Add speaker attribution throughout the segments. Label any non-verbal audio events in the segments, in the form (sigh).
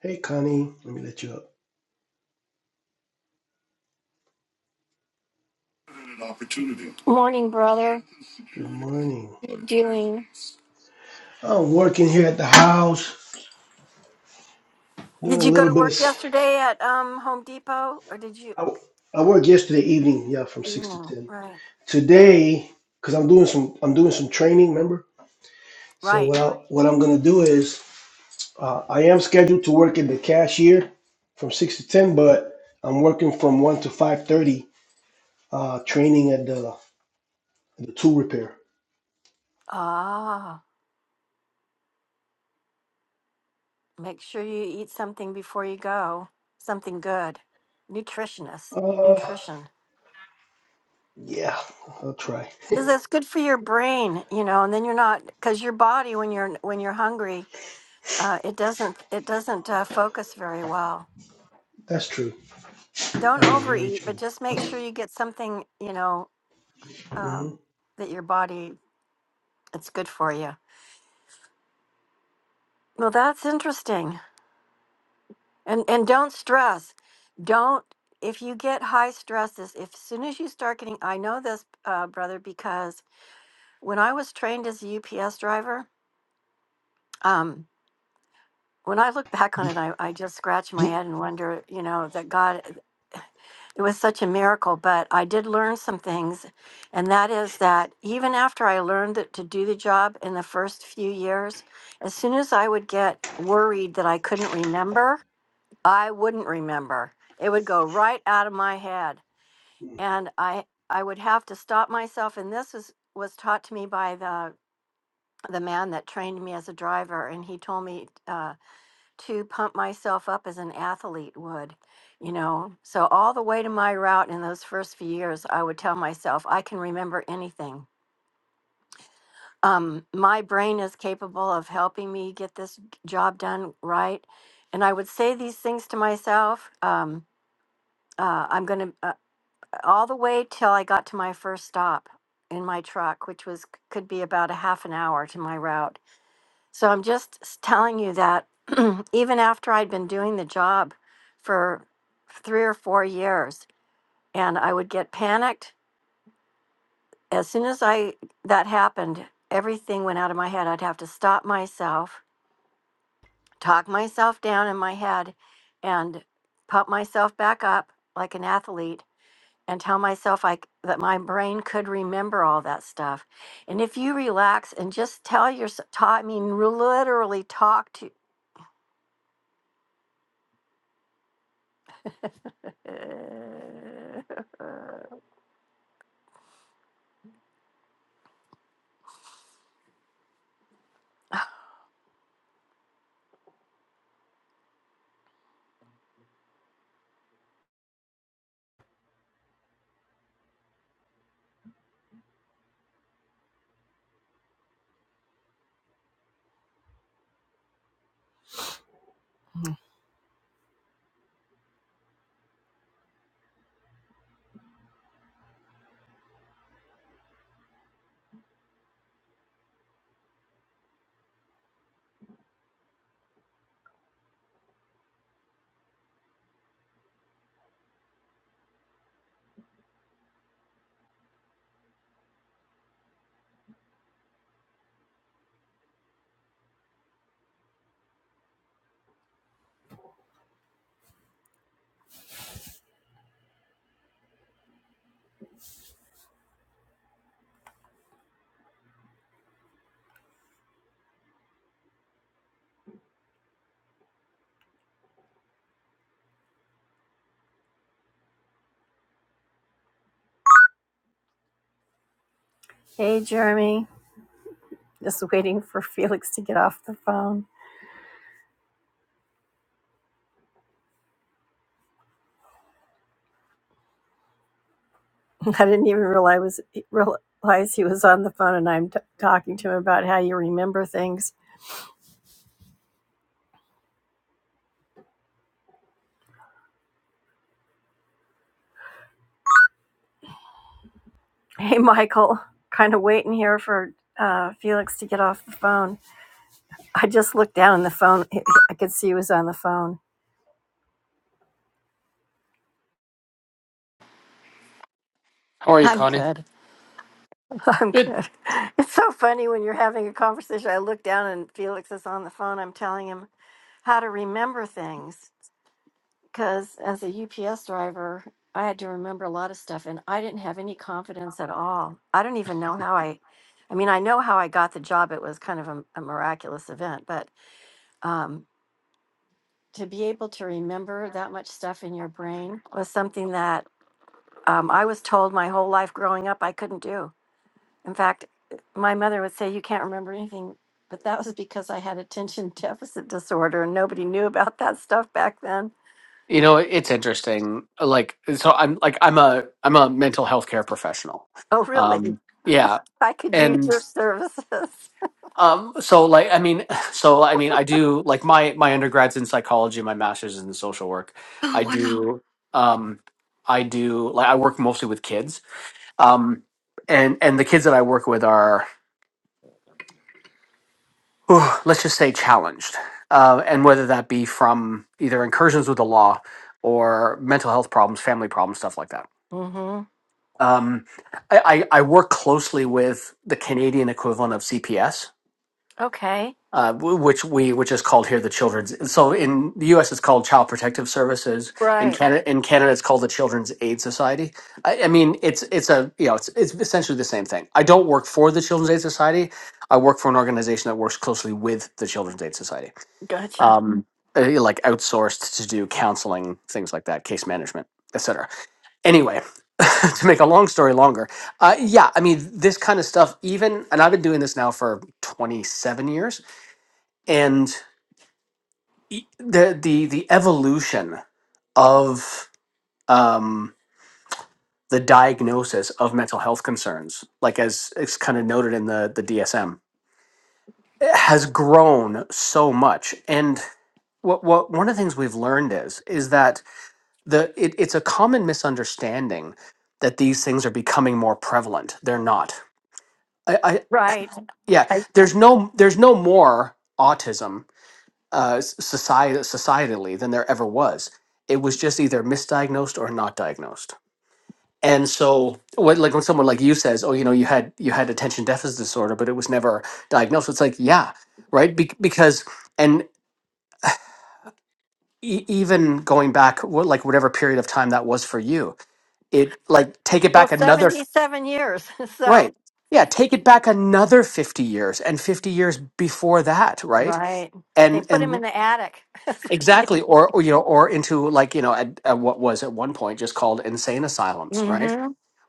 Speaker 1: Hey, Connie, let me let you up. Good morning.
Speaker 2: Julie.
Speaker 1: I'm working here at the house, doing a little bit of. I I worked yesterday evening, yeah, from six to ten. Today, because I'm doing some, I'm doing some training. Remember? So what I what I'm gonna do is, uh, I am scheduled to work at the cashier from six to ten, but I'm working from one to five thirty, uh, training at the the tool repair. Uh, yeah, I'll try. That's true. That is very true. hmm Be, be,
Speaker 2: Hey, Jeremy. Just waiting for (laughs) Felix to get off the phone. (laughs) I didn't even realize was realize he was on the phone, and I'm t- talking to him about how you remember things. Hey, Michael. Kind of waiting here for uh, Felix to get off the phone. I just looked down on the phone. (laughs) I could see he was on the phone.
Speaker 3: How are you, Connie? Good. You know, it's interesting. Like, so I'm like I'm a I'm a mental health care professional. Um, yeah, and um, so like I mean, (laughs) so I mean, I do like my my undergrad's in psychology, my master's is in social work. I do um, I do like I work mostly with kids, um, and and the kids that I work with are whew, let's just say challenged, uh, and whether that be from either incursions with the law or mental health problems, family problems, stuff like that Um, I, I, I work closely with the Canadian equivalent of CPS, uh, w- which we which is called here the Children's. So in the U.S. it's called Child Protective Services. In Canada, in Canada it's called the Children's Aid Society. I, I mean, it's it's a you know it's it's essentially the same thing. I don't work for the Children's Aid Society. I work for an organization that works closely with the Children's Aid Society, um, uh, like outsourced to do counseling, things like that, case management, etc anyway (laughs) to make a long story longer uh, yeah i mean this kind of stuff even and i've been doing this now for 27 years and e- the the the evolution of um the diagnosis of mental health concerns like as it's kind of noted in the the dsm has grown so much and what, what one of the things we've learned is is that the it, it's a common misunderstanding that these things are becoming more prevalent they're not I. yeah there's no there's no more autism uh society societally than there ever was it was just either misdiagnosed or not diagnosed and so what like when someone like you says oh you know you had you had attention deficit disorder but it was never diagnosed it's like yeah right Be- because and e- even going back wh- like whatever period of time that was for you it like take it back another f- right yeah take it back another 50 years and 50 years before that right and and Exactly, or, or you know, or into like you know, at, at what was at one point just called insane asylums, right?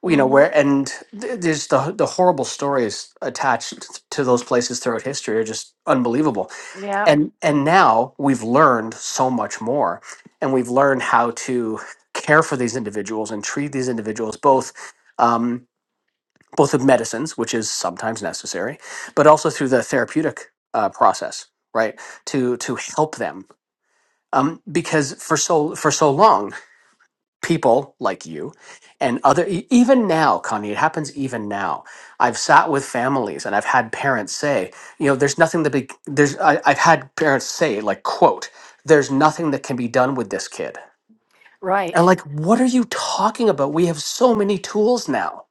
Speaker 3: Well, You know where, and th- there's the the horrible stories attached to those places throughout history are just unbelievable. And and now we've learned so much more, and we've learned how to care for these individuals and treat these individuals both. Um, both with medicines, which is sometimes necessary, but also through the therapeutic uh, process, right? To to help them um, because for so for so long people like you and other e- even now connie it happens even now i've sat with families and i've had parents say you know there's nothing that be there's I, i've had parents say like quote there's nothing that can be done with this kid and like what are you talking about we have so many tools now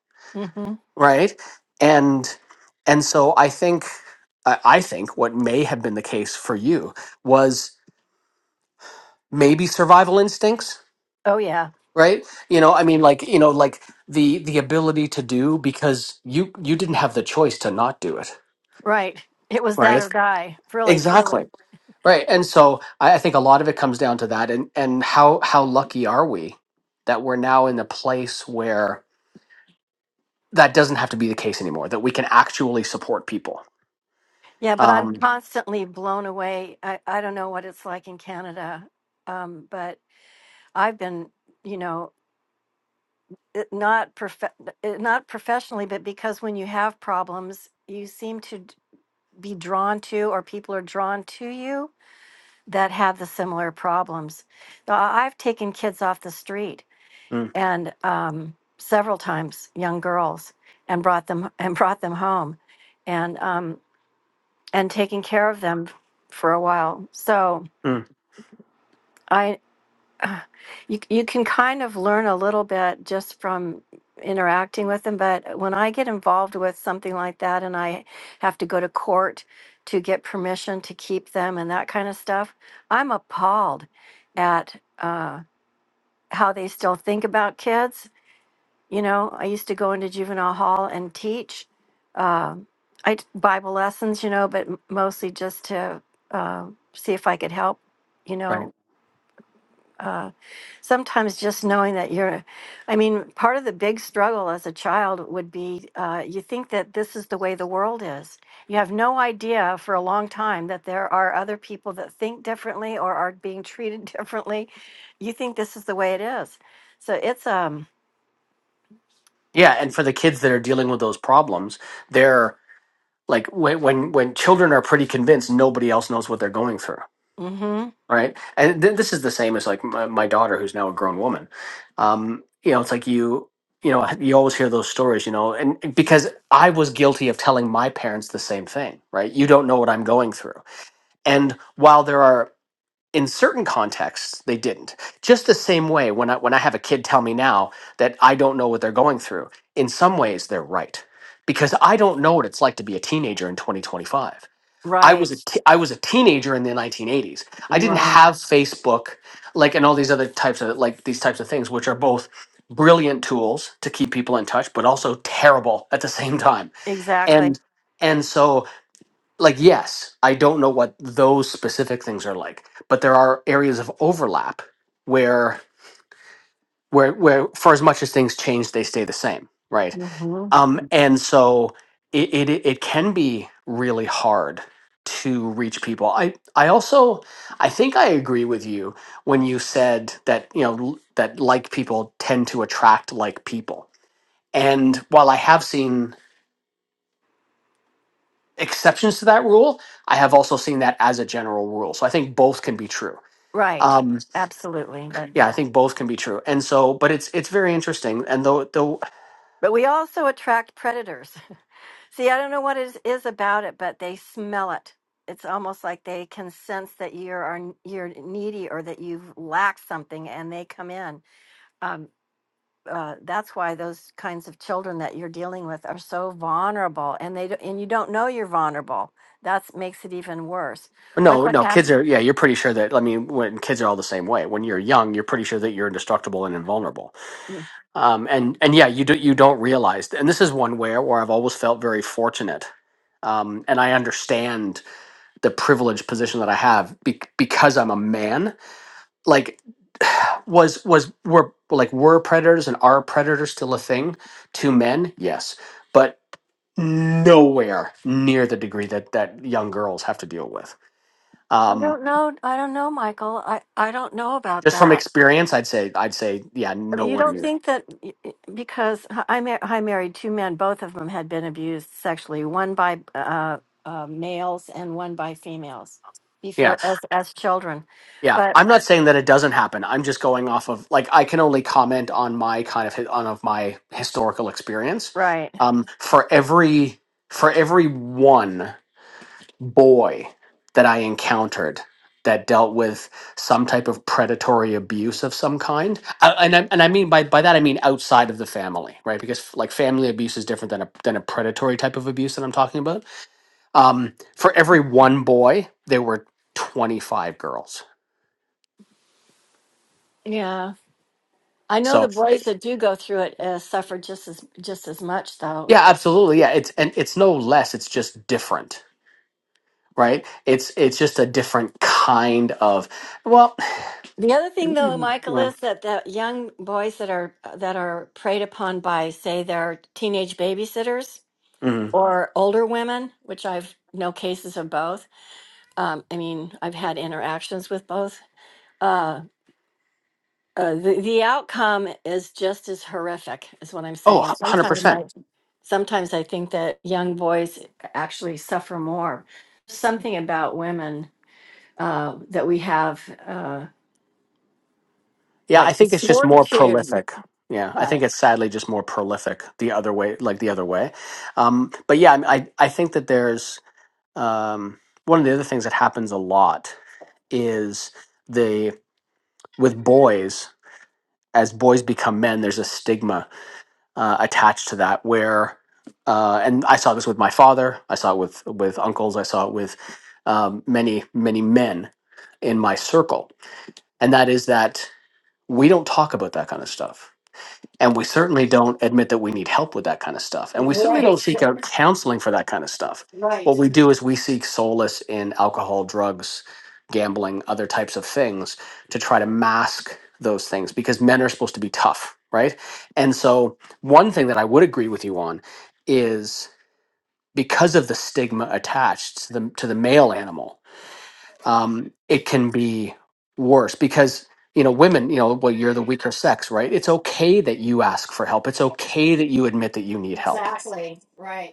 Speaker 3: right and and so i think i I think what may have been the case for you was maybe survival instincts right you know i mean like you know like the the ability to do because you you didn't have the choice to not do it right exactly right and so i, I think a lot of it comes down to that and and how how lucky are we that we're now in a place where that doesn't have to be the case anymore that we can actually support people um mm, mm, right yeah and for the kids that are dealing with those problems they're like when when when children are pretty convinced nobody else knows what they're going through right? And th- this is the same as like my, my daughter, who's now a grown woman. Um, you know, it's like you, you know, you always hear those stories, you know, and and because I was guilty of telling my parents the same thing, right? You don't know what I'm going through. And while there are in certain contexts they didn't just the same way when i when i have a kid tell me now that i don't know what they're going through in some ways they're right because i don't know what it's like to be a teenager in 2025 I was a t- I was a teenager in the 1980s. I didn't have Facebook like and all these other types of like these types of things which are both brilliant tools to keep people in touch but also terrible (laughs) at the same time. And and so like yes, I don't know what those specific things are like, but there are areas of overlap where where where for as much as things change they stay the same, right? Um, and so it, it it can be really hard to reach people. I I also I think I agree with you when you said that you know l- that like people tend to attract like people. And while I have seen exceptions to that rule, I have also seen that as a general rule. So I think both can be true. Um, yeah, I think both can be true. And so, but it's it's very interesting. And though though No, no, kids are, yeah, you're pretty sure that, I mean, when kids are all the same way. When you're young, you're pretty sure that you're indestructible and invulnerable. Um, and, and yeah, you do, you don't realize, and this is one where, where I've always felt very fortunate. Um, and I understand the privileged position that I have be- because I'm a man. Like, (sighs) was, was, were, like, were predators and are predators still a thing to men? Yes. But nowhere near the degree that, that young girls have to deal with. Um, just from experience i'd say i'd say yeah nowhere near yeah yeah i'm not saying that it doesn't happen i'm just going off of like i can only comment on my kind of hi- on of my historical experience um for every for every one boy that i encountered that dealt with some type of predatory abuse of some kind I, and I, and i mean by by that i mean outside of the family right because like family abuse is different than a than a predatory type of abuse that i'm talking about Um, for every one boy, there were 25 girls. So yeah, absolutely. Yeah. It's, and it's no less, it's just different, right? It's, it's just a different kind of, well, (clears throat) yeah. Mhm. Oh, 100%. Yeah. I think it's just more prolific. Yeah. I think it's sadly just more prolific the other way, like the other way. Um, but yeah, I, I I think that there's, um, one of the other things that happens a lot is the, with boys as boys become men, there's a stigma uh, attached to that. Where, uh, and I saw this with my father, I saw it with with uncles, I saw it with um, many many men in my circle, and that is that we don't talk about that kind of stuff and we certainly don't admit that we need help with that kind of stuff. And we certainly don't
Speaker 2: Right,
Speaker 3: seek out counseling for that kind of stuff.
Speaker 2: (laughs) right,
Speaker 3: What we do is we seek solace in alcohol, drugs, gambling, other types of things to try to mask those things because men are supposed to be tough, right? And so, one thing that I would agree with you on is because of the stigma attached to the, to the male animal um, it can be worse because you know women you know well you're the weaker sex right it's okay that you ask for help it's okay that you admit that you need help
Speaker 2: exactly, right.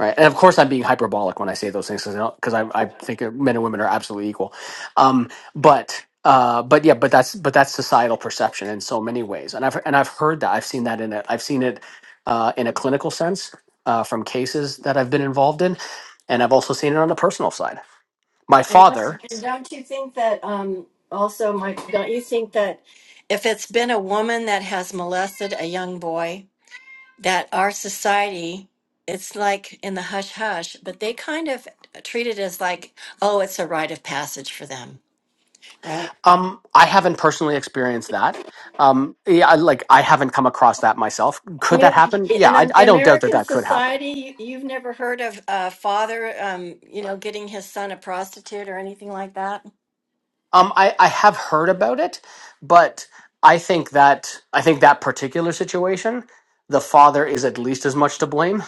Speaker 3: right and of course i'm being hyperbolic when i say those things because I, 'cause I, I think that men and women are absolutely equal um, but uh, but yeah but that's but that's societal perception in so many ways and i've and i've heard that i've seen that in it i've seen it uh, in a clinical sense uh, from cases that i've been involved in and i've also seen it on the personal side my
Speaker 2: And just,
Speaker 3: father
Speaker 2: and don't you think that um, also, Mike? Don't you think that if it's been a woman that has molested a young boy, that our society, it's like in the hush hush, but they kind of treat it as like, oh, it's a rite of passage for them, right?
Speaker 3: Um, I haven't personally experienced that. Um, yeah, I- like I haven't come across that myself.
Speaker 2: You
Speaker 3: Could that
Speaker 2: know,
Speaker 3: happen? Yeah,
Speaker 2: in
Speaker 3: I,
Speaker 2: the
Speaker 3: I don't doubt that
Speaker 2: American
Speaker 3: that could happen.
Speaker 2: society, you, you've never heard of a father, um, you know, getting his son a prostitute or anything like that.
Speaker 3: Um, I, I have heard about it, but I think that I think that particular situation, the father is at least as much to blame.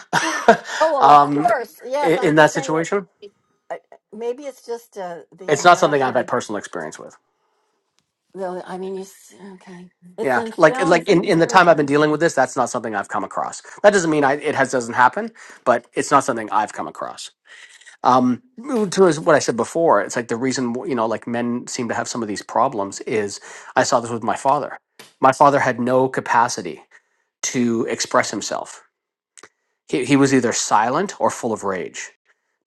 Speaker 3: (laughs)
Speaker 2: Oh, well, of
Speaker 3: um,
Speaker 2: course. Yes,
Speaker 3: in,
Speaker 2: I'm
Speaker 3: in
Speaker 2: just
Speaker 3: that
Speaker 2: saying
Speaker 3: situation,
Speaker 2: it. I- Maybe it's just uh, the
Speaker 3: it's not something I've had
Speaker 2: American.
Speaker 3: personal experience with.
Speaker 2: Though I mean, you, s- okay, it's
Speaker 3: Yeah,
Speaker 2: in
Speaker 3: like
Speaker 2: films
Speaker 3: like in,
Speaker 2: and
Speaker 3: in the time I've been
Speaker 2: everything.
Speaker 3: dealing with this, that's not something I've come across. That doesn't mean I, it has doesn't happen, but it's not something I've come across. um to as- what i said before it's like the reason you know like men seem to have some of these problems is i saw this with my father my father had no capacity to express himself he, he was either silent or full of rage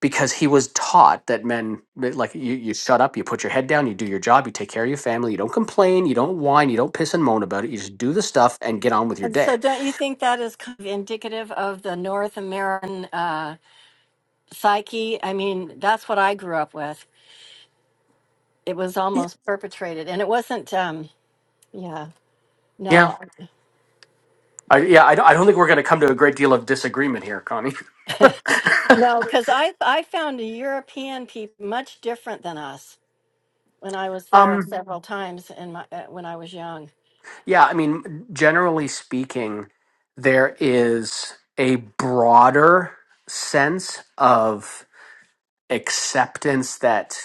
Speaker 3: because he was taught that men that, like you, you shut up you put your head down you do your job you take care of your family you don't complain you don't whine you don't piss and moan about it you just do the stuff and get on with your
Speaker 2: And so,
Speaker 3: day
Speaker 2: don't you think that is kind of indicative of the North American uh, psyche? I mean, that's what I grew up with. it was
Speaker 3: yeah
Speaker 2: almost perpetrated and it wasn't um yeah
Speaker 3: yeah
Speaker 2: no
Speaker 3: i, yeah, I, don't, I don't think we're going to come to a great deal of disagreement here connie (laughs)
Speaker 2: found the european people much different than us when i was there
Speaker 3: um
Speaker 2: several times in my uh, when i was young
Speaker 3: Yeah, I mean, generally speaking, there is a broader sense of acceptance that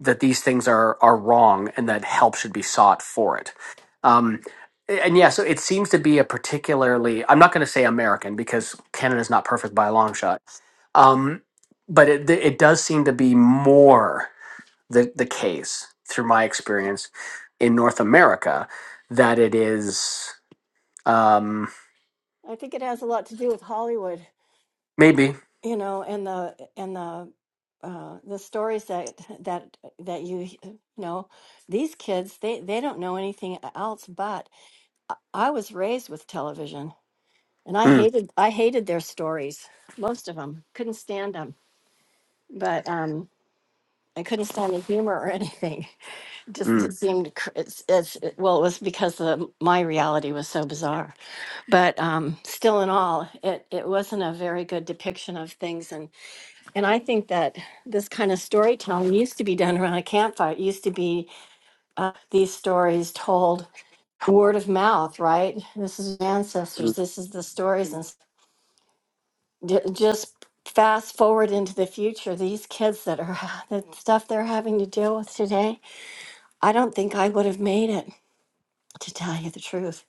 Speaker 3: that these things are are wrong and that help should be sought for it. Um, and yeah, so it seems to be a particularly I'm not going to say American because Canada's not perfect by a long shot. Um, but it it does seem to be more the the case through my experience in North America that it is um,
Speaker 2: i think it has a lot to do with hollywood
Speaker 3: maybe.
Speaker 2: you know and the and the uh, the stories that that that you you know these kids they they don't know anything else but I I was raised with television and I
Speaker 3: Mm,
Speaker 2: hated I hated their stories most of them couldn't stand them but um I couldn't stand the humor or anything. (laughs) Just it
Speaker 3: mm,
Speaker 2: seemed cr- it's, it's it- well, it was because the, my reality was so bizarre. But um, still, in all, it it wasn't a very good depiction of things. And and I think that this kind of storytelling used to be done around a campfire. It used to be uh, these stories told word of mouth, right? This is ancestors.
Speaker 3: mm.
Speaker 2: This is the stories, and s- j- just fast forward into the future. These kids that are (laughs) the stuff they're having to deal with today I don't think I would have made it, to tell you the truth.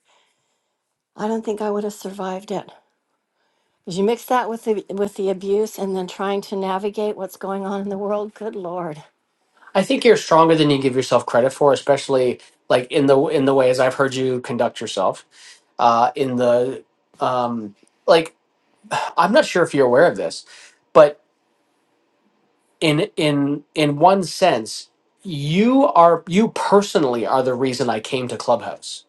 Speaker 2: I don't think I would have survived it. 'Cause You mix that with the with the abuse and then trying to navigate what's going on in the world. Good lord.
Speaker 3: I think you're stronger than you give yourself credit for, especially like in the in the ways I've heard you conduct yourself. Uh, in the um, like, I'm not sure if you're aware of this, but in in in one sense, you are you personally are the reason I came to Clubhouse.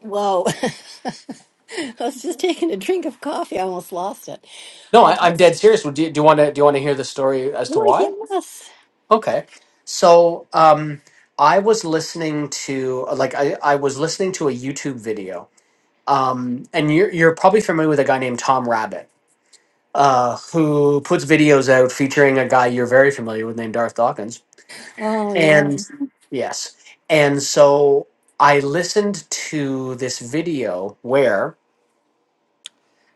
Speaker 2: Whoa. (laughs) I was just taking a drink of coffee. I almost lost it.
Speaker 3: No,
Speaker 2: Well,
Speaker 3: I, I'm
Speaker 2: that's
Speaker 3: dead serious. Do you, do you want to do you want to hear the story as to
Speaker 2: oh
Speaker 3: why?
Speaker 2: yes.
Speaker 3: Okay. So, um, I was listening to like I, I was listening to a YouTube video. Um, and you're you're probably familiar with a guy named Tom Rabbit, uh, who puts videos out featuring a guy you're very familiar with named Darth Dawkins.
Speaker 2: Oh yeah.
Speaker 3: And yes. And so I listened to this video where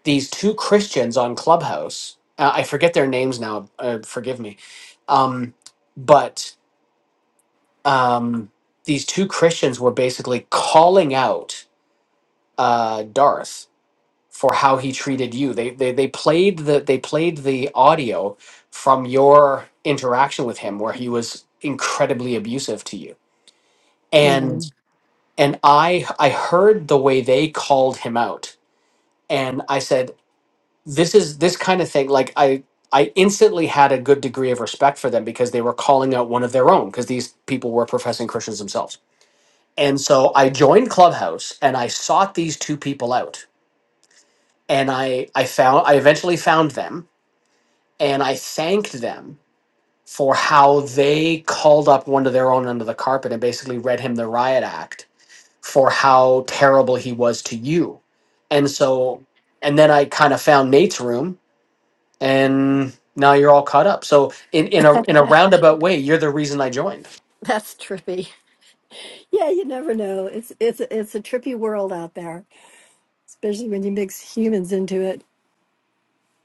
Speaker 3: these two Christians on Clubhouse, uh, I forget their names now, uh, forgive me. Um, but um, these two Christians were basically calling out uh, Darth for how he treated you. They, they they played the they played the audio from your interaction with him where he was incredibly abusive to you.
Speaker 2: You
Speaker 3: And
Speaker 2: know.
Speaker 3: and I I heard the way they called him out and I said this is this kind of thing like I I instantly had a good degree of respect for them because they were calling out one of their own because these people were professing Christians themselves And so I joined Clubhouse and I sought these two people out. And I, I found I eventually found them and I thanked them for how they called up one of their own under the carpet and basically read him the riot act for how terrible he was to you. And so and then I kind of found Nate's room and now you're all caught up. So in, in a in a roundabout way, you're the reason I joined.
Speaker 2: That's trippy. Yeah, you never know. It's it's it's a trippy world out there, especially when you mix humans into it.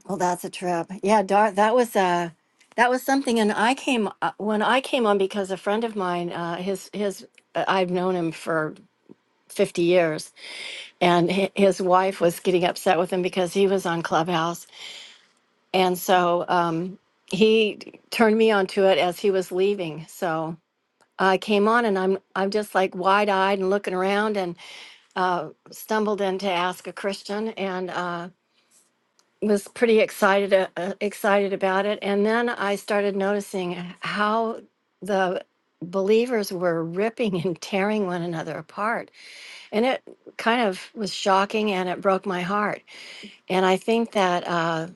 Speaker 2: Well, that's a trip. Yeah, Dar, that was uh that was something. And I came uh, when I came on because a friend of mine, uh, his his, uh, I've known him for fifty years, and hi- his wife was getting upset with him because he was on Clubhouse, and so um, he turned me onto it as he was leaving. So I came on, and I'm I'm just like wide eyed and looking around, and uh, stumbled in to ask a Christian, and. Uh, was pretty excited uh, uh, excited about it and then i started noticing how the believers were ripping (laughs) and tearing one another apart and it kind of was shocking and it broke my heart and i think that uh,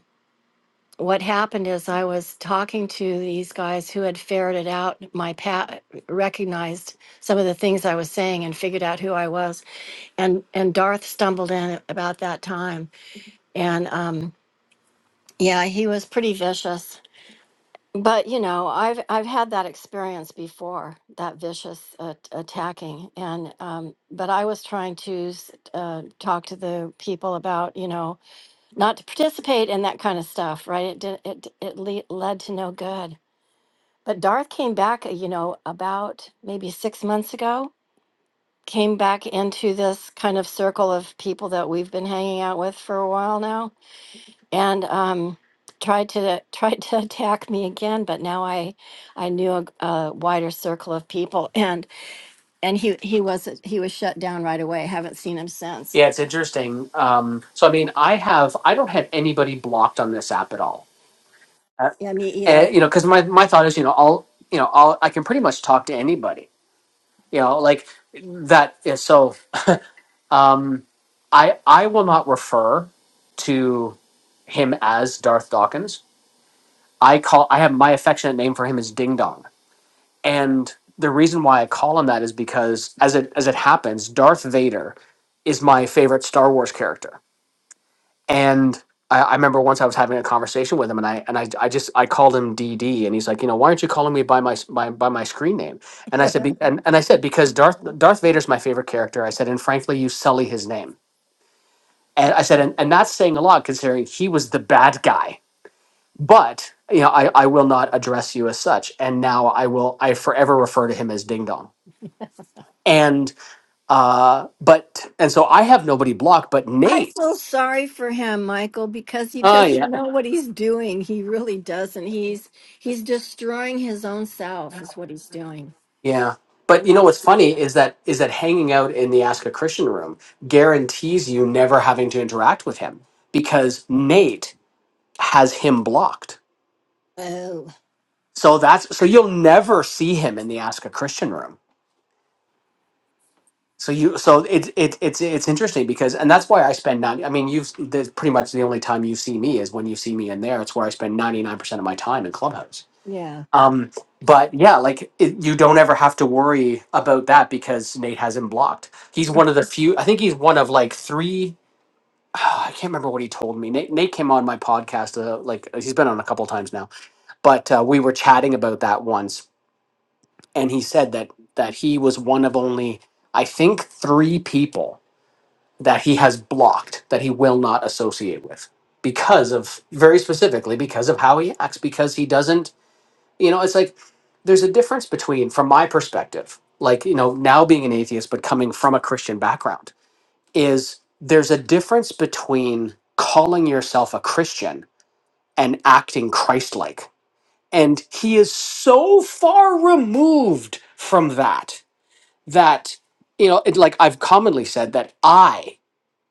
Speaker 2: what happened is i was talking to these guys who had ferreted out my pat recognized some of the things i was saying and figured out who i was and and Darth stumbled in about that time, and um, yeah, he was pretty vicious But you know, I've I've had that experience before, that vicious uh, attacking, and um, but I was trying to s- uh, talk to the people about you know not to participate in that kind of stuff, right? It did, it it le- led to no good. But Darth came back, uh, you know, about maybe six months ago, came back into this kind of circle of people that we've been hanging out with for a while now and um, tried to (laughs) tried to attack me again. But now I I knew a, a wider circle of people, and and he he was he was shut down right away. Haven't seen him since.
Speaker 3: Yeah, it's interesting. Um, so I mean I have I don't have anybody blocked on this app at all uh,
Speaker 2: Yeah, me
Speaker 3: eh,
Speaker 2: either.
Speaker 3: you know because my, my thought is you know i'll you know i'll i can pretty much talk to anybody you know like that is so um i i will not refer to him as darth dawkins i call i have my affectionate name for him is ding dong and the reason why i call him that is because as it as it happens darth vader is my favorite star wars character And I, I remember once I was having a conversation with him, and I and I, I just I called him DD, and he's like, you know, why aren't you calling me by my s- by, by my screen name? And I said, be, and and I said because Darth Darth Vader's my favorite character. I said, and frankly, you sully his name. And I said, and, and that's saying a lot considering he was the bad guy. But you know, I, I will not address you as such, and now I will I forever refer to him as Ding Dong. And uh, but and so I have nobody blocked, but
Speaker 2: I
Speaker 3: Nate.
Speaker 2: feel sorry for him, Michael, because he doesn't know what he's doing. He really doesn't. He's he's destroying his own self, is what he's doing,
Speaker 3: Yeah. But
Speaker 2: and
Speaker 3: you know
Speaker 2: that's
Speaker 3: what's funny is that is that hanging out in the Ask a Christian room guarantees you never having to interact with him because Nate has him blocked.
Speaker 2: oh
Speaker 3: So that's so you'll never see him in the Ask a Christian room. So you so it's it, it's it's interesting because and that's why I spend not I mean you've that's pretty much the only time you see me is when you see me in there. It's where I spend ninety nine percent of my time in Clubhouse Um, but yeah, like it, you don't ever have to worry about that because Nate has him blocked. He's one of the few. I think he's one of like three. (sighs) I can't remember what he told me. Nate, Nate came on my podcast. Uh, like he's been on a couple times now, but uh, we were chatting about that once, and he said that that he was one of only I think three people that he has blocked that he will not associate with because of very specifically because of how he acts because he doesn't you know, it's like there's a difference between, from my perspective, like, you know, now being an atheist, but coming from a Christian background, is there's a difference between calling yourself a Christian and acting Christ like. And he is so far removed from that, that, you know, it, like I've commonly said, that I,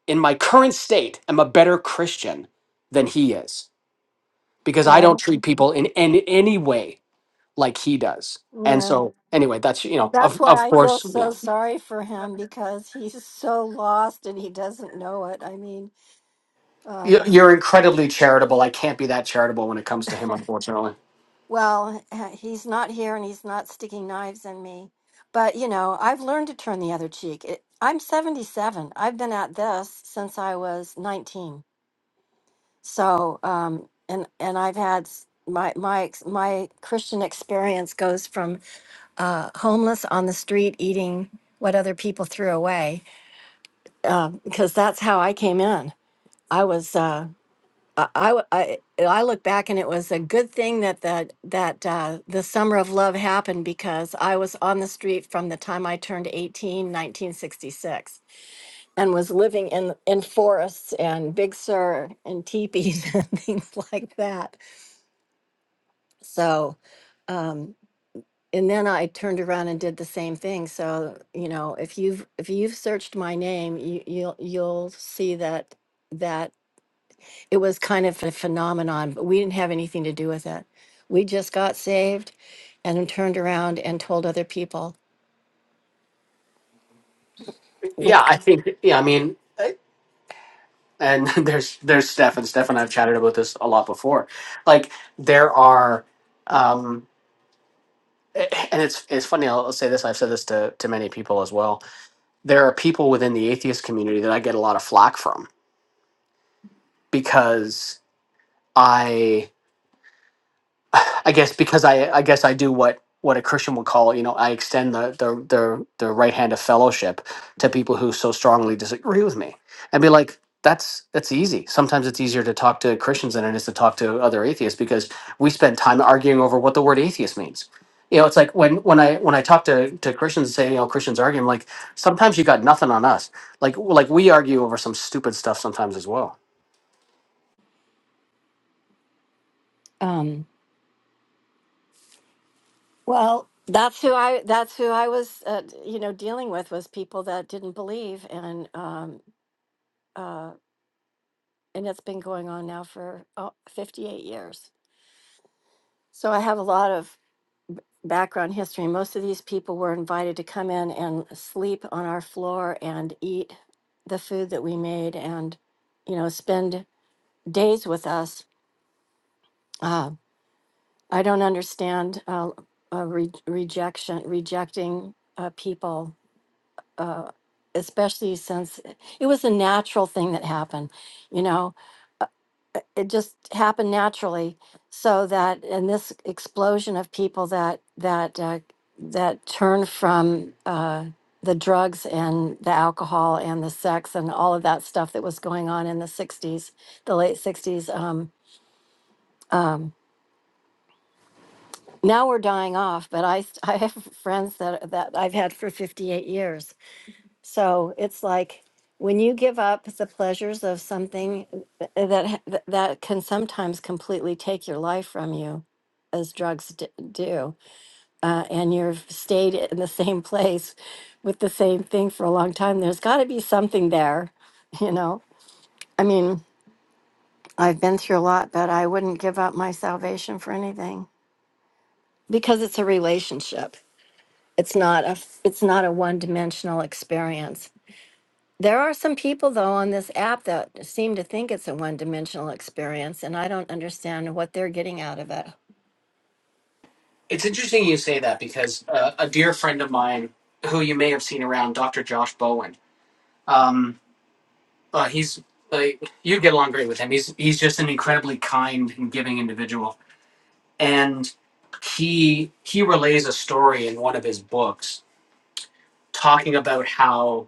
Speaker 3: in my current state, am a better Christian than he is because I don't treat people in, in any way like he does. And so, anyway, that's you know, of of course, yeah, You- you're incredibly charitable. I can't be that charitable when it comes to him, unfortunately.
Speaker 2: Well, (laughs) he's not here and he's not sticking knives in me. But, you know, I've learned to turn the other cheek. It, I'm 77. I've been at this since I was 19. So, um, and and I've had s- my my ex- my Christian experience goes from uh, homeless on the street eating what other people threw away um, because that's how I came in. I was. uh, I, I w- I- I look back and it was a good thing that that that uh, the summer of love happened because I was on the street from the time I turned 18, 1966, and was living in in forests and Big Sur and teepees (laughs) and things like that. So, um, and then I turned around and did the same thing. So, you know, if you've if you've searched my name, you, you'll
Speaker 3: Yeah, I think. Yeah, I mean, eh, and (laughs) there's there's Steph and Steph and I've chatted about this a lot before. Like there are, um, eh, and it's it's funny. I'll, I'll say this. I've said this to to many people as well. There are people within the atheist community that I get a lot of flack from because. I guess because I I guess I do what what a Christian would call you know I extend the the the, the right hand of fellowship to people who so strongly disagree with me and be like that's that's easy. Sometimes it's easier to talk to Christians than it is to talk to other atheists because we spend time arguing over what the word atheist means. You know, it's like when when I when I talk to to Christians and say you know Christians arguing like sometimes you got nothing on us like like we argue over some stupid stuff sometimes as well
Speaker 2: um, Well, that's who I that's who I was uh, you know dealing with was people that didn't believe and um uh and it's been going on now for oh, 58 years. So I have a lot of background history. Most of these people were invited to come in and sleep on our floor and eat the food that we made and you know spend days with us. Uh, I don't understand uh, uh, re- rejection rejecting uh, people especially since it it was a natural thing that happened you know Uh, it just happened naturally so that and this explosion of people that that uh, that turn from uh, the drugs and the alcohol and the sex and all of that stuff that was going on in the 60s the late 60s um, um, now we're dying off but i st- (laughs) i have friends that that i've had for 58 years So it's like when you give up the pleasures of something eh, that ha- that can sometimes completely take your life from you, as drugs d- do, uh, and you've stayed in the same place with the same thing for a long time. There's got to be something there, (laughs) you know. I mean, I've been through a lot, but I wouldn't give up my salvation for anything because it's a relationship. It's not a f- it's not a one dimensional experience There are some people, though, on this app that seem to think it's a one dimensional experience, and I don't understand what they're getting out of it.
Speaker 3: It's interesting you say that because uh, a dear friend of mine, who you may have seen around, Dr. Josh Bowen, um, uh, he's uh, you'd get along great with him. He's he's just an incredibly kind and giving individual, and he he relays a story in one of his books talking about how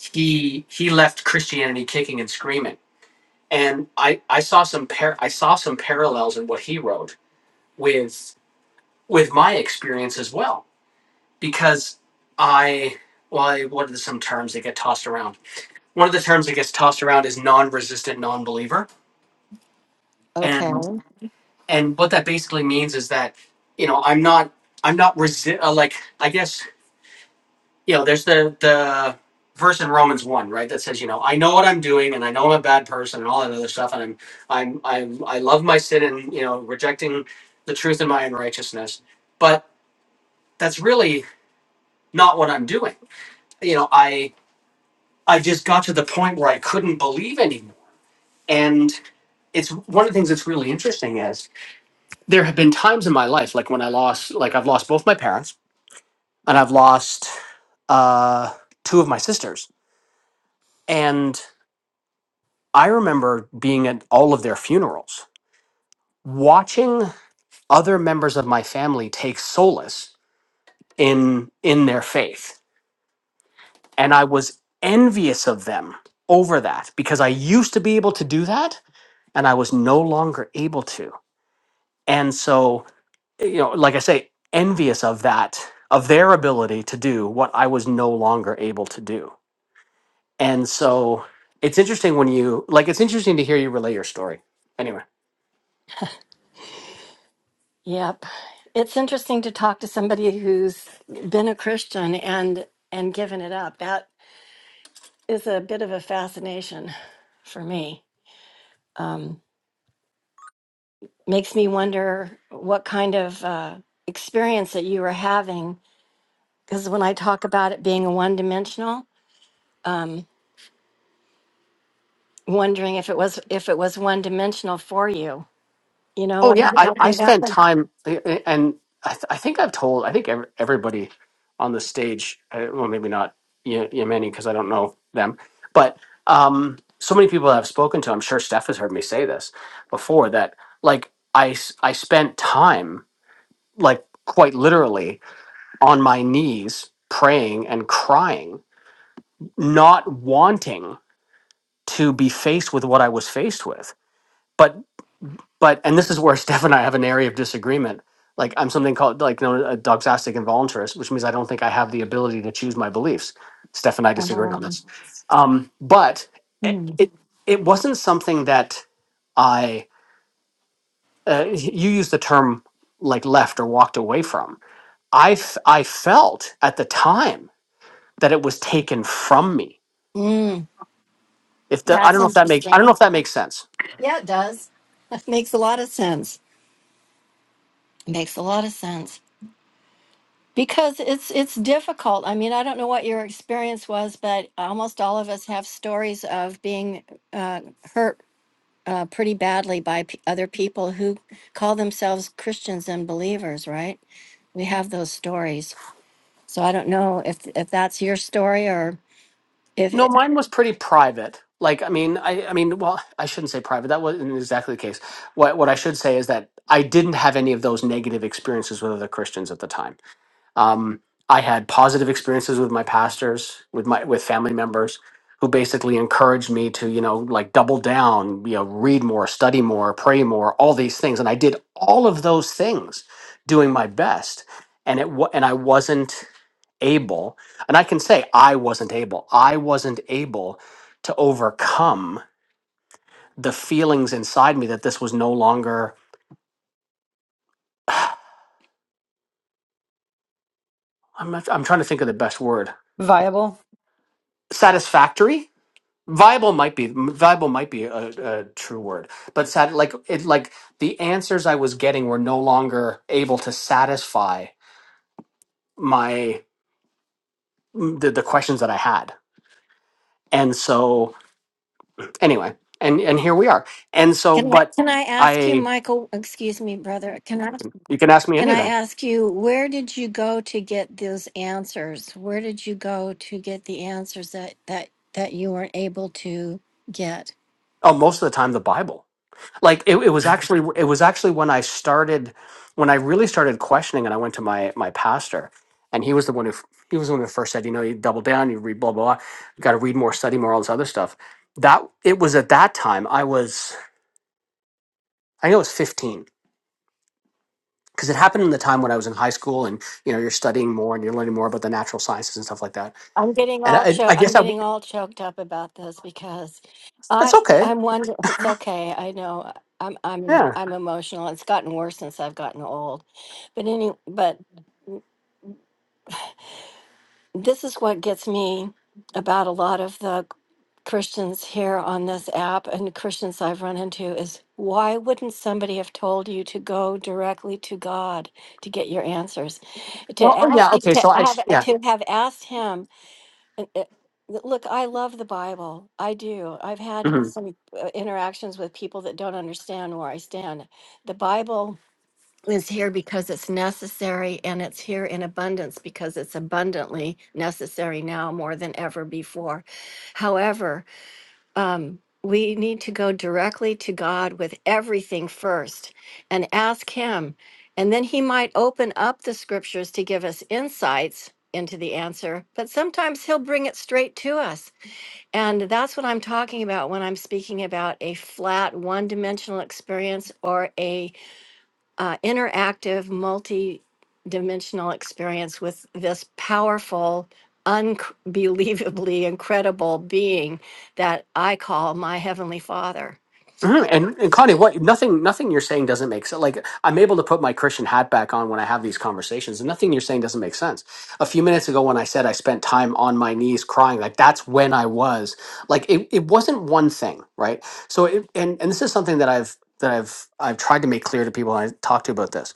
Speaker 3: he he left Christianity kicking and screaming, and I I saw some par- I saw some parallels in what he wrote with with my experience as well because I well, what are the, some terms that get tossed around? One of the terms that gets tossed around is non-resistant non-believer,
Speaker 2: Okay.
Speaker 3: and and what that basically means is that you know I'm not I'm not resi- uh, like I guess you know there's the the verse in Romans one right that says you know I know what I'm doing and I know I'm a bad person and all that other stuff and I'm I'm I'm I love my sin and you know rejecting the truth in my unrighteousness, but that's really not what I'm doing. You know I I just got to the point where I couldn't believe anymore. And it's one of the things that's really interesting is there have been times in my life, like when I lost, like I've lost both my parents and I've lost uh, two of my sisters. And I remember being at all of their funerals, watching other members of my family take solace in in their faith. And I was envious of them over that because I used to be able to do that and I was no longer able to And so, you know, like I say, envious of that, of their ability to do what I was no longer able to do. And so it's interesting when you, like, it's interesting to hear you relay your story. Anyway.
Speaker 2: Yep. It's interesting to talk to somebody who's been a Christian and and given it up. That is a bit of a fascination for me. um, makes me wonder what kind of uh, experience that you were having. Because when I talk about it being one dimensional, um, wondering if it was if it was one dimensional for you. You know
Speaker 3: Oh,
Speaker 2: what I'm
Speaker 3: yeah.
Speaker 2: Mhm.
Speaker 3: I, I
Speaker 2: talking about?
Speaker 3: spent time, eh, eh, and I, th- I think I've told, I think ev- everybody on the stage, uh, well, maybe not y- Yemeni because I don't know them, but um, so many people that I've spoken to, I'm sure Steph has heard me say this before, that like I, s- I spent time like quite literally on my knees praying and crying not wanting to be faced with what i was faced with but but and this is where (laughs) steph and i have an area of disagreement like i'm something called like known as a doxastic involuntarist which means i don't think i have the ability to choose my beliefs steph and i disagree on
Speaker 2: Um,
Speaker 3: this um, but it,
Speaker 2: Mm.
Speaker 3: it it wasn't something that i uh, you use the term like left or walked away from I, f- I felt at the time that it was taken from me.
Speaker 2: Mm.
Speaker 3: If the I
Speaker 2: that's
Speaker 3: don't know if that make I don't know
Speaker 2: interesting.
Speaker 3: if that makes sense.
Speaker 2: Yeah, it does. Makes a lot of sense. Makes a lot of sense because it's it's difficult. I mean, I don't know what your experience was, but almost all of us have stories of being uh, hurt uh, pretty badly by p- other people who call themselves Christians and believers, right? We have those stories. So I don't know if if that's your story or if
Speaker 3: No,
Speaker 2: it,
Speaker 3: mine was pretty private. Like I mean, I I mean, well, I shouldn't say private. That wasn't exactly the case. What what I should say is that I didn't have any of those negative experiences with other Christians at the time. Um, I had positive experiences with my pastors, with my with family members, who basically encouraged me to you know like double down, you know, read more, study more, pray more, all these things, and I did all of those things, doing my best, and it wa- and I wasn't able, and I can say I wasn't able, I wasn't able to overcome the feelings inside me that this was no longer. I'm not, I'm trying to think of the best word.
Speaker 4: viable.
Speaker 3: Satisfactory viable might be viable might be a, a true word but sat, like it like the answers i was getting were no longer able to satisfy my the, the questions that i had and so anyway and and here we are and so
Speaker 2: can I
Speaker 3: but
Speaker 2: can I ask you,
Speaker 3: i
Speaker 2: Michael? Excuse me, brother. Can I
Speaker 3: you can ask me
Speaker 2: can I
Speaker 3: anything
Speaker 2: ask you where did you go to get those answers? Where did you go to get the answers that that that you weren't able to get?
Speaker 3: oh most of the time the bible like it, it was actually it was actually when I started when I really started questioning and I went to my my pastor and he was the one who f- he was the one who first said you know you double down you read blah blah, blah. you got to read more study more all this other stuff that it was at that time I was I know it was 15 because it happened in the time when I was in high school and you know you're studying more and you're learning more about the natural sciences and stuff like that
Speaker 2: I'm getting
Speaker 3: and
Speaker 2: all
Speaker 3: I,
Speaker 2: cho-
Speaker 3: I
Speaker 2: I'm
Speaker 3: guess I,
Speaker 2: getting all choked up about this because
Speaker 3: that's
Speaker 2: I
Speaker 3: okay
Speaker 2: I'm one it's okay. I know I'm I'm
Speaker 3: yeah
Speaker 2: I'm emotional. It's gotten worse since I've gotten old. But any but this is what gets me about a lot of the Christians here on this app and Christians I've run into is why wouldn't somebody have told you to go directly to God to get your answers? To
Speaker 3: well oh,
Speaker 2: ask
Speaker 3: yeah okay
Speaker 2: to
Speaker 3: so I
Speaker 2: have
Speaker 3: yeah
Speaker 2: to have asked him And it, look, I love the Bible. I do. I've
Speaker 3: Mm-hmm.
Speaker 2: had some uh, interactions with people that don't understand where I stand. The Bible is here because it's necessary and it's here in abundance because it's abundantly necessary now more than ever before. However, um, we need to go directly to God with everything first and ask Him. And then He might open up the scriptures to give us insights into the answer, but sometimes He'll bring it straight to us. And that's what I'm talking about when I'm speaking about a flat, one dimensional experience or a uh, interactive, multi-dimensional experience with this powerful, unbelievably incredible being that I call my heavenly Father.
Speaker 3: Mhm. And, and Connie, what nothing nothing you're saying doesn't make sense. Like I'm able to put my Christian hat back on when I have these conversations, and nothing you're saying doesn't make sense. A few minutes ago, when I said I spent time on my knees crying, like that's when I was like it. It wasn't one thing, right? So, it, and and this is something that I've that I've I've tried to make clear to people I talk to about this.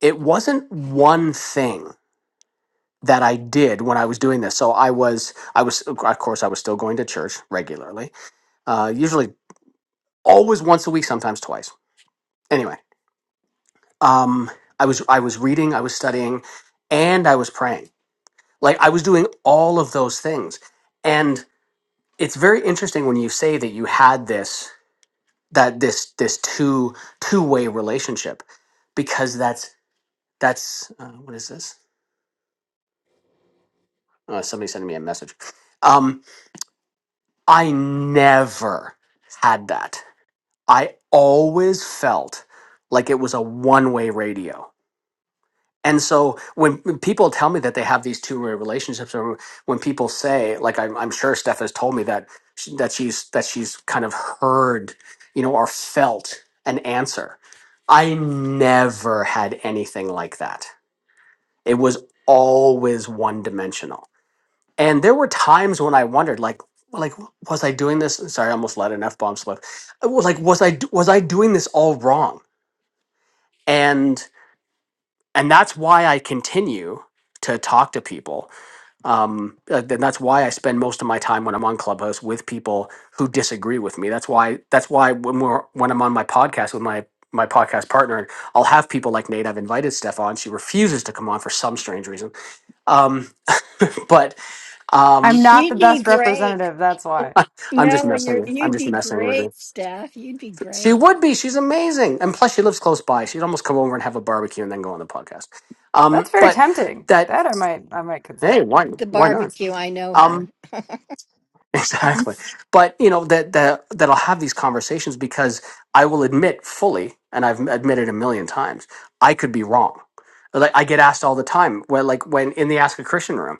Speaker 3: It wasn't one thing that I did when I was doing this. So I was I was of course I was still going to church regularly, uh, usually always once a week, sometimes twice. Anyway um i was i was reading i was studying and i was praying like i was doing all of those things and it's very interesting when you say that you had this that this this two two way relationship because that's that's uh, what is this uh, somebody sending me a message um i never had that i always felt like it was a one way radio And so when, when people tell me that they have these two way relationships, or when people say, like I'm, I'm sure Steph has told me that she, that she's that she's kind of heard, you know, or felt an answer. I never had anything like that. It was always one dimensional. And there were times when I wondered, like, like was I doing this? Sorry, I almost let an f bomb slip. I was Like, was I was I doing this all wrong? And and that's why I continue to talk to people um, uh, and that's why I spend most of my time when I'm on Clubhouse with people who disagree with me. That's why that's why when we're when I'm on my podcast with my my podcast partner, I'll have people like Nate. I've invited Steph on. She refuses to come on for some strange reason. Um, but
Speaker 4: I'm
Speaker 3: um,
Speaker 4: not the
Speaker 2: You'd be
Speaker 4: best
Speaker 2: great.
Speaker 4: representative, that's why.
Speaker 3: I'm just
Speaker 2: No,
Speaker 3: messing.
Speaker 2: you're
Speaker 3: with- I'm
Speaker 2: you'd
Speaker 3: just
Speaker 2: be
Speaker 3: messing with
Speaker 2: great,
Speaker 3: her.
Speaker 2: Steph. You'd be
Speaker 3: She
Speaker 2: great.
Speaker 3: would be. She's amazing, and plus she lives close by. She'd almost come over and have a barbecue and then go on the podcast.
Speaker 4: That's
Speaker 3: Um,
Speaker 4: very
Speaker 3: but
Speaker 4: tempting.
Speaker 3: that
Speaker 4: That I might I might consider.
Speaker 3: hey, why
Speaker 2: The
Speaker 3: why not?
Speaker 2: barbecue, I know
Speaker 3: Um,
Speaker 2: her.
Speaker 3: Exactly. But you know that that that I'll have these conversations because I will admit fully, and I've admitted a million times, I could be wrong. Like I get asked all the time, well, like when in the Ask a Christian room,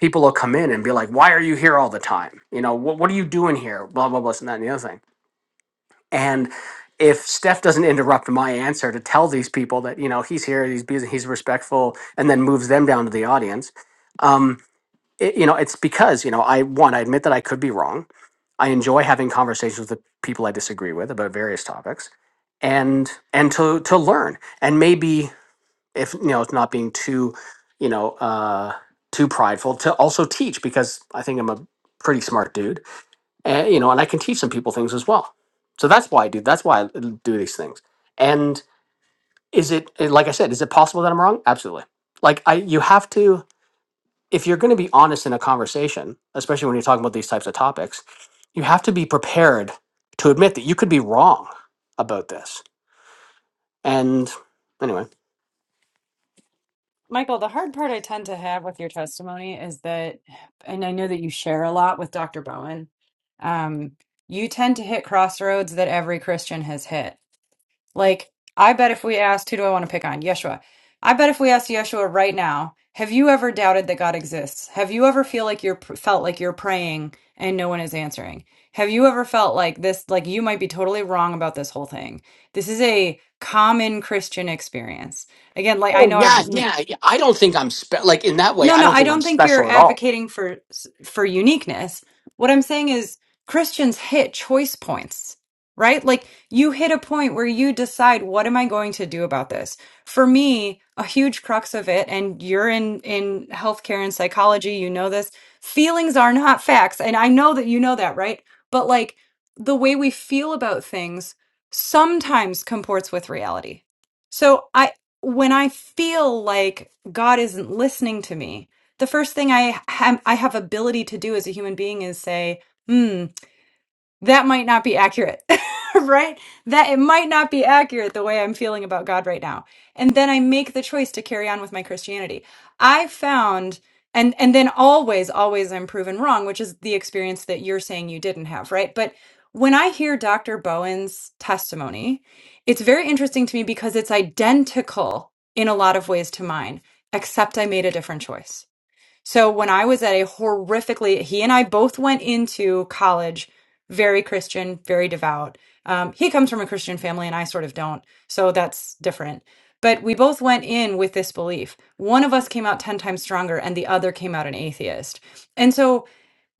Speaker 3: people will come in and be like, "Why are you here all the time? You know, what what are you doing here?" Blah blah blah, and that and the other thing. And if Steph doesn't interrupt my answer to tell these people that you know he's here, he's busy, he's respectful, and then moves them down to the audience, um, it, you know, it's because you know I one, I admit that I could be wrong I enjoy having conversations with people I disagree with about various topics, and and to to learn and maybe if you know it's not being too you know uh, too prideful to also teach because I think I'm a pretty smart dude and you know and I can teach some people things as well. So that's why I do that's why I do these things. And is it like I said? Is it possible that I'm wrong? Absolutely. Like I you have to if you're going to be honest in a conversation, especially when you're talking about these types of topics, you have to be prepared to admit that you could be wrong about this. And anyway.
Speaker 4: Michael, the hard part I tend to have with your testimony is that, and I know that you share a lot with Dr. Bowen, um, you tend to hit crossroads that every Christian has hit. Like, I bet if we asked, who do I want to pick on? Yeshua. I bet if we asked Yeshua right now, have you ever doubted that God exists? Have you ever feel like you're felt like you're praying and no one is answering? Have you ever felt like this, like you might be totally wrong about this whole thing? This is a common Christian experience. Again, like I
Speaker 3: Oh
Speaker 4: know I've
Speaker 3: yeah, yeah. yeah. I don't think I'm spe- like in that way.
Speaker 4: no,
Speaker 3: I
Speaker 4: no,
Speaker 3: don't
Speaker 4: I
Speaker 3: think I'm
Speaker 4: don't think you're
Speaker 3: special at all.
Speaker 4: advocating for for uniqueness. What I'm saying is Christians hit choice points, right? Like you hit a point where you decide what am I going to do about this? For me, a huge crux of it and you're in in healthcare and psychology, you know this. Feelings are not facts, and I know that you know that, right? But like the way we feel about things sometimes comports with reality. So I when I feel like God isn't listening to me, the first thing I ha- I have ability to do as a human being is say, "Hmm, that might not be accurate, (laughs) right? That it might not be accurate the way I'm feeling about God right now. And then I make the choice to carry on with my Christianity. I found and and then always always I'm proven wrong, which is the experience that you're saying you didn't have, right? But when I hear Dr. Bowen's testimony, it's very interesting to me because it's identical in a lot of ways to mine, except I made a different choice so when I was at a horrifically, he and I both went into college very Christian, very devout. Um, he comes from a Christian family and I sort of don't. So that's different. But we both went in with this belief. One of us came out 10 times stronger and the other came out an atheist. And so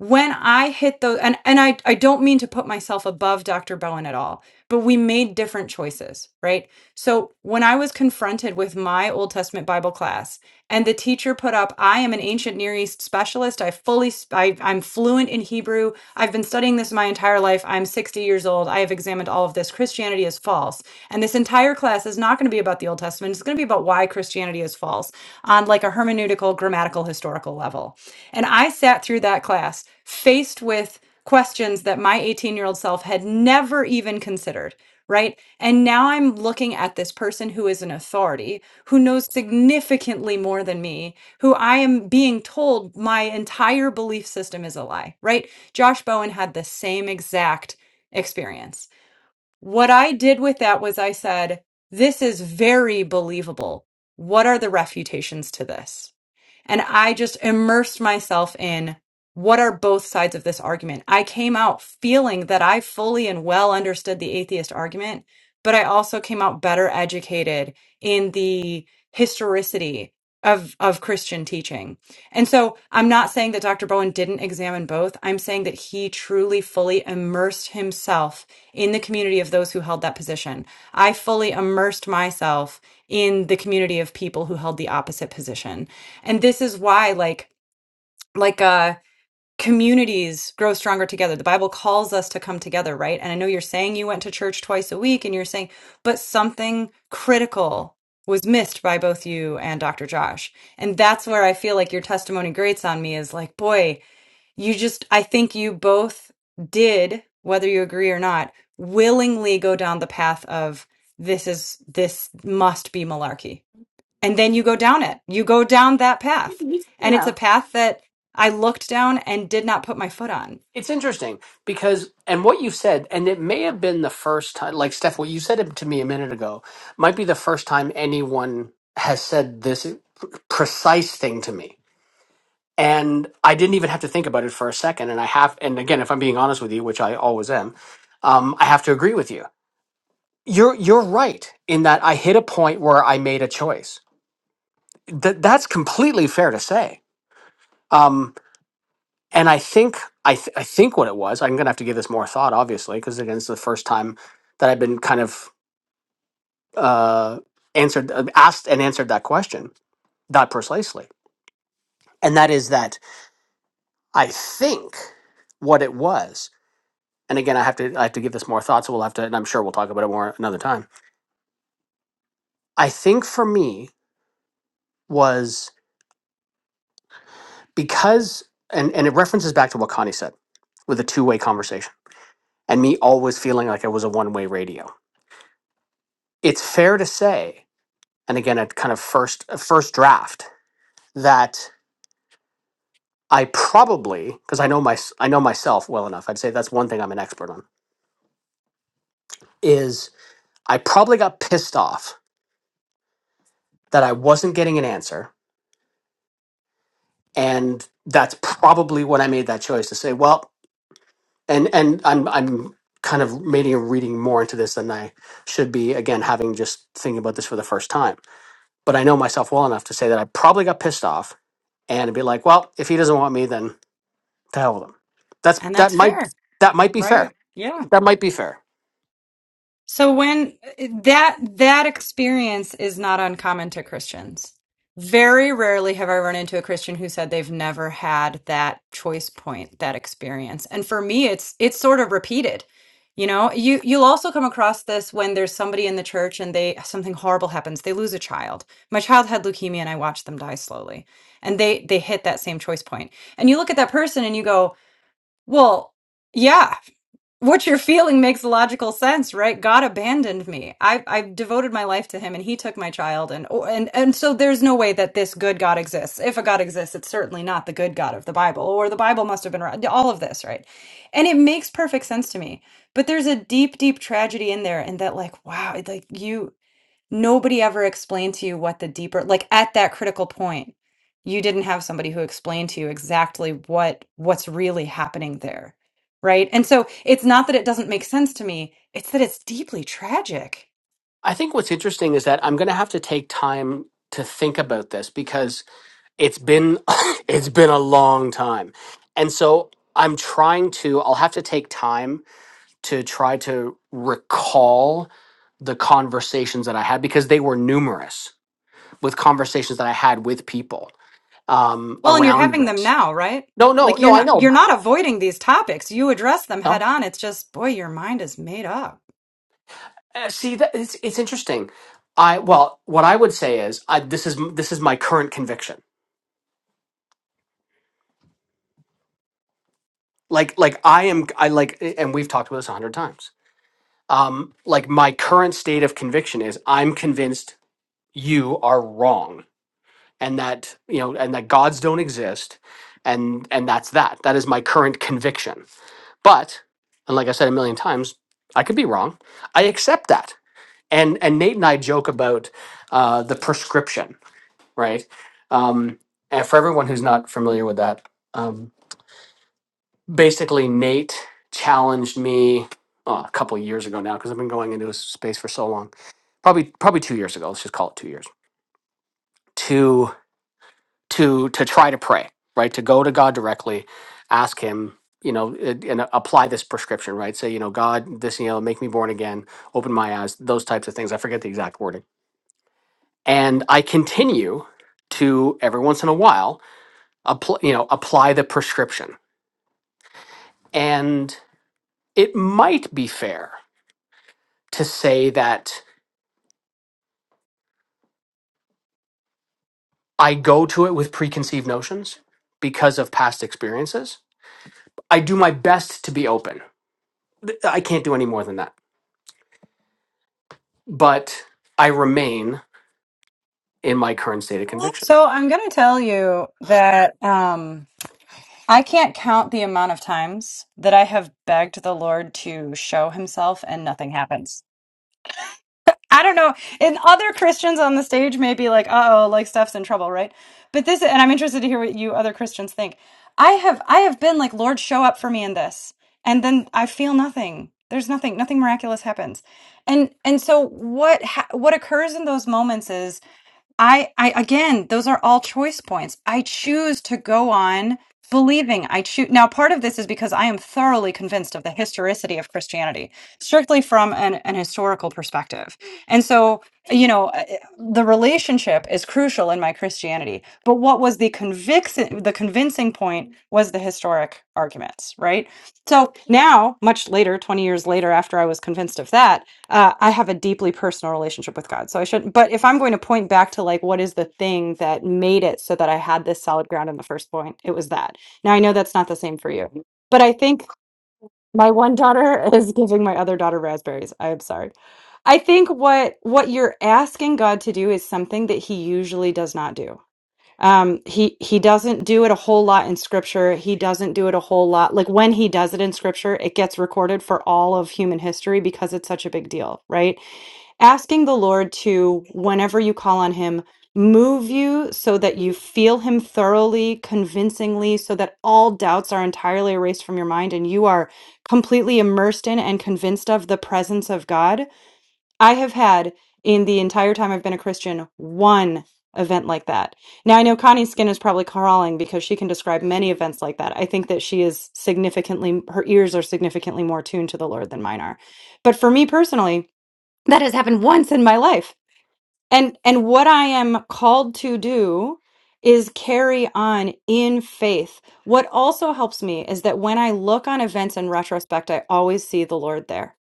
Speaker 4: when I hit those, and, and I, I don't mean to put myself above Dr. Bowen at all, but we made different choices, right? So when I was confronted with my Old Testament Bible class and the teacher put up, I am an ancient Near East specialist. I fully, sp- I, I'm fluent in Hebrew. I've been studying this my entire life. I'm 60 years old. I have examined all of this. Christianity is false. And this entire class is not going to be about the Old Testament. It's going to be about why Christianity is false on like a hermeneutical, grammatical, historical level and I sat through that class faced with questions that my 18 year old self had never even considered. Right. And now I'm looking at this person who is an authority, who knows significantly more than me, who I am being told my entire belief system is a lie. Right. Josh Bowen had the same exact experience. What I did with that was I said, This is very believable. What are the refutations to this? And I just immersed myself in what are both sides of this argument. I came out feeling that I fully and well understood the atheist argument, but I also came out better educated in the historicity of, of Christian teaching. And so I'm not saying that Dr. Bowen didn't examine both. I'm saying that he truly, fully immersed himself in the community of those who held that position. I fully immersed myself in the community of people who held the opposite position and this is why like like uh communities grow stronger together the bible calls us to come together right and i know you're saying you went to church twice a week and you're saying but something critical was missed by both you and dr josh and that's where i feel like your testimony grates on me is like boy you just i think you both did whether you agree or not willingly go down the path of this is this must be malarkey and then you go down it. You go down that path. And it's a
Speaker 3: Yeah.
Speaker 4: path that I looked down and did not put my foot on.
Speaker 3: It's interesting because, and what you've said, and it may have been the first time, like Steph, what you said to me a minute ago, might be the first time anyone has said this precise thing to me and I didn't even have to think about it for a second. And I have, and again, if I'm being honest with you, which I always am, um, I have to agree with you. You're you're right in that I hit a point where I made a choice. That that's completely fair to say. Um, and I think I th- I think what it was. I'm gonna have to give this more thought, obviously, because again, it's the first time that I've been kind of uh, answered, uh, asked, and answered that question that precisely. And that is that I think what it was and again, I have to I have to give this more thought, so we'll have to, and I'm sure we'll talk about it more another time. I think for me was because, and and it references back to what Connie said with a two way conversation, and me always feeling like it was a one way radio. It's fair to say, and again, a kind of first a first draft that I probably because I know my I know myself well enough. I'd say that's one thing I'm an expert on is I probably got pissed off that I wasn't getting an answer and that's probably when I made that choice to say, well, and and I'm I'm kind of maybe reading more into this than I should be. Again, having just thinking about this for the first time, but I know myself well enough to say that I probably got pissed off and be like, well, if he doesn't want me, then to hell with him. That's
Speaker 4: And
Speaker 3: that
Speaker 4: that's
Speaker 3: might
Speaker 4: fair,
Speaker 3: that might be fair.
Speaker 4: right? Yeah.
Speaker 3: That might be fair.
Speaker 4: So when that that experience is not uncommon to Christians. Very rarely have I run into a Christian who said they've never had that choice point, that experience. And for me it's it's sort of repeated. You know, you you'll also come across this when there's somebody in the church and they something horrible happens. They lose a child. My child had leukemia and I watched them die slowly. And they they hit that same choice point. And you look at that person and you go, "Well, yeah what you're feeling makes logical sense, right? God abandoned me. I I've devoted my life to him and he took my child and oh, and and so there's no way that this good God exists. If a God exists, it's certainly not the good God of the Bible or the Bible must have been wrong. all of this, right? And it makes perfect sense to me. But there's a deep deep tragedy in there and that like wow, it- like you Nobody ever explained to you what the deeper, like at that critical point, you didn't have somebody who explained to you exactly what what's really happening there, right? And so it's not that it doesn't make sense to me, it's that it's deeply tragic.
Speaker 3: I think what's interesting is that I'm going to have to take time to think about this because it's been (laughs) it's been a long time and so i'm trying to i'll have to take time to try to recall the conversations that i had because they were numerous with conversations that i had with people um
Speaker 4: Well, and you're
Speaker 3: around
Speaker 4: having them
Speaker 3: this
Speaker 4: now, right?
Speaker 3: no no
Speaker 4: Like you're
Speaker 3: no i
Speaker 4: not
Speaker 3: know
Speaker 4: you're not avoiding these topics. You address them head
Speaker 3: no
Speaker 4: on. It's just, boy, your mind is made up.
Speaker 3: Uh, see that it's it's interesting i well what i would say is I, this is this is my current conviction like like i am i like and we've talked about this a hundred times um, like my current state of conviction is I'm convinced you are wrong and that you know and that gods don't exist and and that's that that is my current conviction but and like i said a million times i could be wrong i accept that and and nate and i joke about uh, the prescription right um, and for everyone who's not familiar with that um, basically nate challenged me oh, a couple years ago now because i've been going into this space for so long probably probably two years ago let's just call it two years to to to try to pray right to go to god directly ask him you know and and apply this prescription right say you know god this you know make me born again open my eyes those types of things i forget the exact wording and i continue to every once in a while apply you know apply the prescription and it might be fair to say that i go to it with preconceived notions because of past experiences I do my best to be open I can't do any more than that. But I remain in my current state of conviction.
Speaker 4: So I'm going to tell you that. Um, I can't count the amount of times that I have begged the Lord to show himself and nothing happens. I don't know. And other Christians on the stage may be like, uh oh, like Steph's in trouble, right? But this, and I'm interested to hear what you other Christians think. I have, I have been like, Lord, show up for me in this. And then I feel nothing. There's nothing, nothing miraculous happens. And, and so what, ha- what occurs in those moments is I, I again, those are all choice points. I choose to go on believing. I choose now. Part of this is because I am thoroughly convinced of the historicity of Christianity, strictly from an, an historical perspective. And so, you know, uh, the relationship is crucial in my Christianity. But what was the conviction? The convincing point was the historic arguments, right? So now, much later, twenty years later, after I was convinced of that, uh, I have a deeply personal relationship with God. So I shouldn't, but if I'm going to point back to like, what is the thing that made it so that I had this solid ground in the first point, it was that. Now I know that's not the same for you, but I think my one daughter (laughs) is giving my other daughter raspberries. I'm sorry. I think what what you're asking God to do is something that he usually does not do. Um he he doesn't do it a whole lot in scripture. He doesn't do it a whole lot. Like when he does it in scripture, it gets recorded for all of human history because it's such a big deal, right? asking the Lord to, whenever you call on Him, move you so that you feel Him thoroughly, convincingly, so that all doubts are entirely erased from your mind and you are completely immersed in and convinced of the presence of God. I have had, in the entire time I've been a Christian, one event like that. Now, I know Connie's skin is probably crawling because she can describe many events like that. I think that she is significantly, her ears are significantly more tuned to the Lord than mine are. But for me personally, that has happened once in my life and and what i am called to do is carry on in faith what also helps me is that when i look on events in retrospect i always see the lord there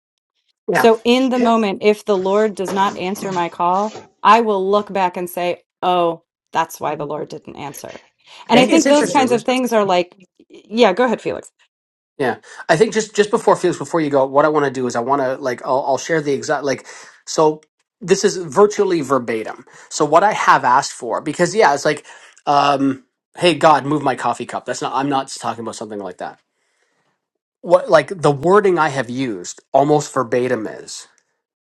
Speaker 3: Yeah,
Speaker 4: so in the
Speaker 1: okay.
Speaker 4: moment if the lord does not answer my call i will look back and say oh that's why the lord didn't answer and i
Speaker 3: It-
Speaker 1: Re-
Speaker 3: it's
Speaker 4: think those
Speaker 1: okay,
Speaker 4: kinds of
Speaker 3: interesting.
Speaker 4: things are like yeah go ahead felix
Speaker 3: Yeah, I think just just before Felix, before you go, what I want to do is I want to like I'll, I'll share the exact like so this is virtually verbatim. So what I have asked for because yeah, it's like, um, hey God, move my coffee cup. That's not I'm not talking about something like that. What like the wording I have used almost verbatim is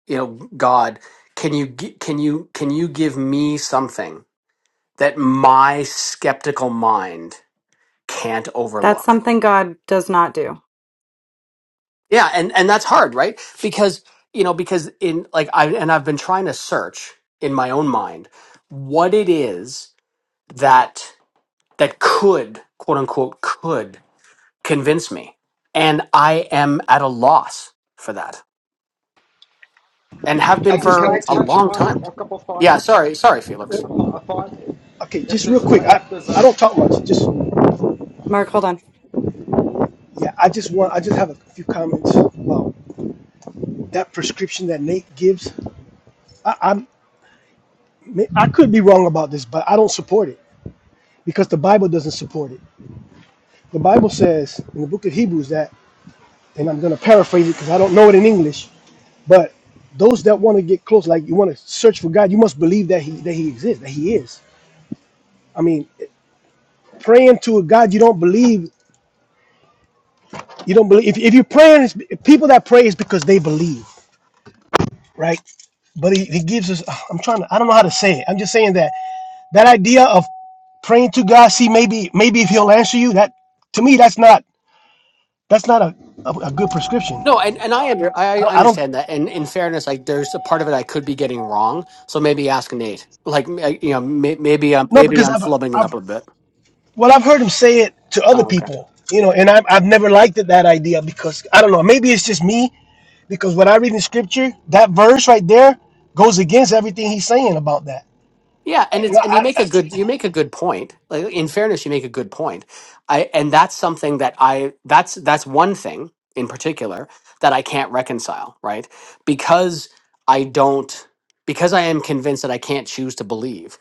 Speaker 3: you know God, can you gi- can you can you give me something that my skeptical mind can't
Speaker 4: that's
Speaker 3: overlook.
Speaker 4: something god does not do
Speaker 3: Yeah, and and that's hard, right? Because you know, because in like I and I've been trying to search in my own mind what it is that that could quote unquote could convince me, and I am at a loss for that, and have
Speaker 1: I
Speaker 5: Can
Speaker 3: been
Speaker 5: I
Speaker 1: just
Speaker 5: can
Speaker 3: for
Speaker 5: I
Speaker 1: wanted
Speaker 3: a
Speaker 5: touch
Speaker 1: to.
Speaker 3: long
Speaker 5: upon a,
Speaker 3: time.
Speaker 5: a couple
Speaker 3: Yeah,
Speaker 5: thoughts?
Speaker 3: sorry, sorry, Felix.
Speaker 5: A, thought
Speaker 1: well,
Speaker 5: a thought.
Speaker 1: Okay,
Speaker 5: If
Speaker 1: just real
Speaker 5: there's a
Speaker 1: quick.
Speaker 5: t-
Speaker 1: I,
Speaker 5: if there's
Speaker 1: I
Speaker 5: a
Speaker 1: don't talk much. Just
Speaker 4: mark hold on
Speaker 1: yeah, I just want. I just have a few comments about that prescription that Nate gives. I, I'm I could be wrong about this, but I don't support it because the Bible doesn't support it. The Bible says in the book of Hebrews that, and I'm going to paraphrase it because I don't know it in English, but those that want to get close, like you want to search for God, you must believe that he that he exists, that he is. I mean, praying to a God you don't believe You don't believe if, if you pray, and it's, people that pray is because they believe, right? But he, he gives us. uh, I'm trying to. I don't know how to say it. I'm just saying that that idea of praying to God, see maybe maybe if He'll answer you. That to me, that's not that's not a, a, a good prescription.
Speaker 3: No, and, and I under,
Speaker 1: I,
Speaker 3: I
Speaker 1: don't- I don't
Speaker 3: understand that. And in fairness, like there's a part of it I could be getting wrong. So maybe ask Nate. Like m- I- you know, may, maybe I'm
Speaker 1: no
Speaker 3: maybe
Speaker 1: because
Speaker 3: I'm
Speaker 1: I've
Speaker 3: flubbing it
Speaker 1: I've
Speaker 3: up a bit.
Speaker 1: well I've heard him say it to other
Speaker 3: Oh, okay.
Speaker 1: people, you know, and I've I've never liked it that idea because I don't know. Maybe it's just me because when I read in Scripture, that verse right there goes against everything he's saying about that.
Speaker 3: Yeah,
Speaker 1: I,
Speaker 3: and it's and you
Speaker 1: I,
Speaker 3: make a
Speaker 1: I-
Speaker 3: good you make a good point. Like in fairness, you make a good point. I and that's something that I that's that's one thing in particular that I can't reconcile, right? Because I don't because I am convinced that I can't choose to believe.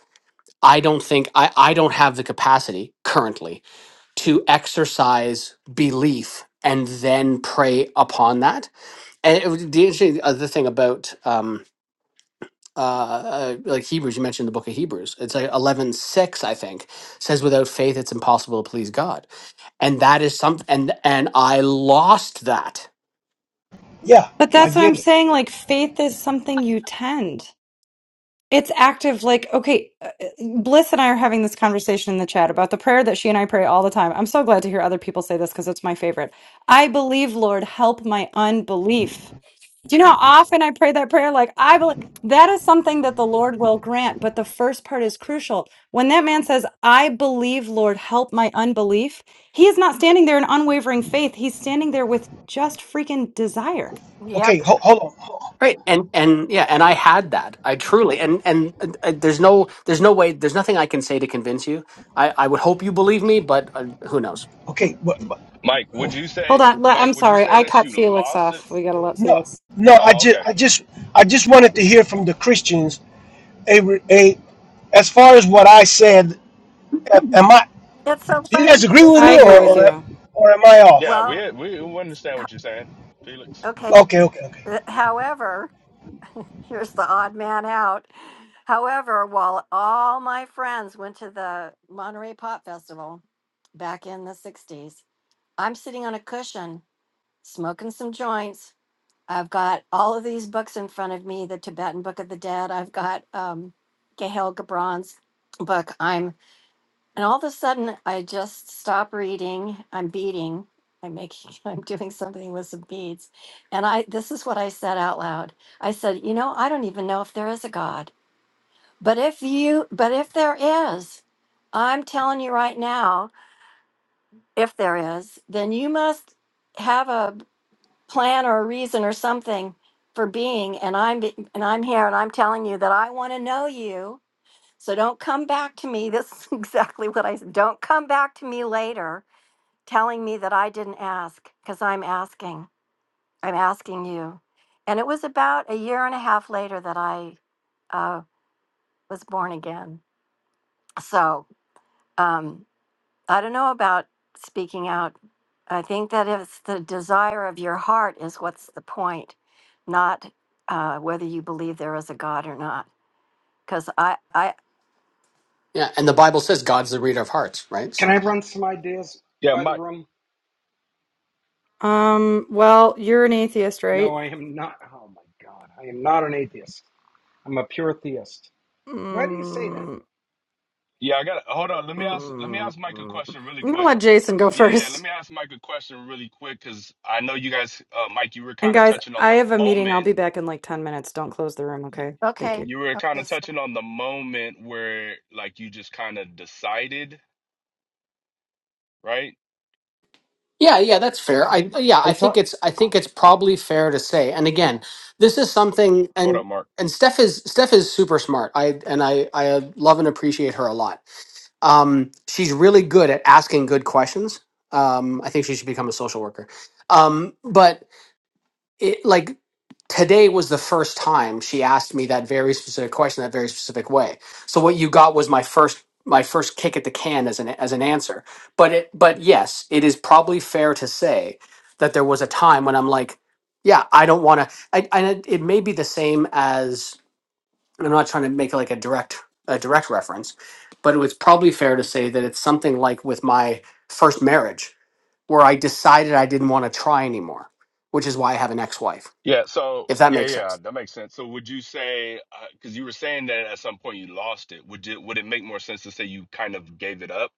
Speaker 3: I don't think I I don't have the capacity currently to exercise belief and then prey upon that. And it was the interesting other thing about um, uh, uh, like Hebrews, you mentioned the book of Hebrews. It's like eleven six, I think, says without faith it's impossible to please God, and that is something. And and I lost that.
Speaker 1: Yeah,
Speaker 4: but
Speaker 1: I
Speaker 4: that's what
Speaker 1: get
Speaker 4: i'm
Speaker 1: it.
Speaker 4: saying like faith is something you tend It's active, like, okay, uh, Bliss and I are having this conversation in the chat about the prayer that she and I pray all the time. I'm so glad to hear other people say this because it's my favorite. I believe, Lord, help my unbelief. Do you know how often I pray that prayer? Like, I believe that is something that the Lord will grant. But the first part is crucial. When that man says, I believe, Lord, help my unbelief, he is not standing there in unwavering faith. He's standing there with just freaking desire.
Speaker 1: Okay,
Speaker 2: Yep.
Speaker 1: ho- hold on. Ho-
Speaker 3: Right. And and yeah, and I had that. I truly and and uh, uh, there's no there's no way there's nothing I can say to convince you. I I would hope you believe me, but uh, who knows?
Speaker 1: Okay, but, but
Speaker 6: Mike, would you
Speaker 4: Hold
Speaker 6: say,
Speaker 4: on. le- I'm
Speaker 6: Mike, would you
Speaker 4: sorry.
Speaker 6: say
Speaker 4: I
Speaker 6: that
Speaker 4: cut
Speaker 6: you
Speaker 4: Felix
Speaker 6: lost it?
Speaker 4: off. We got to let
Speaker 1: no,
Speaker 4: Felix.
Speaker 1: no. I
Speaker 6: Oh,
Speaker 1: just,
Speaker 6: okay.
Speaker 1: I just, I just wanted to hear from the Christians. A, re- a, as far as what I said, a- am I? Do you guys agree with
Speaker 4: I
Speaker 1: me,
Speaker 4: agree
Speaker 1: or,
Speaker 4: with
Speaker 1: or,
Speaker 4: you.
Speaker 1: or am I off?
Speaker 6: Yeah, we we we understand what you're saying, Felix.
Speaker 1: Okay, okay, okay.
Speaker 2: Well, all my friends went to the Monterey Pop Festival back in the 60s. I'm sitting on a cushion, smoking some joints, I've got all of these books in front of me the Tibetan Book of the Dead. I've got um, Gail Gabron's book. I'm, and all of a sudden, I just stop reading. I'm beading. I'm making, (laughs) I'm doing something with some beads. And I, this is what I said out loud. I said, you know, I don't even know if there is a God. But if you, but if there is, I'm telling you right now, if there is, then you must have a plan or a reason or something for being and i'm and i'm here and i'm telling you that i want to know you so don't come back to me this is (laughs) exactly what i said don't come back to me later telling me that i didn't ask because i'm asking i'm asking you and it was about a year and a half later that i uh, was born again so um, I don't know about speaking out. I think that if it's the desire of your heart is what's the point, not uh, whether you believe there is a God or not. Because I, I,
Speaker 3: Yeah, and the Bible says God's the reader of hearts, right? So.
Speaker 5: can I run some ideas
Speaker 6: Yeah,
Speaker 5: by the
Speaker 6: Mike.
Speaker 5: room?
Speaker 4: Um, well, you're an atheist, right?
Speaker 5: No, I am not. Oh my God, I am not an atheist. I'm a pure theist. Why do you say that?
Speaker 4: Mm,
Speaker 6: Yeah, I got. to Hold on. Let me ask. Let me
Speaker 4: mm.
Speaker 6: ask Mike a
Speaker 4: I'm
Speaker 6: question really
Speaker 4: gonna
Speaker 6: quick.
Speaker 4: let Jason go (laughs)
Speaker 6: Yeah, yeah. Let
Speaker 4: first.
Speaker 6: me ask Mike a question really quick because I know you guys, uh, Mike, you were
Speaker 4: And
Speaker 6: kind of
Speaker 4: guys,
Speaker 6: touching on
Speaker 4: I
Speaker 6: the
Speaker 4: have a meeting. I'll
Speaker 6: moment.
Speaker 4: be back in like 10 minutes. Don't close the room,
Speaker 6: y-
Speaker 4: okay? Thank you.
Speaker 2: Okay.
Speaker 6: You were kind
Speaker 2: Okay.
Speaker 6: of
Speaker 2: So
Speaker 6: touching on the moment where, like, you just kind of decided, right?
Speaker 3: Yeah, yeah, that's fair. I yeah,
Speaker 5: I
Speaker 3: I think
Speaker 5: thought.
Speaker 3: it's I think it's
Speaker 5: Oh.
Speaker 3: probably fair to say. And again, this is something
Speaker 6: Hold
Speaker 3: and
Speaker 6: up, Mark.
Speaker 3: and Steph is Steph is super smart. I and I I love and appreciate her a lot. Um she's really good at asking good questions. Um I think she should become a social worker. Um but it like today was the first time she asked me that very specific question that very specific way so what you got was my first my first kick at the can as an as an answer but it but yes it is probably fair to say that there was a time when i'm like yeah i don't want to I, I it it may be the same as and i'm not trying to make like a direct a direct reference but it was probably fair to say that it's something like with my first marriage where i decided i didn't want to try anymore which is why i have an ex-wife
Speaker 6: Yeah. So
Speaker 3: if that
Speaker 6: yeah,
Speaker 3: makes
Speaker 6: yeah,
Speaker 3: sense.
Speaker 6: that makes sense. So would you say because you were saying that at some point you lost it, would you would it make more sense to say you kind of gave it up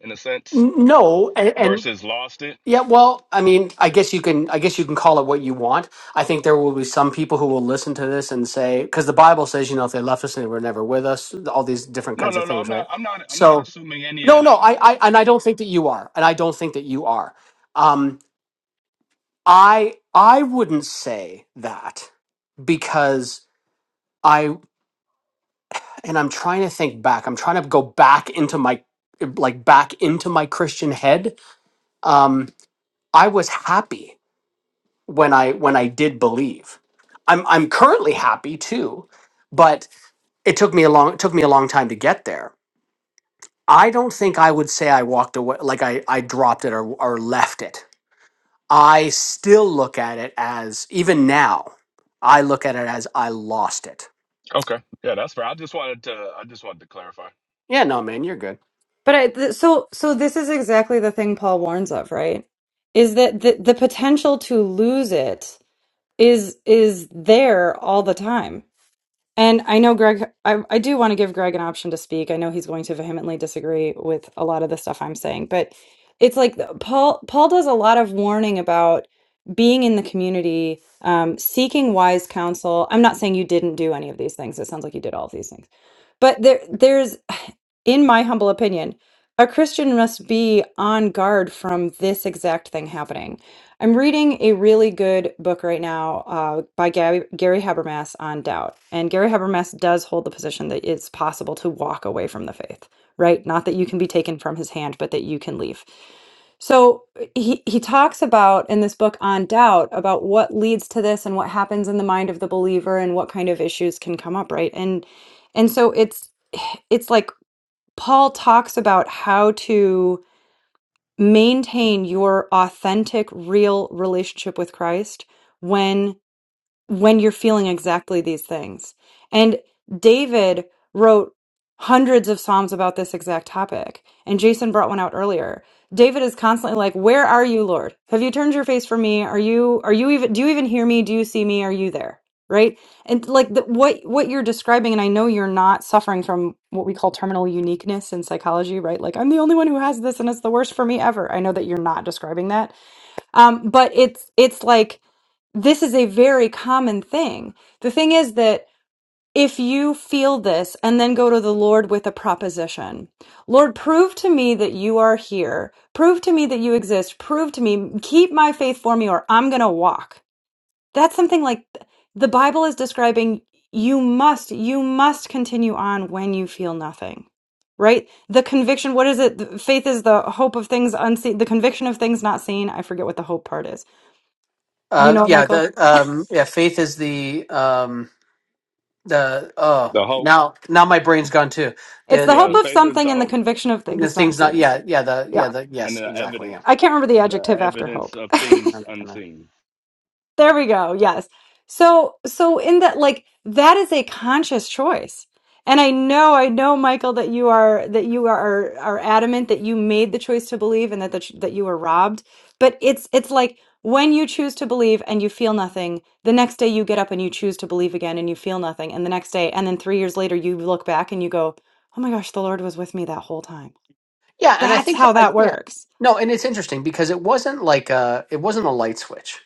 Speaker 6: in a sense
Speaker 3: N- No, and, and
Speaker 6: versus lost it?
Speaker 3: yeah, well, I mean, I guess you can, I guess you can call it what you want. I think there will be some people who will listen to this and say, because the Bible says, you know, if they left us and they were never with us, all these different
Speaker 6: No,
Speaker 3: kinds of
Speaker 6: no, no. I'm
Speaker 3: things,
Speaker 6: not.
Speaker 3: right?
Speaker 6: I'm not. I'm not
Speaker 3: So,
Speaker 6: assuming any of
Speaker 3: no, no,
Speaker 6: that.
Speaker 3: I, I, and I don't think that you are, and I don't think that you are. Um, I, I wouldn't say that because I, and I'm trying to think back. I'm trying to go back into my, like, back into my Christian head. um, I was happy when I when I did believe. I'm I'm currently happy too, but it took me a long it took me a long time to get there. I don't think I would say I walked away like I I dropped it or or left it. I still look at it as even now. I look at it as I lost it.
Speaker 6: Okay. Yeah, that's fair. I just wanted to. I just wanted to clarify.
Speaker 3: Yeah, no, man, you're good.
Speaker 4: But I, th- so so this is exactly the thing Paul warns of, right? Is that the, the potential to lose it is is there all the time And I know Greg, I, I do want to give Greg an option to speak. I know he's going to vehemently disagree with a lot of the stuff I'm saying, but it's like the- Paul Paul does a lot of warning about being in the community, um, seeking wise counsel. I'm not saying you didn't do any of these things. It sounds like you did all of these things, but there there's, (sighs) in my humble opinion. A Christian must be on guard from this exact thing happening. I'm reading a really good book right now uh, by Gary, Gary Habermas on doubt. And Gary Habermas does hold the position that it's possible to walk away from the faith, right? Not that you can be taken from his hand, but that you can leave. So he, he talks about in this book on doubt about what leads to this and what happens in the mind of the believer and what kind of issues can come up, right? And and so it's (sighs) it's like Paul talks about how to maintain your authentic, real relationship with Christ when when you're feeling exactly these things. And David wrote hundreds of Psalms about this exact topic. And Jason brought one out earlier. David is constantly like, Where are you, Lord? Have you turned your face from me? Are you, are you even, do you even hear me? Do you see me? Are you there? Right. And like the, what, what you're describing, and I know you're not suffering from what we call terminal uniqueness in psychology, right? Like, I'm the only one who has this and it's the worst for me ever. I know that you're not describing that um, but it's it's like this is a very common thing. The thing is that if you feel this and then go to the Lord with a proposition, Lord, prove to me that you are here. Prove to me that you exist. Prove to me, keep my faith for me, or I'm going to walk. That's something like the Bible is describing you must, you must continue on when you feel nothing, right? The conviction, what is it? The Faith is the hope of things unseen, the conviction of things not seen. I forget what the hope part is you
Speaker 3: Uh,
Speaker 4: know it,
Speaker 3: yeah,
Speaker 4: Michael.
Speaker 3: the um, yeah, faith is the um, the oh
Speaker 6: The hope,
Speaker 3: now now my brain's gone too.
Speaker 4: It's the
Speaker 3: The
Speaker 4: hope
Speaker 6: yeah,
Speaker 4: of
Speaker 6: faith is
Speaker 4: something
Speaker 6: the
Speaker 4: and the
Speaker 6: hope
Speaker 4: conviction of
Speaker 3: This
Speaker 4: things not
Speaker 3: thing's not.
Speaker 4: seen.
Speaker 3: Yeah, yeah, the yeah
Speaker 4: Yeah.
Speaker 3: the
Speaker 6: and
Speaker 3: yes,
Speaker 6: the
Speaker 3: exactly.
Speaker 6: evidence,
Speaker 3: Yeah,
Speaker 4: I can't remember the
Speaker 6: the
Speaker 4: adjective after
Speaker 6: evidence
Speaker 4: hope.
Speaker 6: of
Speaker 4: (laughs)
Speaker 3: I'm
Speaker 6: things
Speaker 3: not gonna-
Speaker 6: unseen.
Speaker 4: There we go. Yes. So so in that like that is a conscious choice. And I know, I know, Michael, that you are that you are are adamant that you made the choice to believe and that the, ch- that you were robbed. But it's it's like when you choose to believe and you feel nothing, the next day you get up and you choose to believe again and you feel nothing, and the next day, and then three years later you look back and you go, "Oh my gosh, the Lord was with me that whole time."
Speaker 3: yeah, and I
Speaker 4: That's
Speaker 3: think
Speaker 4: how
Speaker 3: I
Speaker 4: that
Speaker 3: yeah
Speaker 4: works.
Speaker 3: no, and it's interesting because it wasn't like uh it wasn't a light switch,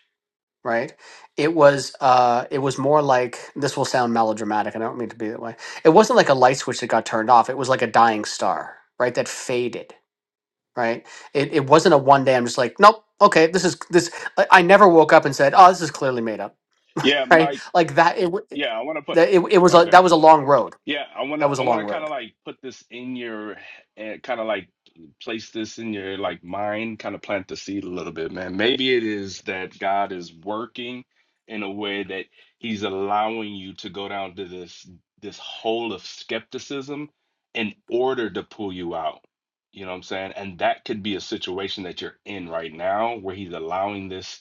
Speaker 3: right? It was uh it was more like this will sound melodramatic, and I don't mean to be that way. It wasn't like a light switch that got turned off. It was like a dying star, right? That faded, right? It it wasn't a one day. I'm just like nope, okay, this is this. I, I never woke up and said, oh, this is clearly made up,
Speaker 6: Yeah,
Speaker 3: (laughs) right?
Speaker 6: Mike.
Speaker 3: Like that. It w-
Speaker 6: Yeah, I want to put.
Speaker 3: that it, it was a
Speaker 6: Okay.
Speaker 3: that was a long road.
Speaker 6: Yeah, I want
Speaker 3: That
Speaker 6: to
Speaker 3: was a
Speaker 6: I want
Speaker 3: long
Speaker 6: to kind
Speaker 3: road.
Speaker 6: of like put this in your and kind of like place this in your like mind, kind of plant the seed a little bit, man. Maybe it is that God is working in a way that he's allowing you to go down to this this hole of skepticism in order to pull you out. You know what I'm saying? And that could be a situation that you're in right now where he's allowing this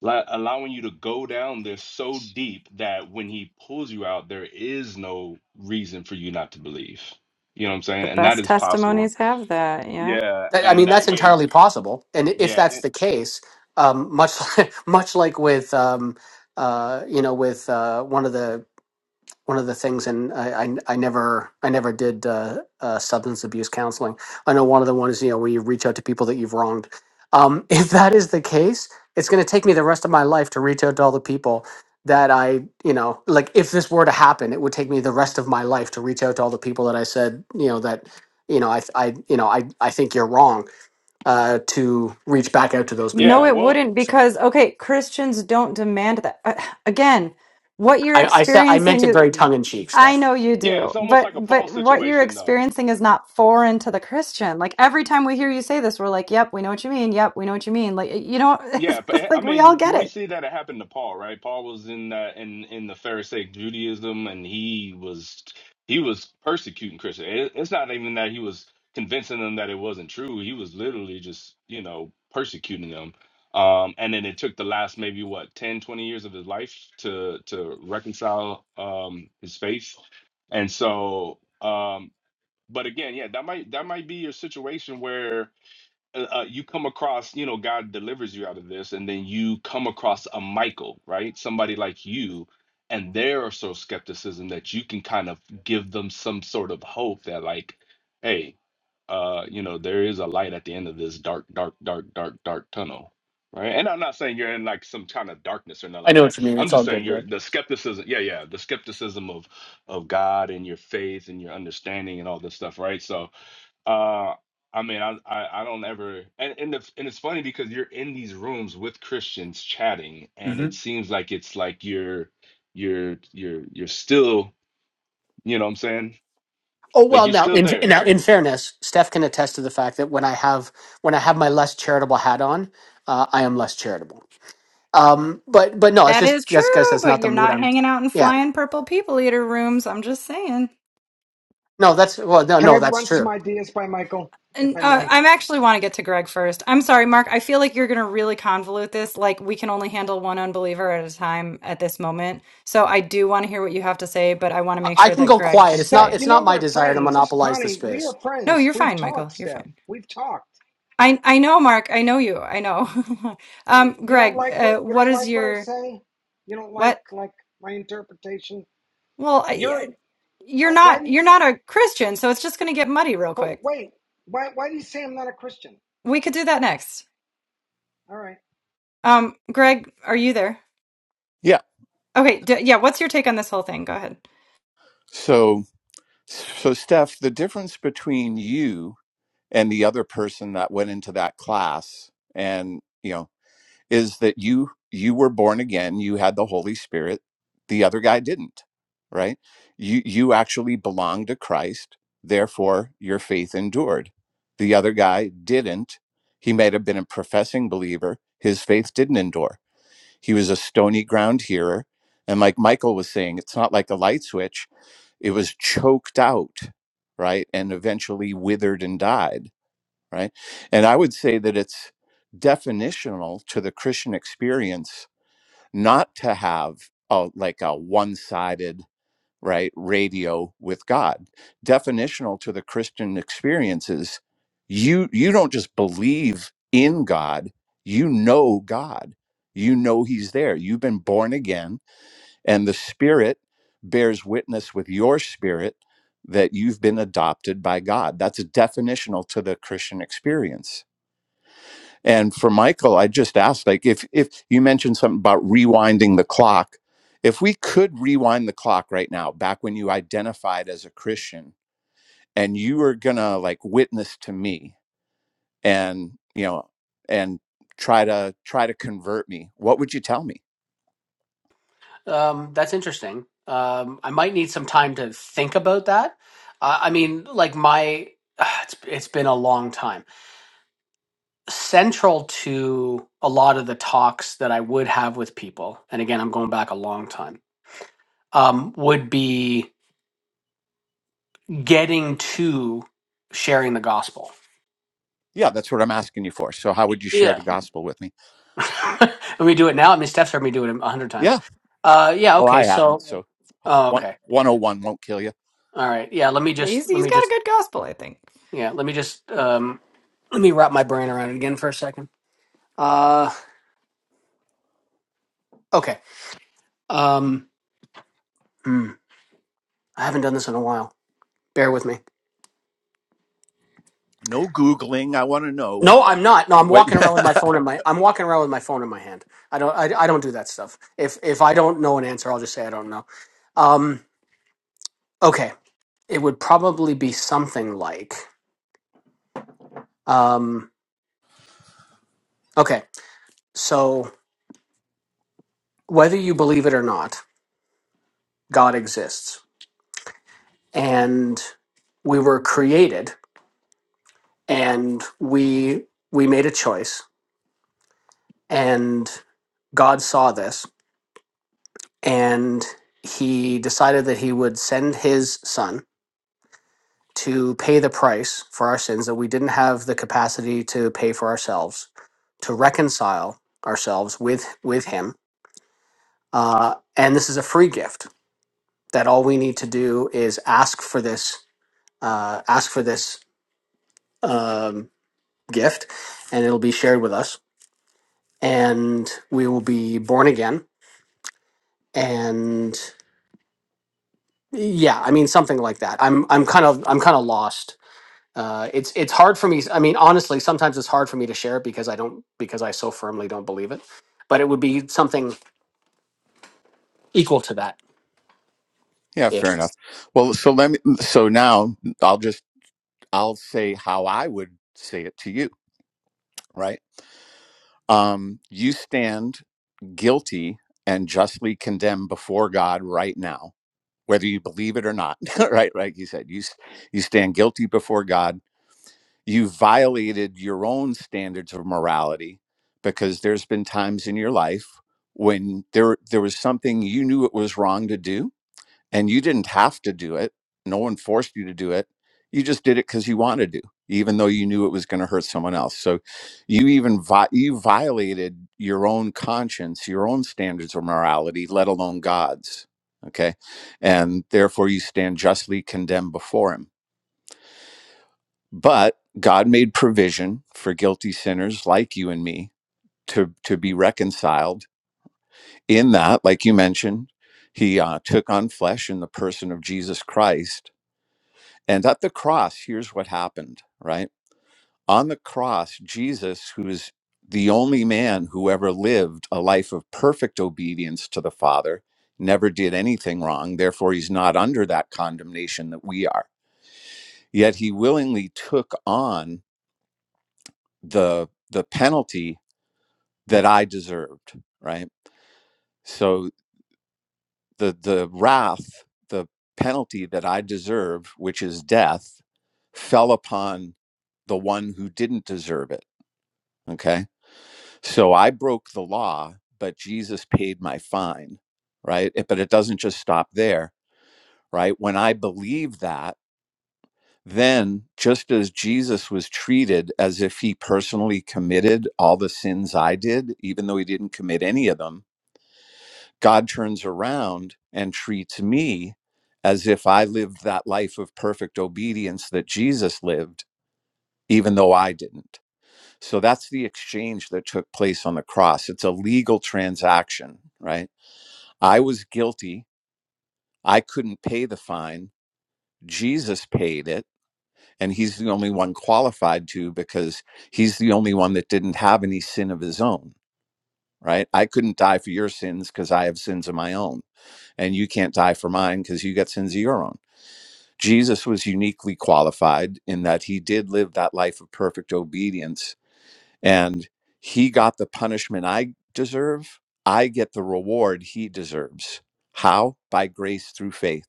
Speaker 6: like allowing you to go down there so deep that when he pulls you out, there is no reason for you not to believe. You know what I'm saying?
Speaker 4: The
Speaker 6: And that
Speaker 4: best
Speaker 6: is possible.
Speaker 4: testimonies have that. Yeah.
Speaker 6: Yeah,
Speaker 3: That, I
Speaker 6: and
Speaker 3: mean,
Speaker 6: that
Speaker 3: that's
Speaker 6: way,
Speaker 3: entirely possible, and if
Speaker 6: yeah,
Speaker 3: that's
Speaker 6: and-
Speaker 3: the case, um, much (laughs) much like with um, uh, you know with uh, one of the one of the things, and I, I, I never I never did uh, uh, substance abuse counseling. I know one of the ones you know where you reach out to people that you've wronged. Um, (laughs) if that is the case, it's going to take me the rest of my life to reach out to all the people that I you know like. If this were to happen, it would take me the rest of my life to reach out to all the people that I said you know that you know I I you know I I think you're wrong uh, to reach back out to those
Speaker 4: No,
Speaker 6: yeah.
Speaker 3: people.
Speaker 4: it
Speaker 6: Well,
Speaker 4: wouldn't
Speaker 3: So
Speaker 4: because, okay, Christians don't demand that. Uh, (sighs) again, what you're
Speaker 3: I, I said I meant it very
Speaker 4: experiencing,
Speaker 3: tongue in cheek,
Speaker 4: I
Speaker 3: Steph.
Speaker 4: know you
Speaker 6: yeah,
Speaker 4: do,
Speaker 6: it's almost
Speaker 4: but
Speaker 6: like a Paul
Speaker 4: but what you're
Speaker 6: situation, though.
Speaker 4: experiencing is not foreign to the Christian. Like every time we hear you say this, we're like, "Yep, we know what you mean. Yep, we know what you mean." Like you know, (laughs) it's
Speaker 6: Yeah, but I
Speaker 4: like we all
Speaker 6: mean,
Speaker 4: get
Speaker 6: we
Speaker 4: it.
Speaker 6: see that it happened to Paul, right? Paul was in that in in the Pharisaic Judaism, and he was he was persecuting Christians. It, it's not even that he was convincing them that it wasn't true. He was literally just you know persecuting them. Um, and then it took the last maybe what 10 20 years of his life to to reconcile um, his faith. And so, um, but again, yeah, that might that might be your situation where uh, uh, you come across, you know, God delivers you out of this, and then you come across a Michael, right? Somebody like you, and their so skepticism that you can kind of give them some sort of hope that, like, hey, uh, you know, there is a light at the end of this dark, dark, dark, dark, dark tunnel. Right. And I'm not saying you're in like some kind of darkness or nothing
Speaker 3: I
Speaker 6: like
Speaker 3: know what
Speaker 6: that.
Speaker 3: you mean.
Speaker 6: I'm
Speaker 3: It's all
Speaker 6: just saying
Speaker 3: good,
Speaker 6: you're
Speaker 3: bud.
Speaker 6: the skepticism. Yeah, yeah. The skepticism of of God and your faith and your understanding and all this stuff. Right. So uh, I mean, I, I I don't ever, and and, the, and it's funny because you're in these rooms with Christians chatting, and
Speaker 3: hmm
Speaker 6: it seems like it's like you're you're you're you're still, you know what I'm saying?
Speaker 3: Oh
Speaker 6: Like
Speaker 3: well,
Speaker 6: you're
Speaker 3: now
Speaker 6: still
Speaker 3: in
Speaker 6: there.
Speaker 3: now in fairness, Steph can attest to the fact that when I have when I have my less charitable hat on, uh, I am less charitable. Um, but but no, it's
Speaker 4: That is
Speaker 3: just guys, guys,
Speaker 4: true,
Speaker 3: that's
Speaker 4: but
Speaker 3: not the
Speaker 4: you're
Speaker 3: mood
Speaker 4: not
Speaker 3: I'm.
Speaker 4: hanging out in
Speaker 3: Yeah,
Speaker 4: flying purple people eater rooms. I'm just saying.
Speaker 3: no, that's well, no,
Speaker 5: Can I
Speaker 3: no, that's
Speaker 5: run some
Speaker 3: true.
Speaker 5: ideas by Michael, if
Speaker 4: And
Speaker 5: I
Speaker 4: uh,
Speaker 5: may?
Speaker 4: I'm actually want to get to Greg first. I'm sorry, Mark. I feel like you're going to really convolute this. Like we can only handle one unbeliever at a time at this moment. So I do want to hear what you have to say, but I want to
Speaker 3: I
Speaker 4: make
Speaker 3: I
Speaker 4: sure
Speaker 3: can
Speaker 4: that
Speaker 3: go
Speaker 4: Greg
Speaker 3: quiet.
Speaker 4: can
Speaker 3: It's
Speaker 5: Steph,
Speaker 3: not.
Speaker 4: say.
Speaker 5: you
Speaker 3: It's
Speaker 5: know
Speaker 3: not my
Speaker 5: we're
Speaker 3: desire to
Speaker 5: friends.
Speaker 3: monopolize the
Speaker 5: Connie, we
Speaker 3: space.
Speaker 5: are
Speaker 4: No,
Speaker 5: friends.
Speaker 4: you're
Speaker 5: We've
Speaker 4: fine,
Speaker 5: talked,
Speaker 4: Michael. You're
Speaker 5: Steph.
Speaker 4: fine.
Speaker 5: We've talked.
Speaker 4: I I know, Mark. I know you. I know. (laughs)
Speaker 5: You
Speaker 4: um,
Speaker 5: you don't
Speaker 4: Greg,
Speaker 5: like
Speaker 4: uh,
Speaker 5: what you
Speaker 4: what
Speaker 5: don't
Speaker 4: is
Speaker 5: like what I
Speaker 4: your
Speaker 5: say. You don't like
Speaker 4: what?
Speaker 5: like my interpretation.
Speaker 4: Well, I,
Speaker 5: You're
Speaker 4: I- you're
Speaker 5: uh,
Speaker 4: not
Speaker 5: why?
Speaker 4: you're not a Christian, so it's just going to get muddy real
Speaker 5: But
Speaker 4: quick.
Speaker 5: wait, why why do you say I'm not a Christian?
Speaker 4: We could do that next.
Speaker 5: All right.
Speaker 4: Um, Greg, are you there?
Speaker 7: Yeah.
Speaker 4: Okay, d- yeah. What's your take on this whole thing? Go ahead.
Speaker 7: So, so Steph, the difference between you and the other person that went into that class and, you know, is that you you were born again, you had the Holy Spirit, the other guy didn't, right? You you actually belong to Christ, therefore your faith endured. The other guy didn't. He might have been a professing believer, his faith didn't endure. He was a stony ground hearer, and like Michael was saying, it's not like a light switch it was choked out right and eventually withered and died right and i would say that it's definitional to the christian experience not to have a like a one-sided right radio with god definitional to the christian experience is you you don't just believe in god you know god you know he's there you've been born again and the Spirit bears witness with your spirit that you've been adopted by God. That's definitional to the Christian experience. And for Michael, I just asked, like, if if you mentioned something about rewinding the clock, if we could rewind the clock right now, back when you identified as a Christian, and you were gonna like witness to me, and you know, and try to try to convert me, what would you tell me?
Speaker 3: Um, that's interesting. Um, I might need some time to think about that. Uh, I mean, like my, (sighs) it's it's been a long time. Central to a lot of the talks that I would have with people, and again, I'm going back a long time, um, would be getting to sharing the gospel.
Speaker 7: Yeah, that's what I'm asking you for. So how would you share
Speaker 3: Yeah,
Speaker 7: the gospel with me?
Speaker 3: (laughs) let me do it now. I mean, Steph's heard me do it a hundred times.
Speaker 7: Yeah.
Speaker 3: Uh, yeah.
Speaker 7: Well,
Speaker 3: Okay.
Speaker 7: I haven't.
Speaker 3: So,
Speaker 7: So
Speaker 3: oh,
Speaker 7: one
Speaker 3: okay.
Speaker 7: one oh one won't kill you.
Speaker 3: All right. Yeah. Let me
Speaker 4: Yeah, he's
Speaker 3: just. Let
Speaker 4: he's
Speaker 3: me
Speaker 4: got a
Speaker 3: just.
Speaker 4: good gospel, I think.
Speaker 3: Yeah. Let me just. um, let me wrap my brain around it again for a second. Uh, okay. Um, hmm, I haven't done this in a while. Bear with me.
Speaker 7: No Googling. I want to know
Speaker 3: No, I'm not. No, I'm
Speaker 7: what.
Speaker 3: walking around with my phone in my. I'm walking around with my phone in my hand. I don't. I, I don't do that stuff. If if I don't know an answer, I'll just say I don't know. Um, okay. It would probably be something like. Um, okay. So whether you believe it or not, God exists, and we were created, and we we made a choice, and God saw this and he decided that he would send his son to pay the price for our sins that we didn't have the capacity to pay for ourselves, to reconcile ourselves with with him. Uh, and this is a free gift that all we need to do is ask for this uh, ask for this um, gift and it'll be shared with us and we will be born again and Yeah, I mean something like that. I'm I'm kind of I'm kind of lost. Uh, it's it's hard for me. I mean, honestly, sometimes it's hard for me to share it because I don't because I so firmly don't believe it. But it would be something equal to that.
Speaker 7: (laughs) yeah,
Speaker 3: If
Speaker 7: fair enough. Well, so let me, so now I'll just, I'll say how I would say it to you, right? Um, you stand guilty and justly condemned before God right now, whether you believe it or not. (laughs) right, right. you said, you s- you stand guilty before God. You violated your own standards of morality because there's been times in your life when there there was something you knew it was wrong to do and you didn't have to do it. No one forced you to do it. You just did it because you wanted to, even though you knew it was going to hurt someone else. So you even vi- you violated your own conscience, your own standards of morality, let alone God's. Okay, and therefore you stand justly condemned before Him. But God made provision for guilty sinners like you and me to to be reconciled. In that, like you mentioned, He uh, took on flesh in the person of Jesus Christ And at the cross, here's what happened, right? On the cross, Jesus, who is the only man who ever lived a life of perfect obedience to the Father, never did anything wrong. Therefore, he's not under that condemnation that we are. Yet he willingly took on the, the penalty that I deserved, right? So the, the wrath, the penalty that I deserve, which is death, fell upon the one who didn't deserve it Okay. So I broke the law, but Jesus paid my fine, right? It- but it doesn't just stop there, right? When I believe that, then just as Jesus was treated as if he personally committed all the sins I did, even though he didn't commit any of them, God turns around and treats me as if I lived that life of perfect obedience that Jesus lived, even though I didn't So that's the exchange that took place on the cross. It's a legal transaction, right? I was guilty. I couldn't pay the fine. Jesus paid it. And he's the only one qualified to because he's the only one that didn't have any sin of his own, right? I couldn't die for your sins because I have sins of my own. And you can't die for mine because you got sins of your own. Jesus was uniquely qualified in that he did live that life of perfect obedience and he got the punishment I deserve. I get the reward he deserves. How? By grace through faith.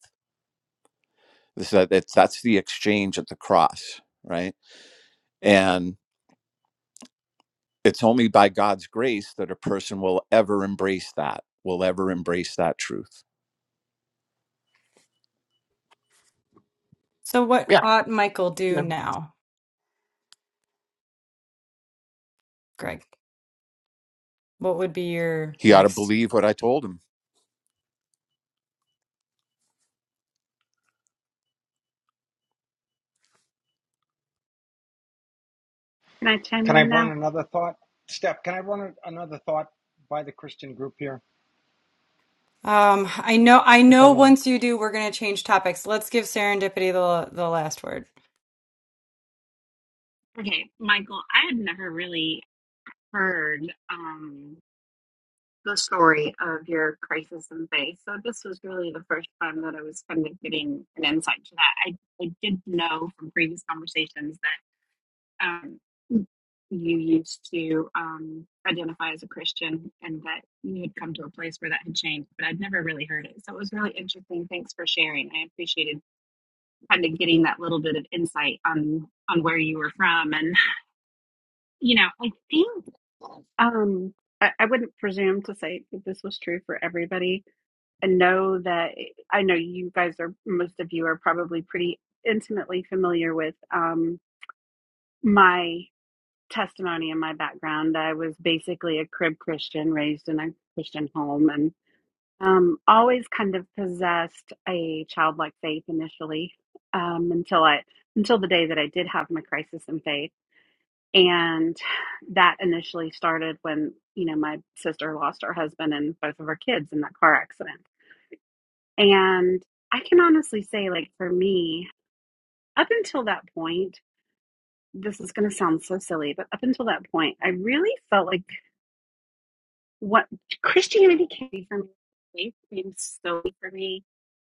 Speaker 7: This that's that's the exchange at the cross, right? And it's only by God's grace that a person will ever embrace that, will ever embrace that truth.
Speaker 4: So what
Speaker 3: yeah,
Speaker 4: ought Michael do
Speaker 3: yeah,
Speaker 4: now, Greg? What would be your
Speaker 7: He ought to
Speaker 4: next?
Speaker 7: believe what I told him.
Speaker 8: Can I chime
Speaker 5: Can I
Speaker 8: in
Speaker 5: run
Speaker 8: now?
Speaker 5: another thought? Steph, can I run a- another thought by the Christian group here,
Speaker 4: Um, I know I
Speaker 5: if I
Speaker 4: know
Speaker 5: may?
Speaker 4: once you do, we're gonna change topics. Let's give serendipity the the last word.
Speaker 8: Okay, Michael, I had never really heard um, the story of your crisis in faith. So this was really the first time that I was kind of getting an insight to that. I, I did know from previous conversations that um, you used to um, identify as a Christian and that you had come to a place where that had changed, but I'd never really heard it. So it was really interesting. Thanks for sharing. I appreciated kind of getting that little bit of insight on on where you were from and you know, I think um, I, I wouldn't presume to say that this was true for everybody. I know that eh, I know you guys are most of you are probably pretty intimately familiar with um, my testimony and my background. I was basically a crib Christian, raised in a Christian home, and um, always kind of possessed a childlike faith initially um, until I until the day that I did have my crisis in faith and that initially started when you know my sister lost her husband and both of her kids in that car accident and i can honestly say like for me up until that point this is going to sound so silly but up until that point i really felt like what christianity can be for me faith came slowly for me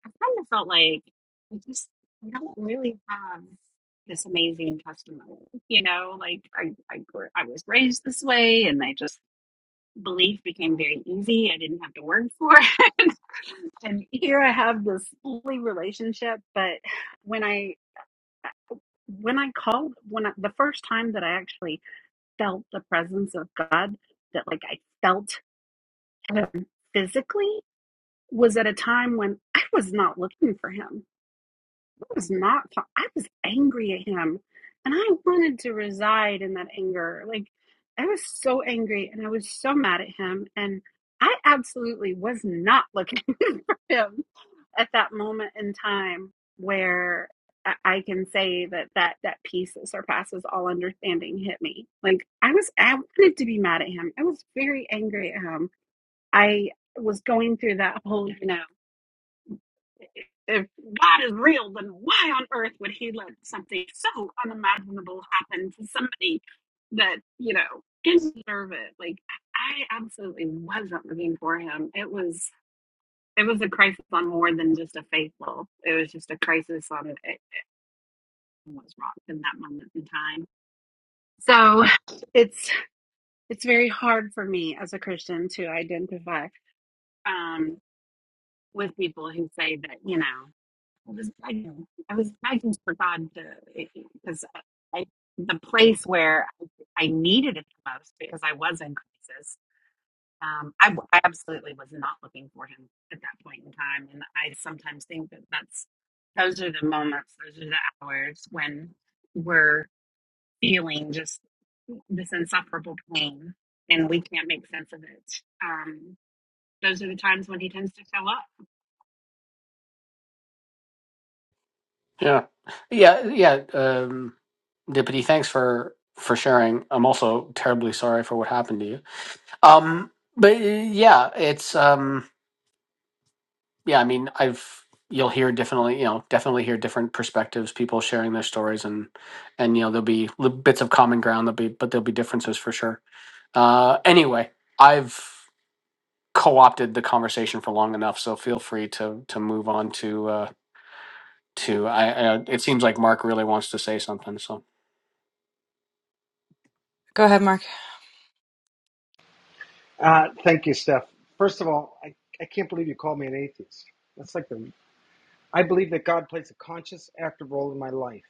Speaker 8: i kind of felt like i just i don't really have this amazing testimony you know like i i, I was raised this way and i just belief became very easy. I didn't have to work for it. (laughs) and here I have this lovely relationship. But when I when I called when I, the first time that I actually felt the presence of God, that like I felt him physically was at a time when I was not looking for him. was not I was angry at him and I wanted to reside in that anger. Like I was so angry and I was so mad at him and I absolutely was not looking (laughs) for him at that moment in time where I I can say that, that that peace that surpasses all understanding hit me. Like I was, I wanted to be mad at him. I was very angry at him. I was going through that whole, you know, if God is real, then why on earth would he let something so unimaginable happen to somebody that, you know, didn't deserve it? Like, I absolutely wasn't living for him. It was, it was a crisis on more than just a faithful. It was just a crisis on it was wrong in that moment in time. So it's, it's very hard for me as a Christian to identify um, with people who say that, you know. I was begging. I was begging for God to, because I, I, the place where I needed it the most because I was in crisis, um, I, w- I absolutely was not looking for Him at that point in time. And I sometimes think that that's, those are the moments, those are the hours when we're feeling just this insufferable pain and we can't make sense of it. Um, those are the times when He tends to show up
Speaker 3: yeah, yeah. yeah, Um, Dippity, thanks for for sharing. I'm also terribly sorry for what happened to you. Um, but uh, yeah, it's um. yeah, I mean, I've you'll hear definitely, you know, definitely hear different perspectives, people sharing their stories, and and you know, there'll be li- bits of common ground, there'll be but there'll be differences for sure. Uh, anyway, I've co-opted the conversation for long enough, so feel free to to move on to uh, to I, I. It seems like Mark really wants to say something, so.
Speaker 4: Go ahead, Mark.
Speaker 5: Uh, thank you, Steph. First of all, I, I can't believe you called me an atheist. That's like the I believe that God plays a conscious, active role in my life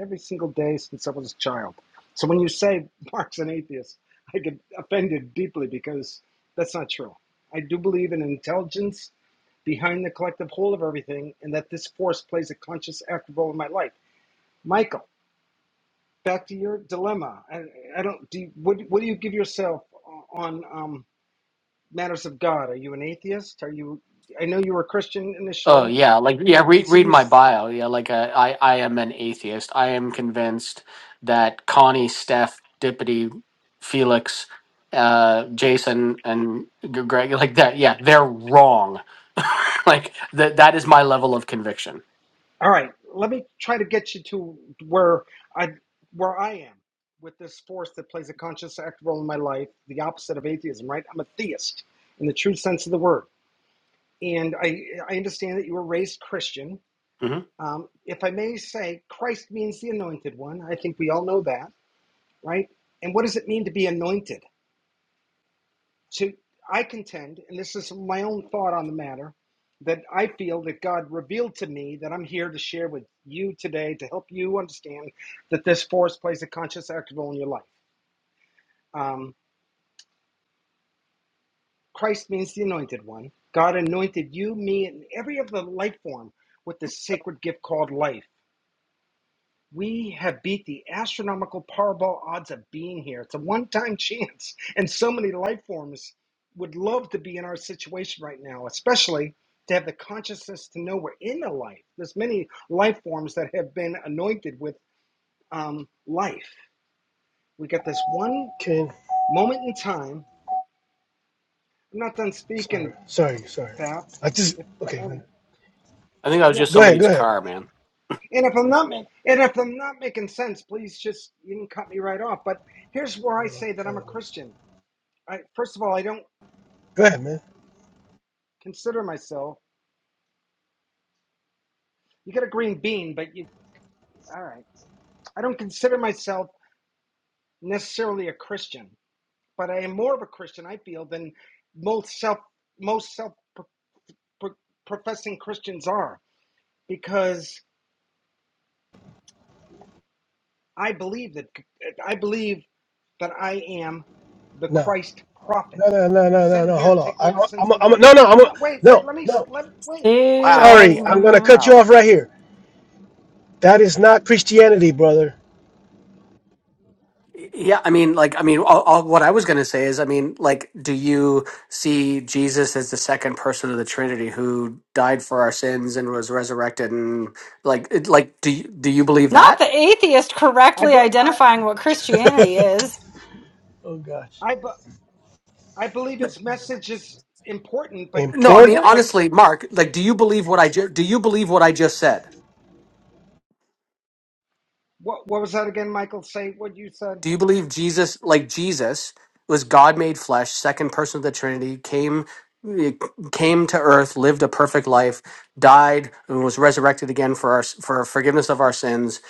Speaker 5: every single day since I was a child. So when you say (laughs) Mark's an atheist, I get offended deeply because that's not true. I do believe in intelligence behind the collective whole of everything and that this force plays a conscious, active role in my life. Michael, back to your dilemma. I, I don't, do you, what, what do you give yourself on um, matters of God? Are you an atheist? Are you, I know you were a Christian
Speaker 3: Oh
Speaker 5: initially.
Speaker 3: yeah, like
Speaker 5: Do
Speaker 3: yeah,
Speaker 5: you
Speaker 3: read
Speaker 5: consider
Speaker 3: read my
Speaker 5: yourself?
Speaker 3: bio. Yeah, like uh, I I am an atheist. I am convinced that Connie, Steph, Dippity, Felix, uh, Jason, and G- Greg, (laughs) like that. Yeah, they're wrong. (laughs) like that that is my level of conviction.
Speaker 5: All right, let me try to get you to where I where I am with this force that plays a conscious active role in my life, the opposite of atheism, right? I'm a theist in the true sense of the word. And I I understand that you were raised Christian.
Speaker 3: hmm
Speaker 5: Um, if I may say, Christ means the anointed one. I think we all know that, right? And what does it mean to be anointed? So I contend, and this is my own thought on the matter, that I feel that God revealed to me that I'm here to share with you today to help you understand that this force plays a conscious active role in your life. Um, Christ means the anointed one. God anointed you, me, and every other life form with this sacred gift called life. We have beat the astronomical Powerball odds of being here. It's a one time (laughs) chance, and so many life forms would love to be in our situation right now, especially to have the consciousness to know we're in a life. There's many life forms that have been anointed with um, life. We got this one
Speaker 1: Ken,
Speaker 5: moment in time. I'm not done
Speaker 1: sorry,
Speaker 5: speaking,
Speaker 1: sorry, sorry.
Speaker 5: Bap.
Speaker 1: I just,
Speaker 5: If
Speaker 1: okay.
Speaker 5: uh,
Speaker 3: I think that was
Speaker 5: yeah,
Speaker 3: just
Speaker 1: Go ahead, go
Speaker 3: somebody's
Speaker 1: ahead,
Speaker 3: car, man.
Speaker 5: and if I'm not ma- and if I'm not making sense, please just you can cut me right off. But here's where
Speaker 1: go
Speaker 5: I
Speaker 1: ahead. Well,
Speaker 5: say
Speaker 1: I
Speaker 5: that I'm
Speaker 1: kinda
Speaker 5: a
Speaker 1: was-
Speaker 5: Christian. I first of all, I don't
Speaker 1: Go ahead, man.
Speaker 5: consider myself. You get a green bean, but you all right. I don't consider myself necessarily a Christian, but I am more of a Christian. I feel than most self most self professing Christians are because I believe that I believe that I am the
Speaker 1: No,
Speaker 5: Christ prophet
Speaker 1: no, no, no, no, no.
Speaker 5: sent
Speaker 1: no.
Speaker 5: here to
Speaker 1: Hold on.
Speaker 5: take
Speaker 1: I,
Speaker 5: away the sins
Speaker 1: I'm,
Speaker 5: of
Speaker 1: a,
Speaker 5: the
Speaker 1: I'm a,
Speaker 5: world.
Speaker 1: no, no, I'm
Speaker 5: I'm
Speaker 1: a,
Speaker 5: not, wait,
Speaker 1: no,
Speaker 5: wait, let me
Speaker 1: no.
Speaker 5: let wait.
Speaker 4: See,
Speaker 5: Oh
Speaker 3: Wow.
Speaker 4: I've,
Speaker 1: Sorry,
Speaker 5: bother.
Speaker 1: I'm gonna
Speaker 4: uh,
Speaker 1: cut
Speaker 3: Wow.
Speaker 1: you off right here. That is not Christianity, brother.
Speaker 3: Yeah, I mean, like, I mean, all, all, what I was going to say is, I mean, like, do you see Jesus as the second person of the Trinity who died for our sins and was resurrected, and like, it, like, do you, do you believe
Speaker 4: Not
Speaker 3: that?
Speaker 4: the atheist
Speaker 5: I,
Speaker 4: correctly
Speaker 5: be- I,
Speaker 4: identifying what Christianity is.
Speaker 1: Oh gosh.
Speaker 5: I, be- I believe his message is important, but
Speaker 3: No,
Speaker 5: I
Speaker 3: I mean,
Speaker 5: think
Speaker 1: Important?
Speaker 5: like
Speaker 3: honestly, Mark, like, do you believe what I ju- do you believe what I just said?
Speaker 5: what what was that again, Michael? Say what you said.
Speaker 3: Do you believe Jesus, like Jesus, was God made flesh, second person of the Trinity, came came to earth, lived a perfect life, died, and was resurrected again for our for forgiveness of our sins?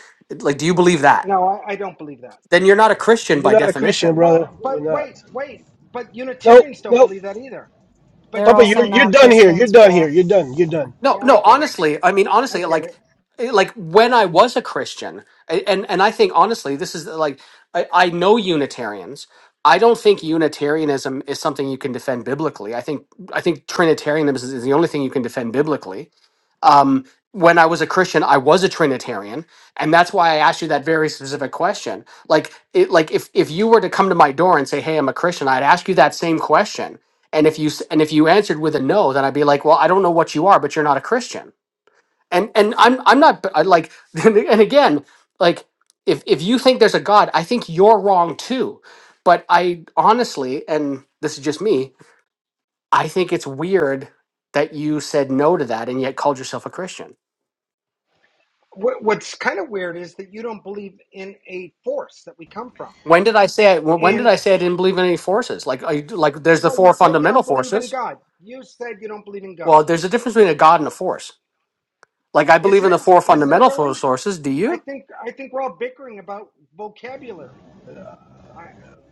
Speaker 3: Like, do you believe that?
Speaker 5: No, I, I don't believe that.
Speaker 3: Then you're not a Christian
Speaker 1: You're
Speaker 3: by
Speaker 1: not a Christian,
Speaker 3: definition.
Speaker 1: brother.
Speaker 5: Well,
Speaker 1: You're
Speaker 5: but wait,
Speaker 1: not.
Speaker 5: wait, but
Speaker 1: Nope,
Speaker 5: Unitarians don't
Speaker 1: nope.
Speaker 5: believe that either. But you
Speaker 1: Papa,
Speaker 5: call
Speaker 1: you're
Speaker 5: them
Speaker 1: you're done here.
Speaker 5: Christians.
Speaker 1: You're done here. You're done. You're done.
Speaker 3: No,
Speaker 5: Yeah, I
Speaker 3: no,
Speaker 5: get it.
Speaker 3: honestly, I mean
Speaker 5: I
Speaker 3: honestly,
Speaker 5: get
Speaker 3: like
Speaker 5: it.
Speaker 3: eh, like when I was a Christian, a- and and I think honestly, this is like I, I know Unitarians. I don't think Unitarianism is something you can defend biblically. I think I think Trinitarianism is is the only thing you can defend biblically um, when I was a Christian, I was a Trinitarian, and that's why I asked you that very specific question. Like, it, like if if you were to come to my door and say, "Hey, I'm a Christian," I'd ask you that same question, and if you s- and if you answered with a no, then I'd be like, "Well, I don't know what you are, but you're not a Christian." And and I'm I'm not I, like, (laughs) and again, like if if you think there's a God, I think you're wrong too. But I honestly, and this is just me, I think it's weird that you said no to that and yet called yourself a Christian.
Speaker 5: What, what's kind of weird is that you don't believe in a force that we come from.
Speaker 3: When did I say I, when did
Speaker 5: And
Speaker 3: I say I didn't believe in any forces? Like I, like there's the
Speaker 5: well, you
Speaker 3: four
Speaker 5: said you
Speaker 3: fundamental
Speaker 5: don't believe in
Speaker 3: forces.
Speaker 5: God. You said you don't believe in God.
Speaker 3: Well, there's a difference between a god and a force. Like I
Speaker 5: Is
Speaker 3: believe in
Speaker 5: there
Speaker 3: the four
Speaker 5: is there
Speaker 3: fundamental fo-
Speaker 5: really?
Speaker 3: forces. Do
Speaker 5: I
Speaker 3: you?
Speaker 5: think I think we're all bickering about vocabulary.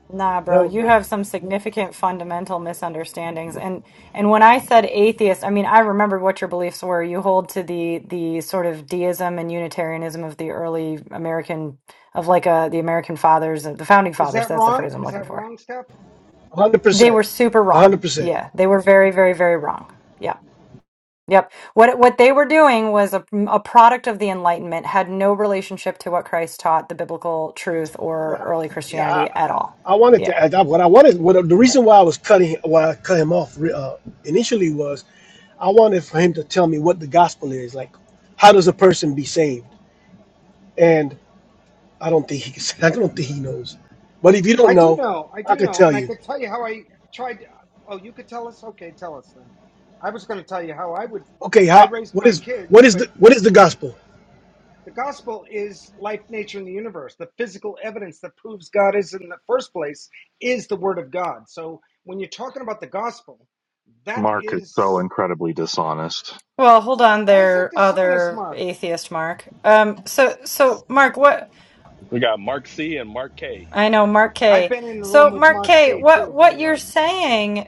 Speaker 4: Nah, bro,
Speaker 1: No,
Speaker 4: you
Speaker 1: bro.
Speaker 4: have some significant fundamental misunderstandings. And and when I said atheist, I mean I remembered what your beliefs were. You hold to the the sort of deism and Unitarianism of the early American of like uh the American fathers, the founding
Speaker 5: Is
Speaker 4: fathers.
Speaker 5: that
Speaker 4: That's the
Speaker 5: wrong?
Speaker 4: phrase I'm
Speaker 5: Is
Speaker 4: looking
Speaker 5: that
Speaker 4: for.
Speaker 5: wrong, Steph?
Speaker 1: hundred
Speaker 4: They
Speaker 1: percent.
Speaker 4: were super wrong.
Speaker 1: hundred percent.
Speaker 4: Yeah, they were very, very, very wrong. Yeah. Yep. What what they were doing was a, a product of the Enlightenment, had no relationship to what Christ taught, the biblical truth, or
Speaker 1: Yeah.
Speaker 4: early
Speaker 1: Yeah.
Speaker 4: Christianity
Speaker 1: I,
Speaker 4: at all.
Speaker 1: I wanted
Speaker 4: Yeah.
Speaker 1: to add what I wanted what the reason why I was cutting why I cut him off re- uh, initially was I wanted for him to tell me what the gospel is. Like how does a person be saved? And I don't think he can, (laughs) I don't think he knows. But if you don't
Speaker 5: I do
Speaker 1: know,
Speaker 5: know. I
Speaker 1: I
Speaker 5: do
Speaker 1: could
Speaker 5: know.
Speaker 1: tell
Speaker 5: And I
Speaker 1: you.
Speaker 5: could tell you how I tried. Oh, you could tell us? Okay, tell us then. I was going to tell you how I would.
Speaker 1: Okay,
Speaker 5: I
Speaker 1: how?
Speaker 5: raised
Speaker 1: What
Speaker 5: my
Speaker 1: is
Speaker 5: kids,
Speaker 1: what is the
Speaker 5: but
Speaker 1: what is the gospel?
Speaker 5: the gospel is life, nature, and the universe. The physical evidence that proves God is in the first place is the word of God. So when you're talking about the gospel, that
Speaker 9: Mark is so
Speaker 5: is.
Speaker 9: incredibly dishonest.
Speaker 4: Well, hold on
Speaker 5: Why is that
Speaker 4: there,
Speaker 5: dishonest,
Speaker 4: other
Speaker 5: Mark?
Speaker 4: atheist Mark. Um, so, so Mark, what
Speaker 6: We got Mark C and Mark K.
Speaker 4: I know, Mark
Speaker 5: I've
Speaker 4: K.
Speaker 5: been in the
Speaker 4: So,
Speaker 5: room with
Speaker 4: Mark
Speaker 5: Mark
Speaker 4: K,
Speaker 5: C,
Speaker 4: what
Speaker 5: too, by
Speaker 4: what
Speaker 5: the way.
Speaker 4: you're saying,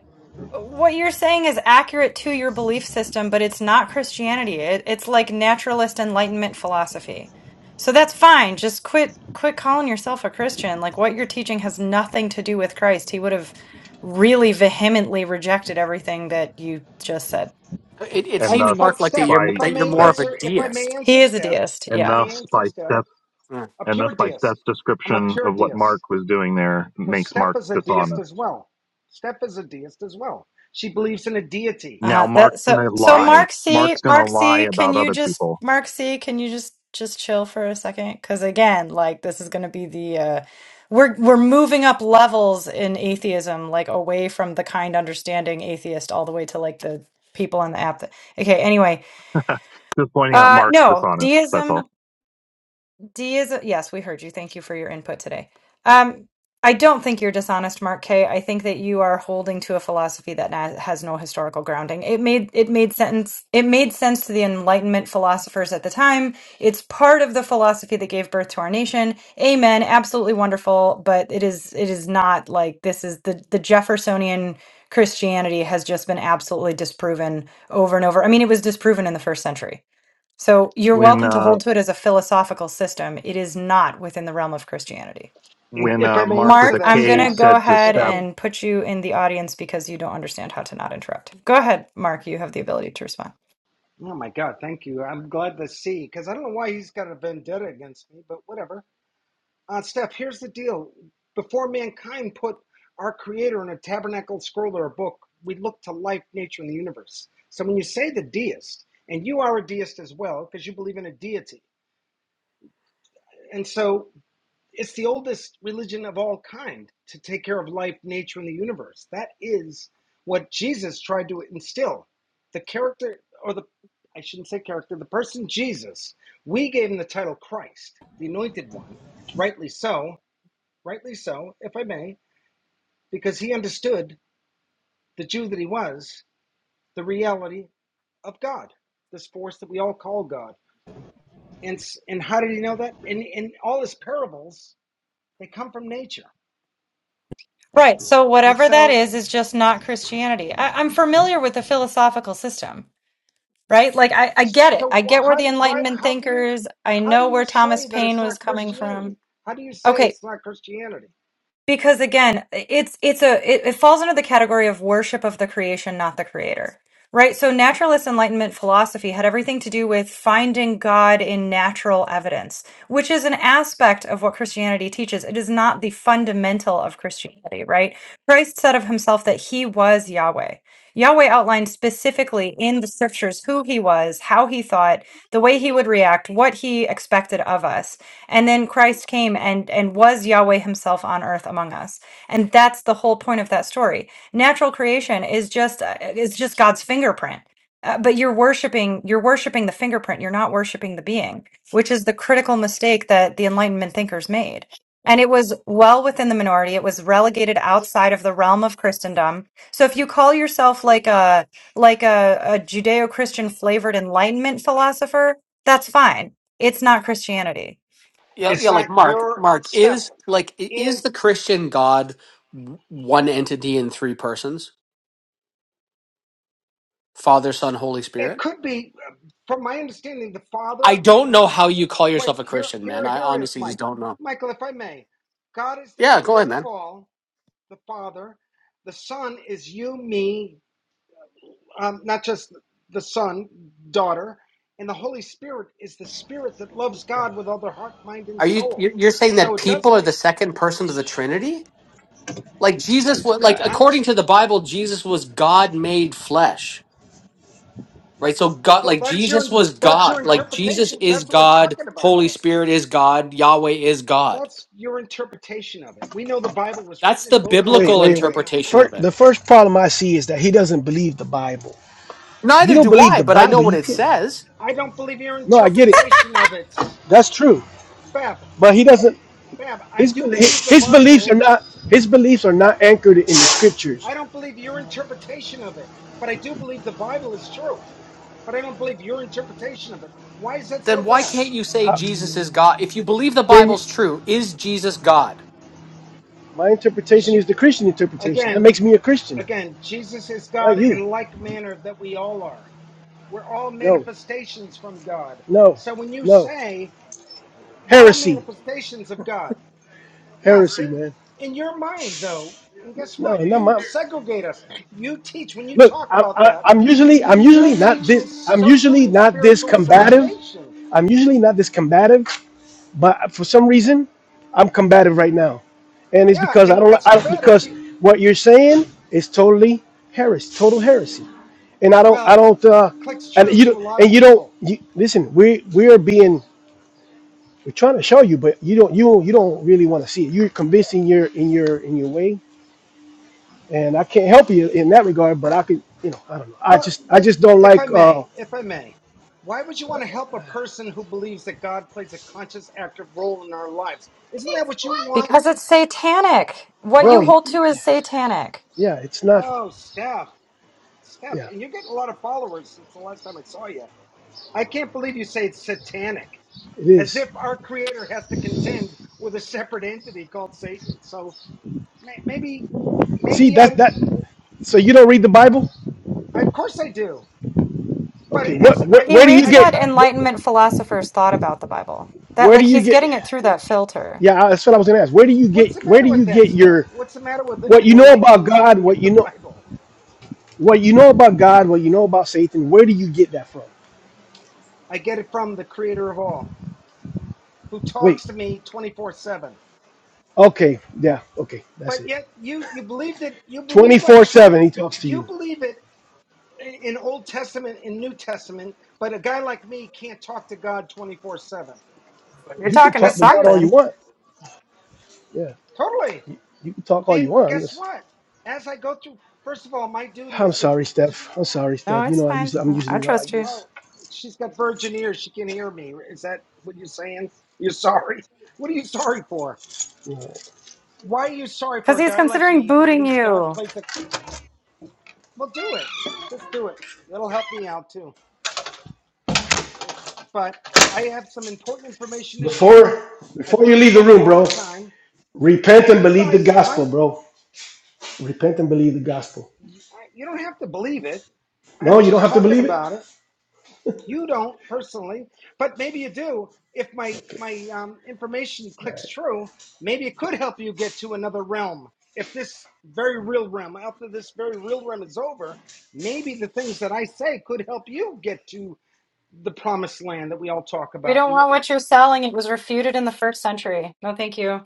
Speaker 4: what you're saying is accurate to your belief system, but it's not Christianity. It, it's like naturalist enlightenment philosophy. So that's fine. Just quit quit calling yourself a Christian. Like what you're teaching has nothing to do with Christ. He would have really vehemently rejected everything that you just said.
Speaker 3: It, it
Speaker 9: And
Speaker 5: I,
Speaker 3: seems
Speaker 9: thus
Speaker 5: but
Speaker 3: Mark like that
Speaker 5: Steph,
Speaker 3: you're
Speaker 5: if
Speaker 9: by
Speaker 5: I
Speaker 3: that you're
Speaker 5: may
Speaker 3: more of a
Speaker 9: Steph's
Speaker 5: answer, if I may
Speaker 3: deist.
Speaker 4: He
Speaker 5: answer,
Speaker 4: is a
Speaker 5: Steph,
Speaker 4: deist.
Speaker 5: if
Speaker 4: Yeah.
Speaker 9: and
Speaker 5: I may
Speaker 9: thus
Speaker 5: answer,
Speaker 9: by
Speaker 5: Steph,
Speaker 9: Steph's
Speaker 3: Yeah,
Speaker 5: a
Speaker 9: and
Speaker 5: pure
Speaker 9: thus by
Speaker 5: deist.
Speaker 9: Steph's
Speaker 5: I'm a
Speaker 9: description
Speaker 5: pure
Speaker 9: of what
Speaker 5: deist
Speaker 9: Mark was doing there
Speaker 5: because
Speaker 9: makes
Speaker 5: Steph
Speaker 9: Mark
Speaker 5: is a deist
Speaker 9: dishonest.
Speaker 5: as well. Steph is a deist as well. She believes in a deity,
Speaker 9: Now
Speaker 4: Uh,
Speaker 9: Mark's
Speaker 4: that so
Speaker 9: gonna
Speaker 4: so
Speaker 5: right?
Speaker 9: lie
Speaker 4: Mark C,
Speaker 9: Mark's gonna
Speaker 4: Mark
Speaker 9: lie
Speaker 4: C, can
Speaker 9: about
Speaker 4: you
Speaker 9: other
Speaker 4: just
Speaker 9: people.
Speaker 4: Mark C, can you just just chill for a second? Because again, like this is going to be the uh, we're we're moving up levels in atheism, like away from the kind understanding atheist all the way to like the people on the app. That, okay, anyway,
Speaker 9: Just pointing out
Speaker 4: uh,
Speaker 9: Mark's
Speaker 4: no
Speaker 9: dishonest, that's
Speaker 4: deism.
Speaker 9: all.
Speaker 4: D is yes, we heard you. Thank you for your input today. Um, I don't think you're dishonest, Mark K. I think that you are holding to a philosophy that na- has no historical grounding. It made it made sense. It made sense to the Enlightenment philosophers at the time. It's part of the philosophy that gave birth to our nation. Amen. Absolutely wonderful, but it is it is not like this is the the Jeffersonian Christianity has just been absolutely disproven over and over. I mean, it was disproven in the first century so you're
Speaker 9: When
Speaker 4: welcome to hold
Speaker 9: uh
Speaker 4: to it as a philosophical system. It is not within the realm of Christianity.
Speaker 5: If
Speaker 9: when
Speaker 5: if I
Speaker 9: uh
Speaker 5: may
Speaker 9: Mark with
Speaker 5: answer
Speaker 4: Mark,
Speaker 9: a
Speaker 5: that,
Speaker 4: I'm going
Speaker 9: K
Speaker 4: to
Speaker 5: Steph,
Speaker 4: go
Speaker 9: said to
Speaker 4: ahead
Speaker 5: if
Speaker 9: Steph
Speaker 5: I,
Speaker 4: and put you in the audience because you don't understand how to not interrupt. Go ahead, Mark. You have the ability to respond.
Speaker 5: oh my God, thank you. I'm glad to see because I don't know why he's got a vendetta against me, but whatever. Uh, Steph, here's the deal. Before mankind put our creator in a tabernacle scroll or a book, we look to life, nature, and the universe. So when you say the deist, and you are a deist as well, because you believe in a deity, and so it's the oldest religion of all kind to take care of life, nature, and the universe. That is what Jesus tried to instill. The character, or the, I shouldn't say character, the person Jesus, we gave him the title Christ, the anointed one, rightly so, rightly so, if I may, because he understood, the Jew that he was, the reality of God, this force that we all call God. And and how did he know that? And and all his parables, they come from nature.
Speaker 4: Right. So
Speaker 5: And
Speaker 4: whatever that
Speaker 5: so,
Speaker 4: is, is just not Christianity. I, I'm familiar with the philosophical system, right? Like I, I get it. I
Speaker 5: so
Speaker 4: get where
Speaker 5: how
Speaker 4: the
Speaker 5: do why
Speaker 4: Enlightenment
Speaker 5: how can you
Speaker 4: thinkers, I
Speaker 5: how do
Speaker 4: know
Speaker 5: you
Speaker 4: where Thomas
Speaker 5: say that
Speaker 4: Paine
Speaker 5: it's
Speaker 4: was
Speaker 5: not
Speaker 4: coming from.
Speaker 5: Christianity? How do you say
Speaker 4: Okay.
Speaker 5: it's not Christianity?
Speaker 4: because again it's it's a it, it falls under the category of worship of the creation not the creator right so naturalist enlightenment philosophy had everything to do with finding god in natural evidence which is an aspect of what christianity teaches it is not the fundamental of christianity right christ said of himself that he was yahweh yahweh outlined specifically in the scriptures who he was how he thought the way he would react what he expected of us and then Christ came and and was Yahweh himself on earth among us. And that's the whole point of that story. Natural creation is just uh, is just God's fingerprint. Uh, but you're worshiping you're worshiping the fingerprint. You're not worshiping the being, which is the critical mistake that the enlightenment thinkers made. And it was well within the minority. It was relegated outside of the realm of Christendom. So if you call yourself like a like a, a Judeo-Christian flavored enlightenment philosopher, that's fine. It's not Christianity.
Speaker 3: yeah,
Speaker 5: It's
Speaker 3: yeah, like
Speaker 5: not
Speaker 3: Mark.
Speaker 5: your
Speaker 3: Mark
Speaker 5: step,
Speaker 3: is like i- is
Speaker 5: and
Speaker 3: the Christian God w- one entity in three persons? Father, Son, Holy
Speaker 5: it
Speaker 3: Spirit.
Speaker 5: could be, uh, from my understanding, the
Speaker 3: I
Speaker 5: Father.
Speaker 3: don't know how you call
Speaker 5: Wait,
Speaker 3: yourself a
Speaker 5: here,
Speaker 3: Christian, man.
Speaker 5: here,
Speaker 3: I
Speaker 5: here it is,
Speaker 3: honestly
Speaker 5: Mike.
Speaker 3: just don't know.
Speaker 5: Michael, if I may, God is the
Speaker 3: Yeah, go ahead,
Speaker 5: creator of
Speaker 3: man.
Speaker 5: all, the Father. The Son is you, me, um, not just the Son, daughter. And the Holy Spirit is the Spirit that loves God with all their heart, mind, and
Speaker 3: Are you
Speaker 5: soul.
Speaker 3: you- you're saying
Speaker 5: So
Speaker 3: that
Speaker 5: it
Speaker 1: Okay,
Speaker 5: does
Speaker 3: people are
Speaker 5: make
Speaker 3: the second person of the Trinity? like Jesus
Speaker 1: this
Speaker 3: was like
Speaker 1: guy.
Speaker 5: I'm
Speaker 3: according
Speaker 1: Is,
Speaker 3: to the Bible, Jesus was God made flesh. Right? So God
Speaker 5: well.
Speaker 3: like
Speaker 5: That's
Speaker 3: Jesus
Speaker 5: your
Speaker 3: was
Speaker 5: that's
Speaker 3: God.
Speaker 5: your
Speaker 3: Like Jesus
Speaker 5: interpretation.
Speaker 3: is
Speaker 5: That's what we're
Speaker 3: God,
Speaker 5: talking about,
Speaker 3: Holy
Speaker 5: though.
Speaker 3: Spirit is God, Yahweh is God.
Speaker 5: That's your interpretation of it. We know the Bible was written
Speaker 3: That's
Speaker 5: and
Speaker 3: the
Speaker 5: voted on
Speaker 1: wait,
Speaker 5: by
Speaker 3: biblical
Speaker 1: wait, wait.
Speaker 5: mankind.
Speaker 3: interpretation of
Speaker 1: First,
Speaker 3: it.
Speaker 1: the first problem I see is that he doesn't believe the Bible. If you
Speaker 3: Neither
Speaker 1: don't
Speaker 3: do
Speaker 1: believe
Speaker 3: I,
Speaker 1: the
Speaker 3: but I know
Speaker 1: Bible,
Speaker 3: what
Speaker 1: you
Speaker 3: it
Speaker 1: can't.
Speaker 3: says.
Speaker 5: I don't believe your
Speaker 1: No, I get it.
Speaker 5: interpretation of it,
Speaker 1: That's true.
Speaker 5: Bab.
Speaker 1: But he doesn't.
Speaker 5: Fab, I
Speaker 1: His
Speaker 5: do
Speaker 1: bel-
Speaker 5: believe
Speaker 1: his
Speaker 5: the
Speaker 1: his beliefs are
Speaker 5: Bible.
Speaker 1: not his beliefs are not anchored in the scriptures.
Speaker 5: I don't believe your interpretation of it, but I do believe the Bible is true. But I don't believe your interpretation of it. Why is that
Speaker 3: Then
Speaker 5: so
Speaker 3: why
Speaker 5: bad?
Speaker 3: can't you say
Speaker 1: How,
Speaker 3: Jesus is God? If you believe the
Speaker 1: then you-
Speaker 3: Bible's true, is Jesus God?
Speaker 1: my interpretation is
Speaker 5: She,
Speaker 1: the Christian interpretation. That
Speaker 5: again,
Speaker 1: makes me a Christian,
Speaker 5: again, Jesus is
Speaker 1: not
Speaker 5: God
Speaker 1: you.
Speaker 5: in like manner that we all are. We're all
Speaker 1: No,
Speaker 5: manifestations from God.
Speaker 1: no,
Speaker 5: So when you
Speaker 1: no.
Speaker 5: say we're all
Speaker 1: Heresy,
Speaker 5: manifestations of God, yeah,
Speaker 1: heresy,
Speaker 5: see,
Speaker 1: man.
Speaker 5: in your mind though, and guess
Speaker 1: No,
Speaker 5: what?
Speaker 1: not
Speaker 5: You
Speaker 1: my.
Speaker 5: segregate us. You teach when you
Speaker 1: look
Speaker 5: talk
Speaker 1: I,
Speaker 5: about
Speaker 1: I,
Speaker 5: that.
Speaker 1: i'm usually i'm
Speaker 5: You're
Speaker 1: usually not this
Speaker 5: teaching
Speaker 1: i'm
Speaker 5: social
Speaker 1: usually
Speaker 5: and
Speaker 1: not this
Speaker 5: spiritual
Speaker 1: combative
Speaker 5: segregation.
Speaker 1: i'm usually not this combative but for some reason i'm combative right now and it's
Speaker 5: Yeah,
Speaker 1: because i
Speaker 5: and
Speaker 1: don't li-
Speaker 5: that's too
Speaker 1: I,
Speaker 5: bad if
Speaker 1: because
Speaker 5: you,
Speaker 1: what you're saying is totally heresy total heresy and i don't i
Speaker 5: well,
Speaker 1: don't uh
Speaker 5: it clicks
Speaker 1: and
Speaker 5: true
Speaker 1: you
Speaker 5: to
Speaker 1: don't
Speaker 5: a lot
Speaker 1: and
Speaker 5: of
Speaker 1: you don't
Speaker 5: people.
Speaker 1: you, listen we we're being we're trying to show you but you don't you you don't really want to see it you're convincing your in your in your way and i can't help you in that regard but i could you know i don't know i
Speaker 5: But
Speaker 1: just i
Speaker 5: wait,
Speaker 1: just don't
Speaker 5: if I
Speaker 1: like uh.
Speaker 5: may, if I may, why would you want to help a person who believes that God plays a conscious, active role in our lives? Isn't that what you want?
Speaker 4: Because it's satanic. What
Speaker 1: bro.
Speaker 4: you
Speaker 1: y-
Speaker 5: Why?
Speaker 4: hold to is satanic.
Speaker 1: Yeah, it's not.
Speaker 5: Oh, Steph, Steph,
Speaker 1: Yeah,
Speaker 5: and you're getting a lot of followers since the last time I saw you. I can't believe you say it's satanic,
Speaker 1: it
Speaker 5: as
Speaker 1: is.
Speaker 5: if our Creator has to contend with a separate entity called Satan. So may- maybe
Speaker 1: See,
Speaker 5: maybe
Speaker 1: that's
Speaker 5: I,
Speaker 1: that. So you don't read the Bible?
Speaker 5: of course I do. But
Speaker 1: Okay.
Speaker 5: it's
Speaker 1: What? Where,
Speaker 5: I
Speaker 4: He
Speaker 1: where do you
Speaker 4: reads
Speaker 5: I
Speaker 4: what
Speaker 1: get?
Speaker 5: stud
Speaker 1: Where,
Speaker 4: Enlightenment philosophers thought about the Bible. That,
Speaker 1: where do
Speaker 4: like,
Speaker 1: you
Speaker 4: he's
Speaker 1: get?
Speaker 4: getting it through that filter.
Speaker 1: Yeah, that's what I was gonna ask. Where do you
Speaker 5: what's
Speaker 1: get?
Speaker 5: the
Speaker 1: Where
Speaker 5: matter
Speaker 1: do you
Speaker 5: with that,
Speaker 1: get
Speaker 5: Steph?
Speaker 1: your
Speaker 5: What's the matter with the
Speaker 1: what you know about
Speaker 5: enlightenment
Speaker 1: God?
Speaker 5: study
Speaker 1: What
Speaker 5: of
Speaker 1: you
Speaker 5: the
Speaker 1: know?
Speaker 5: Bible?
Speaker 1: What you know about God? What you know about Satan? Where do you get that from?
Speaker 5: I get it from the creator of all, who
Speaker 1: Wait.
Speaker 5: talks to me 24/7.
Speaker 1: Okay. Yeah. Okay. That's
Speaker 5: But
Speaker 1: it.
Speaker 5: yet you you believed it you
Speaker 1: Twenty
Speaker 5: believe that
Speaker 1: four seven.
Speaker 5: true.
Speaker 1: He talks to
Speaker 5: You
Speaker 1: you.
Speaker 5: believe it in in Old Testament and New Testament, but a guy like me can't talk to God 24/7.
Speaker 4: You're
Speaker 1: You
Speaker 5: Is
Speaker 1: can
Speaker 4: talking to
Speaker 1: talk
Speaker 5: that's
Speaker 1: to
Speaker 5: kind
Speaker 1: God
Speaker 5: of
Speaker 1: all you
Speaker 4: something.
Speaker 1: want. Yeah.
Speaker 5: totally.
Speaker 1: You can talk all you
Speaker 5: And
Speaker 1: want. I'm
Speaker 5: guess
Speaker 1: just.
Speaker 5: what? As I go through first of all, my duty
Speaker 1: I'm
Speaker 5: is to
Speaker 1: sorry, Steph. I'm sorry,
Speaker 4: No,
Speaker 1: Steph. You
Speaker 4: it's
Speaker 1: know I
Speaker 4: fine.
Speaker 1: usually I'm usually
Speaker 4: I
Speaker 1: not
Speaker 4: trust
Speaker 1: like
Speaker 4: you.
Speaker 1: this.
Speaker 5: Oh, she's got virgin ears. She can hear me. Is that what you're saying? You're sorry? (laughs) What are you sorry for? Why are you sorry for
Speaker 4: Because
Speaker 5: a
Speaker 4: he's
Speaker 5: guy like
Speaker 4: considering
Speaker 5: me who
Speaker 4: booting
Speaker 5: believes God
Speaker 4: you.
Speaker 5: plays the. Well, do it. Just do it. That'll help me out too. But I have some important information to share.
Speaker 1: Before
Speaker 5: I've
Speaker 1: before
Speaker 5: been
Speaker 1: you
Speaker 5: in the
Speaker 1: leave the
Speaker 5: room a
Speaker 1: room,
Speaker 5: long
Speaker 1: bro,
Speaker 5: time,
Speaker 1: repent
Speaker 5: and
Speaker 1: and
Speaker 5: you
Speaker 1: believe the
Speaker 5: guys
Speaker 1: gospel,
Speaker 5: might.
Speaker 1: bro. Repent and believe the gospel.
Speaker 5: You don't have to believe it.
Speaker 1: No,
Speaker 5: I'm
Speaker 1: you don't
Speaker 5: just
Speaker 1: have to
Speaker 5: talking
Speaker 1: believe it.
Speaker 5: about it. You don't personally, but maybe you do. If my my um, information clicks true, maybe it could help you get to another realm. If this very real realm, after this very real realm is over, maybe the things that I say could help you get to the promised land that we all talk
Speaker 4: We
Speaker 5: about.
Speaker 4: don't want what you're selling. It was refuted in the first century. No, thank you.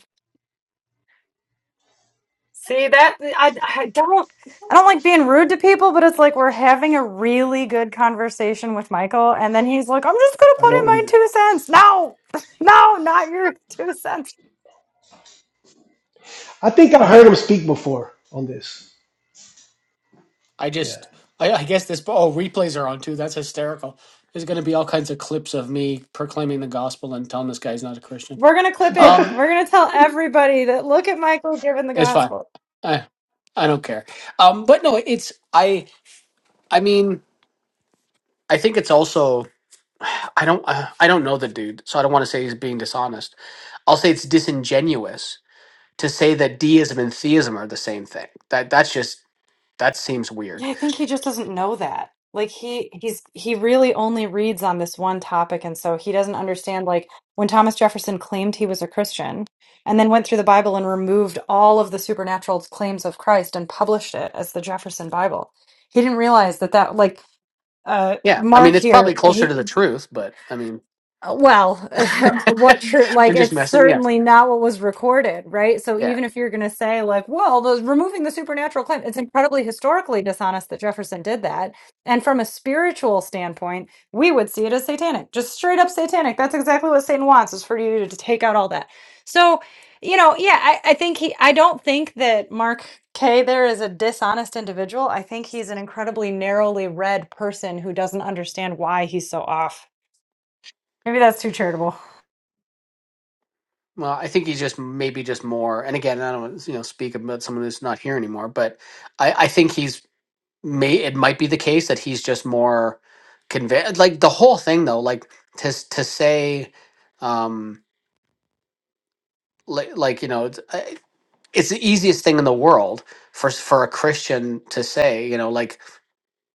Speaker 4: See that I, I don't I don't like being rude to people, but it's like we're having a really good conversation with Michael, and then he's like, "I'm just gonna
Speaker 1: I
Speaker 4: put in
Speaker 1: don't
Speaker 4: my
Speaker 1: either.
Speaker 4: two cents." No, (laughs) no, not your two cents.
Speaker 1: I think I heard him speak before on this.
Speaker 3: I
Speaker 1: Yeah.
Speaker 3: just, I, I guess this. Oh, replays are on too. That's hysterical. There's going to be all kinds of clips of me proclaiming the gospel and telling this guy's not a Christian.
Speaker 4: We're gonna clip it.
Speaker 3: Um.
Speaker 4: We're gonna tell everybody that look at Michael giving the
Speaker 3: It's fine.
Speaker 4: gospel.
Speaker 3: I I don't care. Um, but no, it's I. I mean, I think it's also. I don't. Uh, I don't know the dude, so I don't want to say he's being dishonest. I'll say it's disingenuous to say that deism and theism are the same thing. That that's just that seems
Speaker 4: Yeah,
Speaker 3: weird.
Speaker 4: I think he just doesn't know that. Like he he's he really only reads on this one topic and so he doesn't understand like when Thomas Jefferson claimed he was a Christian and then went through the Bible and removed all of the supernatural claims of Christ and published it as the Jefferson Bible. He didn't realize that that like uh
Speaker 3: Yeah, I mean,
Speaker 4: Mark
Speaker 3: it's probably
Speaker 4: here he
Speaker 3: closer to the truth, but I mean,
Speaker 4: uh, Well,
Speaker 3: (laughs)
Speaker 4: (laughs) what church,
Speaker 3: I'm
Speaker 4: like,
Speaker 3: just
Speaker 4: it's
Speaker 3: messing. Yeah,
Speaker 4: certainly not what was recorded, right? So
Speaker 3: yeah.
Speaker 4: even if you're going to say, like, well, the, removing the supernatural claim, it's incredibly historically dishonest that Jefferson did that. And from a spiritual standpoint, we would see it as satanic, just straight up satanic. That's exactly what Satan wants, is for you to take out all that. So, you know, yeah, I, I think he, I don't think that Mark K there is a dishonest individual. I think he's an incredibly narrowly read person who doesn't understand why he's so off. Maybe that's too charitable.
Speaker 3: Well, I think he's just maybe just more. And again, I don't want to, you know speak about someone who's not here anymore, but I, I think he's may it might be the case that he's just more convinced like the whole thing though like to s- to say um like like you know it's, I- it's the easiest thing in the world for s- for a christian to say you know like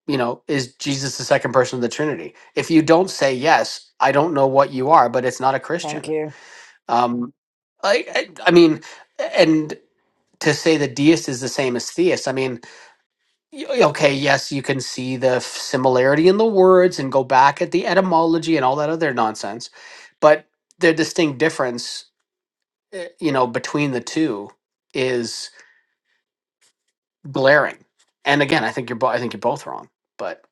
Speaker 3: you know is jesus the second person of the trinity if you don't say yes i don't know what you are but it's not a
Speaker 4: Thank
Speaker 3: christian
Speaker 4: you.
Speaker 3: um i i, I mean and to say that deist is the same as theist i mean Y- Okay, yes, you can see the f- similarity in the words and go back at the etymology and all that other nonsense, but the distinct difference, eh, you know, between the two is glaring. And again, I think you're bo- I think you're both wrong, but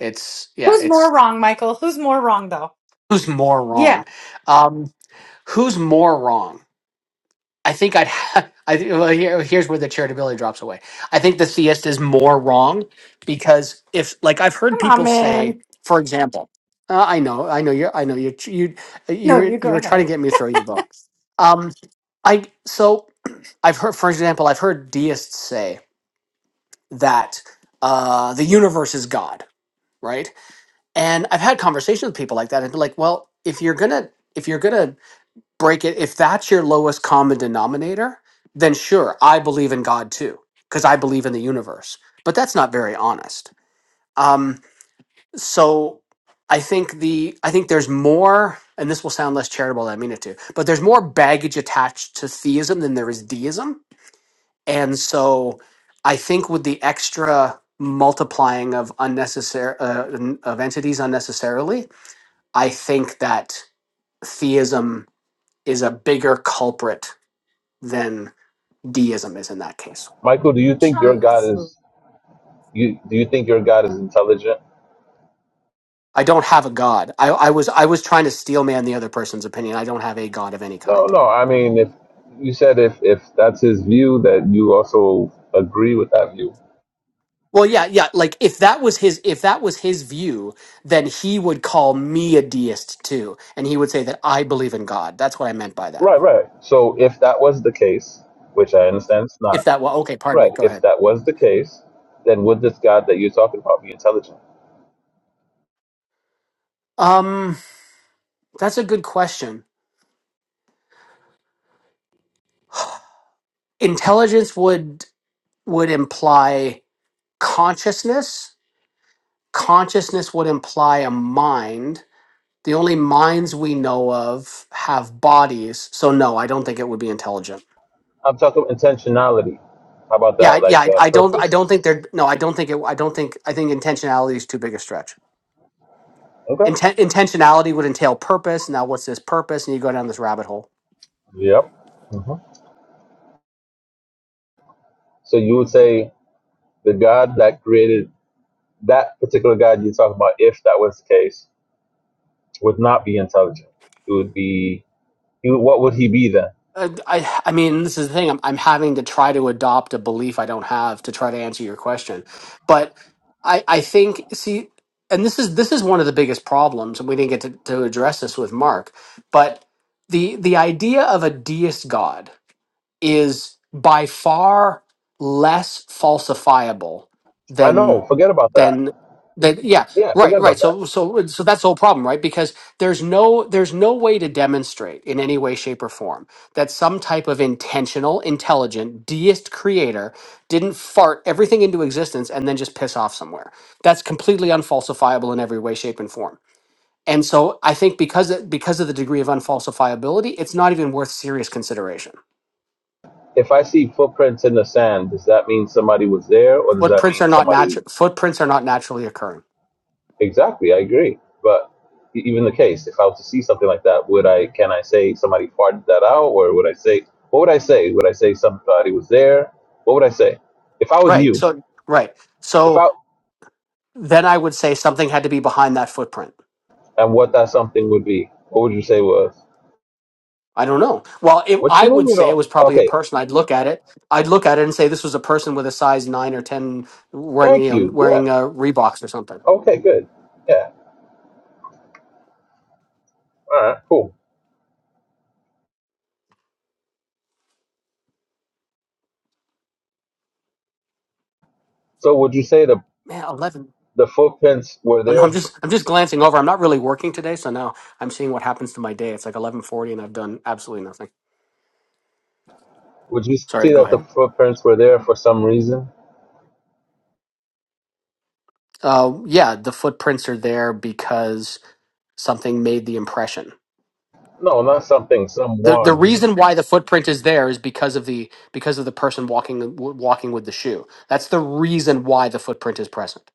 Speaker 3: it's yeah,
Speaker 4: Who's
Speaker 3: it's
Speaker 4: more wrong, Michael? Who's more wrong, though?
Speaker 3: who's more
Speaker 4: Yeah.
Speaker 3: wrong. Um, who's more wrong? I think I'd. Ha- (laughs) I think well, here, here's where the charitability drops away. I think the theist is more wrong because if, like, I've heard
Speaker 4: Come on,
Speaker 3: people say,
Speaker 4: man.
Speaker 3: for example, uh, I know, I know you're, I know you're, you, you,
Speaker 4: No,
Speaker 3: were-
Speaker 4: you go
Speaker 3: you were trying to
Speaker 4: ahead.
Speaker 3: get me to throw you the book. Um, I so I've heard, for example, I've heard deists say that uh, the universe is God, right? And I've had conversations with people like that, and be like, well, if you're gonna, if you're gonna break it if that's your lowest common denominator then sure i believe in god too because i believe in the universe but that's not very honest um, so i think the i think there's more and this will sound less charitable than i mean it to but there's more baggage attached to theism than there is deism and so i think with the extra multiplying of unnecessary uh, n- of entities unnecessarily i think that theism is a bigger culprit deism is in that case.
Speaker 10: Michael, do you think your
Speaker 4: Trump.
Speaker 10: God is you? Do you think your God is intelligent?
Speaker 3: I don't have a god. I, I was I was trying to steel man the other person's opinion. I don't have a god of any
Speaker 10: No,
Speaker 3: kind.
Speaker 10: no. I mean, if you said if if that's his view, that you also agree with that view.
Speaker 3: Well, yeah, yeah. Like if that was his if that was his view, then he would call me a deist too, and he would say that I believe in God. That's what I meant by that.
Speaker 10: Right, right. So if that was the case, which I understand it's not,
Speaker 3: If that well, okay, pardon
Speaker 10: right?
Speaker 3: me. Go
Speaker 10: If
Speaker 3: ahead.
Speaker 10: that was the case, then would this God that you're talking about be intelligent?
Speaker 3: Um, that's a good question. (sighs) Intelligence would would imply consciousness. Consciousness would imply a mind The only minds we know of have bodies, so no, I don't think it would be intelligent.
Speaker 10: I'm talking intentionality. How about
Speaker 3: Yeah,
Speaker 10: that?
Speaker 3: I-
Speaker 10: Like
Speaker 3: yeah, I,
Speaker 10: uh,
Speaker 3: I don't, I don't
Speaker 10: purpose.
Speaker 3: think they're. No, I don't think it. I don't think. I think intentionality is too big a stretch.
Speaker 10: Okay.
Speaker 3: Inten- intentionality would entail purpose. Now, what's this purpose? And you go down this rabbit hole.
Speaker 10: Yep. hmm So you would say the God that created that particular God you're talking about, if that was the case, would not be intelligent. It would be, he, what would he be then?
Speaker 3: Uh, I, I mean, this is the thing. I'm, I'm having to try to adopt a belief I don't have to try to answer your question, but I, I think see, and this is this is one of the biggest problems, and we didn't get to, to address this with Mark, but the the idea of a deist God is by far less falsifiable
Speaker 10: I
Speaker 3: than
Speaker 10: know, forget about that.
Speaker 3: than that yeah
Speaker 10: Yeah,
Speaker 3: right
Speaker 10: forget
Speaker 3: right
Speaker 10: about that.
Speaker 3: so so so that's the whole problem right because there's no there's no way to demonstrate in any way shape or form that some type of intentional intelligent deist creator didn't fart everything into existence and then just piss off somewhere that's completely unfalsifiable in every way shape and form and so i think because it, because of the degree of unfalsifiability it's not even worth serious consideration
Speaker 10: If I see footprints in the sand, does that mean somebody was there or does that
Speaker 3: footprints are
Speaker 10: mean
Speaker 3: not
Speaker 10: somebody?
Speaker 3: natural footprints are not naturally occurring
Speaker 10: Exactly, I agree. But e- even the case, if I was to see something like that, would I, can I say somebody farted that out or would I say, what would I say? Would I say somebody was there? What would I say? If I was
Speaker 3: right
Speaker 10: you,
Speaker 3: so right
Speaker 10: if
Speaker 3: so
Speaker 10: I,
Speaker 3: then i would say something had to be behind that footprint
Speaker 10: and what that something would be, what would you say was?
Speaker 3: i don't know well if
Speaker 10: What
Speaker 3: i
Speaker 10: you mean
Speaker 3: would
Speaker 10: you
Speaker 3: say it
Speaker 10: don't?
Speaker 3: was probably a
Speaker 10: Okay,
Speaker 3: person i'd look at it i'd look at it and say this was a person with a size 9 or 10 wearing
Speaker 10: thank
Speaker 3: you know
Speaker 10: you. Yeah,
Speaker 3: wearing a reeboks or something
Speaker 10: Okay, good. Yeah. All right, cool. So would you say the
Speaker 3: man 11
Speaker 10: the footprints were
Speaker 3: Oh, no,
Speaker 10: there?
Speaker 3: I'm just I'm just glancing over. I'm not really working today, so now I'm seeing what happens to my day. It's like 11:40, and I've done absolutely nothing.
Speaker 10: Would you
Speaker 3: Sorry,
Speaker 10: see
Speaker 3: go
Speaker 10: that
Speaker 3: ahead.
Speaker 10: the footprints were there for some reason?
Speaker 3: Uh, yeah, the footprints are there because something made the impression
Speaker 10: No, not something,
Speaker 3: the the
Speaker 10: someone.
Speaker 3: reason why the footprint is there is because of the because of the person walking w- walking with the shoe. That's the reason why the footprint is present.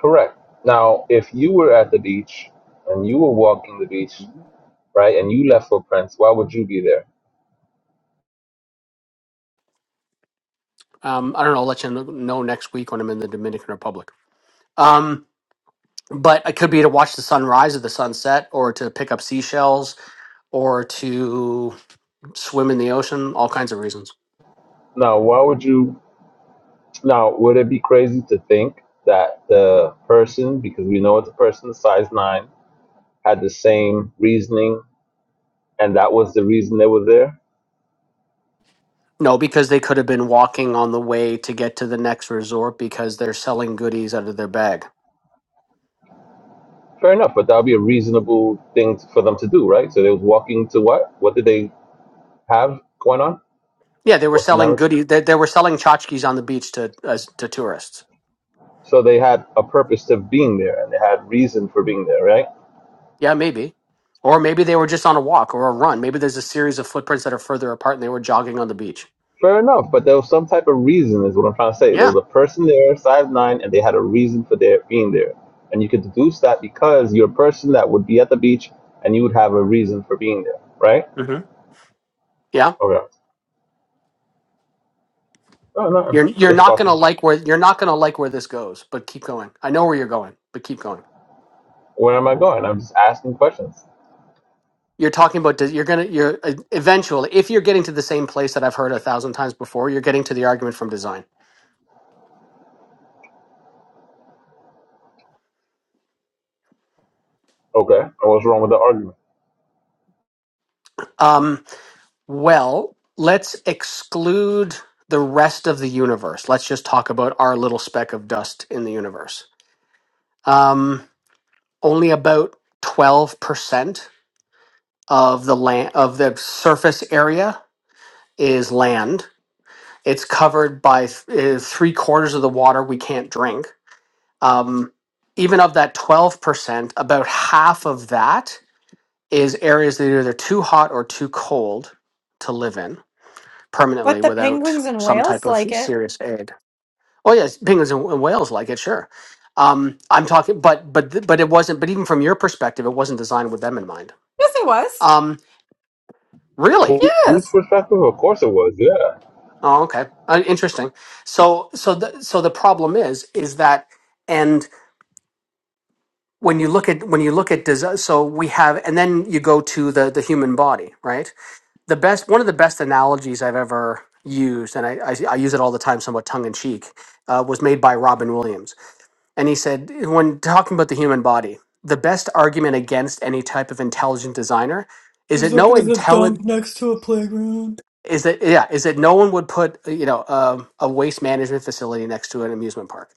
Speaker 10: Correct. Now, if you were at the beach and you were walking the beach, right, and you left footprints, why would you be there?
Speaker 3: Um, I don't know. I'll let you kn- know next week when I'm in the Dominican Republic. Um, but it could be to watch the sunrise or the sunset, or to pick up seashells, or to swim in the ocean. All kinds of reasons.
Speaker 10: Now, why would you? Now, would it be crazy to think that the person, because we know it's a person size nine, had the same reasoning, and that was the reason they were there?
Speaker 3: No, because they could have been walking on the way to get to the next resort because they're selling goodies out of their bag.
Speaker 10: Fair enough, but that would be a reasonable thing for them to do, right? So they was walking to what? What did they have going on?
Speaker 3: Yeah, they were
Speaker 10: What's the
Speaker 3: selling
Speaker 10: narrative?
Speaker 3: goodies. They, they were selling tchotchkes on the beach to as, to tourists.
Speaker 10: So they had a purpose to being there, and they had reason for being there, right?
Speaker 3: Yeah, maybe. Or maybe they were just on a walk or a run. Maybe there's a series of footprints that are further apart and they were jogging on the beach.
Speaker 10: Fair enough, but there was some type of reason, is what I'm trying to say. There
Speaker 3: Yeah.
Speaker 10: was a person there, five nine, and they had a reason for their being there, and you could deduce that because you're a person that would be at the beach, and you would have a reason for being there, right?
Speaker 3: hmm Yeah.
Speaker 10: Okay. No, no,
Speaker 3: You're you're
Speaker 10: just
Speaker 3: not
Speaker 10: talking.
Speaker 3: gonna like where you're not gonna like where this goes, but keep going. I know where you're going, but keep going.
Speaker 10: Where am I going? I'm just asking questions.
Speaker 3: You're talking about does- you're gonna you're uh, eventually if you're getting to the same place that I've heard a thousand times before, you're getting to the argument from design.
Speaker 10: Okay. And what's wrong with the argument?
Speaker 3: Um, well, let's exclude the rest of the universe. Let's just talk about our little speck of dust in the universe. Um, only about 12% of the land of the surface area is land. It's covered by th- uh, three quarters of the water we can't drink. Um, even of that 12%, about half of that is areas that are either too hot or too cold to live in permanently
Speaker 4: But the
Speaker 3: without
Speaker 4: penguins in
Speaker 3: some type
Speaker 4: Wales
Speaker 3: of
Speaker 4: like it.
Speaker 3: serious aid. Oh yes, penguins and and whales like it, sure. Um, I'm talking, but but th- but it wasn't. But even from your perspective, it wasn't designed with them in mind.
Speaker 4: Yes, it was.
Speaker 3: Um,
Speaker 10: Who,
Speaker 3: Really?
Speaker 10: whose
Speaker 4: Yes.
Speaker 10: perspective? Of course it was. Yeah.
Speaker 3: Oh, okay. Uh, interesting. So, so the so the problem is is that, and when you look at when you look at desi so we have, and then you go to the the human body, right? The best one of the best analogies I've ever used, and I I, I use it all the time, somewhat tongue in cheek, uh, was made by Robin Williams, and he said when talking about the human body, the best argument against any type of intelligent designer is
Speaker 4: There's
Speaker 3: that
Speaker 4: a,
Speaker 3: no
Speaker 4: there's a
Speaker 3: intelligent
Speaker 4: dump next to a playground.
Speaker 3: is that yeah is that no one would put you know um, a waste management facility next to an amusement park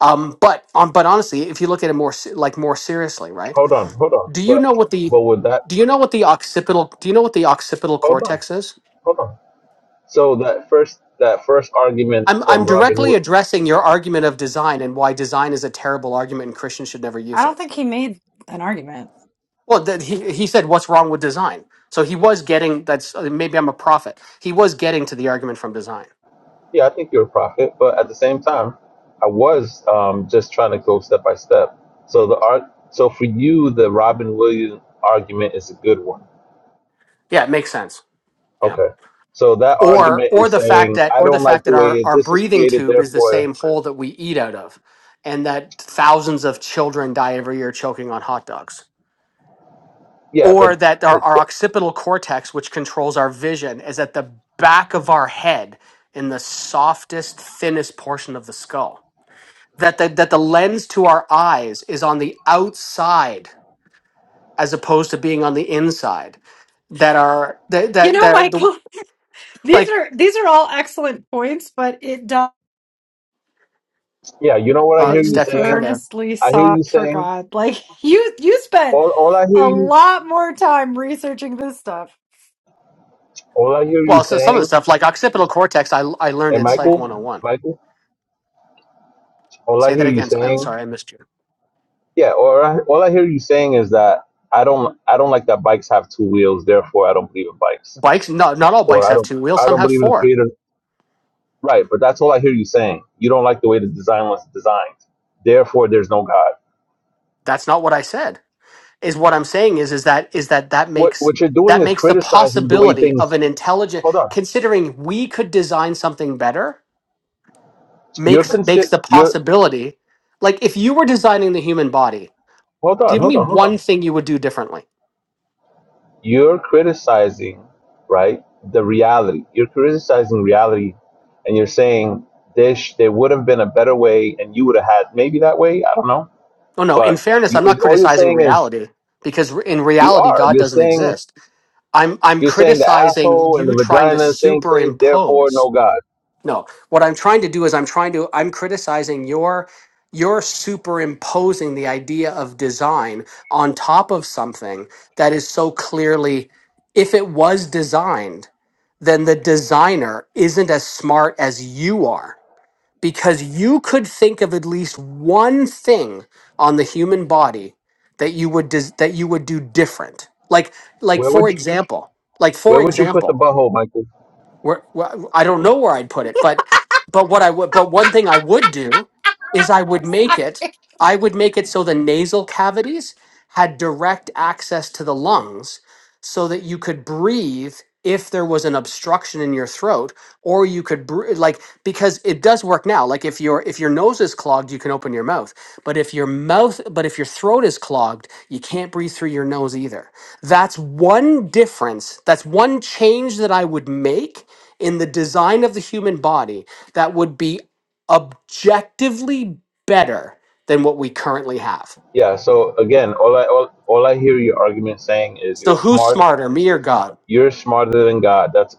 Speaker 3: um but on but honestly if you look at it more se- like more seriously right
Speaker 10: Hold on. Hold on.
Speaker 3: do you
Speaker 10: But
Speaker 3: know what the
Speaker 10: but with that,
Speaker 3: do you know what the occipital do you know what the occipital
Speaker 10: hold on.
Speaker 3: cortex is
Speaker 10: Hold on. So that first that first argument
Speaker 3: i'm i'm
Speaker 10: from Robin
Speaker 3: directly
Speaker 10: Hood.
Speaker 3: addressing your argument of design and why design is a terrible argument and christians should never
Speaker 4: I
Speaker 3: use
Speaker 4: don't
Speaker 3: it
Speaker 4: think he made an argument.
Speaker 3: well that he he said what's wrong with design so he was getting that's uh, maybe i'm a prophet he was getting to the argument from design
Speaker 10: Yeah, I think you're a prophet, but at the same time, I was um, just trying to go step by step. So the art. So for you, the Robin Williams argument is a good one.
Speaker 3: yeah it makes sense Yeah.
Speaker 10: Okay. So that
Speaker 3: or
Speaker 10: argument
Speaker 3: or
Speaker 10: is
Speaker 3: the fact
Speaker 10: saying
Speaker 3: that
Speaker 10: I
Speaker 3: or the
Speaker 10: don't like
Speaker 3: fact
Speaker 10: the
Speaker 3: that our
Speaker 10: way
Speaker 3: our
Speaker 10: this is
Speaker 3: breathing
Speaker 10: created.
Speaker 3: tube is the
Speaker 10: Therefore,
Speaker 3: same hole that we eat out of and that thousands of children die every year choking on hot dogs
Speaker 10: yeah.
Speaker 3: or
Speaker 10: But
Speaker 3: that our,
Speaker 10: th-
Speaker 3: our
Speaker 10: th-
Speaker 3: occipital cortex which controls our vision is at the back of our head in the softest thinnest portion of the skull that the, that the lens to our eyes is on the outside as opposed to being on the inside that are that
Speaker 4: You
Speaker 3: that,
Speaker 4: know,
Speaker 3: that the
Speaker 4: Michael, (laughs) these
Speaker 3: like
Speaker 4: are these are all excellent points, but it does
Speaker 10: yeah, you know what I
Speaker 3: uh,
Speaker 10: hear
Speaker 4: that
Speaker 10: you
Speaker 4: you
Speaker 3: Steph, you cut
Speaker 10: saying.
Speaker 3: out.
Speaker 4: earnestly
Speaker 10: I hear
Speaker 4: sought
Speaker 10: you
Speaker 4: for
Speaker 10: saying
Speaker 4: God. (laughs) Like you you spent
Speaker 10: all, all I hear
Speaker 4: a
Speaker 10: you
Speaker 4: lot more time researching this stuff.
Speaker 10: all I hear you
Speaker 3: Well, so some of the
Speaker 10: saying,
Speaker 3: stuff like occipital cortex, I I learned
Speaker 10: and
Speaker 3: in
Speaker 4: Yeah,
Speaker 3: Psych
Speaker 4: I
Speaker 10: Michael,
Speaker 4: know.
Speaker 3: 101.
Speaker 10: Michael, all I
Speaker 3: Say that
Speaker 10: hear you
Speaker 3: again. I'm
Speaker 10: saying,
Speaker 3: sorry, I missed you.
Speaker 10: yeah, or I, all I hear you saying is that I don't, I don't like that bikes have two wheels, therefore I don't believe in bikes,
Speaker 3: Bikes, not not all
Speaker 10: or
Speaker 3: bikes
Speaker 10: I
Speaker 3: have
Speaker 10: don't,
Speaker 3: two wheels.
Speaker 10: I
Speaker 3: Some
Speaker 10: don't
Speaker 3: have
Speaker 10: believe in the
Speaker 3: four.
Speaker 10: creator, right? But that's all I hear you saying. You don't like the way the design was designed, therefore there's no God.
Speaker 3: That's not what I said. Is what I'm saying is is that is that that
Speaker 10: What
Speaker 3: makes
Speaker 10: what you're
Speaker 3: that
Speaker 10: doing is
Speaker 3: makes the
Speaker 10: criticizing the way
Speaker 3: possibility of
Speaker 10: things.
Speaker 3: an intelligent
Speaker 10: Hold on,
Speaker 3: considering we could design something better
Speaker 10: you're
Speaker 3: makes makes
Speaker 10: consi-
Speaker 3: the
Speaker 10: you're
Speaker 3: possibility like if you were designing the human body,
Speaker 10: hold on,
Speaker 3: give
Speaker 10: hold
Speaker 3: me
Speaker 10: on, hold on.
Speaker 3: one thing you would do differently.
Speaker 10: You're criticizing, right, the reality. You're criticizing reality and you're saying there sh- there would have been a better way and you would have had maybe that way, I don't know.
Speaker 3: Oh no, in
Speaker 10: But
Speaker 3: fairness,
Speaker 10: you
Speaker 3: I'm
Speaker 10: it-
Speaker 3: not
Speaker 10: all you're
Speaker 3: criticizing
Speaker 10: saying is
Speaker 3: reality because in
Speaker 10: you
Speaker 3: reality
Speaker 10: are.
Speaker 3: God
Speaker 10: You're
Speaker 3: doesn't
Speaker 10: saying
Speaker 3: exist I'm I'm
Speaker 10: you're saying the
Speaker 3: criticizing
Speaker 10: asshole and the
Speaker 3: you trying to
Speaker 10: vagina is same place, therefore
Speaker 3: superimpose.
Speaker 10: no God.
Speaker 3: No, what I'm trying to do is I'm trying to I'm criticizing your you're superimposing the idea of design on top of something that is so clearly if it was designed, then the designer isn't as smart as you are because you could think of at least one thing on the human body that you would dis- that you would do different. Like like
Speaker 10: Where
Speaker 3: for
Speaker 10: would you
Speaker 3: example, like for
Speaker 10: where would you put the
Speaker 3: example,
Speaker 10: butthole, Michael?
Speaker 3: where, where I don't know where I'd put it, but but what I would but one thing I would do is I
Speaker 4: I
Speaker 3: would
Speaker 4: was- uh,
Speaker 3: make it I would make it so the nasal cavities had direct access to the lungs so that you could breathe if there was an obstruction in your throat or you could br- like because it does work now like if your if your nose is clogged you can open your mouth but if your mouth but if your throat is clogged you can't breathe through your nose either that's one difference that's one change that i would make in the design of the human body that would be objectively better than what we currently have.
Speaker 10: Yeah, so again, all I all, all I hear your argument saying is you're
Speaker 3: So who's
Speaker 10: smart
Speaker 3: smarter, me or God?
Speaker 10: You're smarter than God. That's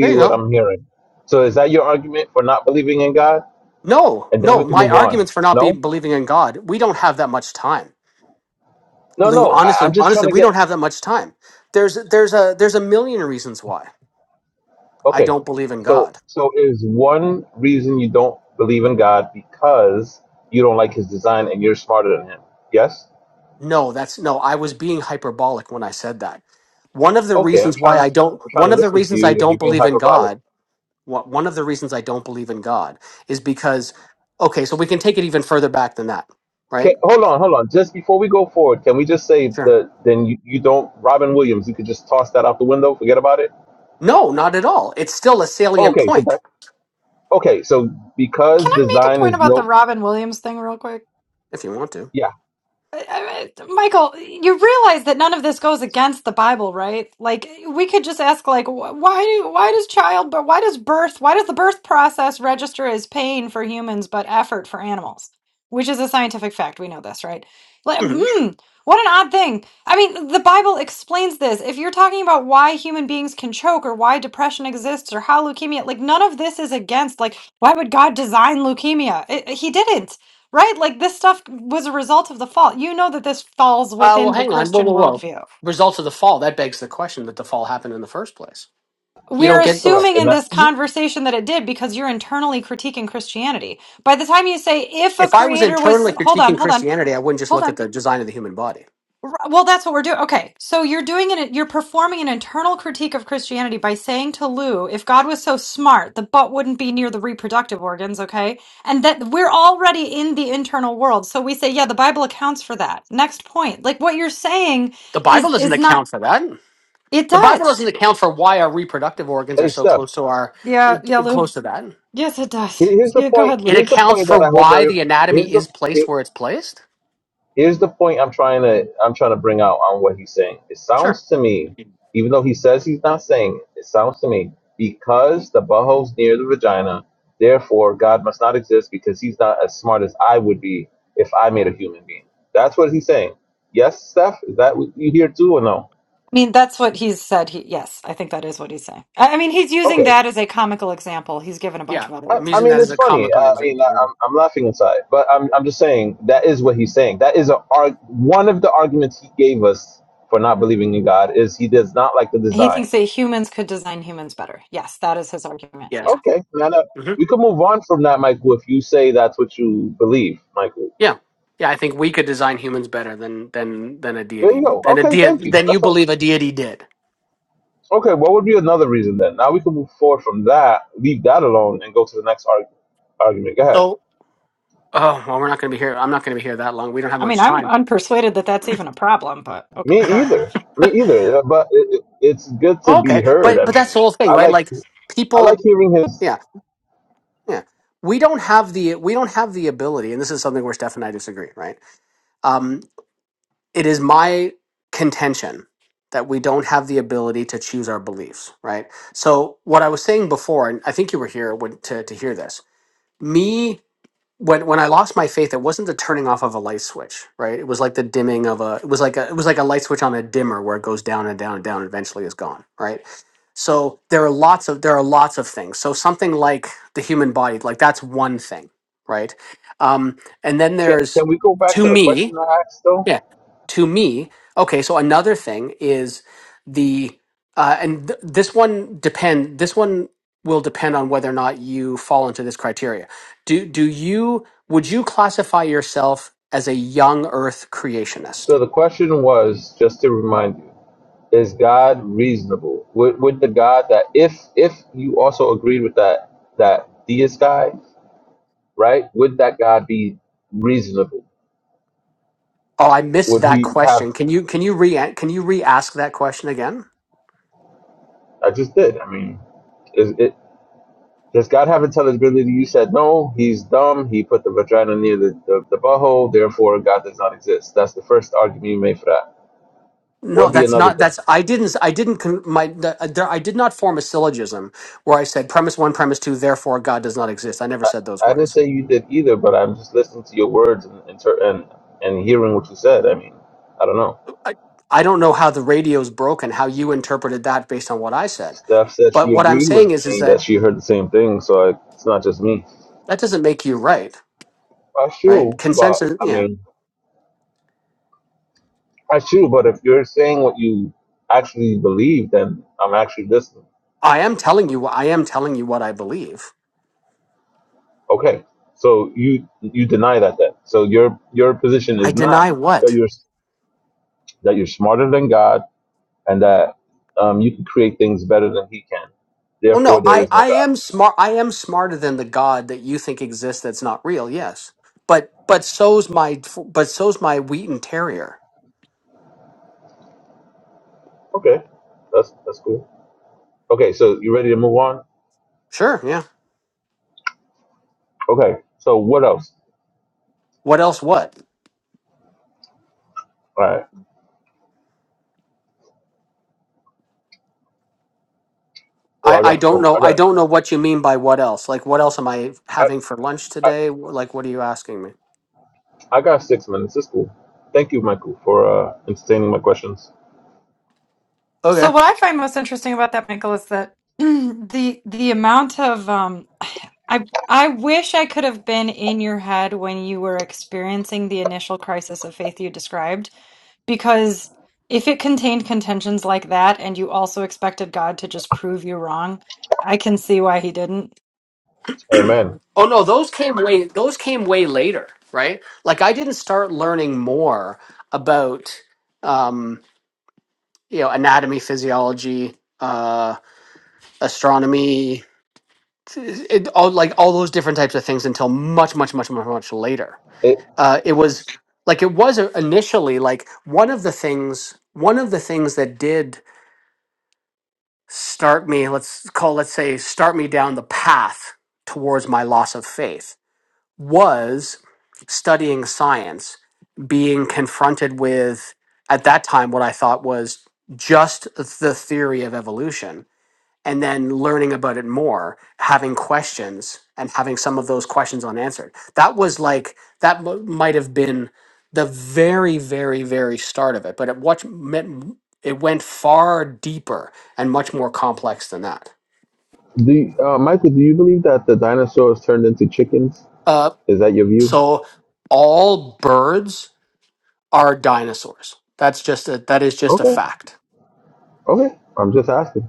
Speaker 3: There you
Speaker 10: what
Speaker 3: go.
Speaker 10: I'm hearing. So is that your argument for not believing in God?
Speaker 3: No,
Speaker 10: And then
Speaker 3: no,
Speaker 10: we can
Speaker 3: my
Speaker 10: move on.
Speaker 3: arguments for not be,
Speaker 10: No,
Speaker 3: believing in God, we don't have that much time.
Speaker 10: no,
Speaker 3: Lou,
Speaker 10: no. I, I'm
Speaker 3: honestly,
Speaker 10: just trying
Speaker 3: honestly,
Speaker 10: to
Speaker 3: we
Speaker 10: get
Speaker 3: don't have that much time. There's there's a there's a million reasons why I
Speaker 10: okay.
Speaker 3: don't believe in
Speaker 10: So
Speaker 3: God.
Speaker 10: so is one reason you don't believe in God because you don't like His design and you're smarter than Him? Yes.
Speaker 3: No, that's no, I was being hyperbolic when I said that. One of the
Speaker 10: Okay. I'm
Speaker 3: reasons why
Speaker 10: trying to
Speaker 3: I don't
Speaker 10: I'm trying
Speaker 3: one
Speaker 10: to
Speaker 3: of the
Speaker 10: listen to
Speaker 3: reasons I
Speaker 10: you and
Speaker 3: don't
Speaker 10: you're being
Speaker 3: believe in
Speaker 10: hyperbolic.
Speaker 3: God Wha- One of the reasons I don't believe in God is because, okay, so we can take it even further back than that,
Speaker 10: Okay,
Speaker 3: right?
Speaker 10: hold on, hold on. Just before we go forward, can we just say
Speaker 3: Sure.
Speaker 10: that then you, you don't Robin Williams? You could just toss that out the window, forget about it.
Speaker 3: No, not at all. It's still a salient
Speaker 10: Okay, so
Speaker 3: point,
Speaker 10: Okay, so
Speaker 4: Can
Speaker 10: because
Speaker 4: I make a
Speaker 10: design
Speaker 4: point
Speaker 10: is
Speaker 4: about the
Speaker 10: no,
Speaker 4: Robin Williams thing real quick?
Speaker 3: if you want to.
Speaker 10: yeah,
Speaker 4: I- I- Michael, you realize that none of this goes against the Bible, right? Like we could just ask, like, wh- why do why does child, but why does birth, why does the birth process register as pain for humans but effort for animals? Which is a scientific fact. We know this, right? Like,
Speaker 3: hmm
Speaker 4: hmm, what an odd thing. I mean, the Bible explains this. If you're talking about why human beings can choke or why depression exists or how leukemia, like, none of this is against. Like, why would God design leukemia? It, he didn't Right? Like this stuff was a result of the fall. You know that this falls
Speaker 3: Uh, well,
Speaker 4: within the
Speaker 3: hang on. Whoa,
Speaker 4: Christian
Speaker 3: whoa, whoa.
Speaker 4: worldview.
Speaker 3: Results of the fall. That begs the question that the fall happened in the first place. You
Speaker 4: We're
Speaker 3: don't get.
Speaker 10: correct.
Speaker 4: assuming
Speaker 10: And
Speaker 4: in
Speaker 10: that,
Speaker 4: this
Speaker 3: You,
Speaker 4: conversation that it did because you're internally critiquing Christianity. By the time you say, if a
Speaker 3: if I was
Speaker 4: creator was,
Speaker 3: internally
Speaker 4: hold on,
Speaker 3: critiquing
Speaker 4: hold on,
Speaker 3: Christianity, I wouldn't just
Speaker 4: hold
Speaker 3: look
Speaker 4: on.
Speaker 3: at the design of the human body.
Speaker 4: R- Well, that's what we're doing. Okay. So you're doing an you're performing an internal critique of Christianity by saying to Lou, if God was so smart, the butt wouldn't be near the reproductive organs, okay? And that we're already in the internal world. So we say, yeah, the Bible accounts for that. Next point. Like what you're saying
Speaker 3: The Bible
Speaker 4: is
Speaker 3: doesn't
Speaker 4: is not
Speaker 3: account for that.
Speaker 4: it
Speaker 3: The Bible doesn't
Speaker 4: does.
Speaker 3: account for why our reproductive organs are
Speaker 10: hey,
Speaker 3: so
Speaker 10: Steph,
Speaker 3: close to our
Speaker 4: Yeah, yeah, Lou.
Speaker 3: close to that.
Speaker 4: Yes, it
Speaker 10: here-
Speaker 4: does.
Speaker 10: here's the
Speaker 4: Yeah, go
Speaker 10: point.
Speaker 4: ahead, Lou.
Speaker 3: It
Speaker 10: Here's the
Speaker 3: accounts
Speaker 10: point
Speaker 3: for
Speaker 10: that I hope
Speaker 3: why
Speaker 10: every.
Speaker 3: the anatomy
Speaker 10: Here's the
Speaker 3: is placed
Speaker 10: here-
Speaker 3: where it's placed.
Speaker 10: here's the point I'm trying to I'm trying to bring out on what he's saying. It
Speaker 3: Sure.
Speaker 10: sounds to me, even though he says he's not saying it, it sounds to me because the butthole's near the vagina, therefore God must not exist because he's not as smart as I would be if I made a human being. That's what he's saying. Yes, Steph, is that what you hear too or no?
Speaker 4: I mean, that's what he's said. He yes, I think that is what he's saying. I, I mean, he's
Speaker 10: Okay,
Speaker 4: using that as a comical example. He's given a bunch
Speaker 3: Yeah,
Speaker 4: of other
Speaker 10: I,
Speaker 3: I'm
Speaker 4: examples.
Speaker 10: I
Speaker 3: using
Speaker 10: mean,
Speaker 3: that as
Speaker 10: it's
Speaker 3: a
Speaker 10: funny.
Speaker 3: comical
Speaker 10: I mean, I,
Speaker 3: example.
Speaker 10: I'm, I'm laughing inside, but I'm, I'm just saying that is what he's saying. That is a arg- one of the arguments he gave us for not believing in God is he does not like the
Speaker 4: He
Speaker 10: design.
Speaker 4: thinks that humans could design humans better. Yes, that is his argument.
Speaker 3: yeah. Yes.
Speaker 4: Yeah.
Speaker 10: Okay, now that-
Speaker 3: hmm
Speaker 10: we can move on from that, Michael. If you say that's what you believe, Michael,
Speaker 3: Yeah. Yeah, I think we could design humans better than than than a
Speaker 10: there
Speaker 3: deity
Speaker 10: you go.
Speaker 3: than a
Speaker 10: Okay,
Speaker 3: de-
Speaker 10: thank you.
Speaker 3: than you
Speaker 10: That's all.
Speaker 3: believe a deity did.
Speaker 10: Okay, what would be another reason then? Now we can move forward from that, leave that alone, and go to the next arg- argument. Go ahead.
Speaker 3: So, oh well, we're not going to be here. I'm not going to be here that long. We don't have
Speaker 4: I mean,
Speaker 3: much
Speaker 4: I'm
Speaker 3: time.
Speaker 4: unpersuaded that that's even a problem, but okay, go
Speaker 10: Me
Speaker 4: ahead.
Speaker 10: either. Me either. But it, it, it's good to be
Speaker 3: Okay,
Speaker 10: heard.
Speaker 3: but
Speaker 10: I
Speaker 3: but that's
Speaker 10: mean,
Speaker 3: the whole thing,
Speaker 10: I
Speaker 3: right?
Speaker 10: like
Speaker 3: Like
Speaker 10: I like
Speaker 3: people,
Speaker 10: hearing his
Speaker 3: yeah, yeah. We don't have the we don't have the ability, and this is something where Steph and I disagree, right? it is my contention that we don't have the ability to choose our beliefs, right? So what I was saying before, and I think you were here when, to to hear this. Me when when I lost my faith, it wasn't the turning off of a light switch, right? It was like the dimming of a. It was like a. It was like a light switch on a dimmer where it goes down and down and down, and eventually is gone, right? So there are lots of there are lots of things. So something like the human body, like that's one thing, right? Um, and then
Speaker 10: Can,
Speaker 3: there's
Speaker 10: can we go back
Speaker 3: to
Speaker 10: to the
Speaker 3: me
Speaker 10: question I asked though?
Speaker 3: yeah. To me, okay, so another thing is the uh, and th- this one depend this one will depend on whether or not you fall into this criteria. Do do you would you classify yourself as a young earth creationist?
Speaker 10: So the question was just to remind you: Is God reasonable? Would, would the God that if if you also agreed with that that deist guy, right? Would that God be reasonable?
Speaker 3: Oh, I missed
Speaker 10: Would
Speaker 3: that
Speaker 10: he have?
Speaker 3: question. Can you can you re can you re-ask that question again?
Speaker 10: I just did. I mean, is it? Does God have intelligibility? You said no. He's dumb. He put the vagina near the, the, the butthole. Therefore, God does not exist. That's the first argument you made for that.
Speaker 3: No,
Speaker 10: What'd be
Speaker 3: that's
Speaker 10: another
Speaker 3: not
Speaker 10: thing?
Speaker 3: that's I didn't I didn't con- my the, uh, there, I did not form a syllogism where I said premise 1 premise 2 therefore God does not exist. I never said those
Speaker 10: I didn't
Speaker 3: words.
Speaker 10: say you did either, but I'm just listening to your words and and ter- and, and hearing what you said. I mean, I don't know.
Speaker 3: I, I don't know how the radio's broken, how you interpreted that based on what I said.
Speaker 10: Steph said
Speaker 3: But
Speaker 10: she
Speaker 3: what I'm
Speaker 10: agreed
Speaker 3: saying
Speaker 10: with
Speaker 3: is, is
Speaker 10: me that
Speaker 3: that
Speaker 10: she heard the same thing, so I, it's not just me.
Speaker 3: that doesn't make you right,
Speaker 10: That's
Speaker 3: right?
Speaker 10: true, but
Speaker 3: Consensus,
Speaker 10: I
Speaker 3: yeah.
Speaker 10: mean, that's true. But if you're saying what you actually believe, then I'm actually listening.
Speaker 3: I am telling you, I am telling you what I believe.
Speaker 10: Okay, so you you deny that then. So your your position
Speaker 3: I
Speaker 10: is not
Speaker 3: deny
Speaker 10: that
Speaker 3: what?
Speaker 10: you're that you're smarter than God and that um, you can create things better than He can.
Speaker 3: Oh
Speaker 10: Therefore,
Speaker 3: no,
Speaker 10: there
Speaker 3: I,
Speaker 10: is no
Speaker 3: I
Speaker 10: God.
Speaker 3: am smart. I am smarter than the God that you think exists that's not real. Yes, but but so's my but so's my Wheaton Terrier.
Speaker 10: Okay, that's that's cool. Okay, so you ready to move on?
Speaker 3: Sure, yeah.
Speaker 10: Okay, so what else?
Speaker 3: What else? What?
Speaker 10: All right. Well,
Speaker 3: I,
Speaker 10: I
Speaker 3: I
Speaker 10: got
Speaker 3: don't
Speaker 10: four.
Speaker 3: know.
Speaker 10: I
Speaker 3: I
Speaker 10: got
Speaker 3: don't know what you mean by what else. Like, what else am I
Speaker 10: I,
Speaker 3: having for lunch
Speaker 10: I,
Speaker 3: today? Like, what are you asking me?
Speaker 10: I got six minutes. It's cool. Thank you, Michael, for uh, entertaining my questions.
Speaker 4: So
Speaker 3: Okay.
Speaker 4: what I find most interesting about that, Michael, is that (clears throat) the the amount of um I I wish I could have been in your head when you were experiencing the initial crisis of faith you described, because if it contained contentions like that and you also expected God to just prove you wrong, I can see why he didn't.
Speaker 10: Amen.
Speaker 3: Oh no, those came way those came way later, right? Like I didn't start learning more about um, you know anatomy, physiology, uh, astronomy, it, all like all those different types of things until much, much, much, much, much later.
Speaker 10: It,
Speaker 3: Uh, it was like it was initially like one of the things one of the things that did start me let's call let's say start me down the path towards my loss of faith was studying science, being confronted with, at that time, what I thought was just the theory of evolution, and then learning about it more, having questions, and having some of those questions unanswered. That was like, that m- might have been the very, very, very start of it, but it, what, it went far deeper and much more complex than that.
Speaker 10: do you- uh, Michael? Do you believe that the dinosaurs turned into chickens?
Speaker 3: Uh,
Speaker 10: Is that your view?
Speaker 3: so, all birds are dinosaurs. That's just a that is just a
Speaker 10: Okay.
Speaker 3: fact.
Speaker 10: Okay. I'm just asking.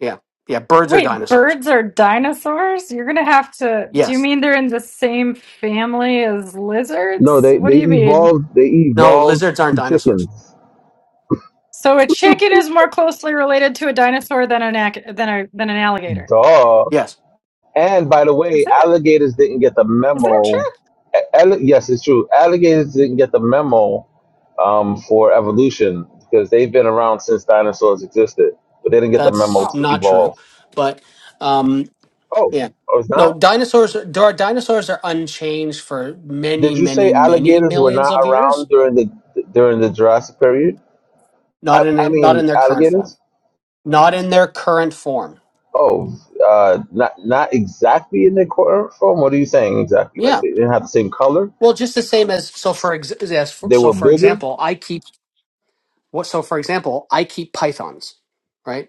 Speaker 3: Yeah. Yeah, birds are
Speaker 4: Wait,
Speaker 3: dinosaurs.
Speaker 4: birds are dinosaurs? You're gonna have to. Do you
Speaker 3: Yes.
Speaker 4: mean they're in the same family as
Speaker 10: No,
Speaker 4: lizards?
Speaker 10: they
Speaker 4: What do
Speaker 10: they
Speaker 4: you mean?
Speaker 10: evolved. They
Speaker 3: No,
Speaker 10: evolved
Speaker 3: lizards aren't
Speaker 10: to
Speaker 3: dinosaurs.
Speaker 10: chickens.
Speaker 4: So a chicken is more closely related to a dinosaur than an ac- than a than an alligator.
Speaker 10: Duh.
Speaker 3: Yes.
Speaker 10: And by the
Speaker 4: Is
Speaker 10: way,
Speaker 4: that
Speaker 10: alligators didn't get the
Speaker 4: is that true?
Speaker 10: memo. A- Alli- yes, it's true. Alligators didn't get the memo um, for evolution because they've been around since dinosaurs existed, but they didn't get the
Speaker 3: That's
Speaker 10: memo
Speaker 4: Oh,
Speaker 10: to
Speaker 3: not true.
Speaker 10: evolve.
Speaker 3: But um
Speaker 10: Oh,
Speaker 3: yeah.
Speaker 10: oh, it's
Speaker 3: No,
Speaker 10: not.
Speaker 3: dinosaurs are- dar- dinosaurs are unchanged for many,
Speaker 10: Did you
Speaker 3: many,
Speaker 10: say
Speaker 3: many
Speaker 10: alligators were
Speaker 3: millions
Speaker 10: not
Speaker 3: of years.
Speaker 10: around during the during the Jurassic period? I,
Speaker 3: Not in
Speaker 10: I
Speaker 3: not in
Speaker 10: mean,
Speaker 3: their current form.
Speaker 10: alligators.
Speaker 3: Not in their current form.
Speaker 10: Oh, uh, not not exactly in their current form. What are you saying exactly? Like
Speaker 3: Yeah.
Speaker 10: they didn't have the same color.
Speaker 3: Well, just the same as so for ex- yes, for,
Speaker 10: They
Speaker 3: so
Speaker 10: were
Speaker 3: for
Speaker 10: bigger.
Speaker 3: example, I keep What, so, for example, I keep pythons, right?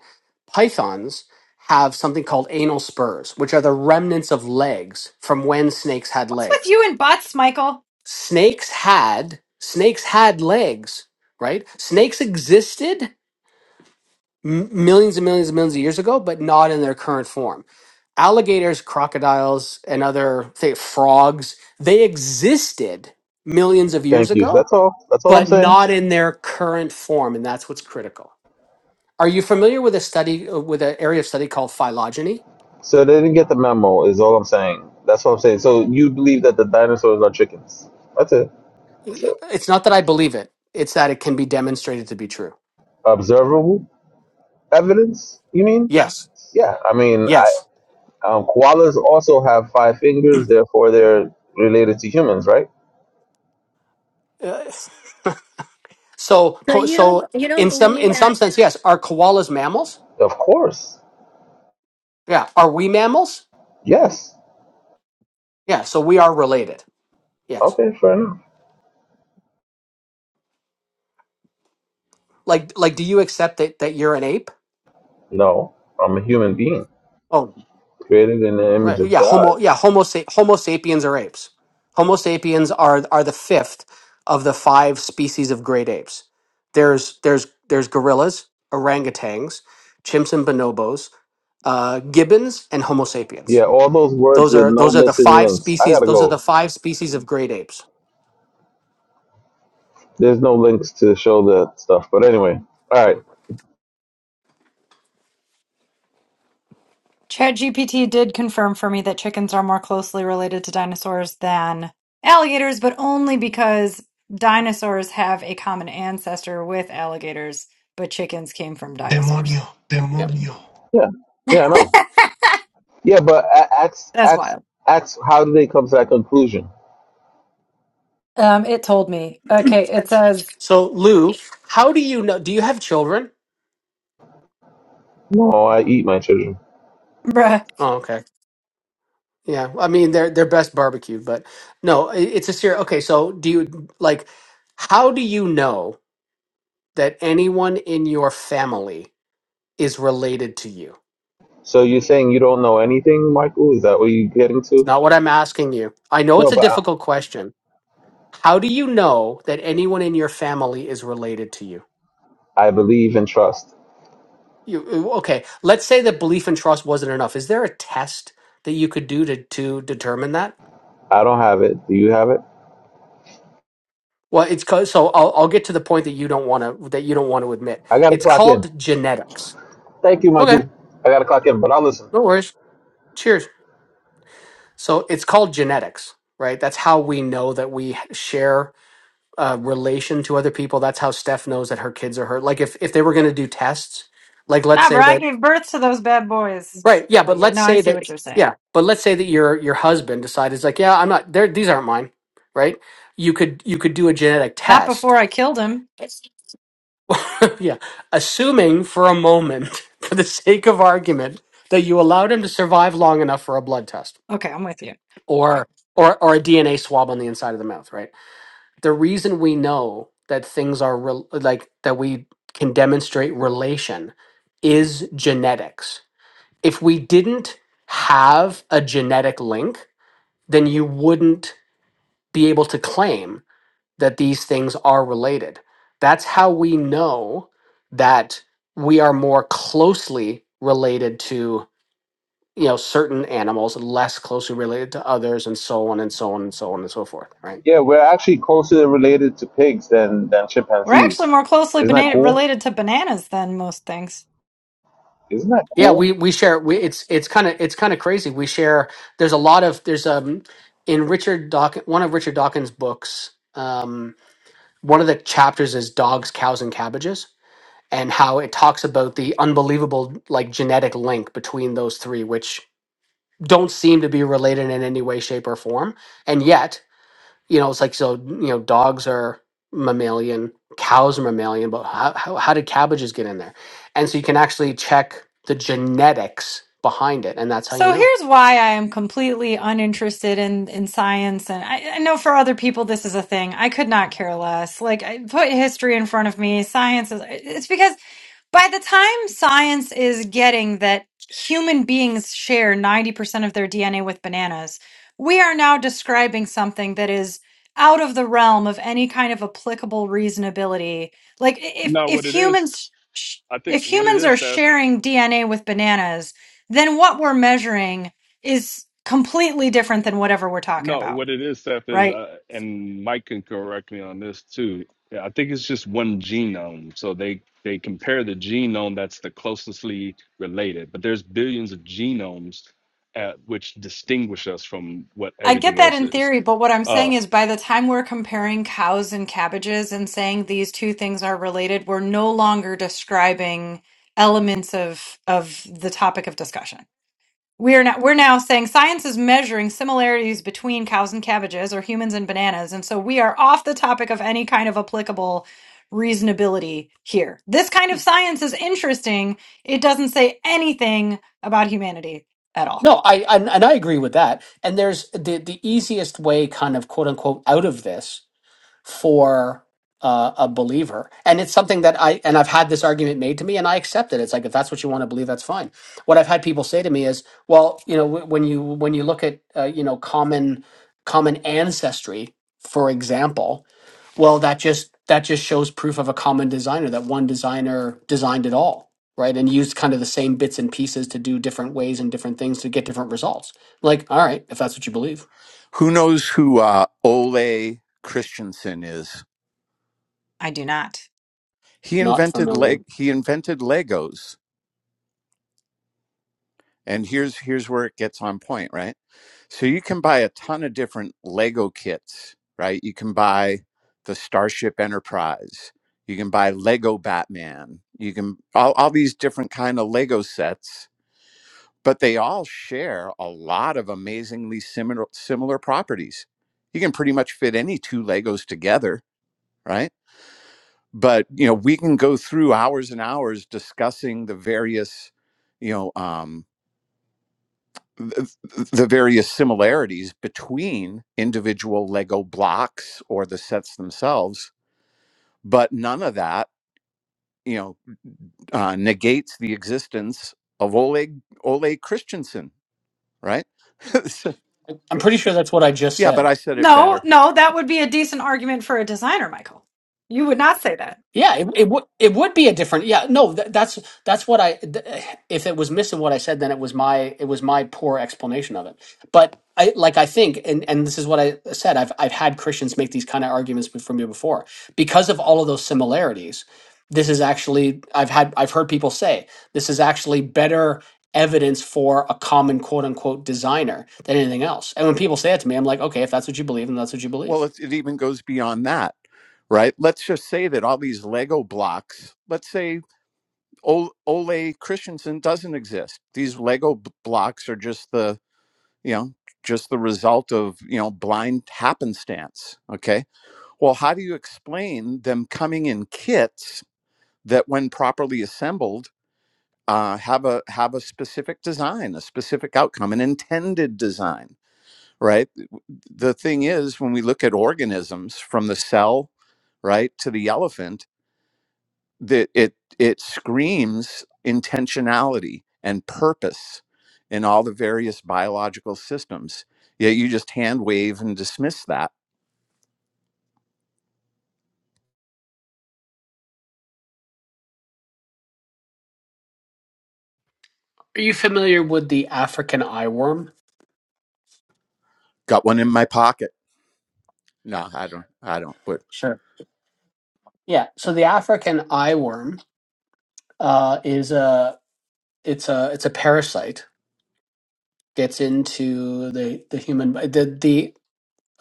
Speaker 3: Pythons have something called anal spurs, which are the remnants of legs from when snakes had
Speaker 4: what's with
Speaker 3: legs.
Speaker 4: you and bots, Michael?
Speaker 3: Snakes had snakes had legs, right? Snakes existed m- millions and millions and millions of years ago, but not in their current form. Alligators, crocodiles, and other say, frogs, they existed millions of
Speaker 10: Thank
Speaker 3: years
Speaker 10: you.
Speaker 3: ago,
Speaker 10: That's all. That's all I'm
Speaker 3: but
Speaker 10: saying.
Speaker 3: not in their current form, and that's what's critical. Are you familiar with a study uh, with an area of study called phylogeny?
Speaker 10: So they didn't get the memo. Is all I'm saying. That's what I'm saying. So you believe that the dinosaurs are chickens? That's it. That's it.
Speaker 3: It's not that I believe it; it's that it can be demonstrated to be true.
Speaker 10: Observable evidence? You mean?
Speaker 3: Yes,
Speaker 10: Yeah. I mean, I
Speaker 3: yes.
Speaker 10: um, koalas also have five fingers. Therefore, they're related to humans, right?
Speaker 3: Uh, so, co- so in some in some sense, yes. Are koalas mammals?
Speaker 10: Of course.
Speaker 3: Yeah. Are we mammals?
Speaker 10: Yes.
Speaker 3: Yeah. So we are related. Yes.
Speaker 10: Okay. Fair enough.
Speaker 3: Like like, do you accept that that you're an ape?
Speaker 10: No, I'm a human being
Speaker 3: Oh,
Speaker 10: created in the image
Speaker 3: Right.
Speaker 10: of
Speaker 3: Yeah.
Speaker 10: God.
Speaker 3: Homo. Yeah. Homo. Sa- Homo sapiens are apes. Homo sapiens are are the fifth of the five species of great apes. There's there's there's gorillas, orangutans, chimps and bonobos, uh, gibbons, and Homo sapiens.
Speaker 10: Yeah. All those words
Speaker 3: Those
Speaker 10: with
Speaker 3: are
Speaker 10: no
Speaker 3: those are the
Speaker 10: missing
Speaker 3: five
Speaker 10: links. I
Speaker 3: species.
Speaker 10: gotta
Speaker 3: Those are
Speaker 10: go.
Speaker 3: the five species of great apes.
Speaker 10: There's no links to show that stuff. But anyway. All right.
Speaker 4: ChatGPT did confirm for me that chickens are more closely related to dinosaurs than alligators, but only because dinosaurs have a common ancestor with alligators, but chickens came from dinosaurs.
Speaker 1: Demonio,
Speaker 3: Yeah.
Speaker 1: demonio.
Speaker 10: Yeah. Yeah. I know. Yeah, but a- ask,
Speaker 4: That's
Speaker 10: ask,
Speaker 4: wild.
Speaker 10: ask, how do they come to that conclusion?
Speaker 4: Um, it told me. Okay, it says,
Speaker 3: So Lou, how do you know? Do you have children?
Speaker 10: No, I eat my children.
Speaker 4: Bruh.
Speaker 3: Oh, okay. Yeah. I mean, they're they're best barbecued, but no, i- it's a serious. Okay. So do you like? How do you know? that anyone in your family is related to you?
Speaker 10: So you're saying you don't know anything, Michael? Is that what you're getting
Speaker 3: It's
Speaker 10: to?
Speaker 3: not what I'm asking you. I know it's
Speaker 10: No,
Speaker 3: a
Speaker 10: but I,
Speaker 3: difficult question. How do you know that anyone in your family is related to you?
Speaker 10: I believe and trust.
Speaker 3: You uh, okay? Let's say that belief and trust wasn't enough. Is there a test that you could do to to determine that?
Speaker 10: I don't have it. Do you have it?
Speaker 3: Well, it's called, so I'll I'll get to the point that you don't want to that you don't want to admit.
Speaker 10: I got to
Speaker 3: It's
Speaker 10: clock in.
Speaker 3: called genetics.
Speaker 10: Thank you,
Speaker 3: Okay,
Speaker 10: Michael. I got to clock in, but I'll listen.
Speaker 3: no worries. Cheers. So it's called genetics, right? That's how we know that we share uh, relation to other people. That's how Steph knows that her kids are hurt. Like if if they were going to do tests, like let's
Speaker 4: Nah, bruh,
Speaker 3: say
Speaker 4: I
Speaker 3: that
Speaker 4: gave birth to those bad boys.
Speaker 3: right, yeah,
Speaker 4: But
Speaker 3: but
Speaker 4: yeah,
Speaker 3: let's
Speaker 4: no, I
Speaker 3: say
Speaker 4: see
Speaker 3: that
Speaker 4: what you're saying.
Speaker 3: yeah, but let's say that your your husband decided it's like yeah, I'm not there. These aren't mine, right? You could you could do a genetic
Speaker 4: Not before
Speaker 3: test.
Speaker 4: I killed him.
Speaker 3: (laughs) yeah, assuming for a moment, (laughs) for the sake of argument, that you allowed him to survive long enough for a blood test
Speaker 4: Okay, I'm with you.
Speaker 3: or or or a DNA swab on the inside of the mouth, right? the reason we know that things are rel like that we can demonstrate relation is genetics. If we didn't have a genetic link, then you wouldn't be able to claim that these things are related. That's how we know that we are more closely related to you know certain animals less closely related to others and so on and so on and so on and so forth right
Speaker 10: Yeah, we're actually closer related to pigs than, than
Speaker 4: We're actually
Speaker 10: chimpanzees.
Speaker 4: more closely
Speaker 10: Isn't that
Speaker 4: bena-
Speaker 10: cool?
Speaker 4: related to bananas than most things.
Speaker 10: Isn't that
Speaker 3: Yeah,
Speaker 10: cool?
Speaker 3: we we share. We, it's it's kind of it's kind of crazy. We share. There's a lot of there's um in Richard Dawkins one of Richard Dawkins' books. Um, one of the chapters is dogs, cows, and cabbages, and how it talks about the unbelievable like genetic link between those three, which don't seem to be related in any way, shape, or form, and yet you know, it's like so you know, dogs are mammalian, cows are mammalian, but how how, how did cabbages get in there? And so you can actually check the genetics behind it, and that's how you
Speaker 4: So
Speaker 3: know.
Speaker 4: here's why I am completely uninterested in in science, and I, I know for other people this is a thing. I could not care less. Like I put history in front of me, science is. It's because by the time science is getting that human beings share ninety percent of their DNA with bananas, we are now describing something that is out of the realm of any kind of applicable reasonability. Like i- if
Speaker 6: No,
Speaker 4: if
Speaker 6: what it is,
Speaker 4: humans sh-
Speaker 6: I think
Speaker 4: if
Speaker 6: what it
Speaker 4: humans
Speaker 6: is,
Speaker 4: are
Speaker 6: Steph.
Speaker 4: sharing DNA with bananas then what we're measuring is completely different than whatever we're talking
Speaker 6: No,
Speaker 4: about,
Speaker 6: what it is, Seth, is,
Speaker 4: right?
Speaker 6: uh, and Mike can correct me on this too. Yeah, I think it's just one genome. So they they compare the genome that's the closely related, but there's billions of genomes uh which distinguish us from what
Speaker 4: I get
Speaker 6: everything
Speaker 4: that
Speaker 6: else
Speaker 4: in
Speaker 6: is.
Speaker 4: theory, but what I'm saying
Speaker 6: Uh,
Speaker 4: is by the time we're comparing cows and cabbages and saying these two things are related, we're no longer describing elements of of the topic of discussion. We're now we're now saying science is measuring similarities between cows and cabbages or humans and bananas, and so we are off the topic of any kind of applicable reasonability here. This kind of science is interesting. It doesn't say anything about humanity at all.
Speaker 3: No, I, I and I agree with that. And there's the the easiest way, kind of quote unquote, out of this for uh, a believer and it's something that i and i've had this argument made to me and i accept it it's like if that's what you want to believe that's fine what i've had people say to me is well you know w- when you when you look at uh, you know common common ancestry for example well that just that just shows proof of a common designer that one designer designed it all right and used kind of the same bits and pieces to do different ways and different things to get different results like all right if that's what you believe
Speaker 7: Who knows who uh, Ole Christensen is?
Speaker 4: I do not.
Speaker 7: He
Speaker 3: not
Speaker 7: invented
Speaker 3: familiar
Speaker 7: leg. He invented Legos, and here's here's where it gets on point, right? So you can buy a ton of different Lego kits, right? You can buy the Starship Enterprise. You can buy Lego Batman. You can all, all these different kind of Lego sets, but they all share a lot of amazingly similar similar properties. You can pretty much fit any two Legos together, right? But you know, we can go through hours and hours discussing the various, you know, um, th- the various similarities between individual Lego blocks or the sets themselves, but none of that, you know, uh, negates the existence of Oleg Ole Christensen, right? (laughs) So,
Speaker 3: i'm pretty sure that's what i just
Speaker 7: yeah,
Speaker 3: said
Speaker 7: but I said it
Speaker 4: No,
Speaker 7: better.
Speaker 4: no, that would be a decent argument for a designer, Michael. You would not say that.
Speaker 3: Yeah, it, it would it would be a different. Yeah, no, th- that's that's what I. Th- if it was missing what I said, then it was my it was my poor explanation of it. But I like I think, and and this is what I said. I've I've had Christians make these kind of arguments be- from you before because of all of those similarities. This is actually I've had I've heard people say this is actually better evidence for a common quote unquote designer than anything else. And when people say it to me, I'm like, okay, if that's what you believe, then that's what you
Speaker 7: Well,
Speaker 3: believe.
Speaker 7: it, it even goes beyond that, right? Let's just say that all these Lego blocks, let's say Ole Christensen doesn't exist. These Lego b- blocks are just the you know just the result of you know blind happenstance okay well how do you explain them coming in kits that when properly assembled uh, have a have a specific design a specific outcome an intended design right the thing is when we look at organisms from the cell right to the elephant that it it screams intentionality and purpose in all the various biological systems yet you just hand wave and dismiss that
Speaker 3: Are you familiar with the African eye worm?
Speaker 7: got one in my pocket no i don't i don't but
Speaker 3: Sure. Yeah. So the African eyeworm uh, is a it's a it's a parasite gets into the the human bo- the the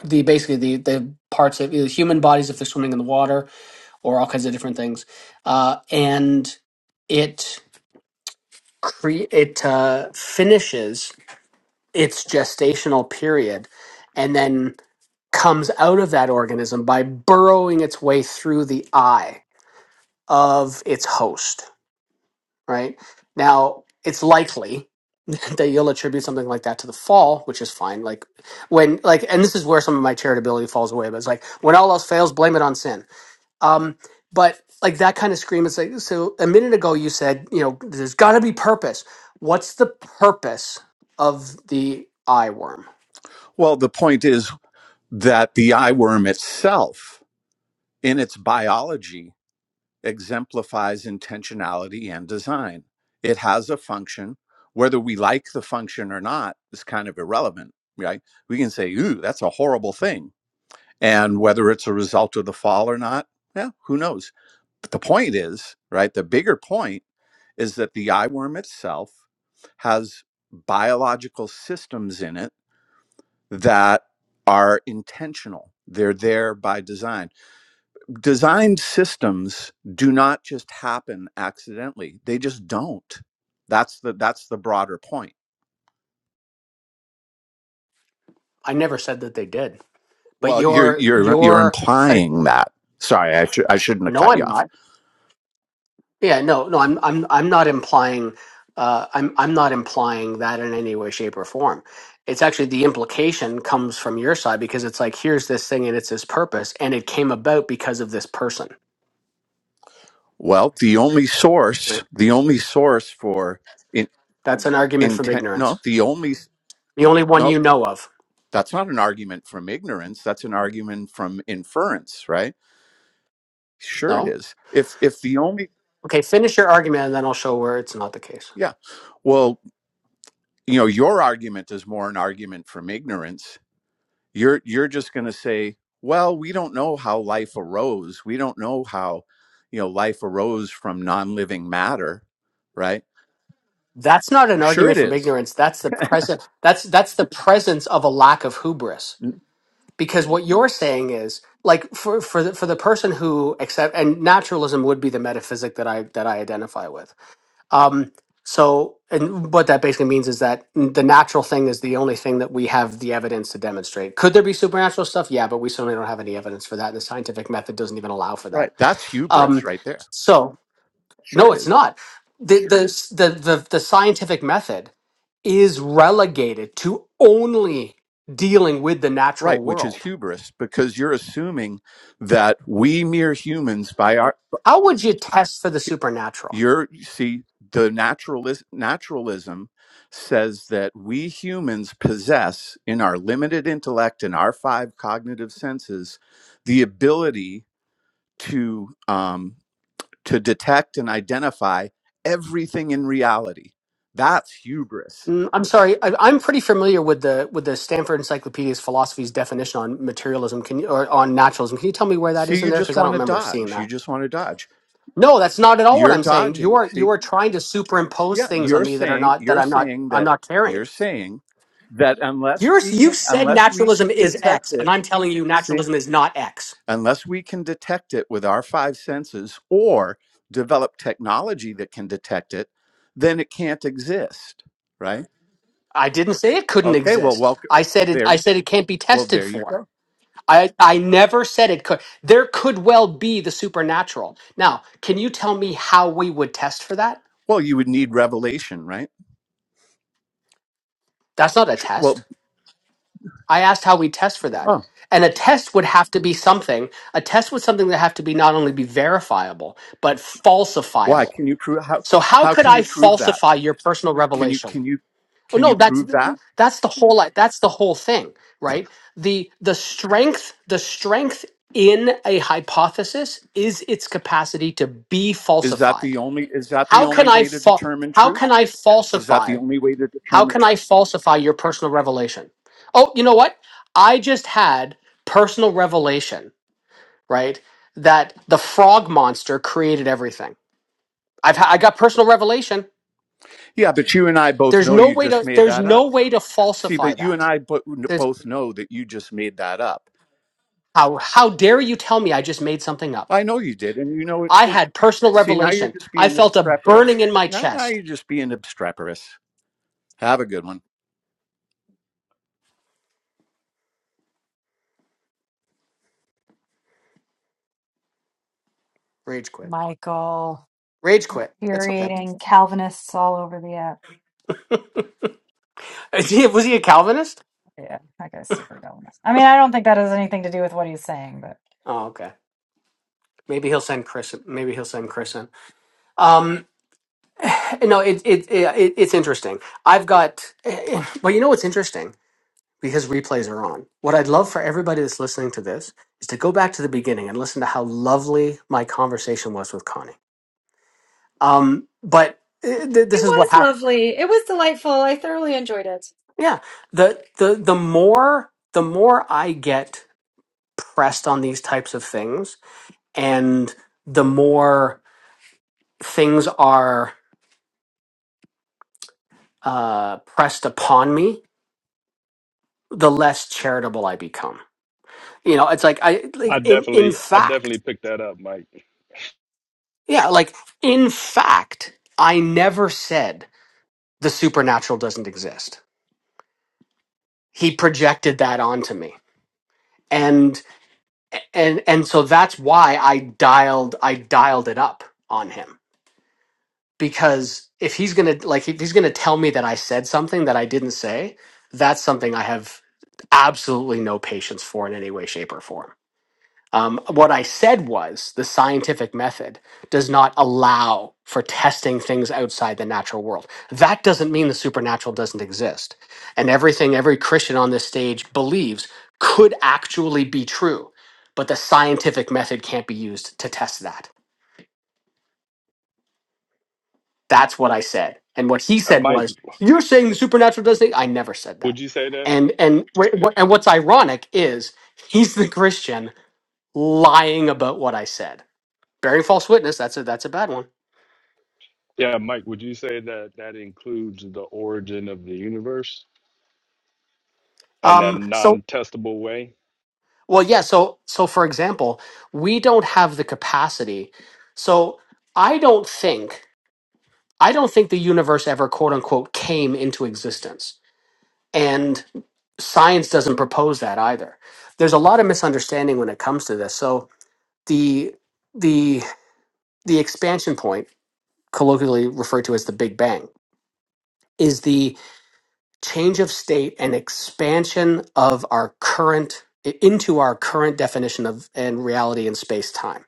Speaker 3: the basically the the parts of the human bodies if they're swimming in the water or all kinds of different things, uh, and it cre- it uh, finishes its gestational period and then comes out of that organism by burrowing its way through the eye of its host right? Now, it's likely (laughs) that you'll attribute something like that to the fall, which is fine. Like when like and this is where some of my charitability falls away, but it's like when all else fails, blame it on sin. Um but like that kind of scream is like so a minute ago you said, you know, there's got to be purpose. What's the purpose of the eye worm?
Speaker 7: well the point is that the eye worm itself in its biology exemplifies intentionality and design it has a function whether we like the function or not is kind of irrelevant right we can say ooh that's a horrible thing And whether it's a result of the fall or not, yeah, who knows? But the point is, right, the bigger point is that the eye worm itself has biological systems in it that are intentional. They're there by design. Designed systems do not just happen accidentally. They just don't. That's the that's the broader point.
Speaker 3: I never said that they did. But
Speaker 7: Well, you're
Speaker 3: your
Speaker 7: you're you're
Speaker 3: your I,
Speaker 7: implying that. Sorry, I, should I shouldn't have
Speaker 3: no,
Speaker 7: cut you
Speaker 3: I'm
Speaker 7: off.
Speaker 3: not. Yeah, no, no, I'm I'm I'm not implying uh I'm I'm not implying that in any way, shape, or form. It's actually the implication comes from your side because it's like here's this thing and it's this purpose and it came about because of this person.
Speaker 7: Well, the only
Speaker 3: Right.
Speaker 7: source, the only source for in,
Speaker 3: That's an argument from
Speaker 7: intent,
Speaker 3: ignorance.
Speaker 7: no, the only,
Speaker 3: The only one
Speaker 7: no,
Speaker 3: you know of.
Speaker 7: that's not an argument from ignorance. That's an argument from inference, right? Sure, it
Speaker 3: No?
Speaker 7: is. If, if the only,
Speaker 3: Okay, finish your argument and then I'll show where it's not the case.
Speaker 7: yeah, well, you know, your argument is more an argument from ignorance you're you're just going to say well we don't know how life arose we don't know how you know life arose from non-living matter right
Speaker 3: That's not an
Speaker 7: sure
Speaker 3: argument
Speaker 7: it
Speaker 3: from
Speaker 7: is
Speaker 3: ignorance. That's the present that's that's the presence of a lack of hubris
Speaker 7: N-
Speaker 3: because what you're saying is like for for the, for the person who accept and naturalism would be the metaphysic that I that I identify with. Um, so and what that basically means is that the natural thing is the only thing that we have the evidence to demonstrate. Could there be supernatural stuff? Yeah, but we certainly don't have any evidence for that, and the scientific method doesn't even allow for that.
Speaker 7: right that's hubris
Speaker 3: Um,
Speaker 7: right there
Speaker 3: so
Speaker 7: sure
Speaker 3: no,
Speaker 7: it
Speaker 3: it's
Speaker 7: is
Speaker 3: not. The, the the the the scientific method is relegated to only dealing with the
Speaker 7: right
Speaker 3: natural
Speaker 7: which is
Speaker 3: world
Speaker 7: hubris because you're assuming that we mere humans by our
Speaker 3: How would you test for the supernatural?
Speaker 7: You're you see the naturalist naturalism says that we humans possess in our limited intellect and our five cognitive senses the ability to um, to detect and identify everything in reality. That's hubris.
Speaker 3: Mm, I'm sorry, I, I'm pretty familiar with the with the Stanford Encyclopedia's philosophy's definition on materialism. Can you, or on naturalism? Can you tell me where that
Speaker 7: See,
Speaker 3: is in
Speaker 7: you
Speaker 3: there?
Speaker 7: just
Speaker 3: Because I don't
Speaker 7: want to
Speaker 3: remember seeing
Speaker 7: dodge. You
Speaker 3: that.
Speaker 7: just want to dodge.
Speaker 3: No, that's not at all what
Speaker 7: You're
Speaker 3: I'm saying. You
Speaker 7: dodging.
Speaker 3: are you
Speaker 7: See,
Speaker 3: are trying to superimpose
Speaker 7: yeah,
Speaker 3: things on
Speaker 7: you're
Speaker 3: me that are
Speaker 7: saying
Speaker 3: not that
Speaker 7: you're
Speaker 3: I'm not
Speaker 7: saying
Speaker 3: I'm
Speaker 7: that
Speaker 3: not carrying.
Speaker 7: you're saying that unless
Speaker 3: You're
Speaker 7: we can
Speaker 3: you've said
Speaker 7: unless we
Speaker 3: naturalism
Speaker 7: can
Speaker 3: is X,
Speaker 7: detect
Speaker 3: and
Speaker 7: it,
Speaker 3: I'm telling you
Speaker 7: see
Speaker 3: naturalism is not X.
Speaker 7: unless we can detect it with our five senses or develop technology that can detect it, then it can't exist, right?
Speaker 3: I didn't say it couldn't
Speaker 7: Okay, well,
Speaker 3: exist.
Speaker 7: welcome.
Speaker 3: I said it.
Speaker 7: There,
Speaker 3: I
Speaker 7: you-
Speaker 3: said it can't be
Speaker 7: well,
Speaker 3: tested
Speaker 7: there you
Speaker 3: for.
Speaker 7: go.
Speaker 3: I, I never said it could. There could well be the supernatural. Now, can you tell me how we would test for that?
Speaker 7: Well, you would need revelation, right?
Speaker 3: That's not a
Speaker 7: Sh-
Speaker 3: test.
Speaker 7: Well,
Speaker 3: I asked how we test for that.
Speaker 7: oh,
Speaker 3: And a test would have to be something. A test was something that have to be not only be verifiable, but
Speaker 7: why?
Speaker 3: falsifiable.
Speaker 7: Can you prove how?
Speaker 3: So how
Speaker 7: How
Speaker 3: could
Speaker 7: can
Speaker 3: I
Speaker 7: you prove that?
Speaker 3: falsify your personal
Speaker 7: Can you
Speaker 3: revelation?
Speaker 7: can you
Speaker 3: Oh
Speaker 7: can
Speaker 3: no,
Speaker 7: you
Speaker 3: that's
Speaker 7: prove that?
Speaker 3: that's the whole li- that's the whole thing, right? The the strength the strength in a hypothesis is its capacity to be
Speaker 7: Is that the
Speaker 3: falsified.
Speaker 7: only is that the
Speaker 3: How
Speaker 7: only
Speaker 3: can I
Speaker 7: way to
Speaker 3: fa-
Speaker 7: determine
Speaker 3: how can
Speaker 7: truth?
Speaker 3: I
Speaker 7: Is that the
Speaker 3: falsify?
Speaker 7: only way to
Speaker 3: How
Speaker 7: determine
Speaker 3: can
Speaker 7: truth?
Speaker 3: I falsify your personal revelation? Oh, you know what? I just had personal revelation, right? That the frog monster created everything. I've ha- I got personal revelation.
Speaker 7: Yeah, but you and I both
Speaker 3: There's
Speaker 7: know
Speaker 3: no
Speaker 7: you
Speaker 3: way
Speaker 7: just
Speaker 3: to
Speaker 7: made
Speaker 3: there's
Speaker 7: that up.
Speaker 3: no way to
Speaker 7: See,
Speaker 3: falsify
Speaker 7: but you and
Speaker 3: that.
Speaker 7: I bo-
Speaker 3: There's
Speaker 7: both know that you just made that up.
Speaker 3: How how dare you tell me I just made something up?
Speaker 7: I know you did, and you know it
Speaker 3: I
Speaker 7: too.
Speaker 3: had personal
Speaker 7: See, now you're
Speaker 3: revelation.
Speaker 7: just
Speaker 3: I
Speaker 7: being
Speaker 3: felt a
Speaker 7: obstreperous.
Speaker 3: burning in my
Speaker 7: Now, now
Speaker 3: chest.
Speaker 7: you're just being obstreperous. Have a good one.
Speaker 3: Rage quit.
Speaker 4: Michael,
Speaker 3: Rage quit. It's okay.
Speaker 4: infuriating Calvinists all over the app.
Speaker 3: (laughs) Is he, was he a Calvinist?
Speaker 4: Yeah, I guess super Calvinist. I mean, I don't think that has anything to do with what he's saying, but
Speaker 3: Oh, okay. Maybe he'll send Chris. Maybe he'll send Chris in. Um, (clears throat) no, it, it, it it's interesting. I've got. (clears throat) Well, you know what's interesting because replays are on. What I'd love for everybody that's listening to this is to go back to the beginning and listen to how lovely my conversation was with Connie. Um, but uh, th-
Speaker 4: It
Speaker 3: this is what
Speaker 4: was
Speaker 3: happened.
Speaker 4: lovely. It was delightful. I thoroughly enjoyed it.
Speaker 3: Yeah. The the the more the more I get pressed on these types of things and the more things are uh pressed upon me, the less charitable I become. You know, it's like I like
Speaker 6: I
Speaker 3: in in
Speaker 6: definitely I
Speaker 3: fact,
Speaker 6: definitely picked that up, Mike.
Speaker 3: yeah, like in fact, I never said the supernatural doesn't exist. He projected that onto me. And and and so that's why I dialed I dialed it up on him because if he's gonna like if he's gonna tell me that I said something that I didn't say, that's something I have absolutely no patience for in any way, shape, or form. Um, what I said was the scientific method does not allow for testing things outside the natural world. That doesn't mean the supernatural doesn't exist, and everything every Christian on this stage believes could actually be true, but the scientific method can't be used to test that That's what I said. And what he
Speaker 6: Uh,
Speaker 3: said
Speaker 6: Mike,
Speaker 3: was, "You're saying the supernatural does things." I never said that.
Speaker 6: would you say that?
Speaker 3: And and wh- wh- and what's ironic is he's the Christian lying about what I said, bearing false witness. That's a that's a bad one.
Speaker 6: Yeah, Mike, would you say that that includes the origin of the universe and that
Speaker 3: Um. So
Speaker 6: non-testable way?
Speaker 3: well, yeah. So so for example, we don't have the capacity. So I don't think I don't think the universe ever quote unquote came into existence, and science doesn't propose that either. There's a lot of misunderstanding when it comes to this. So the the the expansion point colloquially referred to as the big bang is the change of state and expansion of our current into our current definition of and reality in space time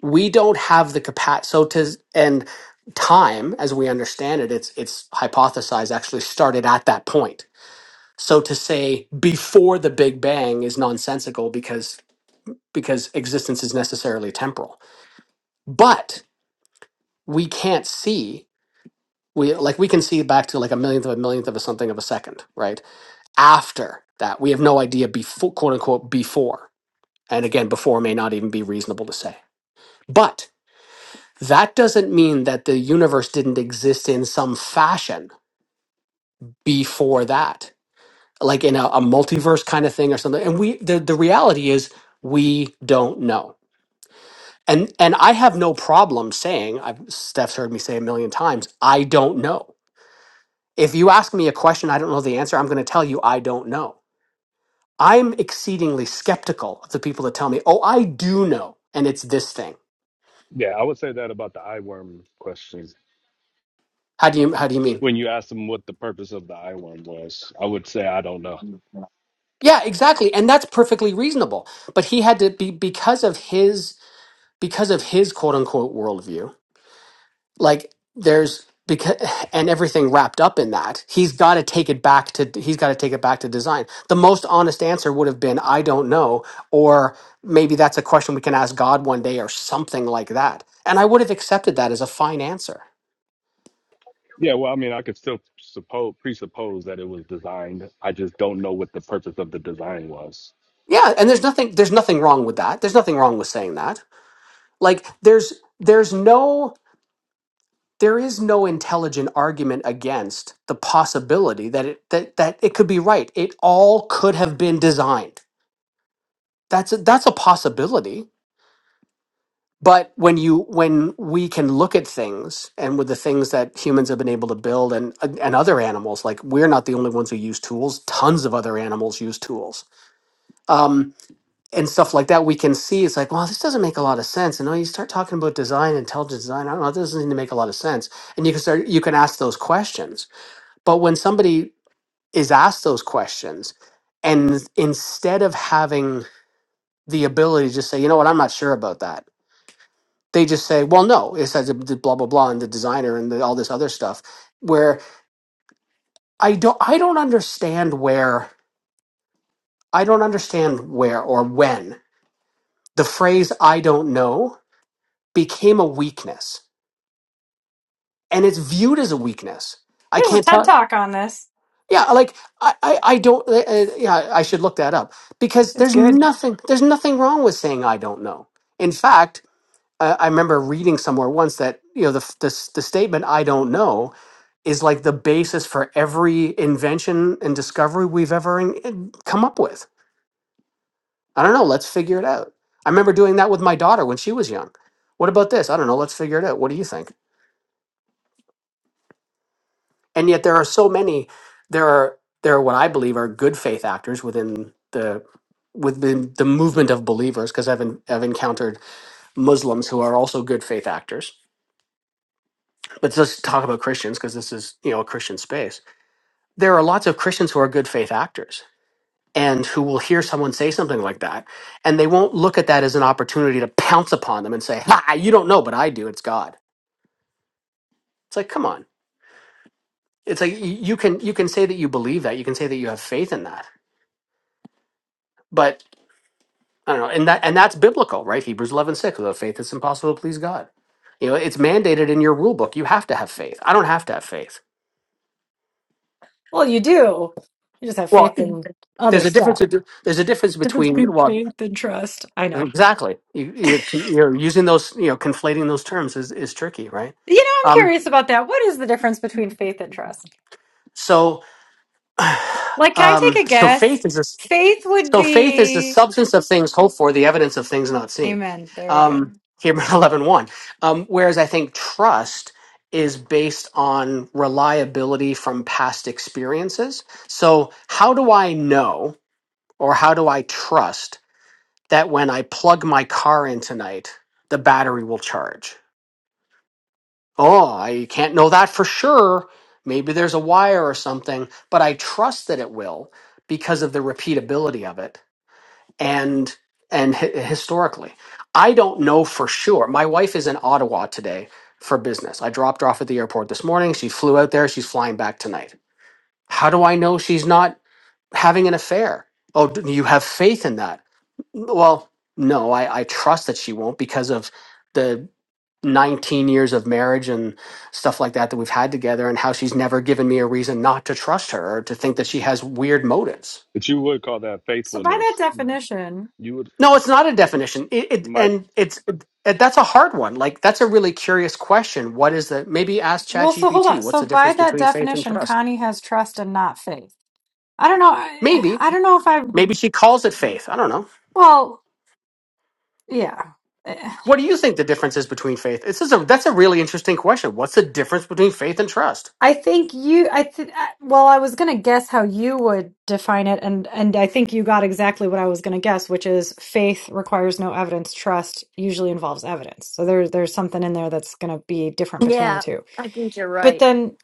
Speaker 3: we don't have the capacity so to and time as we understand it it's it's hypothesized actually started at that point so to say before the big bang is nonsensical because because existence is necessarily temporal but we can't see we like we can see back to like a millionth of a millionth of a something of a second right after that we have no idea before quote unquote before and again before may not even be reasonable to say but that doesn't mean that the universe didn't exist in some fashion before that like in a, a multiverse kind of thing or something and we the, the reality is we don't know and and i have no problem saying i've steph's heard me say a million times i don't know If you ask me a question I don't know the answer, I'm going to tell you I don't know. I'm exceedingly skeptical of the people that tell me, "Oh, I do know, and it's this thing."
Speaker 6: Yeah, I would say that about the eye worm question.
Speaker 3: How do you how do you mean?
Speaker 6: when you asked them what the purpose of the I one was, I would say I don't know.
Speaker 3: Yeah, exactly, and that's perfectly reasonable. But he had to be because of his because of his quote unquote worldview. like there's because and everything wrapped up in that he's got to take it back to he's got to take it back to design the most honest answer would have been i don't know or maybe that's a question we can ask god one day or something like that and i would have accepted that as a fine answer
Speaker 6: Yeah, well, I mean, I could still suppose presuppose that it was designed. I just don't know what the purpose of the design was.
Speaker 3: yeah and there's nothing there's nothing wrong with that there's nothing wrong with saying that like there's there's no there is no intelligent argument against the possibility that it that, that it could be right it all could have been designed that's a, that's a possibility but when you when we can look at things and with the things that humans have been able to build and and other animals like we're not the only ones who use tools tons of other animals use tools um, and stuff like that we can see it's like well this doesn't make a lot of sense and when you start talking about design intelligent design i don't know it doesn't seem to make a lot of sense and you can start you can ask those questions but when somebody is asked those questions and instead of having the ability to just say you know what i'm not sure about that they just say, "Well, no, it says it blah blah blah," and the designer and the, all this other stuff. Where I don't, I don't understand where I don't understand where or when the phrase "I don't know" became a weakness, and it's viewed as a weakness. I
Speaker 4: There's a
Speaker 3: can't
Speaker 4: TED
Speaker 3: tell.
Speaker 4: talk on this.
Speaker 3: Yeah, like I, I, I don't. Uh, uh, yeah, I should look that up because
Speaker 4: It's
Speaker 3: there's
Speaker 4: good.
Speaker 3: nothing, there's nothing wrong with saying "I don't know." In fact, I I remember reading somewhere once that you know the f- the, s- the statement "I don't know" is like the basis for every invention and discovery we've ever in, in- come up with. I don't know. Let's figure it out. I remember doing that with my daughter when she was young. What about this? I don't know. Let's figure it out. What do you think? And yet there are so many. There are there are what I believe are good faith actors within the within the movement of believers because I've en- I've encountered Muslims who are also good faith actors but let's talk about Christians because this is, you know, a Christian space. There are lots of Christians who are good faith actors and who will hear someone say something like that and they won't look at that as an opportunity to pounce upon them and say, "Ha, you don't know, but I do. It's God." It's like, "Come on." It's like y- you can you can say that you believe that. You can say that you have faith in that. But I don't know, and that and that's biblical, right? Hebrews 11:6, without faith it's impossible to please God. You know, it's mandated in your rule book. You have to have faith. I don't have to have faith.
Speaker 4: Well, you do. You just have
Speaker 3: Well,
Speaker 4: faith in other
Speaker 3: there's a difference.
Speaker 4: stuff.
Speaker 3: bet- There's a difference
Speaker 4: Difference
Speaker 3: between
Speaker 4: between
Speaker 3: well,
Speaker 4: faith and trust. I know.
Speaker 3: Exactly. You, you, you're using those, you know, conflating those terms is, is tricky, right?
Speaker 4: You know, I'm
Speaker 3: Um,
Speaker 4: curious about that. What is the difference between faith and trust?
Speaker 3: so,
Speaker 4: Like,
Speaker 3: (sighs)
Speaker 4: can I
Speaker 3: um,
Speaker 4: take a
Speaker 3: so
Speaker 4: guess?
Speaker 3: faith is a,
Speaker 4: Faith would
Speaker 3: so faith is the
Speaker 4: be
Speaker 3: substance of things hoped for, the evidence of things not seen.
Speaker 4: Amen. There we go.
Speaker 3: Um, Hebrews (laughs) eleven one, Um, whereas I think trust is based on reliability from past experiences. So how do I know or how do I trust that when I plug my car in tonight, the battery will charge? Oh, I can't know that for sure. Maybe there's a wire or something, but I trust that it will because of the repeatability of it and and hi- historically. I don't know for sure. My wife is in Ottawa today for business. I dropped her off at the airport this morning. She flew out there. She's flying back tonight. How do I know she's not? having an affair. Oh, do you have faith in that? Well, no, I, I trust that she won't because of the 19 years of marriage and stuff like that that we've had together and how she's never given me a reason not to trust her or to think that she has weird motives.
Speaker 6: But you would call that
Speaker 4: So by that
Speaker 6: faithfulness.
Speaker 4: definition,
Speaker 6: You would,
Speaker 3: No, it's not a definition. It, it
Speaker 6: Mike.
Speaker 3: and it's it, that's a hard one. Like that's a really curious question. What is the maybe ask
Speaker 4: well, so hold
Speaker 3: ChatGPT,
Speaker 4: on.
Speaker 3: what's
Speaker 4: So
Speaker 3: the
Speaker 4: by
Speaker 3: difference
Speaker 4: that
Speaker 3: between faith and
Speaker 4: definition,
Speaker 3: trust?
Speaker 4: Connie has trust and not faith. I don't know. I,
Speaker 3: Maybe
Speaker 4: I don't know if I.
Speaker 3: maybe she calls it faith. I don't know.
Speaker 4: Well, yeah.
Speaker 3: What do you think the difference is between faith? This is a that's a really interesting question. What's the difference between faith and trust?
Speaker 4: I think you. I th- well, I was gonna guess how you would define it, and and I think you got exactly what I was gonna guess, which is faith requires no evidence. Trust usually involves evidence. So there's there's something in there that's gonna be different between the
Speaker 2: yeah,
Speaker 4: two.
Speaker 2: I think you're
Speaker 4: But
Speaker 2: right.
Speaker 4: then.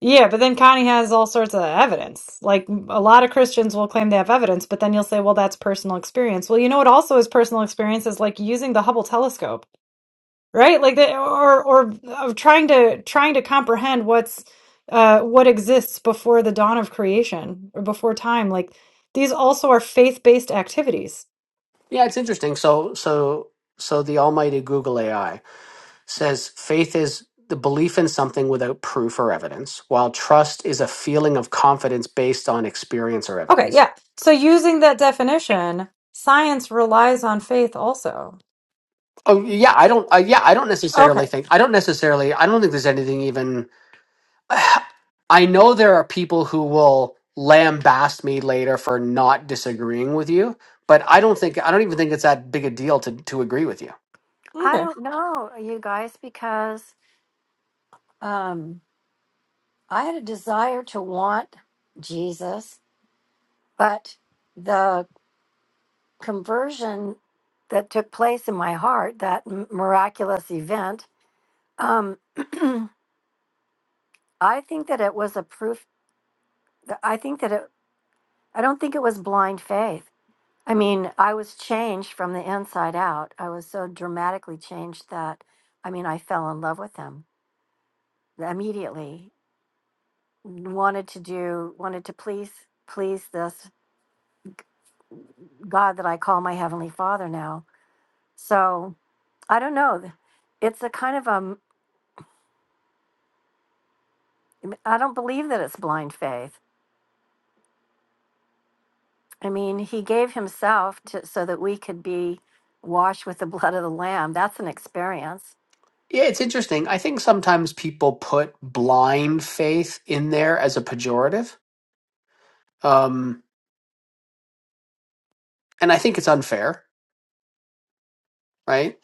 Speaker 4: Yeah, but then Connie has all sorts of evidence. Like a lot of Christians will claim they have evidence, but then you'll say, well, that's personal experience. Well, you know what also is personal experience is like using the Hubble telescope. right like the or or of trying to trying to comprehend what's uh what exists before the dawn of creation or before time like these also are faith-based activities
Speaker 3: Yeah, it's interesting. So so so the almighty Google AI says faith is the belief in something without proof or evidence, while trust is a feeling of confidence based on experience or
Speaker 4: okay
Speaker 3: evidence.
Speaker 4: yeah so using that definition science relies on faith also
Speaker 3: Oh yeah, I
Speaker 4: Eh,
Speaker 3: don't. Uh, yeah, I don't
Speaker 4: okay
Speaker 3: necessarily think. I don't necessarily. I don't think there's anything even. I know there are people who will lambaste me later for not disagreeing with you, but I don't think I don't even think it's that big a deal to to agree with you.
Speaker 2: I
Speaker 4: okay
Speaker 2: don't know, you guys, because um, I had a desire to want Jesus, but the conversion that took place in my heart, that m- miraculous event, um, (clears throat) I think that it was a proof. that- I think that it, I don't think it was blind faith. I mean, I was changed from the inside out. I was so dramatically changed that, I mean, I fell in love with him immediately. Wanted to do, wanted to please, please this God that I call my Heavenly Father now. So I don't know. It's a kind of a. I don't believe that it's blind faith. I mean, he gave himself to, so that we could be washed with the blood of the lamb. That's an experience. (laughs)
Speaker 3: Yeah, it's interesting. I think sometimes people put blind faith in there as a pejorative, um, and I think it's unfair, right?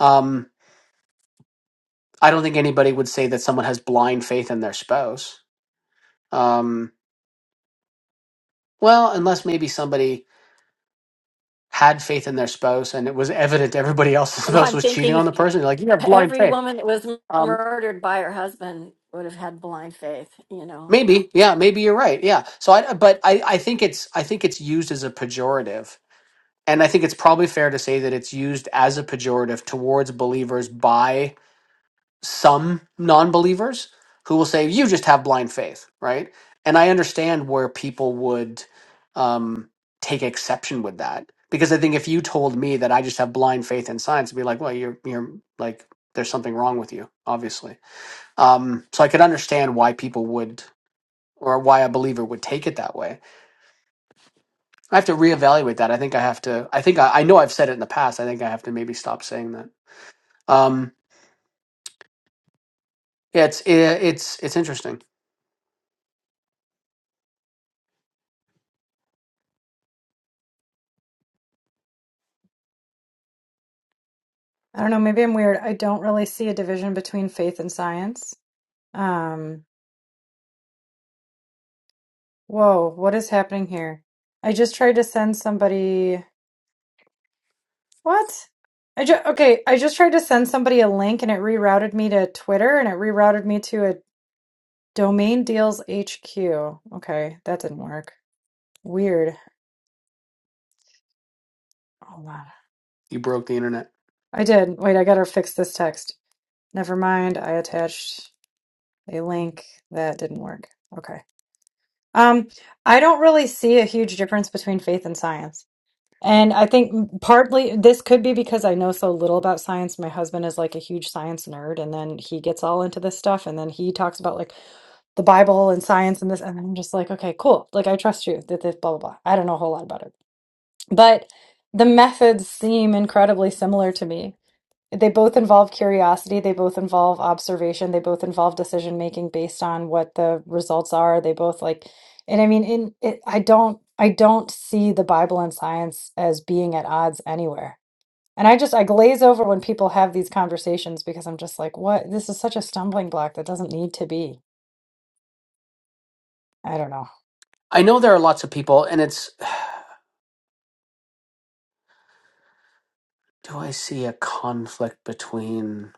Speaker 3: Um, I don't think anybody would say that someone has blind faith in their spouse. Um, well, unless maybe somebody had faith in their spouse and it was evident everybody else's (laughs)
Speaker 2: Well,
Speaker 3: spouse
Speaker 2: I'm
Speaker 3: was cheating
Speaker 2: thinking
Speaker 3: on the person you're like you have blind
Speaker 2: every
Speaker 3: faith
Speaker 2: woman that was
Speaker 3: um
Speaker 2: murdered by her husband would have had blind faith, you know.
Speaker 3: maybe yeah maybe you're right yeah so i but i i think it's i think it's used as a pejorative and i think it's probably fair to say that it's used as a pejorative towards believers by some non-believers who will say you just have blind faith right and i understand where people would um, take exception with that because i think if you told me that i just have blind faith in science i'd be like well you're you're like there's something wrong with you obviously um, so i could understand why people would or why a believer would take it that way i have to reevaluate that i think i have to i think i, I know i've said it in the past i think i have to maybe stop saying that um, yeah, it's it, it's it's interesting
Speaker 4: i don't know maybe i'm weird i don't really see a division between faith and science um Whoa, what is happening here? I just tried to send somebody. What? I just okay, I just tried to send somebody a link and it rerouted me to Twitter and it rerouted me to a domain deals HQ. Okay, that didn't work. Weird. Hold on.
Speaker 3: you broke the internet
Speaker 4: I did. Wait, I gotta fix this text. Never mind. I attached a link that didn't work. Okay. Um, I don't really see a huge difference between faith and science. And I think partly this could be because I know so little about science. My husband is like a huge science nerd, and then he gets all into this stuff, and then he talks about like the Bible and science and this, and I'm just like, okay, cool. Like I trust you that this blah blah blah. I don't know a whole lot about it, but the methods seem incredibly similar to me. They both involve curiosity, they both involve observation, they both involve decision making based on what the results are. They both like and I mean in it I don't I don't see the Bible and science as being at odds anywhere. And I just I glaze over when people have these conversations because I'm just like, what? This is such a stumbling block that doesn't need to be. I don't know.
Speaker 3: I know there are lots of people, and it's do I see a conflict between,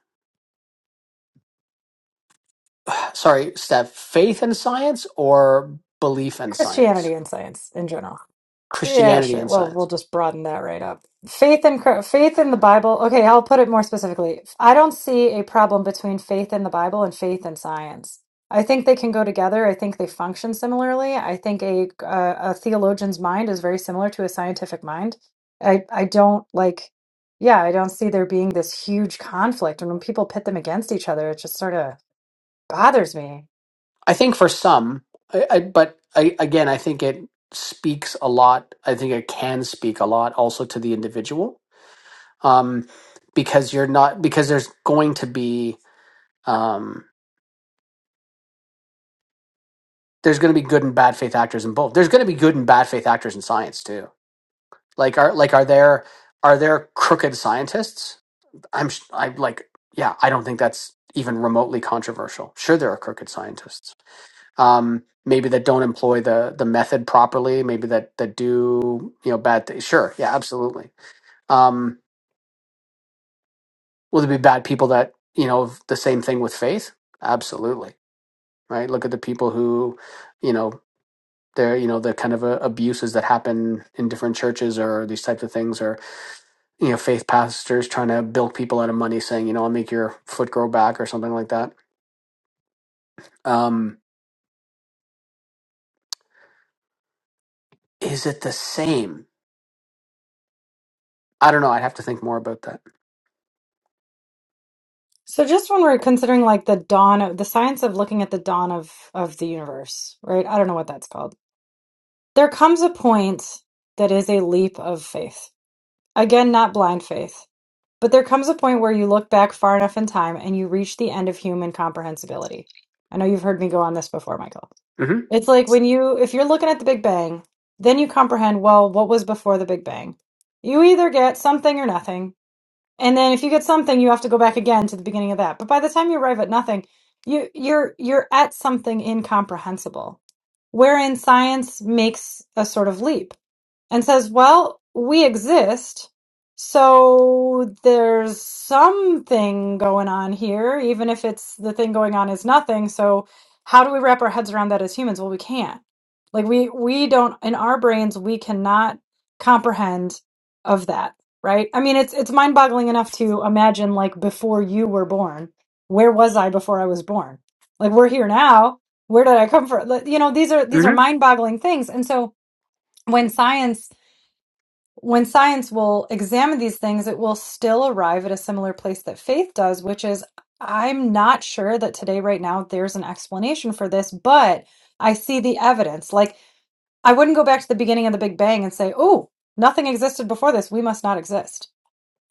Speaker 3: sorry, Steph, faith and science or belief and science,
Speaker 4: Christianity and science in general. Yeah,
Speaker 3: Christianity
Speaker 4: sure.
Speaker 3: and
Speaker 4: Well, we'll
Speaker 3: science?
Speaker 4: just broaden that right up. Faith in Chr- faith in the Bible. Okay, I'll put it more specifically. I don't see a problem between faith in the Bible and faith in science. I think they can go together. I think they function similarly. I think a a, a theologian's mind is very similar to a scientific mind. I I don't like. Yeah, I don't see there being this huge conflict, and when people pit them against each other, it just sort of bothers me.
Speaker 3: I think for some, I, I but I again, I think it speaks a lot. I think it can speak a lot also to the individual, um, because you're not because there's going to be um, there's going to be good and bad faith actors in both. There's going to be good and bad faith actors in science too. Like are like are there are there crooked scientists? I'm sh- I like yeah. I don't think that's even remotely controversial. Sure, there are crooked scientists um, maybe that don't employ the the method properly, maybe that that do you know bad things. Sure, yeah, absolutely. Um, will there be bad people that you know have the same thing with faith? Absolutely, right? Look at the people who, you know, they're you know the kind of uh, abuses that happen in different churches or these types of things, or you know, faith pastors trying to bilk people out of money, saying you know I'll make your foot grow back or something like that. Um, is it the same? I don't know. I'd have to think more about that.
Speaker 4: So just when we're considering like the dawn of the science of looking at the dawn of of the universe, right? I don't know what that's called. There comes a point that is a leap of faith. Again, not blind faith, but there comes a point where you look back far enough in time and you reach the end of human comprehensibility. I know you've heard me go on this before, Michael.
Speaker 3: hmm
Speaker 4: It's like when you if you're looking at the Big Bang, then you comprehend, well, what was before the Big Bang? You either get something or nothing. And then if you get something, you have to go back again to the beginning of that. But by the time you arrive at nothing, you you're you're at something incomprehensible, wherein science makes a sort of leap and says, well, we exist. So there's something going on here, even if it's the thing going on is nothing. So how do we wrap our heads around that as humans? Well, we can't. Like we we don't in our brains we cannot comprehend of that, right? I mean, it's it's mind-boggling enough to imagine like before you were born, where was I before I was born? Like we're here now. Where did I come from? Like, You know, these are these are
Speaker 3: hmm
Speaker 4: mind-boggling things. And so when science when science will examine these things, it will still arrive at a similar place that faith does, which is I'm not sure that today, right now, there's an explanation for this, but I see the evidence. Like, I wouldn't go back to the beginning of the Big Bang and say, oh, nothing existed before this. We must not exist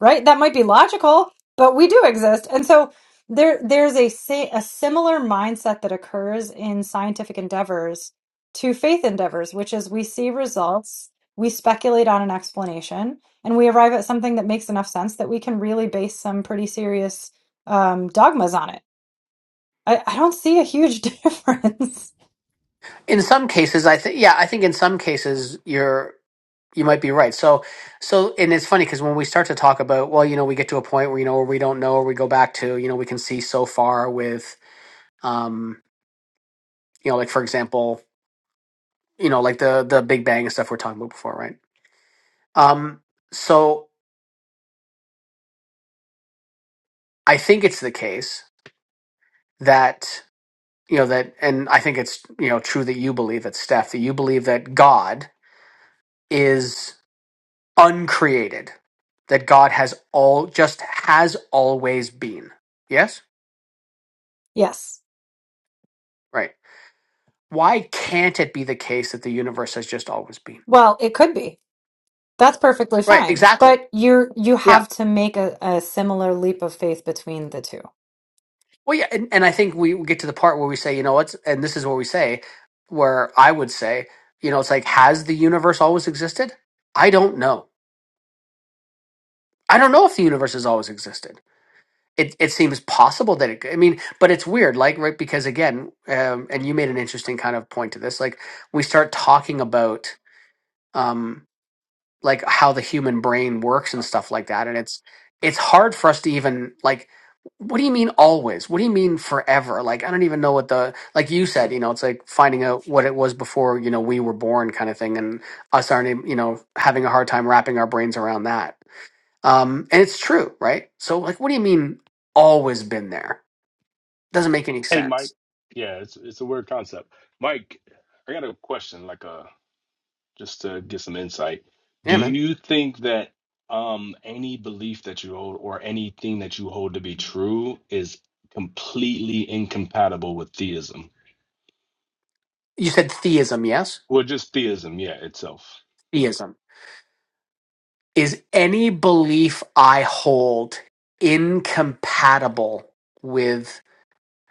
Speaker 4: right? That might be logical, but we do exist. And so there there's a si- a similar mindset that occurs in scientific endeavors to faith endeavors, which is we see results, we speculate on an explanation, and we arrive at something that makes enough sense that we can really base some pretty serious um, dogmas on it. I, I don't see a huge (laughs) difference.
Speaker 3: in some cases i think yeah i think in some cases you're you might be right so so and it's funny because when we start to talk about well you know we get to a point where you know where we don't know or we go back to you know we can see so far with um you know like for example you know like the the big bang and stuff we're talking about before right um so i think it's the case that you know that and i think it's you know true that you believe it steph that you believe that god is uncreated that God has all just has always been. Yes?
Speaker 4: Yes.
Speaker 3: Right. Why can't it be the case that the universe has just always been?
Speaker 4: Well, it could be. That's perfectly
Speaker 3: Right,
Speaker 4: fine.
Speaker 3: exactly.
Speaker 4: But you're you
Speaker 3: Yeah.
Speaker 4: have to make a, a similar leap of faith between the two.
Speaker 3: Well yeah, and, and I think we get to the part where we say, you know what's and this is what we say, where I would say, you know, it's like, has the universe always existed? I don't know. I don't know if the universe has always existed. it it seems possible that it could. I mean, but it's weird, like right because again, um, and you made an interesting kind of point to this. Like we start talking about um, like how the human brain works and stuff like that, and it's it's hard for us to even like. What do you mean always? What do you mean forever? Like I don't even know what the like you said. You know, it's like finding out what it was before you know we were born, kind of thing, and us aren't you know having a hard time wrapping our brains around that. Um, and it's true, right? So, like, what do you mean always been there? Doesn't make any
Speaker 6: Hey, Mike.
Speaker 3: sense.
Speaker 6: Yeah, it's it's a weird concept. Mike, I got a question, like a just to get some insight. Do
Speaker 3: Yeah, man.
Speaker 6: you think that um any belief that you hold or anything that you hold to be true is completely incompatible with theism?
Speaker 3: You said theism, yes?
Speaker 6: Well, just theism, yeah, itself.
Speaker 3: Theism. Is any belief I hold incompatible with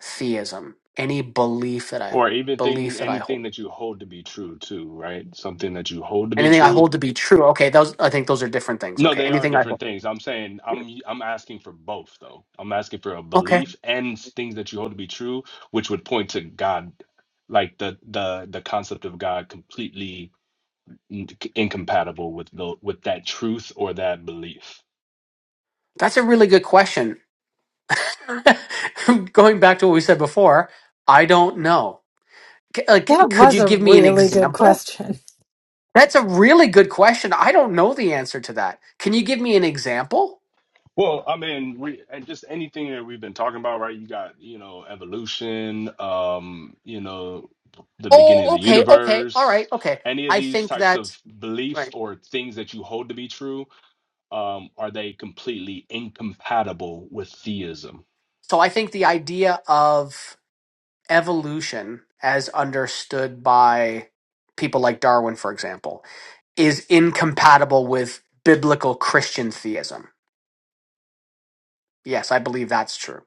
Speaker 3: theism? Any belief that I
Speaker 6: Or even
Speaker 3: belief
Speaker 6: thing
Speaker 3: that I
Speaker 6: anything
Speaker 3: hold.
Speaker 6: that you hold to be true too, right? Something that you hold to be
Speaker 3: Anything I
Speaker 6: true.
Speaker 3: hold to be true. Okay, those I think those are different things.
Speaker 6: No,
Speaker 3: Okay.
Speaker 6: they are
Speaker 3: Anything I
Speaker 6: different
Speaker 3: hold.
Speaker 6: things. I'm saying I'm I'm asking for both though. I'm asking for a
Speaker 3: okay.
Speaker 6: belief and things that you hold to be true, which would point to God, like the the the concept of God completely in- incompatible with the with that truth or that belief.
Speaker 3: That's a really good question. (laughs) Going back to what we said before, I don't know. C- uh, c-
Speaker 4: That
Speaker 3: could
Speaker 4: was
Speaker 3: you
Speaker 4: a
Speaker 3: give me an
Speaker 4: really good
Speaker 3: example?
Speaker 4: question.
Speaker 3: That's a really good question. I don't know the answer to that. Can you give me an example?
Speaker 6: Well, I mean, we and just anything that we've been talking about, right? You got, you know, evolution, um, you know, the beginning of
Speaker 3: Oh,
Speaker 6: the
Speaker 3: okay, okay, all right,
Speaker 6: universe.
Speaker 3: okay.
Speaker 6: Any of
Speaker 3: I
Speaker 6: these
Speaker 3: think
Speaker 6: types of
Speaker 3: that,
Speaker 6: beliefs
Speaker 3: right.
Speaker 6: or things that you hold to be true, um, are they completely incompatible with theism?
Speaker 3: So I think the idea of evolution as understood by people like Darwin, for example, is incompatible with biblical Christian theism. Yes, I believe that's true.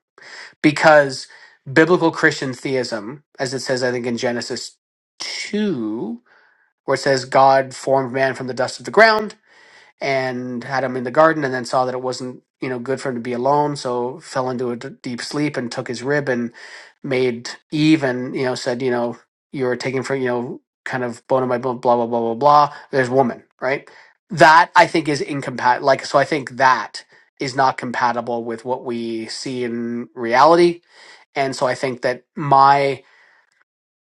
Speaker 3: because biblical Christian theism, as it says, I think in Genesis two, where it says God formed man from the dust of the ground and had him in the garden and then saw that it wasn't you know good for him to be alone so fell into a d- deep sleep and took his rib and made eve and you know said you know you're taking for you know kind of bone of my bone blah blah blah blah blah there's woman right that i think is incompatible like so i think that is not compatible with what we see in reality and so i think that my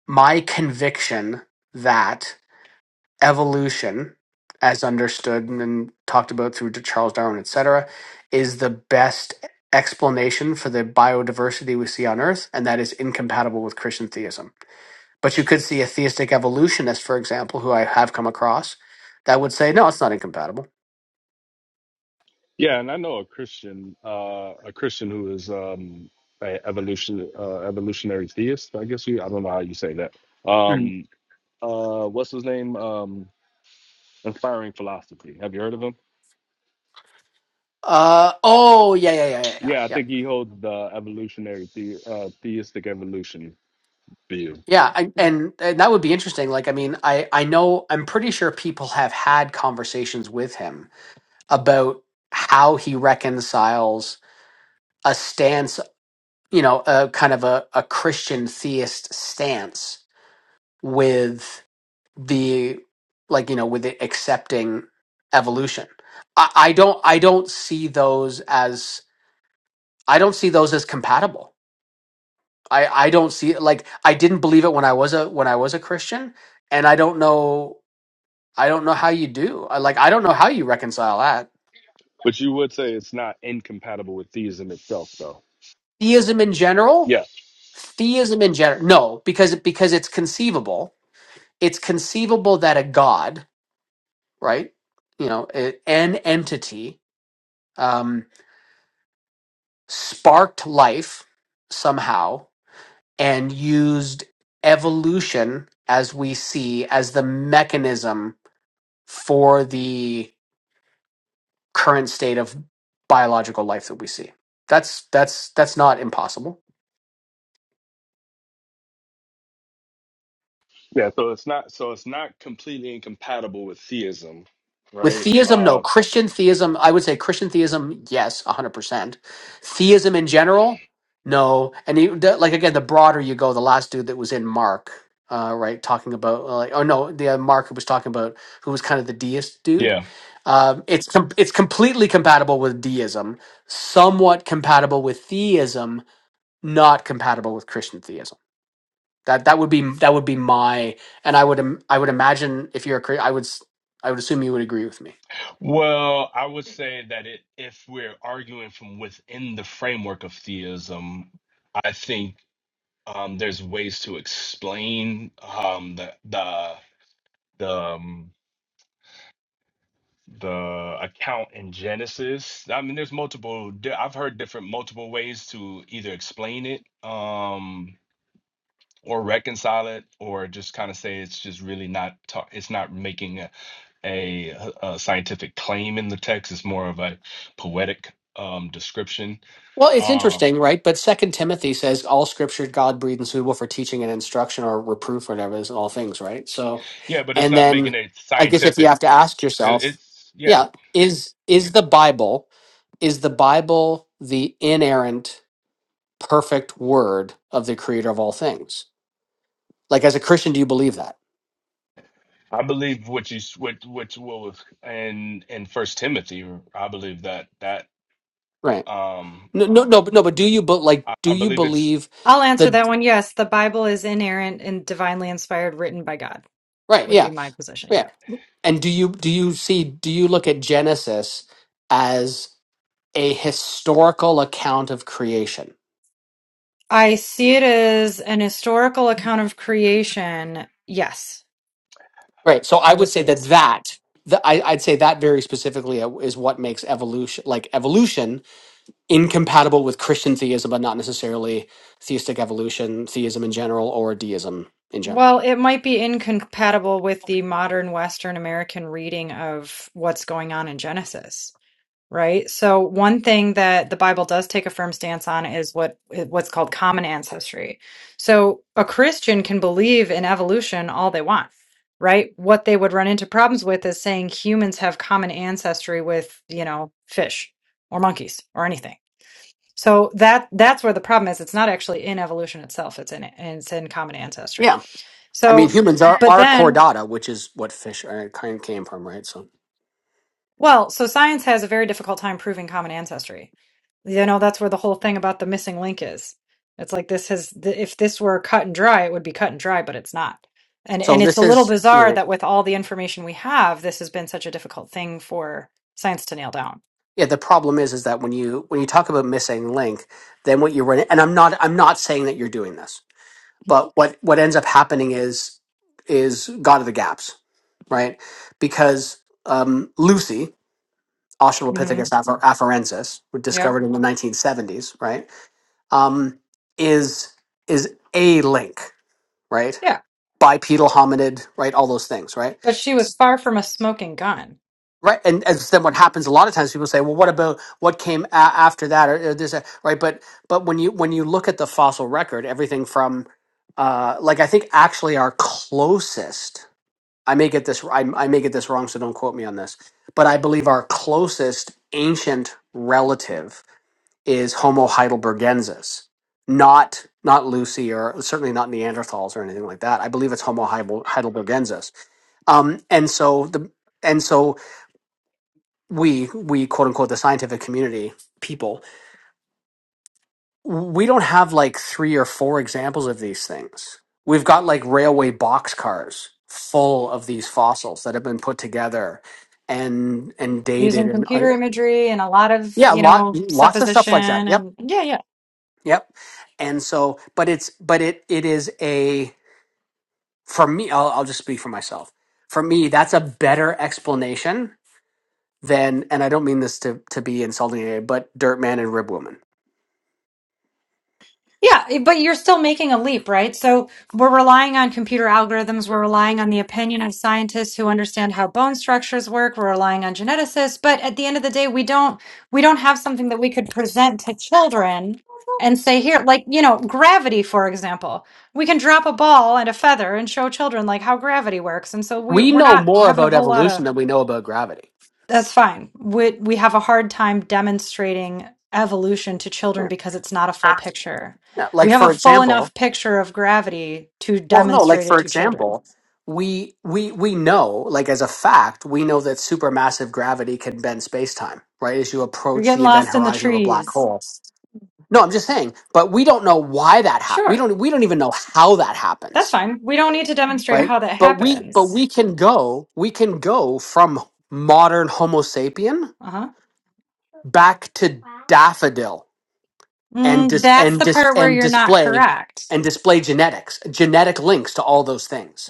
Speaker 3: my conviction that evolution, as understood and talked about through to Charles Darwin, et cetera, is the best explanation for the biodiversity we see on Earth, and that is incompatible with Christian theism. But you could see a theistic evolutionist, for example, who I have come across, that would say, no, it's not incompatible.
Speaker 6: Yeah, and I know a Christian, uh, a Christian who is um, a evolution, uh, evolutionary theist. I guess you. I don't know how you say that.
Speaker 3: Mm.
Speaker 6: Um, uh, what's his name? Um, Inspiring Philosophy. Have you heard of him?
Speaker 3: Uh, oh, yeah, yeah, yeah, yeah, yeah.
Speaker 6: Yeah, I
Speaker 3: Yeah,
Speaker 6: think he holds the evolutionary the, uh, theistic evolution view,
Speaker 3: Yeah, I, and, and that would be interesting. Like, I mean, I, I know, I'm pretty sure people have had conversations with him about how he reconciles a stance, you know, a kind of a, a Christian theist stance with the like, you know, with it accepting evolution. I, I don't I don't see those as I don't see those as compatible. I, I don't see like I didn't believe it when I was a when I was a Christian and I don't know I don't know how you do. I like I don't know how you reconcile that.
Speaker 6: but you would say it's not incompatible with theism itself, though.
Speaker 3: Theism in general?
Speaker 6: Yeah,
Speaker 3: Theism in general. No, because because it's conceivable it's conceivable that a god, right, you know, a- an entity um, sparked life somehow and used evolution as we see as the mechanism for the current state of biological life that we see. That's that's that's not impossible.
Speaker 6: yeah. So it's not so it's not completely incompatible with theism,
Speaker 3: With
Speaker 6: right?
Speaker 3: theism, no.
Speaker 6: Uh,
Speaker 3: Christian theism, I would say Christian theism, yes, 100%. Theism in general, no. And you, the, like, again, the broader you go, the last dude that was in Mark, uh, right, talking about, uh, like, oh no, the uh, Mark who was talking about, who was kind of the deist dude.
Speaker 6: yeah.
Speaker 3: Um, it's com- it's completely compatible with deism, somewhat compatible with theism, not compatible with Christian theism. That that would be that would be my and I would im- I would imagine if you're a Chri- I would s- I would assume you would agree with me.
Speaker 6: Well, I would say that it, if we're arguing from within the framework of theism, I think um, there's ways to explain um, the the the, um, the account in Genesis. I mean, there's multiple. di- I've heard different multiple ways to either explain it, um, or reconcile it, or just kind of say it's just really not. Ta- it's not making a, a, a scientific claim in the text. It's more of a poetic um, description.
Speaker 3: Well, it's
Speaker 6: Um,
Speaker 3: interesting, right? But Second Timothy says all scripture God breathed and suitable for teaching and instruction or reproof or whatever is in all things, right? So
Speaker 6: yeah, but it's
Speaker 3: and
Speaker 6: not making
Speaker 3: then
Speaker 6: it
Speaker 3: I guess if you
Speaker 6: scientific.
Speaker 3: have to ask
Speaker 6: It,
Speaker 3: yourself,
Speaker 6: it's yeah.
Speaker 3: yeah, is is the Bible is the Bible the inerrant, perfect word of the creator of all things? Like as a Christian, do you believe that?
Speaker 6: I believe what you s- what what what was in in First Timothy. I believe that that.
Speaker 3: Right.
Speaker 6: Um,
Speaker 3: No no no but no, but do you but like
Speaker 6: I,
Speaker 3: do
Speaker 6: I
Speaker 3: you
Speaker 6: believe it's
Speaker 3: believe
Speaker 4: (laughs) I'll answer
Speaker 3: the
Speaker 4: that one. Yes, the Bible is inerrant and divinely inspired, written by God,
Speaker 3: right,
Speaker 4: would be
Speaker 3: yeah.
Speaker 4: my position.
Speaker 3: Yeah.
Speaker 4: Yeah.
Speaker 3: And do you do you see do you look at Genesis as a historical account of creation.
Speaker 4: I see it as an historical account of creation. Yes.
Speaker 3: Right. So I
Speaker 4: I'll
Speaker 3: would
Speaker 4: just
Speaker 3: say
Speaker 4: say
Speaker 3: that
Speaker 4: yes.
Speaker 3: that the, I, I'd say that very specifically is what makes evolution like evolution incompatible with Christian theism, but not necessarily theistic evolution, theism in general, or deism in general.
Speaker 4: Well, it might be incompatible with the modern Western American reading of what's going on in Genesis, right? So one thing that the Bible does take a firm stance on is what what's called common ancestry. So a Christian can believe in evolution all they want, right? What they would run into problems with is saying humans have common ancestry with, you know, fish or monkeys or anything So that that's where the problem is. It's not actually in evolution itself. It's in it's in common ancestry.
Speaker 3: Yeah. I mean,
Speaker 4: So,
Speaker 3: humans are
Speaker 4: but
Speaker 3: are core
Speaker 4: then,
Speaker 3: data, which is what fish are, kind of came from, right? So,
Speaker 4: well, so science has a very difficult time proving common ancestry. You know, that's where the whole thing about the missing link is. It's like this has th- if this were cut and dry, it would be cut and dry, but it's not. And
Speaker 3: so
Speaker 4: and it's
Speaker 3: this
Speaker 4: a little
Speaker 3: is
Speaker 4: bizarre
Speaker 3: right.
Speaker 4: that with all the information we have, this has been such a difficult thing for science to nail down.
Speaker 3: Yeah. The problem is, is that when you when you talk about missing link, then what you run, and I'm not I'm not saying that you're doing this but what what ends up happening is is God of the gaps, right? Because um, Lucy,
Speaker 4: hmm
Speaker 3: Australopithecus afar- afarensis, were
Speaker 4: Yep.
Speaker 3: discovered in the 1970s, right? Um, is is a link, right?
Speaker 4: Yeah.
Speaker 3: Bipedal hominid, right? All those things, right?
Speaker 4: But she was far from a smoking gun.
Speaker 3: Right, and, and then what happens a lot of times? People say, "Well, what about what came a- after that?" Or, or this, uh, right? But but when you when you look at the fossil record, everything from uh, like I think actually our closest I may get this I, I may get this wrong, so don't quote me on this. But I believe our closest ancient relative is Homo heidelbergensis, not not Lucy or certainly not Neanderthals or anything like that. I believe it's Homo heibel- heidelbergensis. Um, and so the and so we we quote unquote the scientific community people we don't have like three or four examples of these things. We've got like railway boxcars full of these
Speaker 4: Right.
Speaker 3: fossils that have been put together and and dated
Speaker 4: Using
Speaker 3: and uh,
Speaker 4: computer imagery and a lot of,
Speaker 3: yeah,
Speaker 4: you
Speaker 3: lot
Speaker 4: know,
Speaker 3: lots of stuff
Speaker 4: supposition
Speaker 3: like that. Yep,
Speaker 4: and yeah, yeah.
Speaker 3: yep. And so, but it's but it it is a for me. I'll, I'll just speak for myself. For me, that's a better explanation than, and I don't mean this to to be insulting, to anybody, but Dirtman and Ribwoman.
Speaker 4: Yeah, eh, but you're still making a leap, right? So we're relying on computer algorithms. We're relying on the opinion of scientists who understand how bone structures work. We're relying on geneticists. But at the end of the day, we don't we don't have something that we could present to children and say here, like you know, gravity, for example. We can drop a ball and a feather and show children like how gravity works. And so we
Speaker 3: We
Speaker 4: we're
Speaker 3: know
Speaker 4: not
Speaker 3: more
Speaker 4: having a
Speaker 3: about
Speaker 4: whole lot of
Speaker 3: evolution than we know about gravity.
Speaker 4: that's fine. We, we have a hard time demonstrating evolution to children because it's not a full
Speaker 3: Yeah.
Speaker 4: picture.
Speaker 3: Yeah,
Speaker 4: We
Speaker 3: like
Speaker 4: have
Speaker 3: for
Speaker 4: a full
Speaker 3: example,
Speaker 4: enough picture of gravity to
Speaker 3: well, no, like
Speaker 4: demonstrate it
Speaker 3: for
Speaker 4: to children.
Speaker 3: example, we we we know, like as a fact, we know that supermassive gravity can bend space-time, right? As you
Speaker 4: You're
Speaker 3: approach
Speaker 4: getting
Speaker 3: the event
Speaker 4: lost in the
Speaker 3: horizon of a black
Speaker 4: trees.
Speaker 3: hole. No, I'm just saying, but we don't know why that happened. We
Speaker 4: Sure,
Speaker 3: don't we don't even know how that
Speaker 4: that's
Speaker 3: happens,
Speaker 4: fine. We don't need to demonstrate
Speaker 3: right?
Speaker 4: how that
Speaker 3: But we but
Speaker 4: happens.
Speaker 3: we can go, we can go from modern Homo sapien
Speaker 4: Uh huh.
Speaker 3: back to daffodil and
Speaker 4: Mm,
Speaker 3: dis
Speaker 4: that's
Speaker 3: and
Speaker 4: the
Speaker 3: dis
Speaker 4: part where
Speaker 3: and
Speaker 4: you're not
Speaker 3: display
Speaker 4: correct.
Speaker 3: and display genetics, genetic links to all those things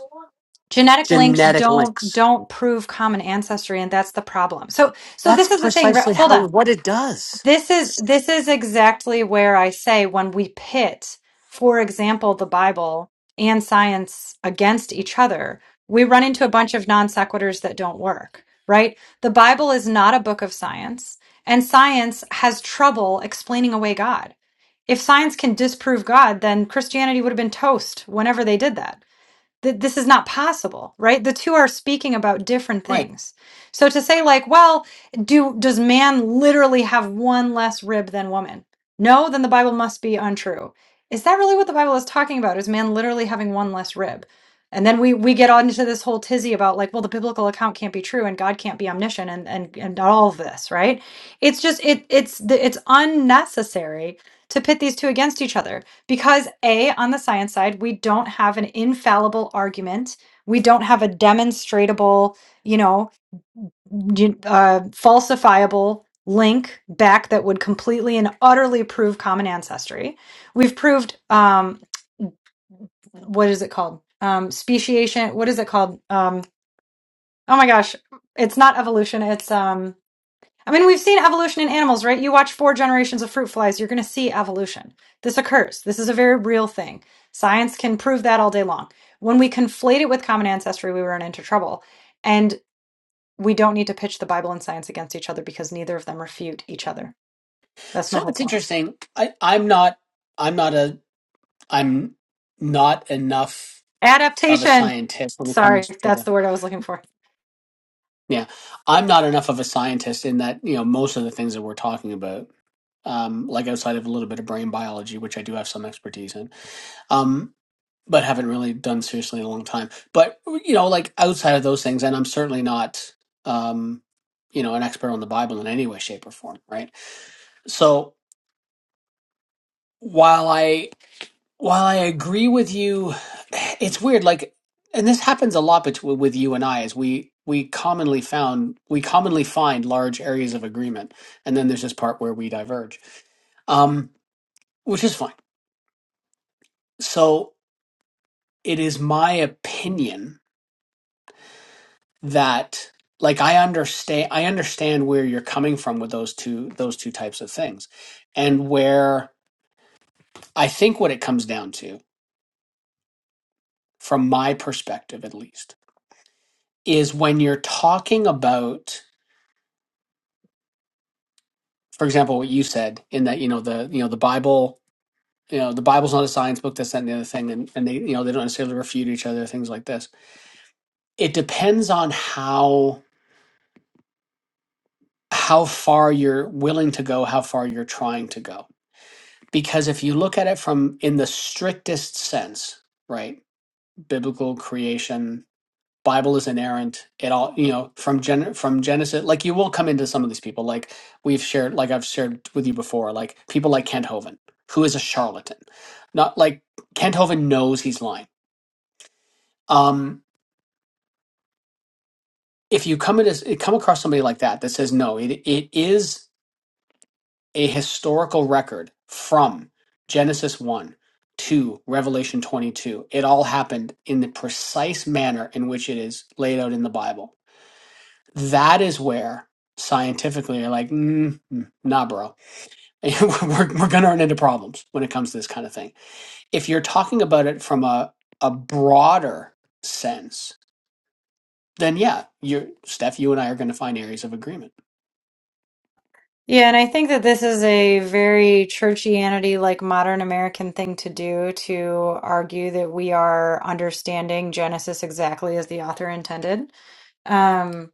Speaker 4: Genetic links
Speaker 3: genetic
Speaker 4: don't
Speaker 3: links.
Speaker 4: don't prove common ancestry, and that's the problem. So so
Speaker 3: That's
Speaker 4: this is the thing. right?
Speaker 3: precisely
Speaker 4: Hold
Speaker 3: how
Speaker 4: on.
Speaker 3: what it does.
Speaker 4: This is this is exactly where I say when we pit, for example, the Bible and science against each other, we run into a bunch of non sequiturs that don't work, right? The Bible is not a book of science, and science has trouble explaining away God. If science can disprove God, then Christianity would have been toast whenever they did that. Th- this is not possible right the two are speaking about different
Speaker 3: Right.
Speaker 4: things so to say like well do does man literally have one less rib than woman no then the bible must be untrue is that really what the bible is talking about is man literally having one less rib and then we we get on into this whole tizzy about like well the biblical account can't be true and god can't be omniscient and and, and all of this right it's just it it's the, it's unnecessary to pit these two against each other because a on the science side we don't have an infallible argument we don't have a demonstratable you know gen- uh, falsifiable link back that would completely and utterly prove common ancestry we've proved um what is it called um speciation what is it called um oh my gosh it's not evolution it's um I mean, we've seen evolution in animals, right? You watch four generations of fruit flies, you're going to see evolution. This occurs. This is a very real thing. Science can prove that all day long. When we conflate it with common ancestry, we run into trouble. And we don't need to pitch the Bible and science against each other because neither of them refute each other. That's my
Speaker 3: So
Speaker 4: whole
Speaker 3: it's
Speaker 4: point.
Speaker 3: interesting. I, I'm not. I'm not a. I'm not enough of a
Speaker 4: Adaptation.
Speaker 3: scientist when it
Speaker 4: Sorry,
Speaker 3: comes to
Speaker 4: that's
Speaker 3: the.
Speaker 4: the word I was looking for.
Speaker 3: Yeah, I'm not enough of a scientist in that you know most of the things that we're talking about, um, like outside of a little bit of brain biology, which I do have some expertise in. Um. but haven't really done seriously in a long time. But you know, like outside of those things, and I'm certainly not, um, you know, an expert on the Bible in any way, shape, or form, right? So while I while I agree with you, it's weird. Like, and this happens a lot between with you and I, is we we commonly found we commonly find large areas of agreement, and then there's this part where we diverge, um, which is fine. So it is my opinion that like I understand I understand where you're coming from with those two those two types of things. And where I think what it comes down to from my perspective at least is when you're talking about for example what you said in that you know the you know the Bible you know the Bible's not a science book this that and the other thing and, and they you know they don't necessarily refute each other things like this. It depends on how how far you're willing to go, how far you're trying to go because if you look at it from in the strictest sense right biblical creation bible is inerrant it all you know from gen from genesis like you will come into some of these people like we've shared like i've shared with you before like people like kent hovind who is a charlatan not like kent hovind knows he's lying um if you come into come across somebody like that that says no it it is a historical record from Genesis 1 to Revelation 22. It all happened in the precise manner in which it is laid out in the Bible. That is where scientifically you're like, mm, mm, nah, bro. (laughs) we're we're going to run into problems when it comes to this kind of thing. If you're talking about it from a, a broader sense, then yeah, you're, Steph, you and I are going to find areas of agreement.
Speaker 4: Yeah, and I think that this is a very churchianity, like modern American thing to do to argue that we are understanding Genesis exactly as the author intended. Um,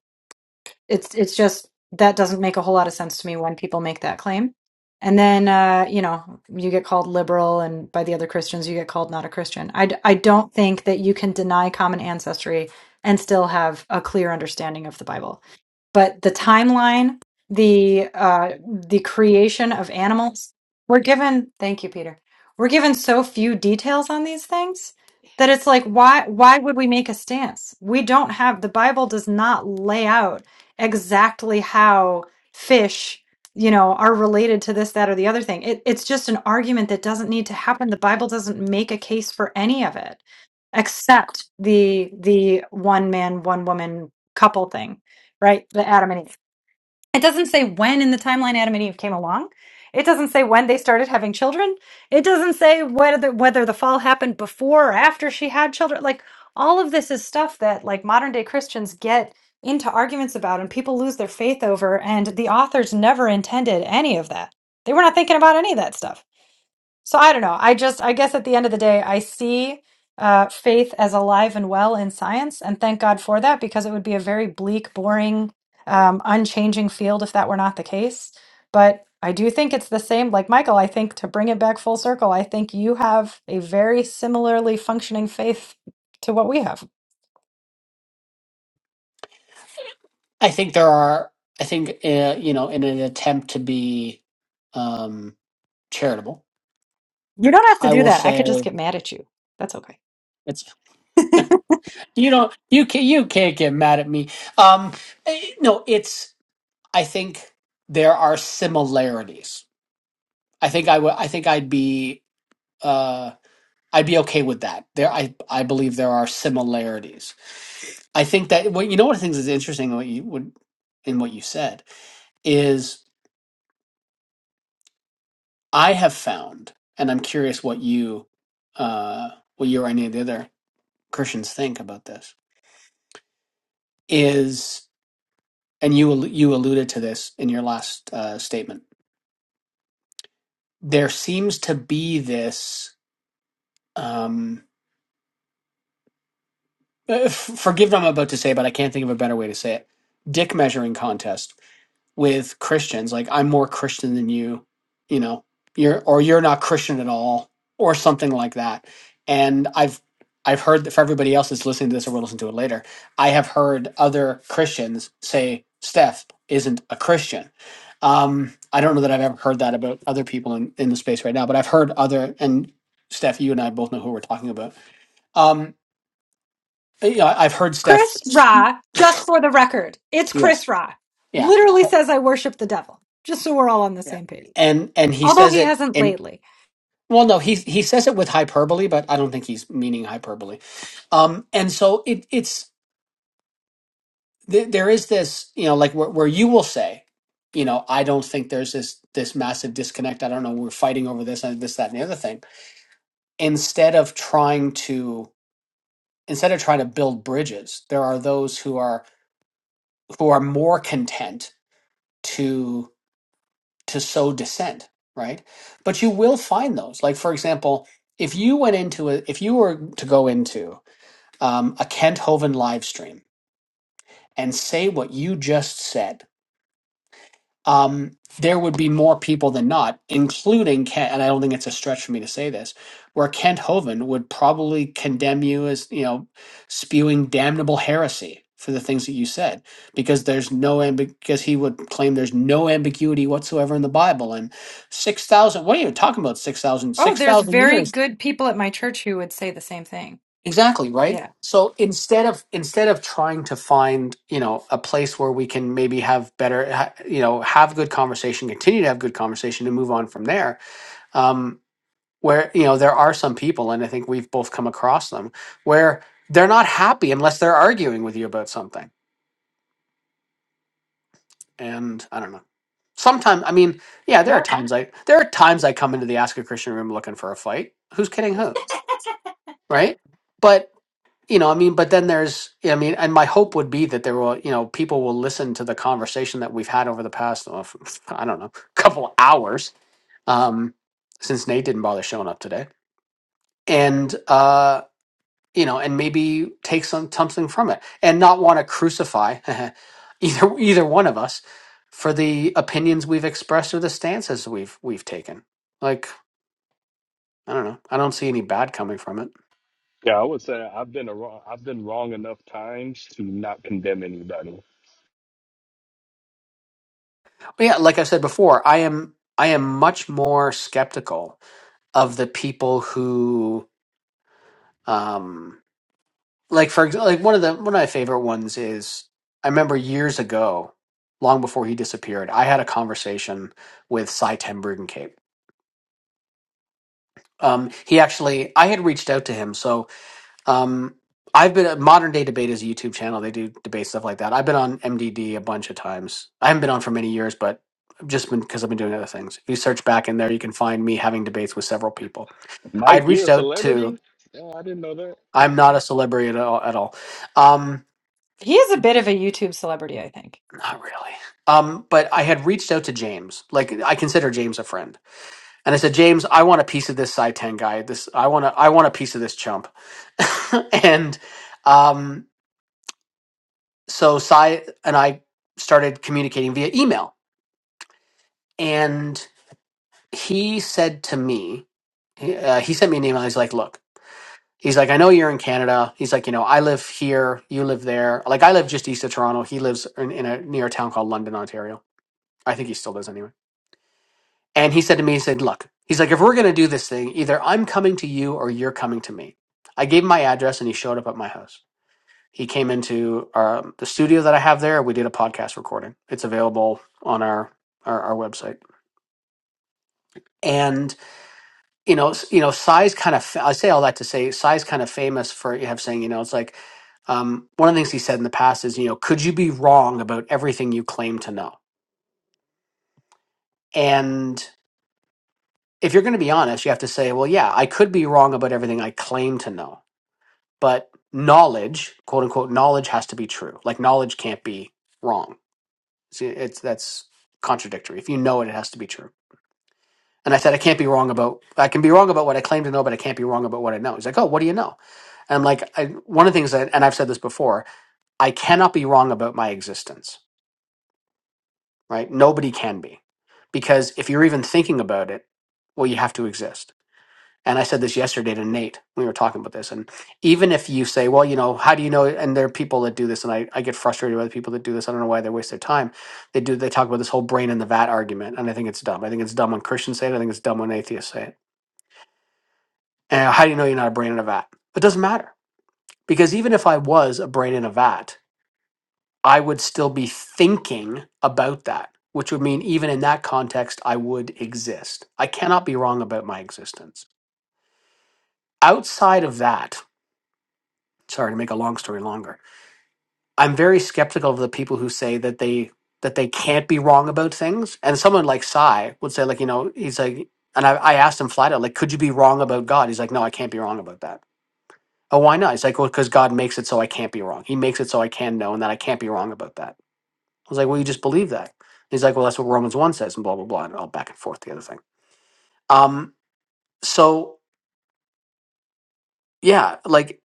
Speaker 4: it's it's just that doesn't make a whole lot of sense to me when people make that claim and then uh, you know you get called liberal and by the other christians you get called not a christian I, d- I don't think that you can deny common ancestry and still have a clear understanding of the bible but the timeline the uh, the creation of animals we're given thank you peter we're given so few details on these things that it's like why why would we make a stance we don't have the bible does not lay out exactly how fish you know are related to this that or the other thing it, it's just an argument that doesn't need to happen the bible doesn't make a case for any of it except the the one man one woman couple thing right the adam and eve it doesn't say when in the timeline Adam and Eve came along. It doesn't say when they started having children. It doesn't say whether whether the fall happened before or after she had children. Like all of this is stuff that like modern day Christians get into arguments about and people lose their faith over and the authors never intended any of that. They were not thinking about any of that stuff. So I don't know. I just, I guess at the end of the day, I see uh, faith as alive and well in science, and thank God for that because it would be a very bleak, boring, um, unchanging field if that were not the case. But I do think it's the same. Like Michael, I think to bring it back full circle, I think you have a very similarly functioning faith to what we have.
Speaker 3: I think there are. I think uh, you know, in an attempt to be um, charitable,
Speaker 4: You don't have to
Speaker 3: I
Speaker 4: do
Speaker 3: will
Speaker 4: that. I could just
Speaker 3: say
Speaker 4: get mad at you. That's okay.
Speaker 3: it's
Speaker 4: (laughs)
Speaker 3: you know you can you can't get mad at me. Um, eh, no, it's. I think there are similarities. I think I would. I think I'd be. Uh, I'd be okay with that. There, I I believe there are similarities. I think that what you know. One of the things that's interesting in what you would in what you said is I have found, and I'm curious what you, uh, what you or any of the other Christians think about this is, and you al- you alluded to this in your last uh, statement. There seems to be this. Um, (laughs) uh, f- forgive what I'm about to say, but I can't think of a better way to say it. Dick measuring contest with Christians. Like, I'm more Christian than you, you know, you're, or you're not Christian at all, or something like that. And I've, I've heard that for everybody else that's listening to this or will listen to it later, I have heard other Christians say Steph isn't a Christian. Um, I don't know that I've ever heard that about other people in, in the space right now, but I've heard other, and Steph, you and I both know who we're talking about. Um, yeah, I've heard Steph.
Speaker 4: Chris Ra, just for the record, it's
Speaker 3: Yes.
Speaker 4: Chris Ra.
Speaker 3: Yeah.
Speaker 4: Literally says I worship the devil, just so we're all on the
Speaker 3: Yeah.
Speaker 4: same page.
Speaker 3: And, and he
Speaker 4: Although
Speaker 3: says
Speaker 4: he
Speaker 3: it
Speaker 4: hasn't lately.
Speaker 3: Well, no, he he says it with hyperbole, but I don't think he's meaning hyperbole. Um, and so it it's th- there is this, you know, like where, where you will say, you know, I don't think there's this this massive disconnect. I don't know, we're fighting over this and this, that, and the other thing. Instead of trying to instead of trying to build bridges, there are those who are who are more content to to sow dissent, right? But you will find those. Like for example, if you went into a if you were to go into um, a Kent Hovind live stream and say what you just said, um, there would be more people than not, including Kent. And I don't think it's a stretch for me to say this, where Kent Hovind would probably condemn you as you know spewing damnable heresy for the things that you said, because there's no ambi- because he would claim there's no ambiguity whatsoever in the Bible and six thousand. What are you talking about? Six thousand?
Speaker 4: Oh,
Speaker 3: Six
Speaker 4: there's
Speaker 3: thousand
Speaker 4: very
Speaker 3: years?
Speaker 4: good people at my church who would say the same thing.
Speaker 3: Exactly, right?
Speaker 4: Yeah.
Speaker 3: So instead of instead of trying to find, you know, a place where we can maybe have better, ha- you know, have good conversation, continue to have good conversation and move on from there. Um where, you know, there are some people and I think we've both come across them where they're not happy unless they're arguing with you about something. And I don't know. Sometimes I mean, yeah, there
Speaker 4: Yeah.
Speaker 3: are times I there are times I come into the Ask a Christian room looking for a fight. Who's kidding who? Right? But you know, I mean, but then there's, yeah, I mean, and my hope would be that there will, you know, people will listen to the conversation that we've had over the past, oh, (laughs) I don't know, (laughs) couple hours, um, since Nate didn't bother showing up today, and uh, you know, and maybe take some something from it, and not want to crucify (laughs) either either one of us for the opinions we've expressed or the stances we've we've taken. Like, I don't know, I don't see any bad coming from it.
Speaker 6: Yeah, I would say I've been a wrong, I've been wrong enough times to not condemn anybody.
Speaker 3: But yeah, like I said before, I am I am much more skeptical of the people who um like for ex- like one of the one of my favorite ones is I remember years ago, long before he disappeared, I had a conversation with Cy Ten Brugencape. Um he actually I had reached out to him, so um I've been at Modern Day Debate is a YouTube channel. They do debate stuff like that. I've been on MDD a bunch of times. I haven't been on for many years, but I've just been because I've been doing other things. If you search back in there, you can find me having debates with several people. I had
Speaker 6: Mike, you're
Speaker 3: reached
Speaker 6: a
Speaker 3: out to
Speaker 6: celebrity? Yeah, I didn't know that.
Speaker 3: I'm not a celebrity at all. At all. Um,
Speaker 4: He is a bit of a YouTube celebrity, I think.
Speaker 3: not really. Um, but I had reached out to James. Like I consider James a friend, and I said, James, I want a piece of this side ten guy. This I want to. I want a piece of this chump. (laughs) and um, so Cy and I started communicating via email, and he said to me, he, uh, he sent me an email. He's like, look. He's like, I know you're in Canada. He's like, you know, I live here, you live there. Like, I live just east of Toronto. He lives in, in a near a town called London, Ontario. I think he still does anyway. And he said to me, he said, look, he's like, if we're gonna do this thing, either I'm coming to you or you're coming to me. I gave him my address, and he showed up at my house. He came into um, the studio that I have there. We did a podcast recording. It's available on our our, our website. And you know, s- you know, Sai's kind of. I say all that to say Sai's kind of famous for you have saying, you know, it's like um, one of the things he said in the past is, you know, could you be wrong about everything you claim to know? And if you're going to be honest, you have to say, well, yeah, I could be wrong about everything I claim to know, but knowledge, quote unquote, knowledge has to be true. Like knowledge can't be wrong. See, it's that's contradictory. If you know it, it has to be true. And I said, I can't be wrong about. I can be wrong about what I claim to know, but I can't be wrong about what I know. He's like, oh, what do you know? And I'm like, I, one of the things that, and I've said this before, I cannot be wrong about my existence, right? Nobody can be. Because if you're even thinking about it, well, you have to exist. And I said this yesterday to Nate when we were talking about this. And even if you say, well, you know, how do you know? And there are people that do this, and I, I get frustrated with people that do this. I don't know why they waste their time. They do, they talk about this whole brain in the vat argument. And I think it's dumb. I think it's dumb when Christians say it. I think it's dumb when atheists say it. And how do you know you're not a brain in a vat? It doesn't matter. Because even if I was a brain in a vat, I would still be thinking about that, which would mean even in that context, I would exist. I cannot be wrong about my existence. Outside of that, sorry to make a long story longer, I'm very skeptical of the people who say that they that they can't be wrong about things. And someone like Sai would say, like, you know, he's like, and I, I asked him flat out, like, could you be wrong about God? He's like, no, I can't be wrong about that. Oh, why not? He's like, well, because God makes it so I can't be wrong. He makes it so I can know and that I can't be wrong about that. I was like, well, you just believe that. He's like, well, that's what Romans 1 says, and blah, blah, blah, and all back and forth, the other thing. Um, so, yeah, like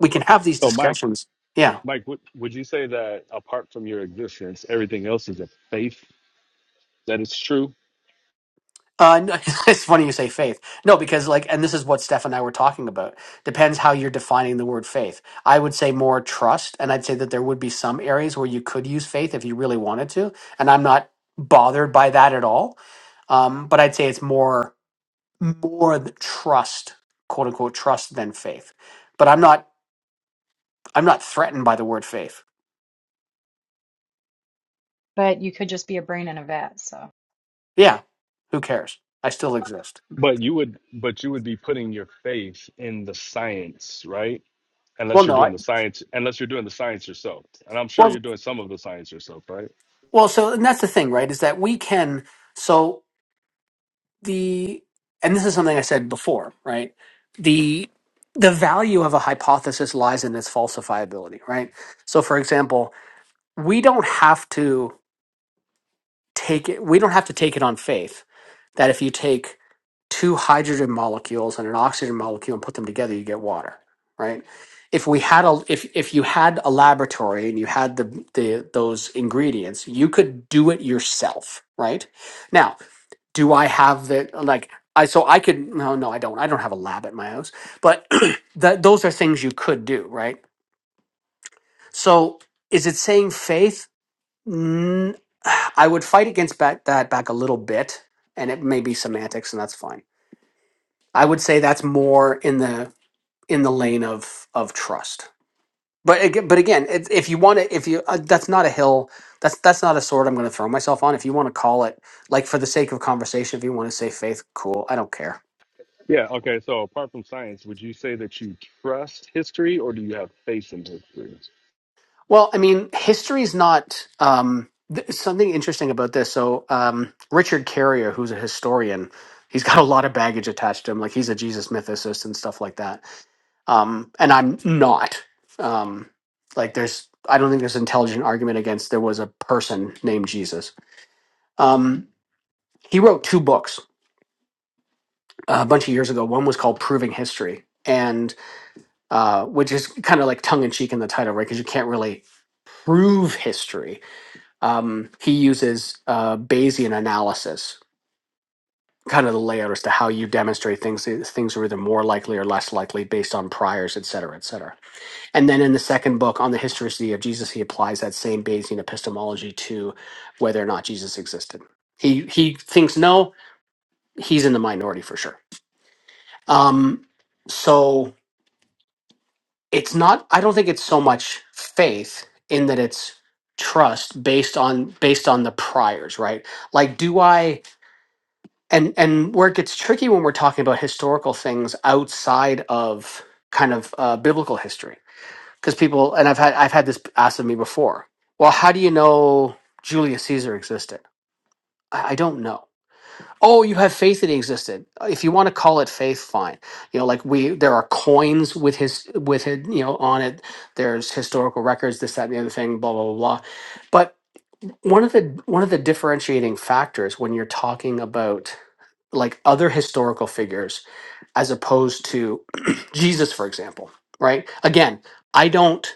Speaker 3: we can have these
Speaker 6: So, Mike,
Speaker 3: discussions. Yeah.
Speaker 6: Mike, would would you say that apart from your existence, everything else is a faith that it's true?
Speaker 3: Uh, no, (laughs) it's funny you say faith. No, because like, and this is what Steph and I were talking about. Depends how you're defining the word faith. I would say more trust, and I'd say that there would be some areas where you could use faith if you really wanted to, and I'm not bothered by that at all. Um, but I'd say it's more more the trust, quote unquote, trust than faith. But I'm not. I'm not threatened by the word faith.
Speaker 4: But you could just be a brain in a vat, so
Speaker 3: Yeah, who cares? I still exist.
Speaker 6: But you would, but you would be putting your faith in the science, right?
Speaker 3: Well,
Speaker 6: Unless you're
Speaker 3: no, I
Speaker 6: doing the science, unless you're doing the science yourself, and I'm sure you're
Speaker 3: well,
Speaker 6: doing some of the science yourself, right?
Speaker 3: well. So, and that's the thing, right? Is that we can. So the and this is something I said before, right? The the value of a hypothesis lies in its falsifiability, right? So, for example, we don't have to. take it we don't have to take it on faith that if you take two hydrogen molecules and an oxygen molecule and put them together you get water right if we had a if if you had a laboratory and you had the the those ingredients you could do it yourself right now do I have the like I so I could no no I don't I don't have a lab at my house but (clears throat) that those are things you could do right so is it saying faith Mm, I would fight against back, that back a little bit, and it may be semantics, and that's fine. I would say that's more in the in the lane of of trust. But again, but again, it, if you want to, if you uh, that's not a hill, that's that's not a sword I'm going to throw myself on. If you want to call it, like for the sake of conversation, if you want to say faith, cool. I don't care.
Speaker 6: Yeah, okay. So apart from science, would you say that you trust history or do you have faith in history?
Speaker 3: Well, I mean, history's not um, th- something interesting about this. So, um, Richard Carrier, who's a historian, he's got a lot of baggage attached to him. Like he's a Jesus mythicist and stuff like that. Um, and I'm not. Um, like there's, I don't think there's an intelligent argument against there was a person named Jesus. Um, he wrote two books uh, a bunch of years ago. One was called Proving History, and uh, which is kind of like tongue in cheek in the title, right? Because you can't really prove history um, he uses uh, Bayesian analysis, kind of the layout as to how you demonstrate things. eh, Things are either more likely or less likely based on priors, et cetera, et cetera. And then in the second book on the historicity of Jesus, he applies that same Bayesian epistemology to whether or not Jesus existed. He he thinks no, he's in the minority for sure. Um, so it's not. I don't think it's so much faith in that it's trust based on based on the priors, right? Like, do I? and and where it gets tricky when we're talking about historical things outside of kind of uh, biblical history because people and i've had i've had this asked of me before well how do you know julius caesar existed i, I don't know oh you have faith that he existed if you want to call it faith fine you know like we there are coins with his with it you know on it there's historical records this that and the other thing blah blah blah blah but one of the one of the differentiating factors when you're talking about like other historical figures as opposed to (clears throat) Jesus, for example, right? Again, I don't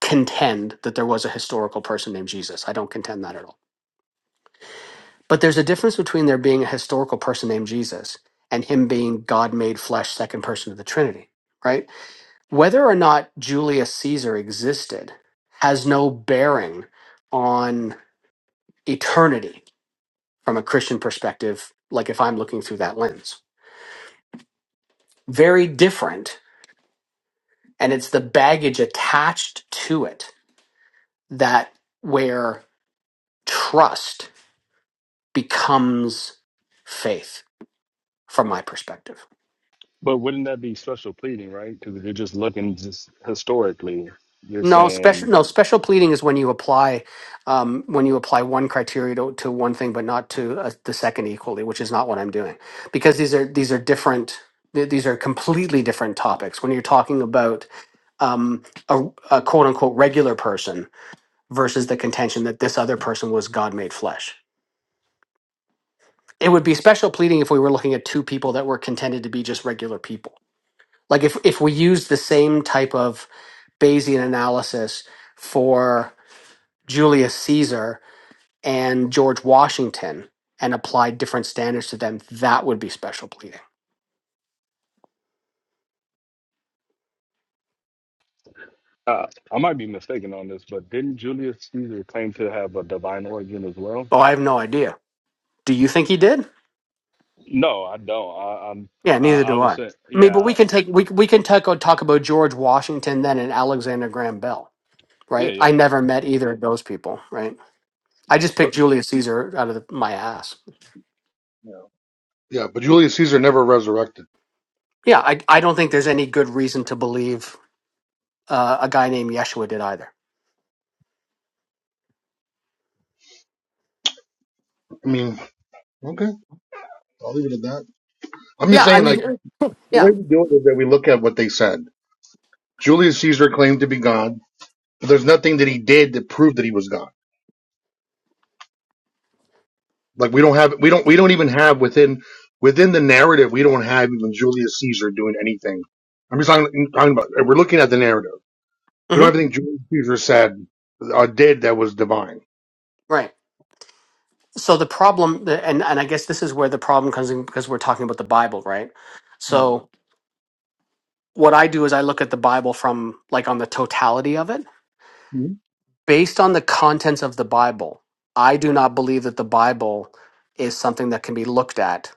Speaker 3: contend that there was a historical person named Jesus. I don't contend that at all. But there's a difference between there being a historical person named Jesus and him being God made flesh, second person of the Trinity, right? Whether or not Julius Caesar existed has no bearing on eternity from a Christian perspective, like if I'm looking through that lens. Very different and it's the baggage attached to it that where trust becomes faith from my perspective
Speaker 6: But wouldn't that be special pleading, right? Because if you're just looking just historically, you're
Speaker 3: no special
Speaker 6: saying,
Speaker 3: no special pleading is when you apply um, when you apply one criteria to, to one thing but not to uh, the second equally which is not what i'm doing because these are these are different th- these are completely different topics when you're talking about um, a, a quote unquote regular person versus the contention that this other person was god made flesh it would be special pleading if we were looking at two people that were contended to be just regular people. Like if if we use the same type of Bayesian analysis for Julius Caesar and George Washington and applied different standards to them, that would be special pleading.
Speaker 6: uh, I might be mistaken on this, but didn't Julius Caesar claim to have a divine origin as well?
Speaker 3: Oh, I have no idea. Do you think he did?
Speaker 6: No, I don't. I, I'm,
Speaker 3: Yeah,
Speaker 6: I,
Speaker 3: neither
Speaker 6: I
Speaker 3: do
Speaker 6: would
Speaker 3: I.
Speaker 6: say,
Speaker 3: I mean,
Speaker 6: yeah,
Speaker 3: but we can
Speaker 6: I-
Speaker 3: take we we can talk talk about George Washington then and Alexander Graham Bell,
Speaker 6: yeah,
Speaker 3: right?
Speaker 6: yeah.
Speaker 3: I never met either of those people, right? I just
Speaker 11: But
Speaker 3: picked Julius Caesar out of the, my ass.
Speaker 11: yeah, yeah. but Julius Caesar never resurrected.
Speaker 3: Yeah, I I don't think there's any good reason to believe uh, a guy named Yeshua did either.
Speaker 11: I mean, okay, I'll leave it at that. I'm just
Speaker 3: Yeah, I
Speaker 11: saying, like,
Speaker 3: mean, Sure.
Speaker 11: the way
Speaker 3: yeah,
Speaker 11: we do it is that we look at what they said. Julius Caesar claimed to be God, but there's nothing that he did that proved that he was God. Like, we don't have, we don't, we don't even have within, within the narrative, we don't have even Julius Caesar doing anything. I'm just talking, talking about, we're looking at the narrative. We don't have
Speaker 3: hmm
Speaker 11: anything Julius Caesar said or did that was divine.
Speaker 3: right. So the problem, the- and and I guess this is where the problem comes in because we're talking about the Bible, right?
Speaker 11: Yeah.
Speaker 3: So what I do is I look at the Bible from like on the totality of it,
Speaker 11: Mhm.
Speaker 3: based on the contents of the Bible. I do not believe that the Bible is something that can be looked at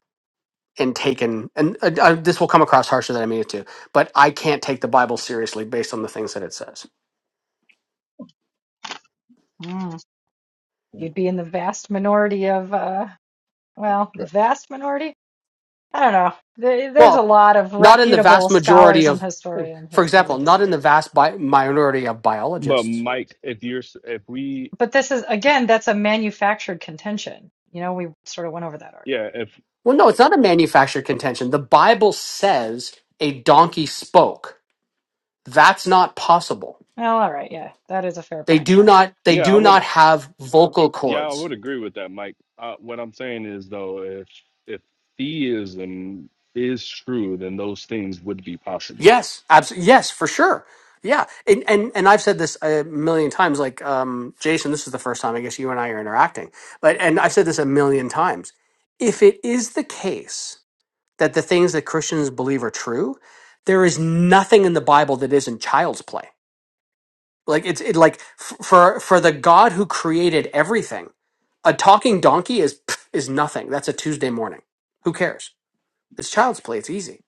Speaker 3: and taken. And uh, uh, this will come across harsher than I mean it to, but I can't take the Bible seriously based on the things that it says.
Speaker 4: mm, you'd be in the vast minority of, uh, well, the
Speaker 11: Okay.
Speaker 4: vast minority? I don't know. There, there's
Speaker 3: Well,
Speaker 4: a lot of
Speaker 3: Not in the
Speaker 4: reputable
Speaker 3: vast majority
Speaker 4: scholars and
Speaker 3: of,
Speaker 4: historians who
Speaker 3: for
Speaker 4: who
Speaker 3: example,
Speaker 4: would
Speaker 3: not
Speaker 4: disagree.
Speaker 3: in the vast bi- minority of
Speaker 6: But
Speaker 3: biologists.
Speaker 6: Mike, if you're, s- if we,
Speaker 4: But this is again, that's a manufactured contention. You know, we sort of went over that already.
Speaker 6: yeah, if,
Speaker 3: Well, no, it's not a manufactured contention. The Bible says a donkey spoke. That's not possible.
Speaker 4: Well, all right, yeah, that is a fair
Speaker 3: They
Speaker 4: point.
Speaker 3: do not. They
Speaker 6: yeah, I
Speaker 3: do
Speaker 6: would.
Speaker 3: not have vocal
Speaker 6: Yeah, I
Speaker 3: cords.
Speaker 6: would agree with that, Mike. Uh, what I'm saying is though, if if theism is true, then those things would be possible.
Speaker 3: Yes, absolutely. Yes, for sure. Yeah, and and, and I've said this a million times. Like um, Jason, this is the first time I guess you and I are interacting. But and I've said this a million times. If it is the case that the things that Christians believe are true, there is nothing in the Bible that isn't child's play. Like it's it like f- for for the God who created everything, a talking donkey is pff, is nothing. That's a Tuesday morning. Who cares? It's child's play. It's easy.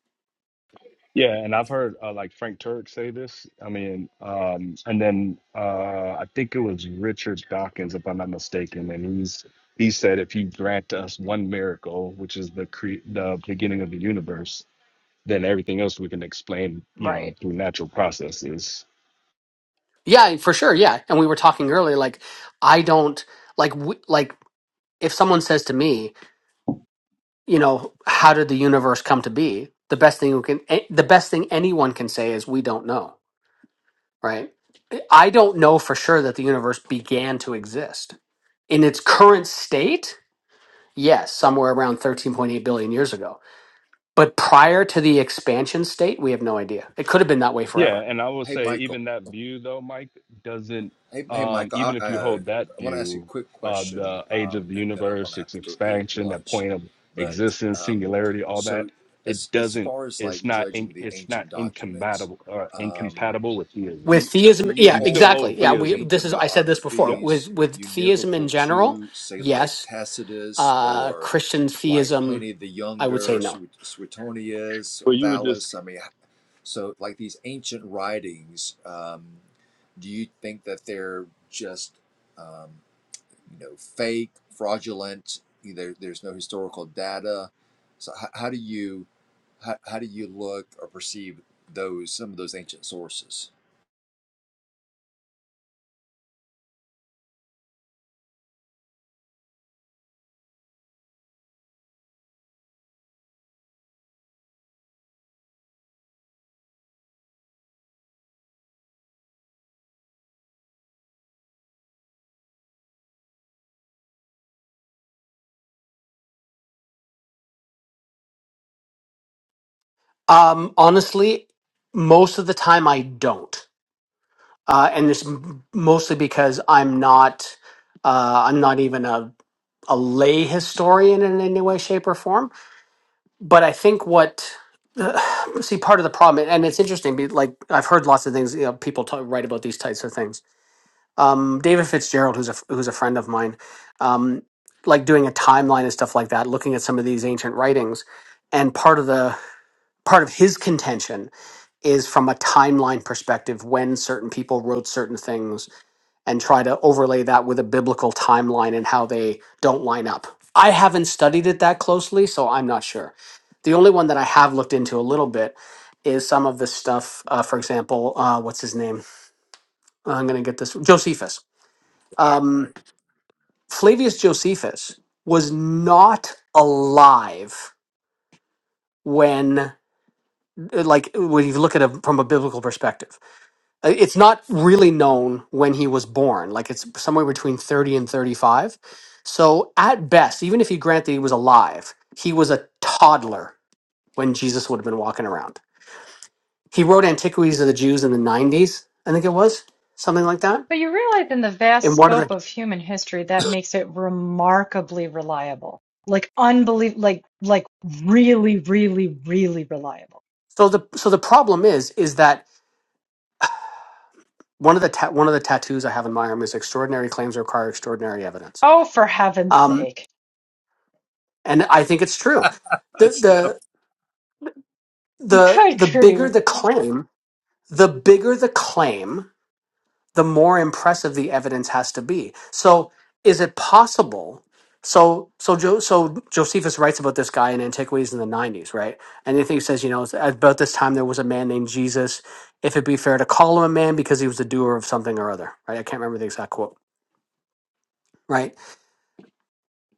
Speaker 6: Yeah, and I've heard uh, like Frank Turk say this. I mean, um, and then uh, I think it was Richard Dawkins, if I'm not mistaken, and he's he said if you grant us one miracle, which is the cre- the beginning of the universe, then everything else we can explain, you know,
Speaker 4: Right.
Speaker 6: through natural processes.
Speaker 3: Yeah, for sure. Yeah, and we were talking earlier. Like I don't like w- like if someone says to me, you know, how did the universe come to be? The best thing we can, eh, the best thing anyone can say is we don't know right? I don't know for sure that the universe began to exist. In its current state, yes, somewhere around 13.8 billion years ago. But prior to the expansion state, we have no idea. It could have been that way
Speaker 6: Yeah,
Speaker 3: forever.
Speaker 6: and I will
Speaker 12: Hey,
Speaker 6: say
Speaker 12: Michael.
Speaker 6: even that view though, Mike, doesn't
Speaker 12: Hey, hey,
Speaker 6: um
Speaker 12: Michael. I,
Speaker 6: even if you
Speaker 12: uh,
Speaker 6: hold that
Speaker 12: I want to ask you a
Speaker 6: view,
Speaker 12: quick
Speaker 6: uh
Speaker 12: question,
Speaker 6: the age
Speaker 12: um,
Speaker 6: of the
Speaker 12: and then I'm going
Speaker 6: universe,
Speaker 12: to have
Speaker 6: its
Speaker 12: to go eat
Speaker 6: expansion, that
Speaker 12: lunch.
Speaker 6: point of
Speaker 12: But
Speaker 6: existence,
Speaker 12: um,
Speaker 6: singularity, all
Speaker 12: so,
Speaker 6: that,
Speaker 12: as
Speaker 6: it
Speaker 12: as
Speaker 6: doesn't
Speaker 12: far as
Speaker 6: it's
Speaker 12: like
Speaker 6: not in,
Speaker 12: judging the
Speaker 6: it's not
Speaker 12: ancient documents,
Speaker 6: incompatible or
Speaker 12: um,
Speaker 6: incompatible with
Speaker 12: do
Speaker 6: theism.
Speaker 3: With
Speaker 12: you, do
Speaker 3: theism,
Speaker 12: you
Speaker 3: yeah,
Speaker 6: You can still
Speaker 12: hold
Speaker 3: exactly.
Speaker 6: hold
Speaker 3: Yeah,
Speaker 12: like the
Speaker 3: we
Speaker 6: theism.
Speaker 3: this
Speaker 12: ancient
Speaker 3: is I said this before.
Speaker 6: Yeah.
Speaker 3: With
Speaker 12: biographies
Speaker 3: with theism in
Speaker 12: univocal
Speaker 3: general,
Speaker 12: to, say, like
Speaker 3: yes.
Speaker 12: Tacitus
Speaker 3: Uh
Speaker 12: or
Speaker 3: Christian
Speaker 12: like
Speaker 3: theism,
Speaker 12: Pliny the
Speaker 3: I would
Speaker 12: Younger
Speaker 3: say
Speaker 12: or
Speaker 3: no.
Speaker 12: Suet- Suetonius or
Speaker 6: But you were just
Speaker 12: Thales? I mean, so, like these ancient writings, um, do you think that they're just, um, you know, fake, fraudulent? There, there's no historical data. So, how, how do you, how, how do you look or perceive those some of those ancient sources?
Speaker 3: Um honestly, most of the time I don't. uh, and it's m- mostly because I'm not uh, I'm not even a a lay historian in any way, shape, or form. But I think what (sighs) uh, see part of the problem, and it's interesting. be- Like I've heard lots of things. You know, people talk, write about these types of things. Um, David Fitzgerald, who's a f- who's a friend of mine, um, like doing a timeline and stuff like that, looking at some of these ancient writings, and part of the part of his contention is from a timeline perspective when certain people wrote certain things and try to overlay that with a biblical timeline and how they don't line up. I haven't studied it that closely, so I'm not sure. The only one that I have looked into a little bit is some of this stuff. Uh, for example, uh, what's his name? I'm going to get this Josephus.
Speaker 12: Right, right.
Speaker 3: Um, Flavius Josephus was not alive when, like, when you look at it from a biblical perspective Uh, It's not really known when he was born. Like it's somewhere between 30 and 35. So at best, even if you grant that he was alive, he was a toddler when Jesus would have been walking around. He wrote Antiquities of the Jews in the 90s, I think it was, something like that.
Speaker 4: But you realize in the vast
Speaker 3: And one of the
Speaker 4: scope of human history, that makes it remarkably reliable. Like unbelievable, like like really, really, really reliable.
Speaker 3: so the so the problem is is that one of the ta- one of the tattoos I have in my arm is extraordinary claims require extraordinary evidence.
Speaker 4: Oh, for heaven's
Speaker 3: Um,
Speaker 4: sake.
Speaker 3: and I think it's true. The
Speaker 12: That's stuff.
Speaker 3: the
Speaker 4: (laughs)
Speaker 3: the
Speaker 4: Good
Speaker 3: the bigger
Speaker 4: grief.
Speaker 3: the claim, the bigger the claim, the more impressive the evidence has to be. So, is it possible? So, so, jo- so Josephus writes about this guy in Antiquities in the 90s, right? And I think he says, you know, "It's about this time there was a man named Jesus. If it be fair to call him a man because he was the doer of something or other, right? I can't remember the exact quote, right?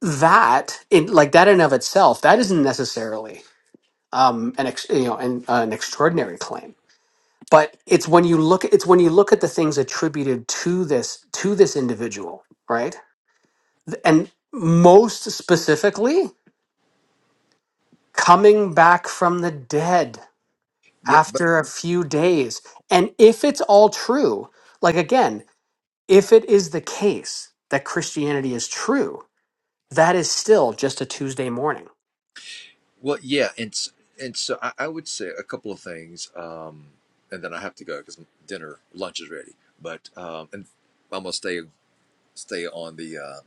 Speaker 3: That, in like that in of itself, that isn't necessarily um, an ex- you know an, uh, an extraordinary claim but it's when you look it's when you look at the things attributed to this to this individual right Th- and most specifically coming back from the dead
Speaker 12: Yeah, but
Speaker 3: after a few days and if it's all true like again if it is the case that christianity is true that is still just a tuesday morning
Speaker 12: well, yeah, and s- and so I, I would say a couple of things, um, and then I have to go because dinner lunch is ready. But um, and I'm gonna stay stay on the uh,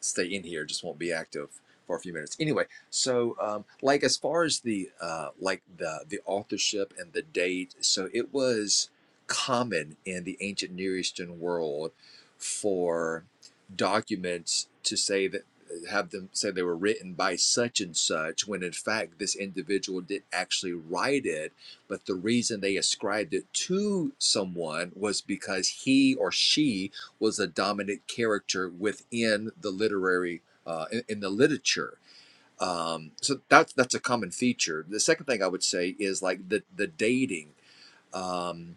Speaker 12: stay in here, just won't be active for a few minutes. Anyway, so um, like as far as the uh, like the the authorship and the date, so it was common in the ancient Near Eastern world for documents to say that uh, have them say they were written by such and such when in fact this individual did actually write it but the reason they ascribed it to someone was because he or she was a dominant character within the literary uh, in, in the literature. Um, so that's that's a common feature. The second thing I would say is like the the dating. Um,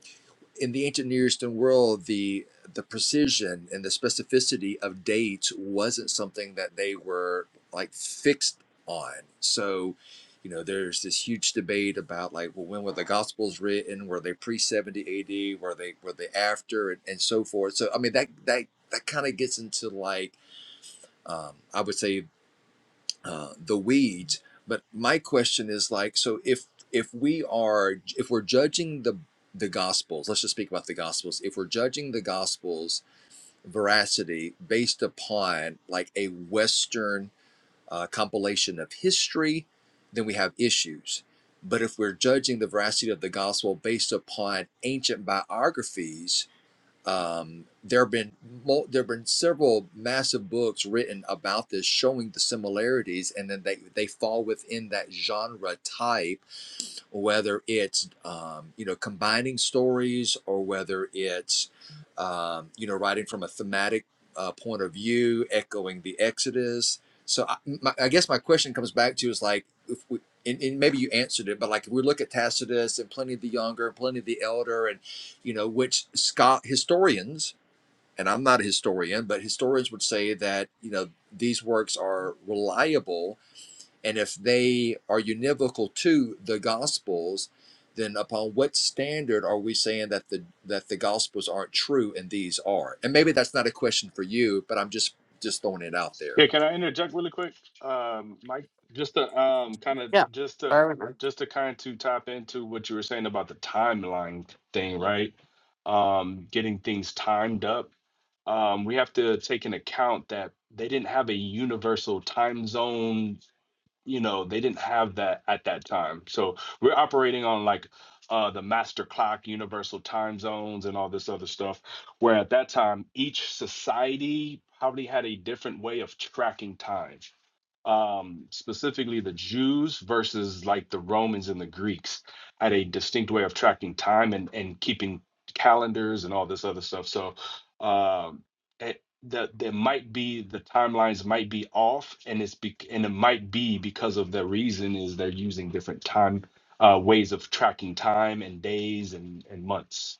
Speaker 12: in the ancient Near Eastern world, the the precision and the specificity of dates wasn't something that they were like fixed on. So, you know, there's this huge debate about like, well, when were the Gospels written? Were they pre seventy A.D.? Were they were they after, and, and so forth. So, I mean, that that that kind of gets into like. Um, I would say uh, the weeds. But my question is like, so if if we are if we're judging the the gospels, let's just speak about the gospels. If we're judging the gospels veracity based upon like a Western uh, compilation of history, then we have issues. But if we're judging the veracity of the gospel based upon ancient biographies, um, there have been mul- there have been several massive books written about this, showing the similarities, and then they they fall within that genre type or whether it's um, you know combining stories or whether it's um, you know writing from a thematic uh, point of view echoing the exodus so I, my, I guess my question comes back to is like if we and, and maybe you answered it but like if we look at tacitus and pliny the younger and pliny the elder and you know which scott historians and i'm not a historian but historians would say that you know these works are reliable and if they are univocal to the Gospels, then upon what standard are we saying that the that the Gospels aren't true and these are? And maybe that's not a question for you, but I'm just just throwing it out there.
Speaker 6: Here, can I interject really quick, um, Mike? Just to um, kind of
Speaker 3: yeah
Speaker 6: just
Speaker 3: I
Speaker 6: to
Speaker 3: remember.
Speaker 6: just to kind to tap into what you were saying about the timeline thing, right? Um, getting things timed up. Um, we have to take into account that they didn't have a universal time zone you know they didn't have that at that time so we're operating on like uh, the master clock universal time zones and all this other stuff where at that time each society probably had a different way of tracking time um, specifically the jews versus like the romans and the greeks had a distinct way of tracking time and, and keeping calendars and all this other stuff so um, that there might be the timelines might be off and it's be, and it might be because of the reason is they're using different time uh, ways of tracking time and days and, and months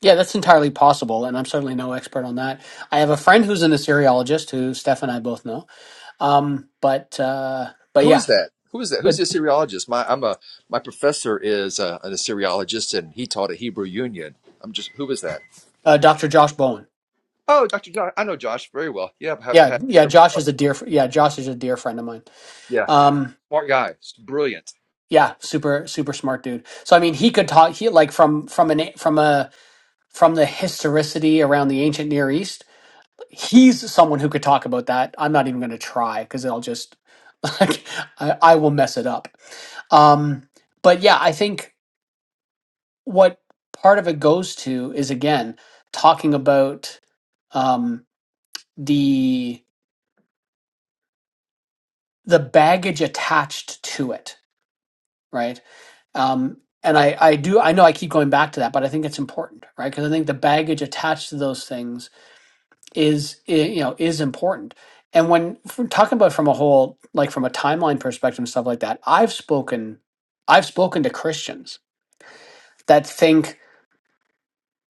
Speaker 3: yeah, that's entirely possible, and I'm certainly no expert on that. I have a friend who's an Assyriologist, who Steph and I both know, Um, but uh, but
Speaker 12: Who
Speaker 3: yeah,
Speaker 12: is that? Who is that? Who's
Speaker 3: but
Speaker 12: the Assyriologist? My I'm a my professor is uh an Assyriologist and he taught at Hebrew Union. I'm just who is that?
Speaker 3: uh, Dr. Josh Bowen.
Speaker 12: Oh, Dr. Josh. I know Josh very well. Yeah, have,
Speaker 3: Yeah,
Speaker 12: have,
Speaker 3: yeah, Josh is a dear. fr- Yeah, Josh is a dear friend of mine.
Speaker 12: yeah,
Speaker 3: Um,
Speaker 12: smart guy, brilliant.
Speaker 3: yeah, super super smart dude. So I mean, he could talk. He like from from an from a from the historicity around the ancient Near East. He's someone who could talk about that. I'm not even going to try because I'll just (laughs) like I, I will mess it up. Um, but yeah, I think what part of it goes to is again talking about um, the the baggage attached to it, right? Um, and I I do I know I keep going back to that, but I think it's important, right? Because I think the baggage attached to those things is i- you know is important. And when if we're talking about from a whole like from a timeline perspective and stuff like that, I've spoken I've spoken to Christians that think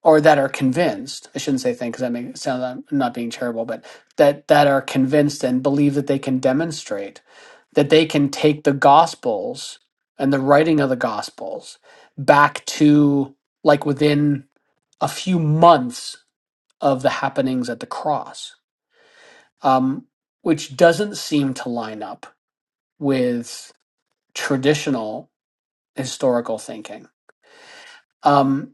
Speaker 3: or that are convinced i shouldn't say think because that makes it sound like i'm not being terrible but that that are convinced and believe that they can demonstrate that they can take the gospels and the writing of the gospels back to like within a few months of the happenings at the cross um, which doesn't seem to line up with traditional historical thinking um,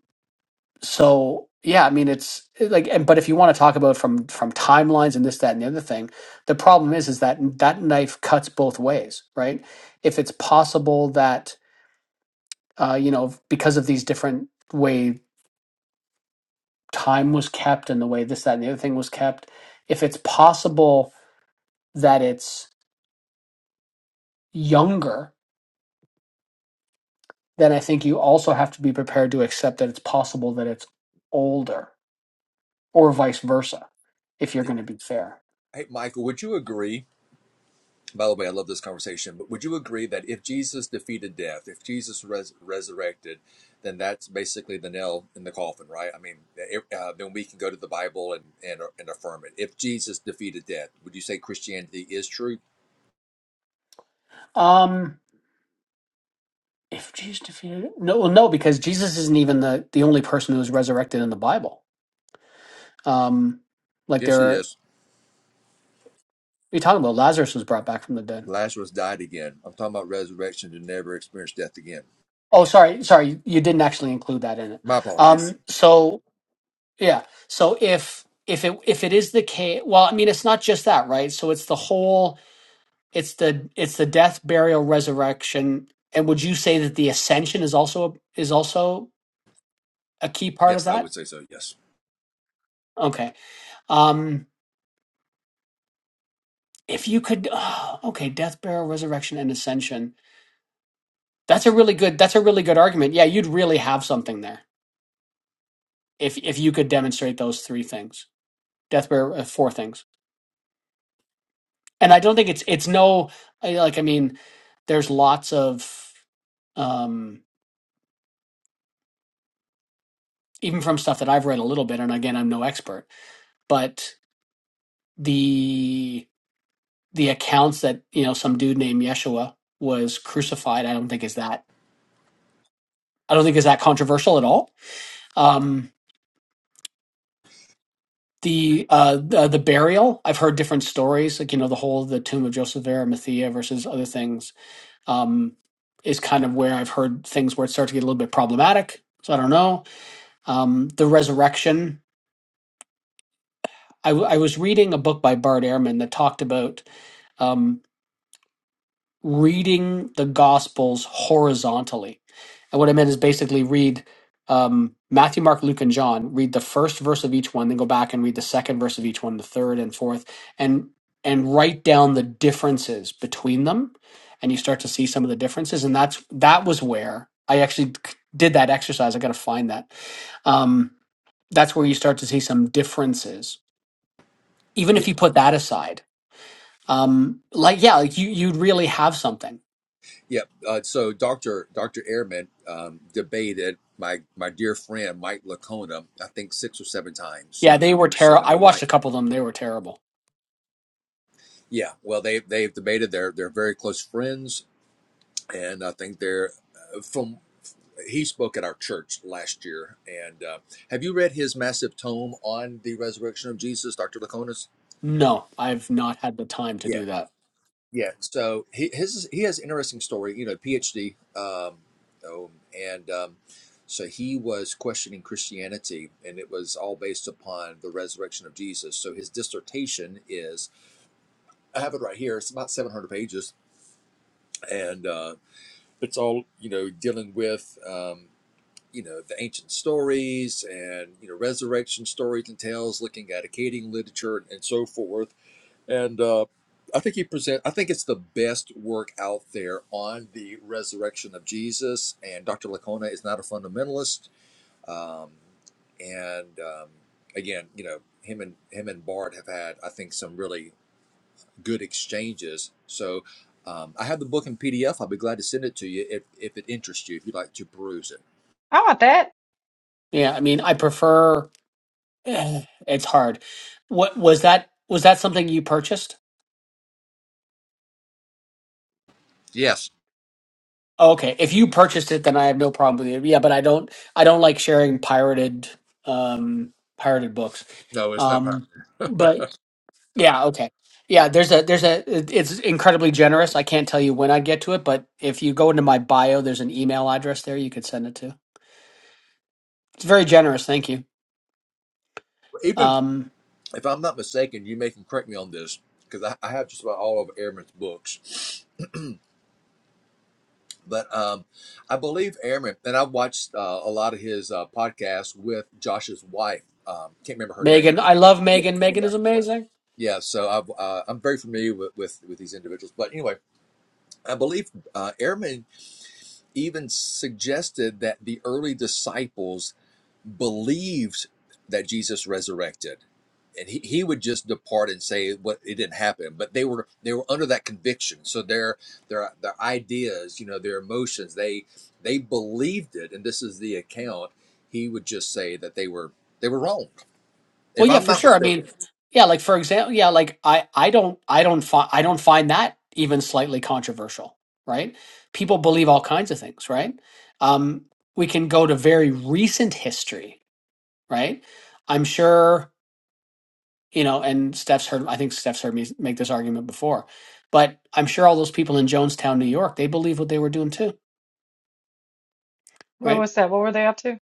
Speaker 3: So yeah, I mean it's it- like, and, but if you want to talk about from from timelines and this, that, and the other thing, the problem is is that that knife cuts both ways, right? If it's possible that uh, you know because of these different way time was kept and the way this, that, and the other thing was kept, if it's possible that it's younger, then I think you also have to be prepared to accept that it's possible that it's older or vice versa, if you're
Speaker 12: Yeah.
Speaker 3: going to be fair.
Speaker 12: Hey, Michael, would you agree? By the way, I love this conversation, but would you agree that if Jesus defeated death, if Jesus res- resurrected, then that's basically the nail in the coffin, right? I mean, it, uh, then we can go to the Bible and, and and affirm it. If Jesus defeated death, would you say Christianity is true?
Speaker 3: Um, if Jesus defeated no, well, no, because Jesus isn't even the the only person who was resurrected in the Bible. Um, like
Speaker 12: Yes,
Speaker 3: there
Speaker 12: it
Speaker 3: are
Speaker 12: is.
Speaker 3: you're talking about Lazarus was brought back from the dead.
Speaker 12: Lazarus died again. I'm talking about resurrection to never experience death again.
Speaker 3: Oh, sorry, sorry, you didn't actually include that in it.
Speaker 12: My apologies.
Speaker 3: Um, so yeah, so if if it if it is the case, well, I mean, it's not just that, right? So it's the whole. It's the it's the death, burial, resurrection. And would you say that the ascension is also is also a key part of
Speaker 12: Yes, I would
Speaker 3: that?
Speaker 12: say so. Yes.
Speaker 3: Okay. Um if you could (sighs) oh, okay, death, burial, resurrection and ascension. That's a really good that's a really good argument. Yeah, you'd really have something there if if you could demonstrate those three things. Death, burial, uh, four things. And I don't think it's it's no I- like I mean there's lots of um even from stuff that I've read a little bit and again I'm no expert, but the the accounts that you know some dude named Yeshua was crucified. I don't think is that I don't think is that controversial at all. Um, the uh the, the burial I've heard different stories like you know the whole the tomb of Joseph of Arimathea versus other things um is kind of where I've heard things where it starts to get a little bit problematic. So I don't know. Um, the resurrection. I, w- I was reading a book by Bart Ehrman that talked about um, reading the Gospels horizontally. And what I meant is basically read um, Matthew, Mark, Luke, and John. Read the first verse of each one, then go back and read the second verse of each one, the third and fourth, and and write down the differences between them. And you start to see some of the differences. And that's that was where I actually did that exercise. I got to find that. Um, that's where you start to see some differences. Even if you put that aside, um, like yeah, like you you'd really have something
Speaker 12: Yeah. Uh, so Dr. Dr. Ehrman um, debated my my dear friend Mike Lacona, I think six or seven times.
Speaker 3: Yeah, they were
Speaker 12: So
Speaker 3: terrible.
Speaker 12: I
Speaker 3: I
Speaker 12: know
Speaker 3: watched
Speaker 12: Mike.
Speaker 3: a couple of them. They were terrible.
Speaker 12: Yeah. Well, they they've debated. They're they're very close friends, and I think they're uh, from. He spoke at our church last year, and uh, have you read his massive tome on the resurrection of Jesus, Dr. Lacona's?
Speaker 3: No, I've not had the time to do that.
Speaker 12: Yeah, so he his he has an interesting story. You know, PhD, um, oh, and um, so he was questioning Christianity, and it was all based upon the resurrection of Jesus. So his dissertation is I have it right here. It's about seven hundred pages, and uh, it's all you know dealing with um, you know the ancient stories and you know resurrection stories and tales, looking at Akkadian literature and, and so forth and uh, I think he present. I think it's the best work out there on the resurrection of Jesus. And Dr. Lacona is not a fundamentalist. Um, and um, again, you know, him and him and Bart have had, I think, some really good exchanges. So um, I have the book in PDF. I'll be glad to send it to you if, if it interests you. If you'd like to peruse it.
Speaker 4: I want that.
Speaker 3: Yeah, I mean, I prefer. (sighs) eh, It's hard. What was that? Was that something you purchased?
Speaker 12: Yes.
Speaker 3: Okay, if you purchased it, then I have no problem with you. Yeah, but I don't. I don't like sharing pirated, um, pirated books.
Speaker 12: No, it's not. pirate.
Speaker 3: Um, but yeah, okay, yeah. There's a there's a. it- It's incredibly generous. I can't tell you when I'd get to it, but if you go into my bio, there's an email address there you could send it to. It's very generous. Thank you.
Speaker 12: Even
Speaker 3: Um,
Speaker 12: if I'm not mistaken, you may can correct me on this because I, I have just about all of Ehrman's books. But um, I believe Airman, and I watched uh, a lot of his uh, podcasts with Josh's wife. Um, can't remember her name.
Speaker 3: Megan, I love
Speaker 12: Yeah,
Speaker 3: Megan. Megan
Speaker 12: yeah,
Speaker 3: is amazing.
Speaker 12: yeah. So I've, uh, I'm very familiar with, with with these individuals. But anyway, I believe uh, Airman even suggested that the early disciples believed that Jesus resurrected. And he, he would just depart and say what it didn't happen, but they were they were under that conviction. So their their their ideas, you know, their emotions, they they believed it, and this is the account. He would just say that they were they were wrong,
Speaker 3: Well,
Speaker 12: if
Speaker 3: yeah,
Speaker 12: I'm
Speaker 3: for
Speaker 12: not
Speaker 3: sure. I
Speaker 12: mistaken.
Speaker 3: mean, yeah, like for example, yeah, like I, I don't, I don't find, I don't find that even slightly controversial, right? People believe all kinds of things, right? Um, we can go to very recent history, right? I'm sure you know, and Steph's heard. I think Steph's heard me make this argument before, but I'm sure all those people in Jonestown, New York, they believe what they were doing too,
Speaker 4: What
Speaker 3: right?
Speaker 4: was that? What were they up to?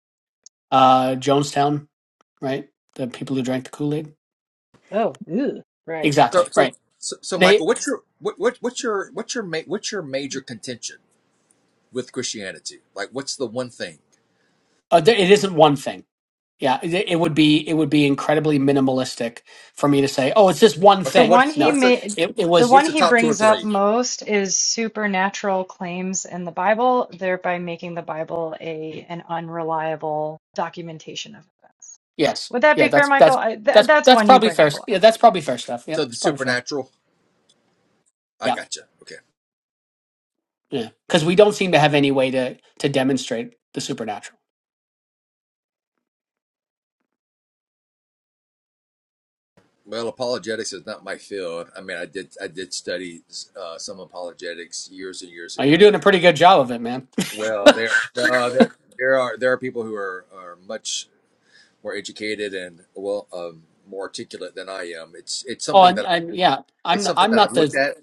Speaker 3: Uh, Jonestown, right? The people who drank the Kool Aid
Speaker 4: Oh, ew. right.
Speaker 12: So
Speaker 3: Exactly
Speaker 12: so
Speaker 3: right.
Speaker 12: so, so Michael,
Speaker 3: They
Speaker 12: what's your what, what what's your what's your ma- what's your major contention with Christianity? Like, what's the one thing?
Speaker 3: uh, th- it isn't one thing. Yeah, it, it would be it would be incredibly minimalistic for me to say, oh, it's just one
Speaker 12: Okay,
Speaker 4: The
Speaker 3: thing.
Speaker 4: one
Speaker 12: what's
Speaker 4: he
Speaker 3: No,
Speaker 12: what's the
Speaker 4: ma-
Speaker 3: it it
Speaker 4: the
Speaker 3: was
Speaker 12: what's
Speaker 4: one
Speaker 12: the
Speaker 4: he
Speaker 12: top two or
Speaker 4: brings up
Speaker 12: three?
Speaker 4: most is supernatural claims in the Bible, thereby making the Bible a an unreliable documentation of events.
Speaker 3: yes,
Speaker 4: Would that
Speaker 3: yeah.
Speaker 4: be fair,
Speaker 3: That's
Speaker 4: Michael?
Speaker 3: that's
Speaker 4: I, th-
Speaker 3: that's
Speaker 4: that's
Speaker 3: that's
Speaker 4: one you
Speaker 3: probably
Speaker 4: bring
Speaker 3: fair.
Speaker 4: up a lot.
Speaker 3: Yeah, that's probably fair stuff. Yeah,
Speaker 12: So the
Speaker 3: it's probably fair.
Speaker 12: supernatural. I
Speaker 3: Yeah,
Speaker 12: gotcha. Okay.
Speaker 3: yeah. Because we don't seem to have any way to to demonstrate the supernatural.
Speaker 12: Well, apologetics is not my field. I mean, I did I did study uh, some apologetics years and years
Speaker 3: Oh, you're
Speaker 12: ago.
Speaker 3: doing a pretty good job of it, man. (laughs)
Speaker 12: Well,
Speaker 3: oh,
Speaker 12: there no, there there are there are people who are, are much more educated and well um, more articulate than I am. It's it's something
Speaker 3: and,
Speaker 12: that I
Speaker 3: and yeah,
Speaker 12: it's
Speaker 3: I'm
Speaker 12: something
Speaker 3: I'm
Speaker 12: that I've
Speaker 3: not
Speaker 12: looked
Speaker 3: the
Speaker 12: at,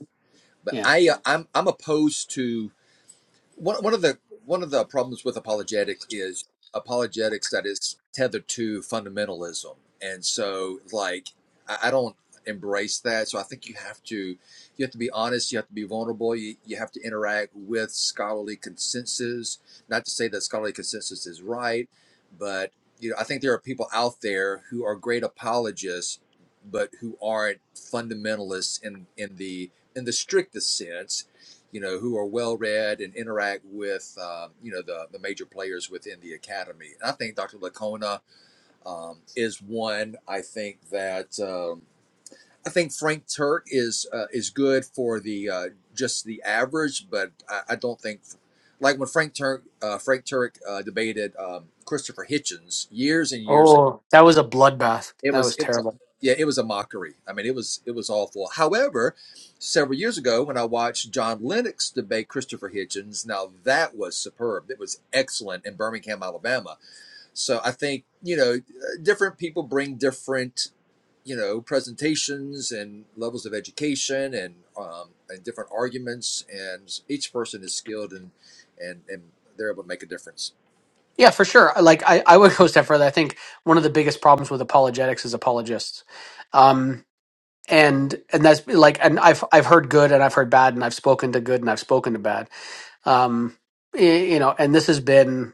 Speaker 12: but
Speaker 3: yeah.
Speaker 12: I uh, I'm I'm opposed to. one, one of the one of the problems with apologetics is apologetics that is tethered to fundamentalism and so like I, I don't embrace that so i think you have to you have to be honest you have to be vulnerable you, you have to interact with scholarly consensus not to say that scholarly consensus is right but you know i think there are people out there who are great apologists but who aren't fundamentalists in in the in the strictest sense you know, who are well read and interact with, um, you know, the, the major players within the academy. And I think Dr. Lacona um, is one. I think that um, I think Frank Turk is uh, is good for the uh, just the average, but I, I don't think like when Frank Turk uh, Frank Turk uh, debated um, Christopher Hitchens years and years
Speaker 3: Oh, that was a bloodbath.
Speaker 12: it
Speaker 3: That
Speaker 12: was
Speaker 3: was
Speaker 12: it was
Speaker 3: terrible.
Speaker 12: yeah it was a mockery i mean it was it was awful however several years ago when i watched john lennox debate christopher hitchens now that was superb it was excellent in birmingham alabama so i think you know uh, different people bring different you know presentations and levels of education and um, and different arguments and each person is skilled and and and they're able to make a difference
Speaker 3: Yeah, for sure. Like I, I would go a step further. I think one of the biggest problems with apologetics is apologists, um, and and that's like and I've I've heard good and I've heard bad and I've spoken to good and I've spoken to bad. Um, y- you know, and this has been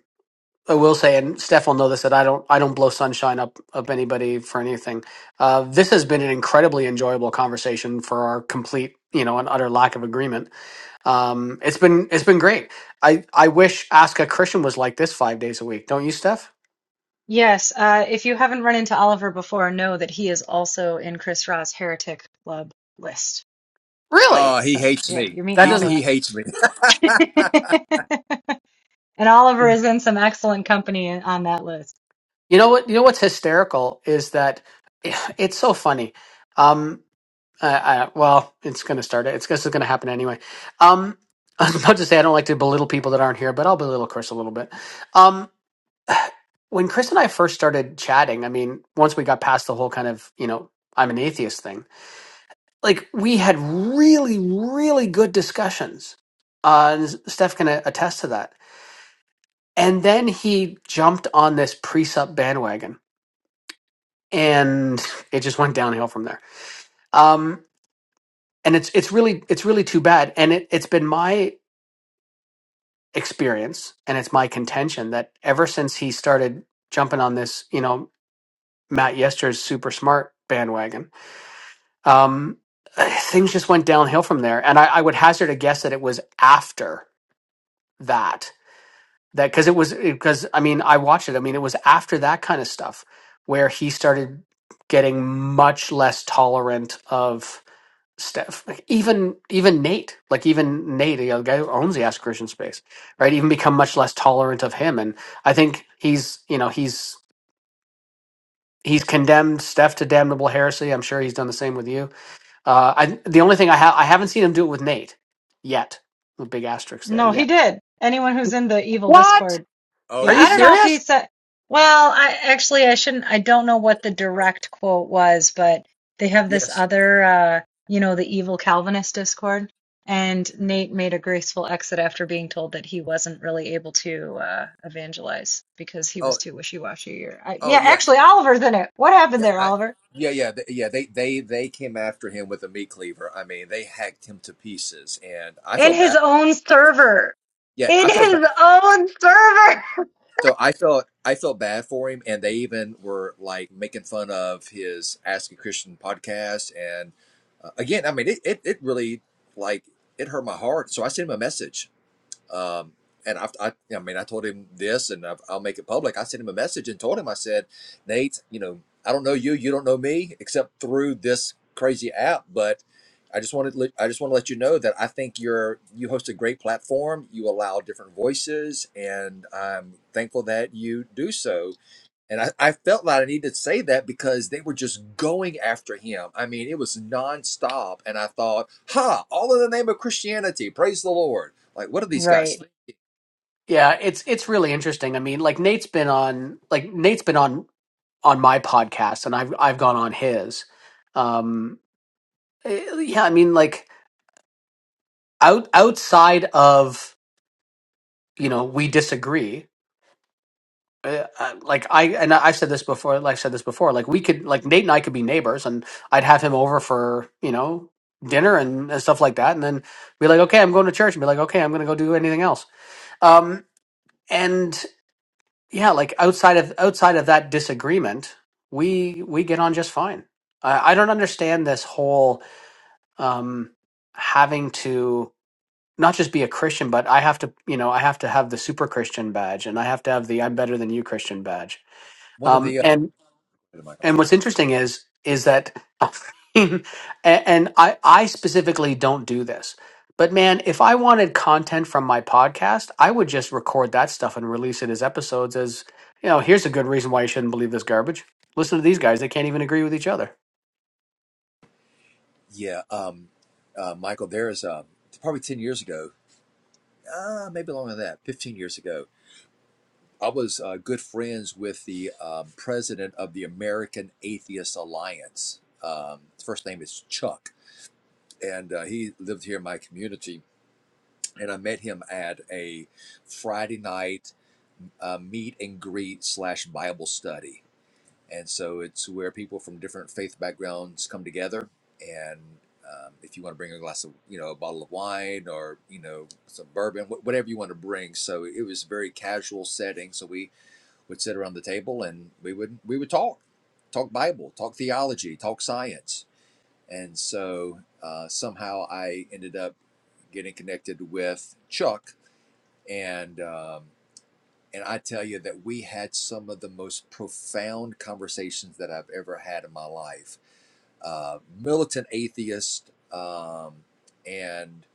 Speaker 3: I will say, and Steph will know this that I don't I don't blow sunshine up up anybody for anything. Uh, this has been an incredibly enjoyable conversation for our complete you know an utter lack of agreement. Um, it's been it's been great. I I wish Ask a Christian was like this five days a week. Don't you, Steph?
Speaker 4: Yes, uh, if you haven't run into Oliver before, know that he is also in Chris Ra's heretic club list.
Speaker 3: Really?
Speaker 12: oh he
Speaker 4: So
Speaker 12: hates
Speaker 4: yeah,
Speaker 12: me
Speaker 4: you're meeting
Speaker 3: That
Speaker 12: he
Speaker 4: all
Speaker 12: he
Speaker 4: the.
Speaker 3: doesn't.
Speaker 12: hates me
Speaker 4: (laughs) and
Speaker 12: (laughs)
Speaker 4: Oliver is
Speaker 3: You
Speaker 4: in some excellent company on that list.
Speaker 3: know what? You know what's hysterical is that (sighs) it's so funny. Um, I, I, well, it's going to start. It's this is going to happen anyway. Um, (laughs) not to say I don't like to belittle people that aren't here, but I'll belittle Chris a little bit. Um, when Chris and I first started chatting, I mean, once we got past the whole kind of you know I'm an atheist thing, like we had really, really good discussions. Uh, and Steph can attest to that. And then he jumped on this precept bandwagon and it just went downhill from there. Um, and it's it's really it's really too bad. And it it's been my experience and it's my contention that ever since he started jumping on this, you know, Matt Yester's super smart bandwagon, um, things just went downhill from there. And I, I would hazard a guess that it was after that that because it was because I mean I watched it. I mean it was after that kind of stuff where he started getting much less tolerant of Steph, like even even Nate, like even Nate, you know, the guy who owns the Ask Christian space, right? Even become much less tolerant of him, and I think he's, you know, he's he's condemned Steph to damnable heresy. I'm sure he's done the same with you. Uh, I the only thing I have I haven't seen him do it with Nate yet. The big asterisk there.
Speaker 4: No,
Speaker 3: Yeah.
Speaker 4: he did. Anyone who's in the evil
Speaker 3: What?
Speaker 4: Discord
Speaker 12: oh
Speaker 3: Are
Speaker 4: Yeah,
Speaker 12: yeah
Speaker 3: you
Speaker 4: I don't
Speaker 12: you
Speaker 4: know if he
Speaker 3: serious?
Speaker 4: said. Well, I actually I shouldn't. I don't know what the direct quote was, but they have this
Speaker 12: yes
Speaker 4: other, uh, you know, the evil Calvinist Discord, and Nate made a graceful exit after being told that he wasn't really able to uh, evangelize because he
Speaker 12: Oh,
Speaker 4: was too wishy-washy. Or I,
Speaker 12: Oh
Speaker 4: yeah,
Speaker 12: yeah,
Speaker 4: actually, Oliver's in it. What happened
Speaker 12: yeah,
Speaker 4: there,
Speaker 12: I,
Speaker 4: Oliver?
Speaker 12: yeah, yeah, th- yeah. They they they came after him with a meat cleaver. I mean, they hacked him to pieces, and I
Speaker 4: In
Speaker 12: felt
Speaker 4: his
Speaker 12: bad.
Speaker 4: own server.
Speaker 12: Yeah,
Speaker 4: In
Speaker 12: I felt bad.
Speaker 4: his own server. (laughs)
Speaker 12: So I felt I felt bad for him, and they even were like making fun of his Ask a Christian podcast. And uh, again, I mean, it, it it really like it hurt my heart. So I sent him a message Um, and I, I, I mean, I told him this, and I've, I'll make it public. I sent him a message and told him, I said, Nate, you know, I don't know you, you don't know me, except through this crazy app. But I just wanted, to let- I just want to let you know that I think you're, you host a great platform. You allow different voices, and I'm thankful that you do so. And I, I felt like I needed to say that because they were just going after him. I mean, it was nonstop. And I thought, ha, all in the name of Christianity. Praise the Lord. Like, what are these
Speaker 4: Right.
Speaker 12: guys
Speaker 3: Yeah, it's it's really interesting. I mean, like Nate's been on like Nate's been on on my podcast, and I've I've gone on his. Um, eh, yeah, I mean, like. out outside of you know we disagree uh, uh, like i and i've said this before like i've said this before like we could like nate and i could be neighbors and i'd have him over for you know dinner and, and stuff like that and then be like okay i'm going to church and be like okay i'm going to go do anything else um and yeah like outside of outside of that disagreement we we get on just fine i, I don't understand this whole um having to not just be a Christian, but I have to, you know, I have to have the super Christian badge and I have to have the I'm better than you Christian badge.
Speaker 12: one of
Speaker 3: Um,
Speaker 12: the uh,
Speaker 3: and,
Speaker 12: Michael,
Speaker 3: and
Speaker 12: sorry.
Speaker 3: what's interesting is, is that, (laughs) and, and I, I specifically don't do this, but man, if I wanted content from my podcast, I would just record that stuff and release it as episodes as, you know, here's a good reason why you shouldn't believe this garbage. Listen to these guys. They can't even agree with each other.
Speaker 12: Yeah, um, uh, Michael, there's uh, probably ten years ago, uh, maybe longer than that, fifteen years ago. I was uh, good friends with the um, president of the American Atheist Alliance. Um, his first name is Chuck, and uh, he lived here in my community. And I met him at a Friday night uh, meet and greet slash Bible study And so it's where people from different faith backgrounds come together. And um, if you want to bring a glass of, you know, a bottle of wine or, you know, some bourbon, wh- whatever you want to bring. So it was a very casual setting. So we would sit around the table and we would we would talk, talk Bible, talk theology, talk science. And so uh, somehow I ended up getting connected with Chuck. And um, and I tell you that we had some of the most profound conversations that I've ever had in my life. Uh, militant atheist, um, and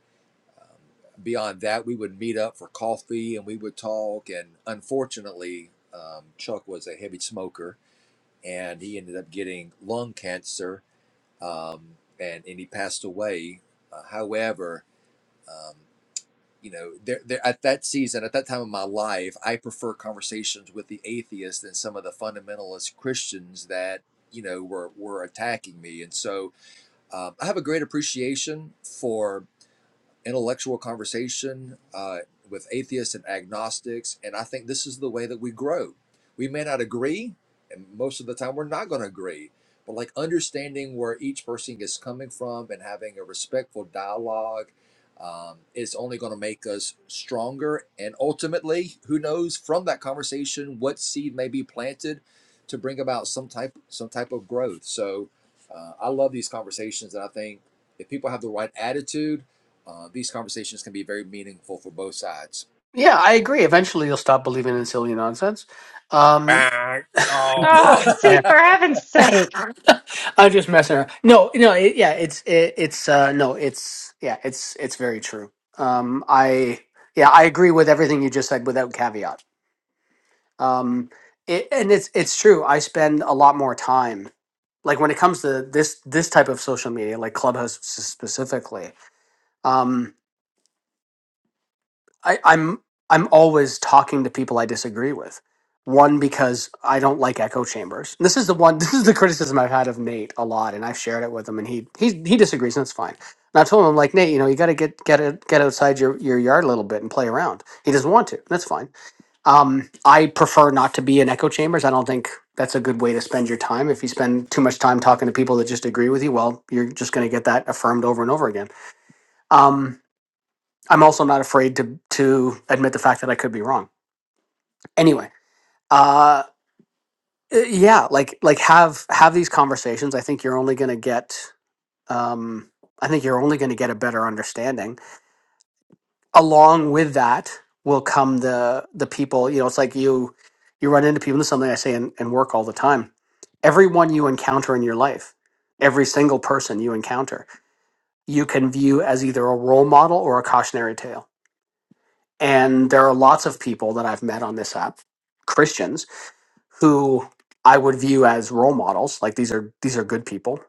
Speaker 12: um, beyond that, we would meet up for coffee and we would talk. And unfortunately, um, Chuck was a heavy smoker and he ended up getting lung cancer um, and, and he passed away. Uh, however, um, you know, there, there at that season, at that time of my life, I prefer conversations with the atheists than some of the fundamentalist Christians that you know were were attacking me. And so um, I have a great appreciation for intellectual conversation uh, with atheists and agnostics. And I think this is the way that we grow. We may not agree, and most of the time we're not going to agree, but like understanding where each person is coming from and having a respectful dialogue um, is only going to make us stronger. And ultimately, who knows from that conversation what seed may be planted to bring about some type some type of growth. So uh, I love these conversations, and I think if people have the right attitude uh, these conversations can be very meaningful for both sides.
Speaker 3: Yeah, I agree. Eventually you'll stop believing in silly nonsense. Um,
Speaker 12: Back wrong.
Speaker 4: Oh, see,
Speaker 12: (laughs) I
Speaker 4: for heaven's sake.
Speaker 3: (laughs) I'm just messing around. No, no, it, yeah, it's it, it's uh no, it's yeah, it's it's very true. Um, I yeah, I agree with everything you just said without caveat. Um, it, and it's it's true. I spend a lot more time like when it comes to this this type of social media, like Clubhouse s- specifically. Um, I, I'm I'm always talking to people I disagree with. One because I don't like echo chambers. This is the one. (laughs) This is the criticism I've had of Nate a lot, and I've shared it with him, and he he he disagrees, and it's fine. And I told him I'm like Nate, you know, you got to get get it, get outside your your yard a little bit and play around. He doesn't want to. and That's fine. Um, I prefer not to be in echo chambers. I don't think that's a good way to spend your time. If you spend too much time talking to people that just agree with you, well, you're just going to get that affirmed over and over again. Um, I'm also not afraid to to admit the fact that I could be wrong. Anyway, uh, uh, yeah, like like have have these conversations. I think you're only going to get. Um, I think you're only going to get a better understanding. Along with that will come the the people. You know, it's like you you run into people. This is something I say in, in work all the time. Everyone you encounter in your life, every single person you encounter, you can view as either a role model or a cautionary tale And there are lots of people that I've met on this app, Christians, who I would view as role models. Like these are these are good people.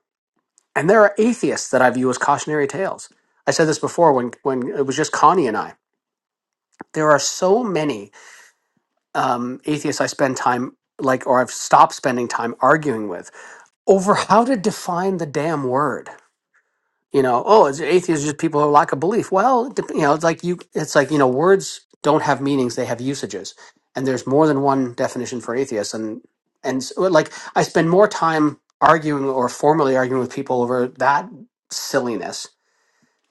Speaker 3: And there are atheists that I view as cautionary tales. I said this before when when it was just Connie and I. There are so many um, atheists I spend time like or I've stopped spending time arguing with over how to define the damn word you know, oh, it's atheists just people who lack a belief. Well, it dep- you know, it's like you, it's like you know, words don't have meanings; they have usages, and there's more than one definition for atheist. And and so, like, I spend more time arguing or formally arguing with people over that silliness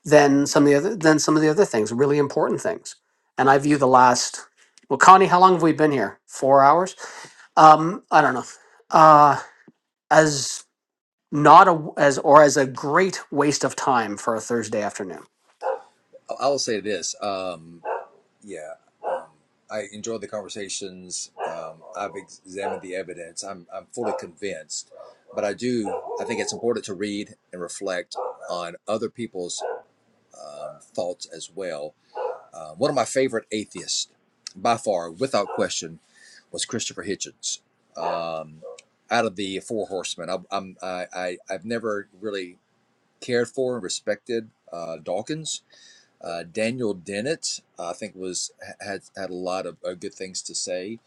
Speaker 3: than some of the other than some of the other things, really important things. And I view the last, well, Connie, how long have we been here? Four hours? Um, I don't know. Uh, as not a as or as a great waste of time for a Thursday afternoon.
Speaker 12: I will say this. Um, yeah, um, I enjoyed the conversations. Um, I've examined the evidence. I'm, I'm fully convinced, but I do. I think it's important to read and reflect on other people's um, thoughts as well Uh, one of my favorite atheists, by far, without question, was Christopher Hitchens. Um, out of the Four Horsemen, I, I'm, I, I, I've never really cared for and respected uh, Dawkins. Uh, Daniel Dennett, I think, was had had a lot of uh, good things to say.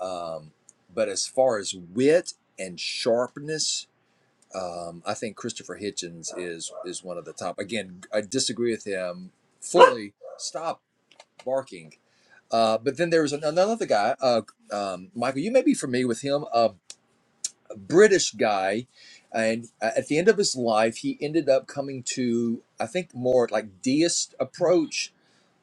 Speaker 12: Um, but as far as wit and sharpness, um, I think Christopher Hitchens is is one of the top. Again, I disagree with him fully. Stop barking. Uh, but then there was an- another guy, uh, um, Michael. You may be familiar with him, a British guy, and uh, at the end of his life, he ended up coming to, I think, more like deist approach.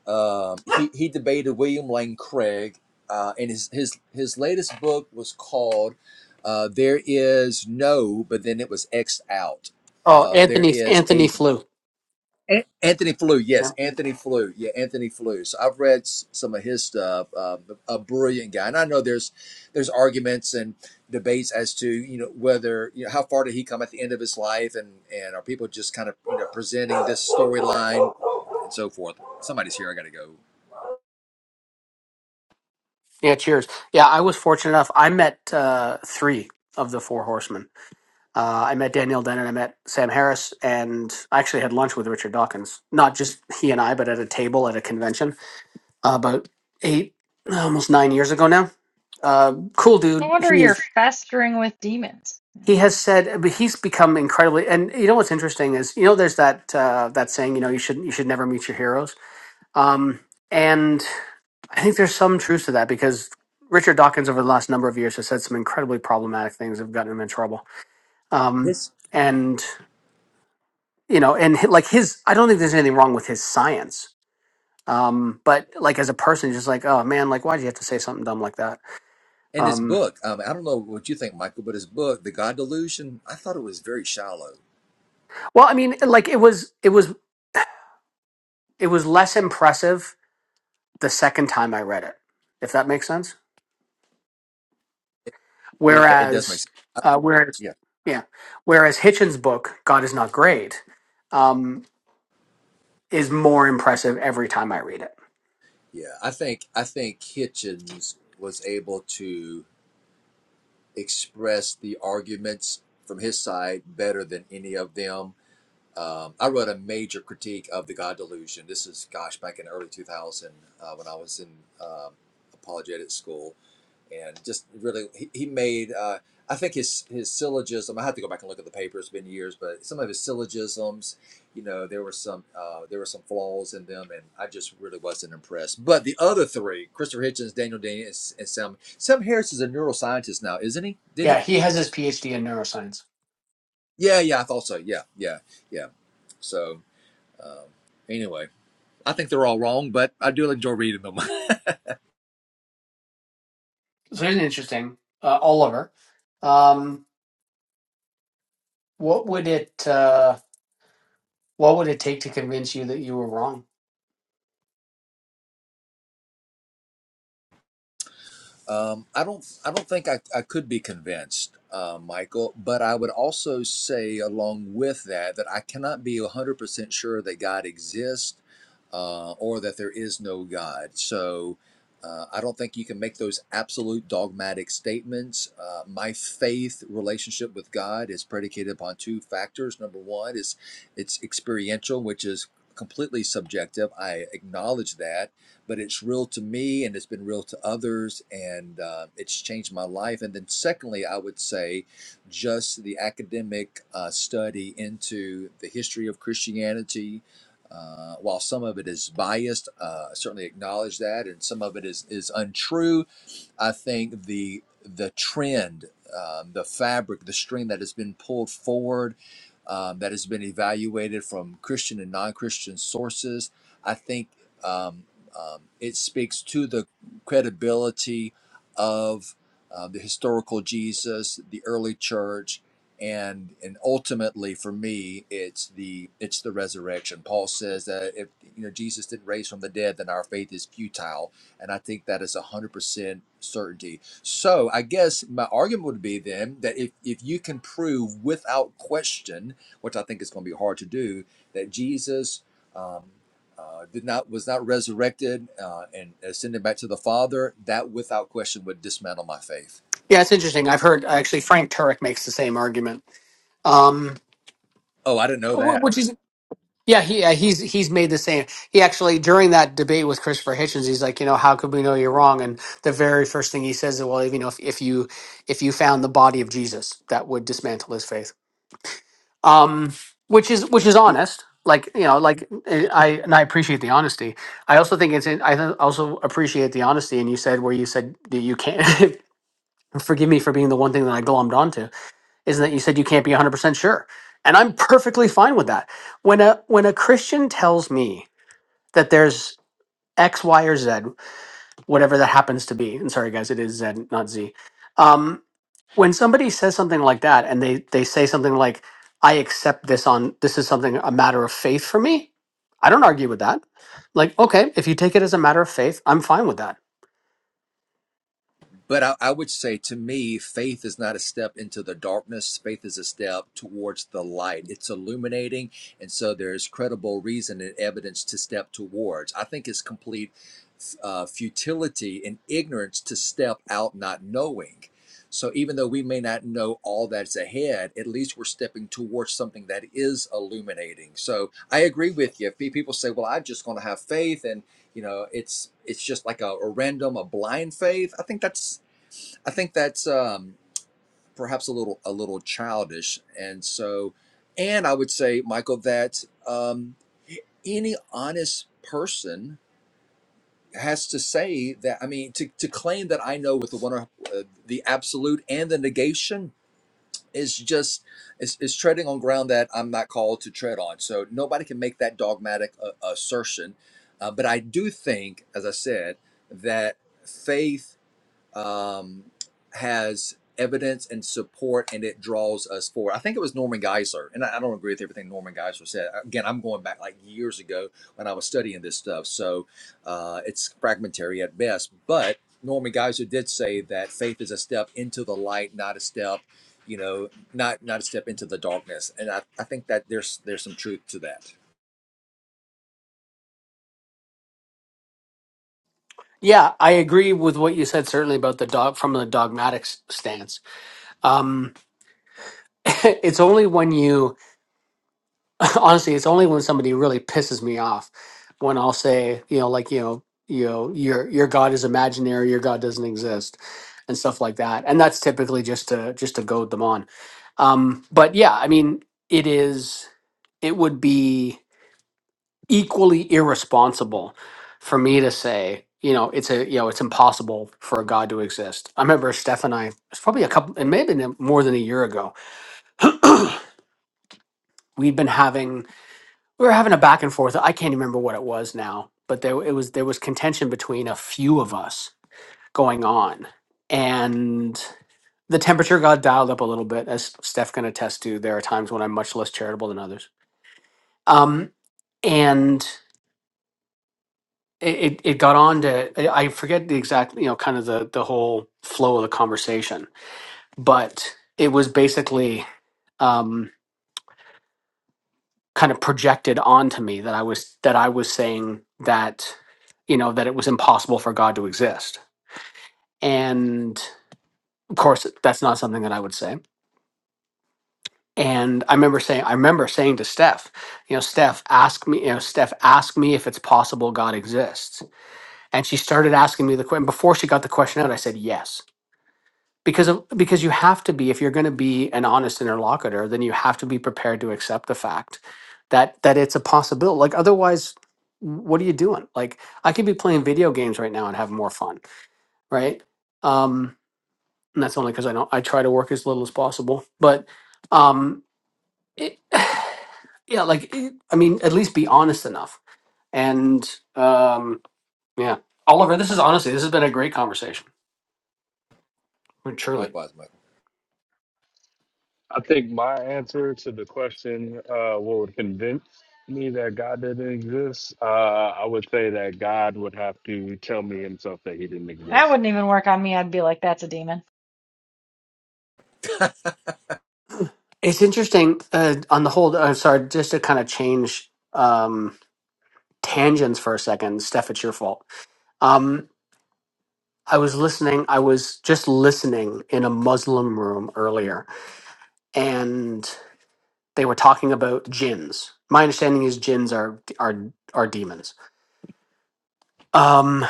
Speaker 12: Um, he (laughs) he debated William Lane Craig, uh, and his his his latest book was called uh, "There Is No," but then it was X'd out.
Speaker 3: Oh,
Speaker 12: Uh, there
Speaker 3: Anthony
Speaker 12: is
Speaker 3: Anthony
Speaker 12: a
Speaker 3: flew.
Speaker 12: Anthony Flew,
Speaker 3: Yeah.
Speaker 12: yes, Anthony Flew, yeah, Anthony Flew. So I've read s- some of his stuff. Um, a brilliant guy, and I know there's there's arguments and debates as to you know whether you know how far did he come at the end of his life, and and are people just kind of you know presenting this storyline and so forth. Somebody's here. I got to go.
Speaker 3: Yeah, cheers. Yeah, I was fortunate enough. I met uh, three of the four horsemen. Uh, I met Daniel Dennett, I met Sam Harris, and I actually had lunch with Richard Dawkins. Not just he and I, but at a table at a convention uh, about eight, almost nine years ago now. Uh, cool
Speaker 4: No
Speaker 3: dude.
Speaker 4: wonder
Speaker 3: He,
Speaker 4: you're festering with demons. Yeah.
Speaker 3: he has said, but he's become incredibly. And you know what's interesting is, you know, there's that uh, that saying, you know, you should you should never meet your heroes. Um, and I think there's some truth to that because Richard Dawkins over the last number of years has said some incredibly problematic things that have gotten him in trouble. Um,
Speaker 12: His
Speaker 3: and you know, and hi- like his, I don't think there's anything wrong with his science. Um, but like as a person, just like, oh man, like why'd you have to say something dumb like that?
Speaker 12: and his
Speaker 3: Um,
Speaker 12: book. Um, I don't know what you think, Michael, but his book, The God Delusion, I thought it was very shallow.
Speaker 3: well, I mean, like it was, it was, it was less impressive the second time I read it, if that makes sense.
Speaker 12: Yeah, it does make
Speaker 3: Whereas,
Speaker 12: sense. I-
Speaker 3: uh, whereas,
Speaker 12: yeah,
Speaker 3: yeah, whereas Hitchens' book, God is not great. um, is more impressive every time I read it.
Speaker 12: yeah. I think I think Hitchens was able to. expressed the arguments from his side better than any of them. Um, I wrote a major critique of the God delusion. This is, gosh, back in the early 2000 uh, when I was in um, apologetic school, and just really he, he made. Uh, I think his his syllogism. I have to go back and look at the paper. It's been years, but some of his syllogisms, you know, there were some uh, there were some flaws in them, and I just really wasn't impressed. But the other three, Christopher Hitchens, Daniel Dennett, and and Sam Sam Harris is a neuroscientist now, isn't he? Did
Speaker 3: Yeah,
Speaker 12: he
Speaker 3: he has his PhD in neuroscience.
Speaker 12: Yeah, yeah, I thought so. Yeah, yeah, yeah. So anyway, I think they're all wrong, but I do enjoy reading them. (laughs)
Speaker 3: So it's interesting. Uh, Oliver, um, what would it uh, what would it take to convince you that you were wrong?
Speaker 12: Um, I don't. I don't think I, I could be convinced, uh, Michael. But I would also say, along with that, that I cannot be one hundred percent sure that God exists uh, or that there is no God. So uh, I don't think you can make those absolute dogmatic statements. Uh, my faith relationship with God is predicated upon two factors. Number one is it's experiential, which is completely subjective. I acknowledge that but it's real to me and it's been real to others and uh, it's changed my life and then secondly i would say just the academic uh, study into the history of christianity uh, while some of it is biased uh, I certainly acknowledge that and some of it is is untrue i think the the trend um, the fabric the string that has been pulled forward um, that has been evaluated from christian and non-christian sources i think um, um, it speaks to the credibility of uh, the historical Jesus, the early church, and and ultimately for me, it's the it's the resurrection. Paul says that if you know Jesus didn't raise from the dead, then our faith is futile, and I think that a is a hundred percent certainty. So I guess my argument would be then that if if you can prove without question, which I think is going to be hard to do, that Jesus. um, uh, did not was not resurrected uh, and ascended back to the Father, that without question would dismantle my faith.
Speaker 3: Yeah, it's interesting. I've heard actually Frank Turek makes the same argument, um,
Speaker 12: Oh, I didn't know
Speaker 3: wh-
Speaker 12: that.
Speaker 3: which is yeah, he yeah, he's he's made the same. He actually during that debate with Christopher Hitchens, he's like, you know, how could we know you're wrong? And the very first thing he says is, well, you know, if, if you if you found the body of Jesus, that would dismantle his faith, um, which is which is honest. Like you know, like eh, I and I appreciate the honesty. I also think it's in, I th- also appreciate the honesty. And you said where you said that you can't (laughs) forgive me for being the one thing that I glommed onto is that you said you can't be 100% sure. And I'm perfectly fine with that. When a when a Christian tells me that there's X, Y, or Z, whatever that happens to be, and sorry guys, it is Z, not Z. Um, when somebody says something like that, and they they say something like, "I accept this on this is something a matter of faith for me," I don't argue with that. Like, okay, if you take it as a matter of faith, I'm fine with that.
Speaker 12: But I, I would say to me, faith is not a step into the darkness. Faith is a step towards the light. It's illuminating. And so there's credible reason and evidence to step towards. I think it's complete uh, futility and ignorance to step out not knowing. So even though we may not know all that's ahead, at least we're stepping towards something that is illuminating. So I agree with you. If pe- people say, "Well, I'm just going to have faith," and you know, it's it's just like a, a random, a blind faith, I think that's I think that's um, perhaps a little a little childish, and so, and I would say, Michael, that um, any honest person has to say that. I mean, to, to claim that I know with the one uh, the absolute and the negation is just is, is treading on ground that I'm not called to tread on. So nobody can make that dogmatic uh, assertion. Uh, but I do think, as I said, that faith um, has evidence and support and it draws us forward. I think it was Norman Geisler, and I, I don't agree with everything Norman Geisler said. Again, I'm going back like years ago when I was studying this stuff, so uh, it's fragmentary at best. But Norman Geisler did say that faith is a step into the light, not a step, you know, not not a step into the darkness. And I, I think that there's there's some truth to that.
Speaker 3: Yeah, I agree with what you said certainly about the dog from the dogmatic s- stance. Um, (laughs) it's only when you (laughs) honestly it's only when somebody really pisses me off when i'll say you know like you know you know your your god is imaginary your god doesn't exist and stuff like that and that's typically just to just to goad them on um but yeah i mean it is it would be equally irresponsible for me to say you know it's a you know it's impossible for a god to exist i remember steph and i it's probably a couple it may have been more than a year ago we'd been having we were having a back and forth. I can't remember what it was now, but there it was there was contention between a few of us going on, and the temperature got dialed up a little bit, as Steph can attest to. There are times when I'm much less charitable than others, um, and it, it it got on to I I forget the exact you know kind of the the whole flow of the conversation, but it was basically. um, kind of projected onto me that I was that I was saying that you know that it was impossible for God to exist. And of course that's not something that I would say. And I remember saying I remember saying to Steph, you know, Steph, ask me, you know, Steph, ask me if it's possible God exists. And she started asking me the question before she got the question out, I said yes. because of, because you have to be if you're going to be an honest interlocutor then you have to be prepared to accept the fact that that it's a possibility like otherwise what are you doing like i could be playing video games right now and have more fun right um and that's only because i don't i try to work as little as possible but um it, (sighs) yeah like it, i mean at least be honest enough and um yeah oliver this is honestly this has been a great conversation truly
Speaker 12: Likewise, Michael.
Speaker 6: I think my answer to the question, uh, what would convince me that God didn't exist, uh, I would say that God would have to tell me himself that he didn't
Speaker 4: That
Speaker 6: exist.
Speaker 4: wouldn't even work on me. I'd be like, that's a demon.
Speaker 3: It's interesting uh, on the whole. I'm sorry, just to kind of change um, tangents for a second. Steph, it's your fault. Um, I was listening. I was just listening in a Muslim room earlier, and they were talking about jinns. My understanding is jinns are are are demons. Um,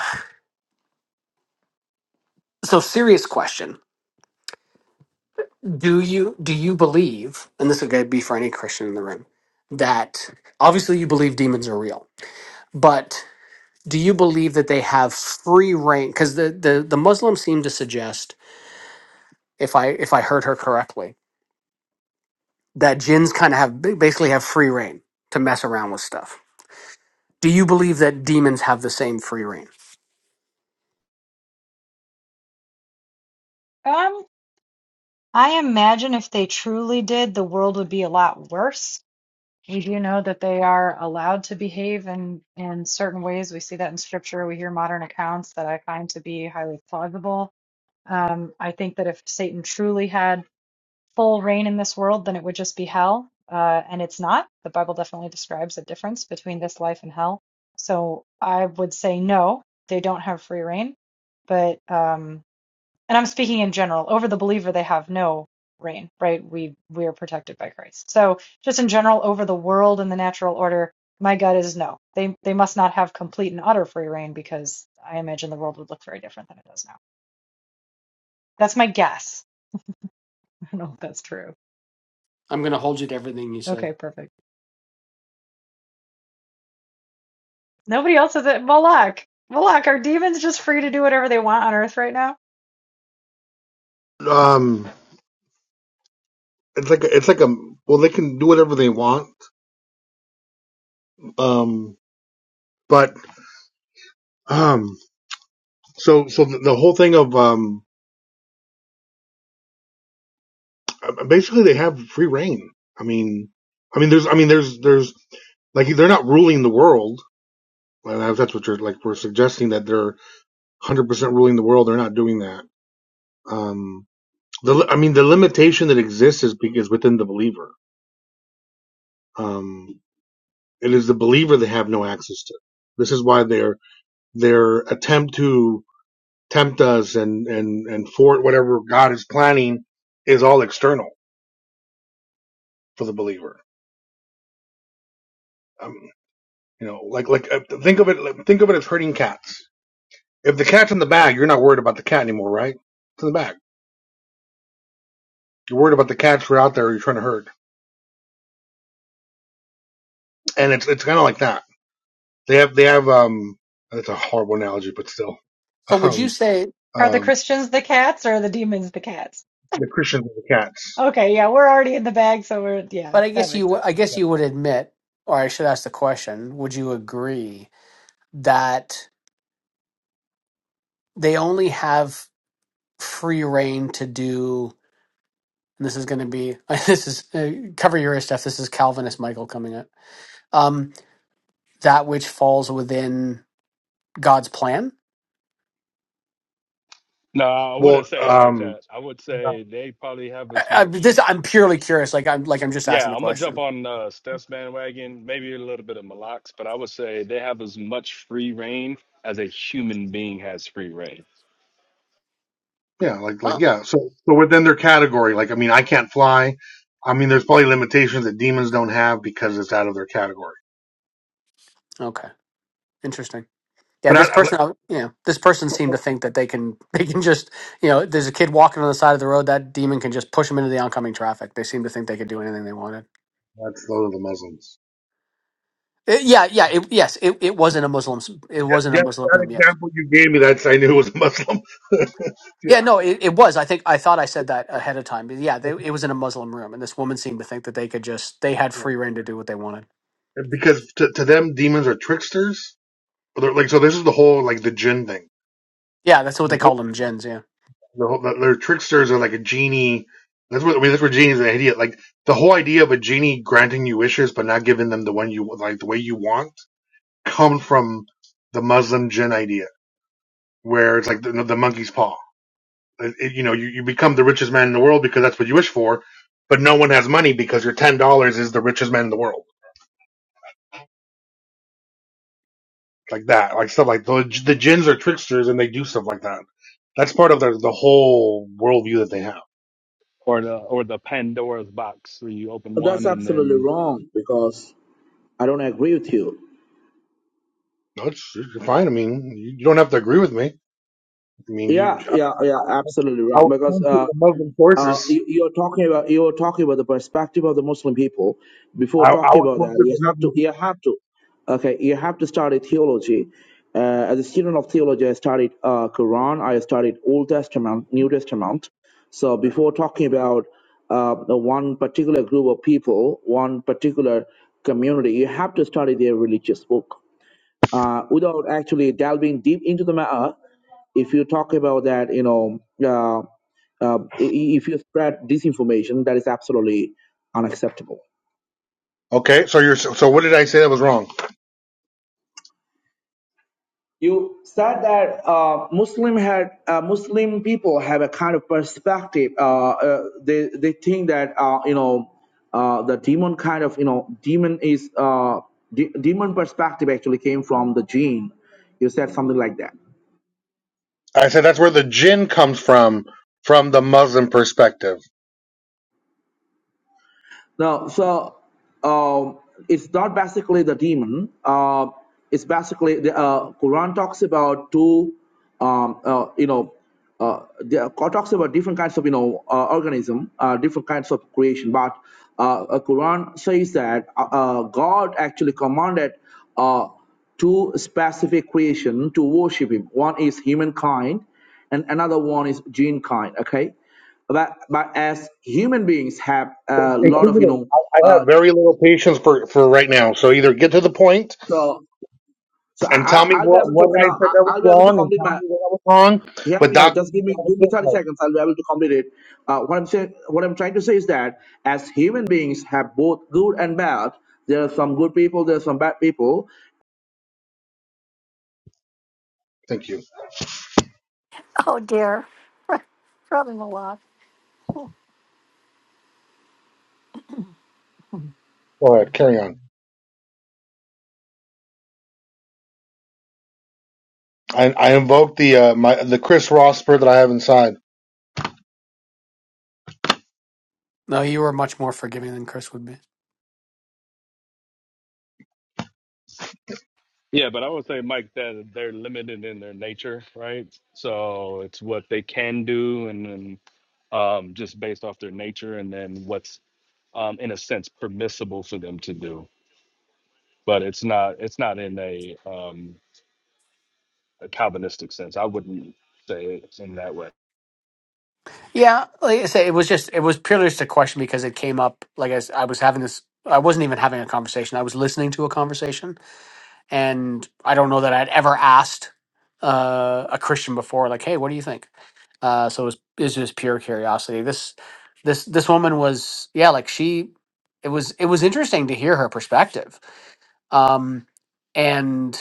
Speaker 3: so, serious question: Do you do you believe? And this would be for any Christian in the room. That obviously you believe demons are real, but do you believe that they have free reign because the, the the muslims seem to suggest if i if i heard her correctly that jinns kind of have ba- basically have free reign to mess around with stuff do you believe that demons have the same free reign
Speaker 4: Um, I imagine if they truly did, the world would be a lot worse. We do know that they are allowed to behave in, in certain ways. We see that in scripture. We hear modern accounts that I find to be highly plausible. Um, I think that if Satan truly had full reign in this world, then it would just be hell. Uh, and it's not. The Bible definitely describes a difference between this life and hell. So I would say no, they don't have free reign. But um, and I'm speaking in general. Over the believer, they have no reign, right? We we are protected by Christ. So just in general, over the world and the natural order, my gut is no. They they must not have complete and utter free reign because I imagine the world would look very different than it does now. That's my guess. (laughs) I don't know if that's true.
Speaker 3: i'm going to hold you to everything you said
Speaker 4: Okay, perfect. Nobody else is at Moloch. Moloch, are demons just free to do whatever they want on Earth right now?
Speaker 11: Um, it's like, it's like a, well, they can do whatever they want Um, but um, so so the, the whole thing of um, basically they have free reign. I mean, I mean, there's, I mean, there's, there's like they're not ruling the world. And if that's what you're like, we're suggesting that they're 100% ruling the world. They're not doing that. Um, the, I mean, the limitation that exists is because within the believer. Um, it is the believer they have no access to. This is why their their attempt to tempt us and and and for whatever God is planning is all external for the believer. Um, you know, like like uh, think of it think of it as herding cats. If the cat's in the bag, you're not worried about the cat anymore, right? It's in the bag. You're worried about the cats who are out there you're trying to herd, and it's it's kind of like that. They have they have um. That's a horrible analogy, but still,
Speaker 3: so
Speaker 11: (laughs)
Speaker 3: would you
Speaker 11: um,
Speaker 3: say
Speaker 4: Are the
Speaker 11: um,
Speaker 4: Christians the cats or are the demons the cats?
Speaker 11: the Christians are the cats.
Speaker 4: Okay, yeah, we're already in the bag, so we're, yeah,
Speaker 3: but i
Speaker 4: that
Speaker 3: guess you
Speaker 4: makes
Speaker 3: w- i
Speaker 4: sense.
Speaker 3: guess you would admit or i should ask the question would you agree that they only have free reign to do and this is going to be (laughs) this is uh, cover your ear stuff this is calvinist michael coming up um, that which falls within God's plan?
Speaker 6: No, I wouldn't
Speaker 11: Well,
Speaker 6: say it like
Speaker 11: um,
Speaker 6: that. I would say they probably have
Speaker 3: I,
Speaker 6: as
Speaker 3: I,
Speaker 6: much.
Speaker 3: this I'm purely curious. Like I'm like I'm just asking
Speaker 6: Yeah,
Speaker 3: the
Speaker 6: I'm gonna jump
Speaker 3: question.
Speaker 6: on uh, Steph's bandwagon, maybe a little bit of Malak's, but I would say they have as much free reign as a human being has free reign,
Speaker 11: Yeah, like like
Speaker 3: Oh,
Speaker 11: yeah. So so within their category, like I mean, I can't fly. I mean, there's probably limitations that demons don't have because it's out of their category.
Speaker 3: Okay, interesting. Yeah,
Speaker 11: But I,
Speaker 3: this
Speaker 11: I,
Speaker 3: person, uh, you know, this person seemed to think that they can (laughs) they can just you know, there's a kid walking on the side of the road. That demon can just push him into the oncoming traffic. They seem to think they could do anything they wanted.
Speaker 11: that's those are the Muslims.
Speaker 3: It- yeah, yeah, it, yes. It, it wasn't a Muslim. s- It wasn't a
Speaker 11: Yeah,
Speaker 3: Muslim
Speaker 11: that
Speaker 3: room. Yes.
Speaker 11: example you gave me, that's I knew it was Muslim. (laughs)
Speaker 3: Yeah,
Speaker 11: yeah,
Speaker 3: no, it, it was. I think I thought I said that ahead of time. But yeah, they, it was in a Muslim room, and this woman seemed to think that they could just they had
Speaker 11: yeah.
Speaker 3: free reign to do what they wanted.
Speaker 11: And because to, to them, demons are tricksters. They're like so. This is the whole like the jinn thing.
Speaker 3: Yeah, that's what
Speaker 11: The,
Speaker 3: they
Speaker 11: whole-
Speaker 3: call them, gens. Yeah.
Speaker 11: the whole the, their tricksters are like a genie. That's what I mean. That's where genies are an idiot. Like the whole idea of a genie granting you wishes but not giving them the one you like the way you want come from the Muslim jinn idea, where it's like the, the monkey's paw. It- it- you know, you, you become the richest man in the world because that's what you wish for, but no one has money because your ten dollars is the richest man in the world, like that, like stuff like the the jinns are tricksters and they do stuff like that. That's part of the the whole worldview that they have.
Speaker 6: or the or the Pandora's box where you open
Speaker 13: That's
Speaker 6: one and
Speaker 13: absolutely
Speaker 6: then
Speaker 13: wrong because I don't agree with you.
Speaker 11: No, it's, it's fine. I mean, you, you don't have to agree with me. I mean, you
Speaker 13: Yeah,
Speaker 11: I,
Speaker 13: yeah, yeah, absolutely
Speaker 11: I
Speaker 13: wrong
Speaker 11: was
Speaker 13: because
Speaker 11: pointing to
Speaker 13: uh,
Speaker 11: the Muslim
Speaker 13: uh,
Speaker 11: sources.
Speaker 13: you, you're talking about you're talking about the perspective of the Muslim people. Before
Speaker 11: I, I
Speaker 13: talking
Speaker 11: was
Speaker 13: about
Speaker 11: pointing
Speaker 13: that,
Speaker 11: to
Speaker 13: you
Speaker 11: the
Speaker 13: have to
Speaker 11: Muslim.
Speaker 13: you have to okay you have to study theology. Uh, as a student of theology, I studied uh, Quran, I studied Old Testament, New Testament. So before talking about uh, the one particular group of people, one particular community, you have to study their religious book uh, without actually delving deep into the matter if you talk about that you know uh, uh, i- if you spread disinformation that is absolutely unacceptable
Speaker 11: Okay, so you're so so what did I say that was wrong?
Speaker 13: you said that uh, muslim had uh, muslim people have a kind of perspective uh, uh, they they think that uh, you know uh, the demon kind of you know demon is uh, de- demon perspective actually came from the gene you said something like that
Speaker 11: I said that's where the jinn comes from, from the Muslim perspective.
Speaker 13: No, so um, it's not basically the demon. Uh, it's basically the uh, Quran talks about two, um, uh, you know, uh, the Quran talks about different kinds of you know uh, organism, uh, different kinds of creation. But uh, uh, Quran says that uh, uh, God actually commanded uh, two specific creation to worship Him. One is humankind, and another one is gene kind. Okay, but but as human beings have a lot of you
Speaker 11: Inquisitive,
Speaker 13: know
Speaker 11: I, I
Speaker 13: uh
Speaker 11: have very little patience for, for right now. So either get to the point
Speaker 13: so so I,
Speaker 11: and tell
Speaker 13: I-
Speaker 11: me
Speaker 13: i'll be
Speaker 11: what,
Speaker 13: able to
Speaker 11: what
Speaker 13: you
Speaker 11: I said
Speaker 13: I,
Speaker 11: that was
Speaker 13: i'll be able to
Speaker 11: wrong and
Speaker 13: complete
Speaker 11: tell
Speaker 13: my
Speaker 11: me that I was wrong
Speaker 13: hear me
Speaker 11: without
Speaker 13: out
Speaker 11: giving
Speaker 13: just give
Speaker 11: me
Speaker 13: me
Speaker 11: all
Speaker 13: give
Speaker 11: the
Speaker 13: me 30
Speaker 11: footnotes.
Speaker 13: seconds i'll be able to complete it uh, what i'm saying what i'm trying to say is that as human beings have both good and bad there are some good people there are some bad people
Speaker 11: Thank you.
Speaker 2: Oh dear. (laughs) Probably a lot.
Speaker 11: Go ahead, carry on. I, I invoke the uh, my the Chris Ross spirit that I have inside.
Speaker 3: No, you were much more forgiving than Chris would be.
Speaker 6: yeah. But I would say, Mike, that they're limited in their nature, right? So it's what they can do, and then um, just based off their nature, and then what's um, in a sense permissible for them to do. But it's not it's not in a, um, a Calvinistic sense. I wouldn't say it in that way.
Speaker 3: Yeah, like I say, it was just it was purely just a question because it came up. Like I, s- I was having this, I wasn't even having a conversation. I was listening to a conversation, and I don't know that I'd ever asked uh, a Christian before, like, "Hey, what do you think?" Uh, so it was, it was just pure curiosity. This this this woman was, yeah, like she. It was it was interesting to hear her perspective. Um, and.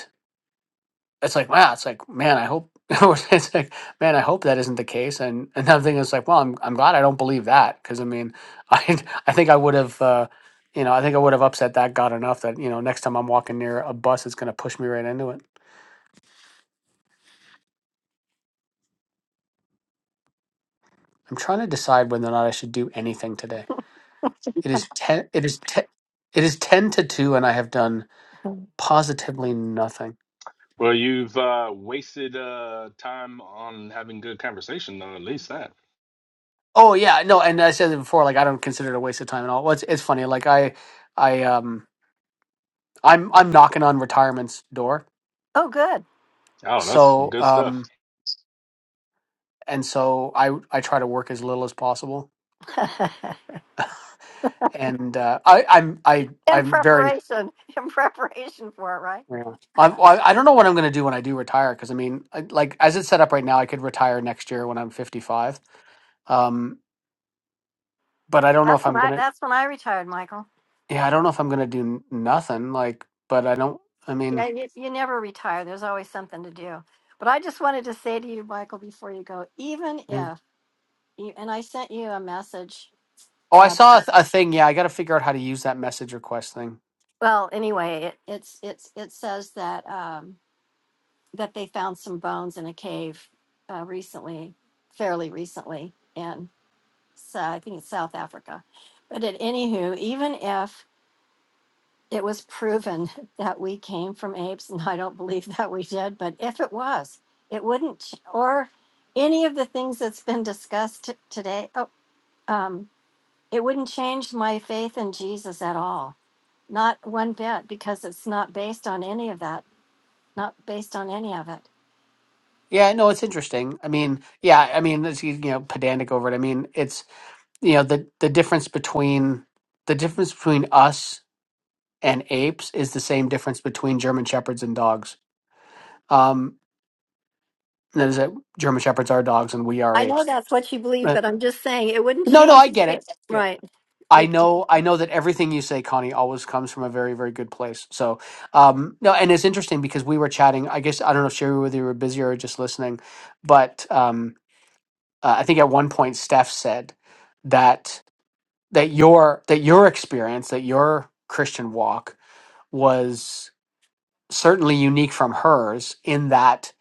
Speaker 3: it's like wow it's like man i hope (laughs) it's like man i hope that isn't the case and another thing is like well i'm, I'm glad i don't believe that because i mean (laughs) i i think i would have uh you know i think i would have upset that god enough that you know next time i'm walking near a bus it's going to push me right into it i'm trying to decide whether or not i should do anything today it is 10 it is 10 it is 10 to 2 and i have done positively nothing
Speaker 6: Well, you've uh, wasted uh, time on having good conversation, though. At least that.
Speaker 3: oh yeah no and i said it before like i don't consider it a waste of time at all well, it's, it's funny like i i um I'm I'm knocking on retirement's door.
Speaker 6: Oh, that's
Speaker 3: So
Speaker 6: good stuff.
Speaker 3: um and so I I try to work as little as possible. And uh, I I'm I I'm very yeah. I'm, I I don't know what I'm going to do when I do retire because I mean I, like as it's set up right now I could retire next year when I'm 55. Um but I don't know if I'm going to yeah, I don't know if I'm going to do n- nothing like but I don't I mean
Speaker 2: Uh, There's always something to do. But I just wanted to say to you, Michael, before you go, even
Speaker 3: yeah.
Speaker 2: if, you, and I sent you a message.
Speaker 3: Oh, I
Speaker 2: Uh,
Speaker 3: saw a,
Speaker 2: about-
Speaker 3: th- a thing. Yeah, I got to figure out how to use that message request thing.
Speaker 2: well, anyway, it, it's it's it says that um, that they found some bones in a cave uh, recently, fairly recently, in so I think it's South Africa. But at anywho, even if it was proven (laughs) that we came from apes, and I don't believe (laughs) that we did, but if it was, it wouldn't, ch- or any of the things that's been discussed t- today, oh, um, it wouldn't change my faith in Jesus at all. Not one bit, because it's not based on any of that, not based on any of it.
Speaker 3: Yeah, no, it's interesting. I mean, yeah, I mean, it's, you know, pedantic over it. I mean, it's, you know, the the difference between the difference between us and apes is the same difference between German shepherds and dogs. Um, that is that German shepherds are dogs and we are
Speaker 2: I know
Speaker 3: apes.
Speaker 2: that's what you believe,
Speaker 3: But,
Speaker 2: but I'm just saying it wouldn't
Speaker 3: no, no,
Speaker 2: change.
Speaker 3: I
Speaker 2: your
Speaker 3: get
Speaker 2: faith.
Speaker 3: it. Yeah.
Speaker 2: Right.
Speaker 3: I
Speaker 2: We,
Speaker 3: know I know that everything you say, Connie, always comes from a very, very good place. So, um, no, and it's interesting because we were chatting, I guess I don't know if Sherry whether you were busy or just listening, but um uh, I think at one point Steph said that that your that your experience that your Christian walk was certainly unique from hers in that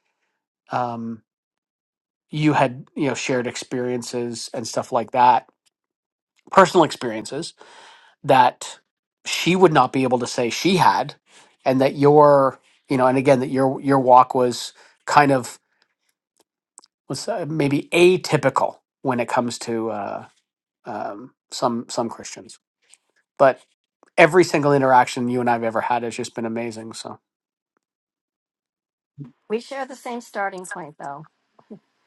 Speaker 3: um, you had you know shared experiences and stuff like that, personal experiences that she would not be able to say she had, and that your you know and again that your your walk was kind of was uh, maybe atypical when it comes to uh, um, some some Christians. but every single interaction you and I've ever had has just been amazing. So
Speaker 2: we share the same starting point, though.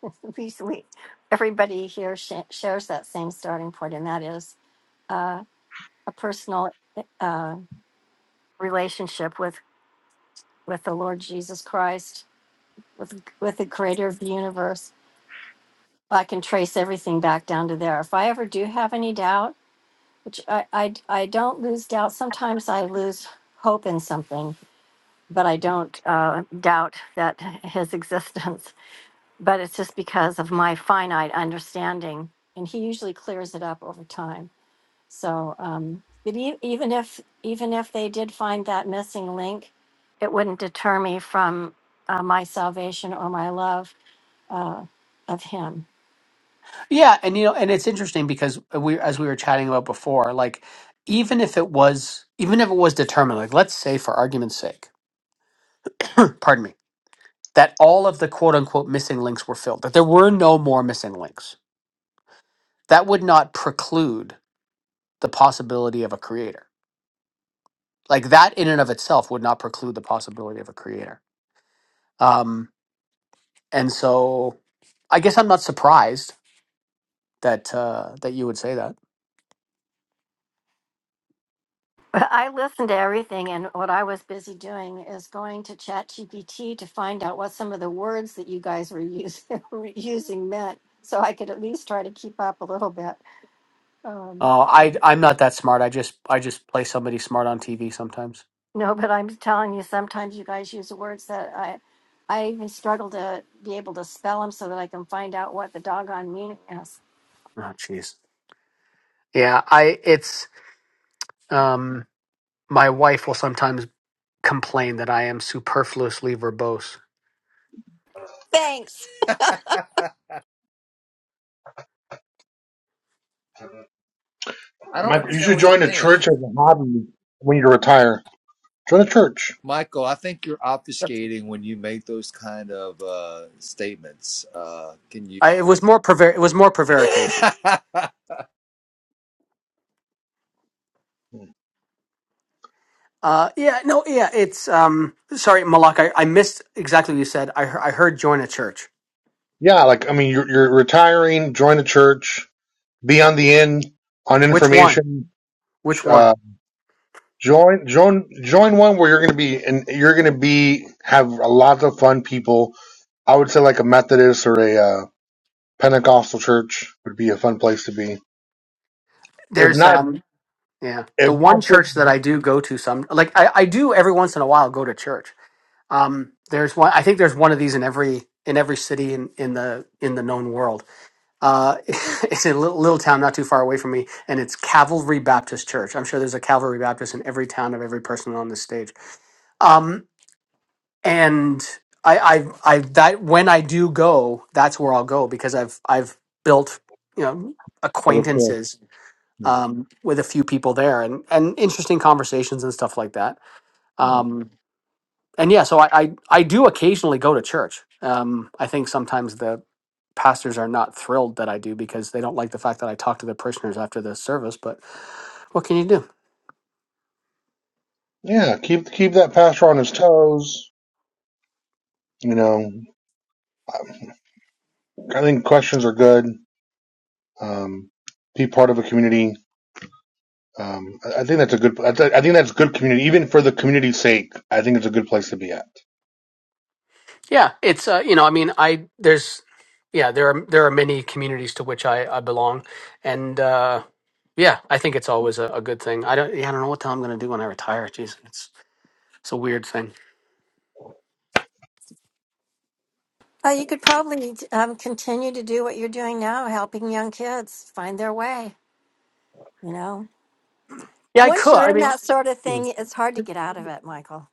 Speaker 2: (laughs) we, we, everybody here sh- shares that same starting point, and that is uh, a personal uh, relationship with with the Lord Jesus Christ, with with the Creator of the universe. I can trace everything back down to there. If I ever do have any doubt, which I I, I don't lose doubt. Sometimes I lose hope in something, but I don't uh, doubt that His (laughs) existence. But it's just because of my finite understanding, and He usually clears it up over time. So, um, but e- even if, even if they did find that missing link, it wouldn't deter me from uh, my salvation or my love uh, of him. (laughs)
Speaker 3: yeah, and you know, and it's interesting because we, as we were chatting about before, like even if it was, even if it was determined, like let's say for argument's sake, (clears throat) pardon me, that all of the quote unquote missing links were filled, that there were no more missing links, that would not preclude the possibility of a creator. Like that in and of itself would not preclude the possibility of a creator. Um, and so I guess I'm not surprised that uh, that you would say that.
Speaker 2: But I listened to everything, and what I was busy doing is going to ChatGPT to find out what some of the words that you guys were using, (laughs) were using meant, so I could at least try to keep up a little bit. Um,
Speaker 3: Oh, I I'm not that smart. I just I just play somebody smart on TV sometimes.
Speaker 2: No, but I'm telling you, sometimes you guys use words that I, I even struggle to be able to spell them so that I can find out what the doggone meaning is.
Speaker 3: Oh, jeez. Yeah, I it's um my wife will sometimes complain that I am superfluously verbose.
Speaker 2: Thanks.
Speaker 12: I don't
Speaker 11: Mike, you
Speaker 12: understand
Speaker 11: should
Speaker 12: what you're
Speaker 11: join a
Speaker 12: saying.
Speaker 11: church as a hobby when you retire. Join a church.
Speaker 12: Michael, I think you're obfuscating when you make those kind of uh, statements. Uh, can you?
Speaker 3: I, it was more prevar- it was more prevarication.
Speaker 12: (laughs)
Speaker 3: Uh, yeah, no, yeah, it's um sorry, Malak, I, I missed exactly what you said. I he- I heard join a church.
Speaker 11: Yeah, like I mean, you're, you're retiring. Join a church. Be on the in on
Speaker 3: Which one?
Speaker 11: information
Speaker 3: Which one?
Speaker 11: Uh, join, join, join one where you're going to be, and you're going to be have a lot of fun people. I would say like a Methodist or a uh, Pentecostal church would be a fun place to be. If
Speaker 3: There's
Speaker 11: not,
Speaker 3: um yeah, the
Speaker 11: if
Speaker 3: one
Speaker 11: not, for-
Speaker 3: church that I do go to some like I I do every once in a while go to church. Um, there's one. I think there's one of these in every in every city in, in the in the known world. Uh, (laughs) it's in a little, little town not too far away from me, and it's Calvary Baptist Church. I'm sure there's a Calvary Baptist in every town of every person on this stage. Um, and I, I, I that when I do go, that's where I'll go because I've I've built you know
Speaker 11: I would pull.
Speaker 3: acquaintances
Speaker 11: No.
Speaker 3: um, with a few people there and and interesting conversations and stuff like that. Um, and yeah, so I, I I do occasionally go to church. Um, I think sometimes the pastors are not thrilled that I do because they don't like the fact that I talk to the parishioners after the service. But what can you do?
Speaker 11: Yeah, keep keep that pastor on his toes. You know, I think questions are good. Um, be part of a community. Um, I think that's a good. I thi- I think that's good community, even for the community's sake. I think it's a good place to be at.
Speaker 3: Yeah, it's uh, you know, I mean, I there's yeah, there are there are many communities to which I I belong, and uh, yeah, I think it's always a, a good thing. I don't yeah, I don't know what the hell I'm going to do when I retire. Jeez, it's it's a weird thing.
Speaker 2: Uh, you could probably um, continue to do what you're doing now, helping young kids find their way. You know,
Speaker 3: Yeah, I
Speaker 2: once
Speaker 3: could.
Speaker 2: you're
Speaker 3: I
Speaker 2: in
Speaker 3: mean.
Speaker 2: that sort of thing, it's hard to get out of it, Michael.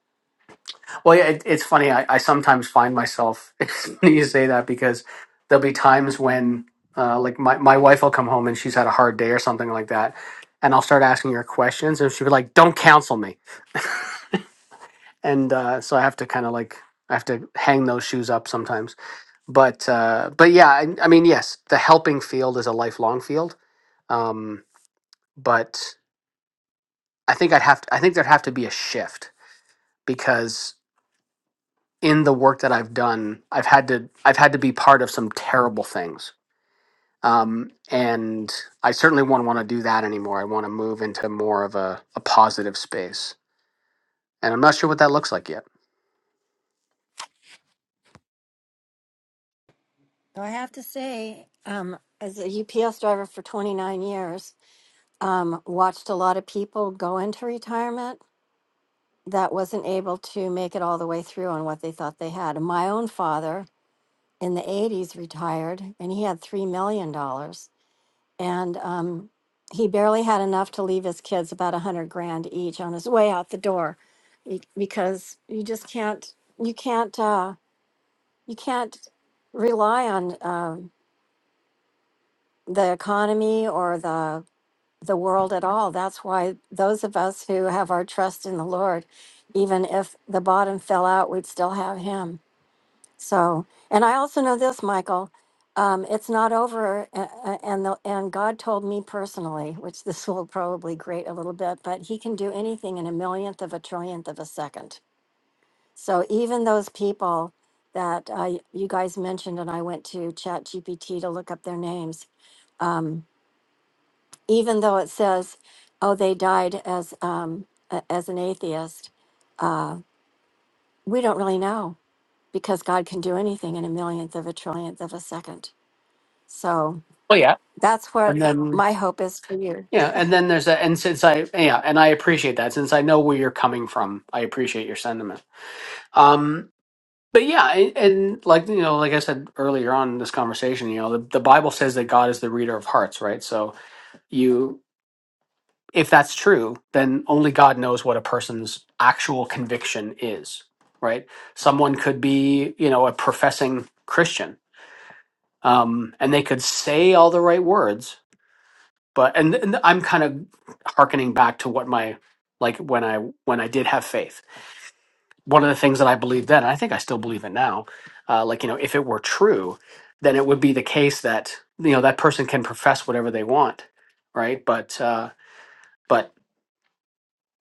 Speaker 3: Well, yeah, it, it's funny. I, I sometimes find myself (laughs) when you say that because there'll be times when, uh, like, my, my wife will come home and she's had a hard day or something like that. And I'll start asking her questions and she'll be like, don't counsel me. And uh, so I have to kind of like, I have to hang those shoes up sometimes. But, uh, but yeah, I, I mean, yes, the helping field is a lifelong field. Um, but I think I'd have to, I think there'd have to be a shift because in the work that I've done, I've had to I've had to be part of some terrible things. Um, and I certainly wouldn't want to do that anymore. I want to move into more of a, a positive space. And I'm not sure what that looks like yet.
Speaker 2: So I have to say, um, as a UPS driver for 29 years, um, watched a lot of people go into retirement that wasn't able to make it all the way through on what they thought they had. And my own father in the 80s retired and he had $3 million. dollars, And um, he barely had enough to leave his kids about a 100 grand each on his way out the door be- because you just can't, you can't, uh, you can't rely on um the economy or the the world at all. That's why those of us who have our trust in the Lord, even if the bottom fell out, we'd still have Him. So, and I also know this, Michael. Um, it's not over, a- a- and the, and God told me personally, which (laughs) this will probably grate a little bit, but He can do anything in a millionth of a trillionth of a second. So even those people that uh, y- you guys mentioned, and I went to Chat GPT to look up their names, um, even though it says, "Oh, they died as um, a- as an atheist," uh, we don't really know because God can do anything in a millionth of a trillionth of a second. So
Speaker 3: Well, yeah.
Speaker 2: that's what
Speaker 3: And then
Speaker 2: my hope is for you.
Speaker 3: yeah, and then there's a and since I yeah, and I appreciate that. Since I know where you're coming from, I appreciate your sentiment. Um but yeah, I- and like you know, like I said earlier on in this conversation, you know, the, the Bible says that God is the reader of hearts, right? So you if that's true, then only God knows what a person's actual conviction is, right? Someone could be, you know, a professing Christian, um, and they could say all the right words, but and, and I'm kind of hearkening back to what my like when I when I did have faith. One of the things that I believed then, and I think I still believe it now, uh, like you know, if it were true, then it would be the case that you know that person can profess whatever they want, right? But uh, but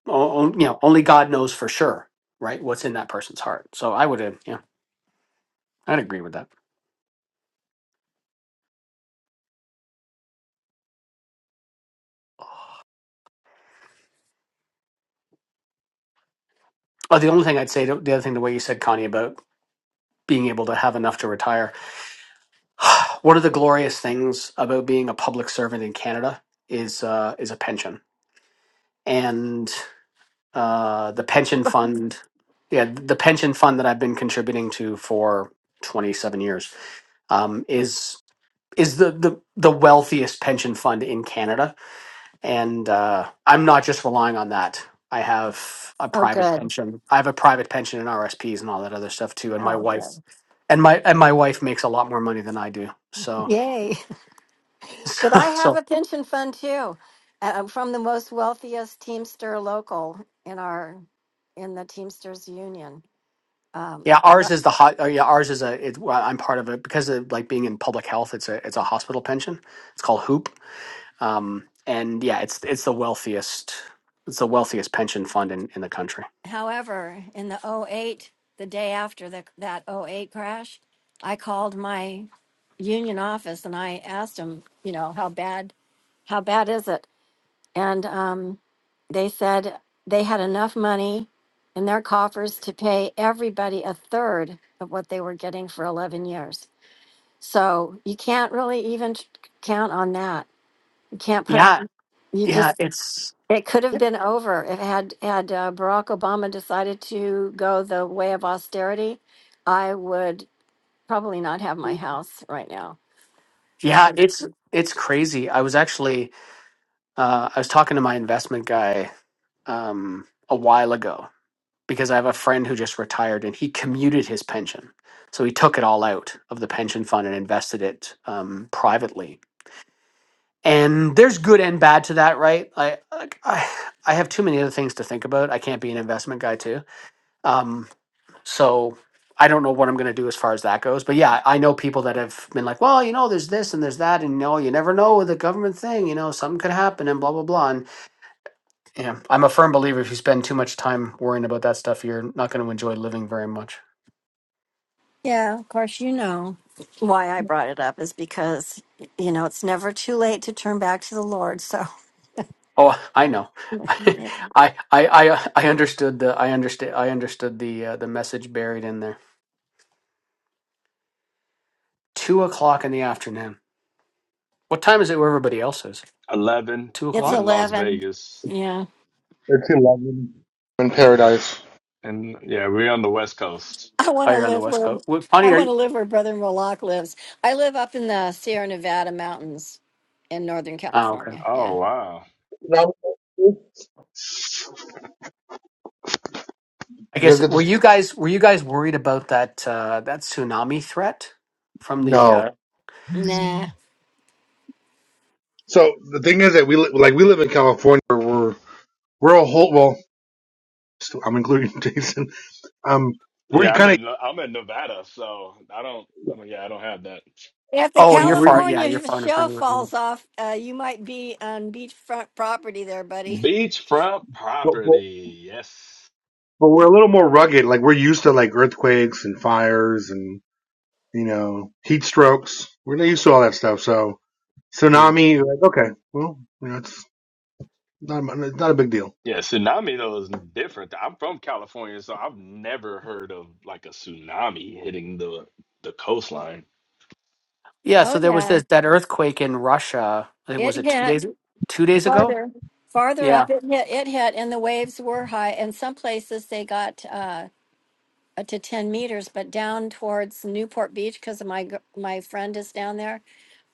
Speaker 3: o- o- you know, only God knows for sure, right? What's in that person's heart. So I would, uh, yeah, I'd agree with that. Oh, the only thing I'd say, the other thing, the way you said, Connie, about being able to have enough to retire. One of the glorious things about being a public servant in Canada is uh, is a pension, and uh, the pension fund, yeah, the pension fund that I've been contributing to for twenty seven years um, is is the, the the wealthiest pension fund in Canada and uh, I'm not just relying on that. I have a
Speaker 2: Oh,
Speaker 3: private
Speaker 2: good.
Speaker 3: pension. I have a private pension and RSPs and all that other stuff too. And my
Speaker 2: Oh,
Speaker 3: wife,
Speaker 2: good.
Speaker 3: and my and my wife makes a lot more money than I do. So
Speaker 2: Yay. (laughs) But I
Speaker 3: (laughs)
Speaker 2: have
Speaker 3: so
Speaker 2: a pension fund too. And I'm from the most wealthiest Teamster local in our, in the Teamsters Union. Um,
Speaker 3: yeah,
Speaker 2: lo-
Speaker 3: ours is the hot. Oh yeah, ours is a. It, well, I'm part of it because of like being in public health. It's a it's a hospital pension. It's called Hoop Um, and yeah, it's it's the wealthiest it's the wealthiest pension fund in, in the country.
Speaker 2: however, in the '08, the day after the, that '08 crash, I called my union office and I asked them, you know, how bad, how bad is it? And, um, They said they had enough money in their coffers to pay everybody a third of what they were getting for 11 years. So you can't really even t- count on that. You can't put
Speaker 3: Yeah,
Speaker 2: you
Speaker 3: yeah,
Speaker 2: just
Speaker 3: it's
Speaker 2: it could have been over if had had uh, Barack Obama decided to go the way of austerity. I would probably not have my house right now for
Speaker 3: yeah,
Speaker 2: sure.
Speaker 3: it's it's crazy. I was actually uh, I was talking to my investment guy um, a while ago because I have a friend who just retired and he commuted his pension, so he took it all out of the pension fund and invested it um, privately. and there's good and bad to that right I, like, I i have too many other things to think about i can't be an investment guy too um so i don't know what i'm going to do as far as that goes but yeah i know people that have been like well you know there's this and there's that and no you never know with the government thing you know something could happen and blah blah blah and you know, i'm a firm believer if you spend too much time worrying about that stuff you're not going to enjoy living very much
Speaker 2: Yeah, of course, you know why I brought it up is because, you know, it's never too late to turn back to the Lord. So
Speaker 3: oh i know (laughs) i i i uh, i understood the i understood. i understood the uh, the message buried in there two o'clock in the afternoon. What time is it where everybody else is?
Speaker 6: Eleven.
Speaker 3: Two
Speaker 2: It's
Speaker 6: I'm
Speaker 3: o'clock.
Speaker 6: in Las
Speaker 2: eleven.
Speaker 6: Vegas.
Speaker 2: Yeah.
Speaker 11: It's eleven in
Speaker 6: Yeah,
Speaker 11: paradise.
Speaker 6: and yeah, we're on the West Coast.
Speaker 2: I want
Speaker 3: Oh,
Speaker 2: to
Speaker 3: you're on the
Speaker 2: live
Speaker 3: west
Speaker 2: where
Speaker 3: coast. What, Connie,
Speaker 2: I
Speaker 3: are
Speaker 2: want to
Speaker 3: you?
Speaker 2: live where Brother Moloch lives. I live up in the Sierra Nevada mountains in Northern
Speaker 3: Oh, okay.
Speaker 2: California.
Speaker 6: Oh
Speaker 2: Yeah.
Speaker 6: wow.
Speaker 11: No, you
Speaker 3: I
Speaker 11: guys
Speaker 3: guess
Speaker 11: get
Speaker 3: were
Speaker 11: this?
Speaker 3: you guys were you guys worried about that uh, that tsunami threat from the?
Speaker 11: No.
Speaker 3: Uh,
Speaker 2: Nah.
Speaker 11: So the thing is that we li- like we live in California. Where we're we're a whole well. I'm including (laughs) Jason. Um, we're
Speaker 6: Yeah, I'm
Speaker 11: kind
Speaker 6: in I'm in Nevada, so I don't. I mean, yeah, I don't have that.
Speaker 2: If the
Speaker 3: oh,
Speaker 11: of
Speaker 3: you're far. Yeah, you're
Speaker 2: California
Speaker 3: far enough.
Speaker 2: show
Speaker 3: in.
Speaker 2: falls off, uh, you might be on beachfront property there, buddy.
Speaker 6: Beachfront
Speaker 11: we're
Speaker 6: property. Yes.
Speaker 11: But we're a little more rugged. Like we're used to like earthquakes and fires and you know heat strokes. We're not used to all that stuff. So
Speaker 3: Hmm.
Speaker 11: tsunami, you're like okay, well, you know, it's not it's not a big deal.
Speaker 6: Yeah, tsunami though is different. I'm from California, so I've never heard of like a tsunami hitting the the coastline.
Speaker 3: Yeah. So
Speaker 2: Oh
Speaker 3: there was
Speaker 2: yeah,
Speaker 3: this that earthquake in Russia. I think
Speaker 2: it
Speaker 3: was it two days
Speaker 2: hit
Speaker 3: two days ago.
Speaker 2: farther, farther
Speaker 3: Yeah.
Speaker 2: up. It hit, it hit, and the waves were high. And some places they got uh, up to ten meters, but down towards Newport Beach because my gr- my friend is down there.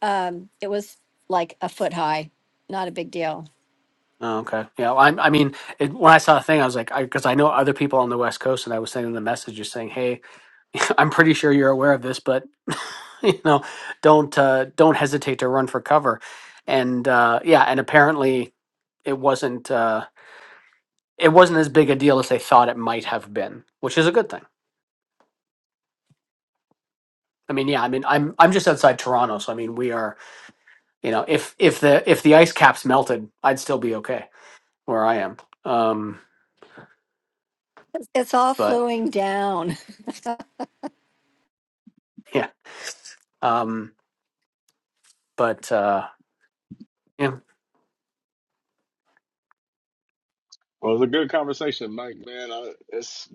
Speaker 2: Um, it was like a foot high. Not a big deal.
Speaker 3: Oh, okay. Yeah. I, I mean, it, when I saw the thing, I was like, because I, 'cause I know other people on the West Coast, and I was sending the messages saying, "Hey, (laughs) I'm pretty sure you're aware of this, but (laughs) you know don't uh, don't hesitate to run for cover and uh, yeah and apparently it wasn't uh, it wasn't as big a deal as they thought it might have been which is a good thing i mean yeah i mean i'm i'm just outside toronto so i mean we are you know if if the if the ice caps melted i'd still be okay where i am um
Speaker 2: It's all
Speaker 3: but
Speaker 2: flowing down.
Speaker 3: yeah um but uh yeah
Speaker 6: Well, it was a good conversation, Mike. Man, I, it's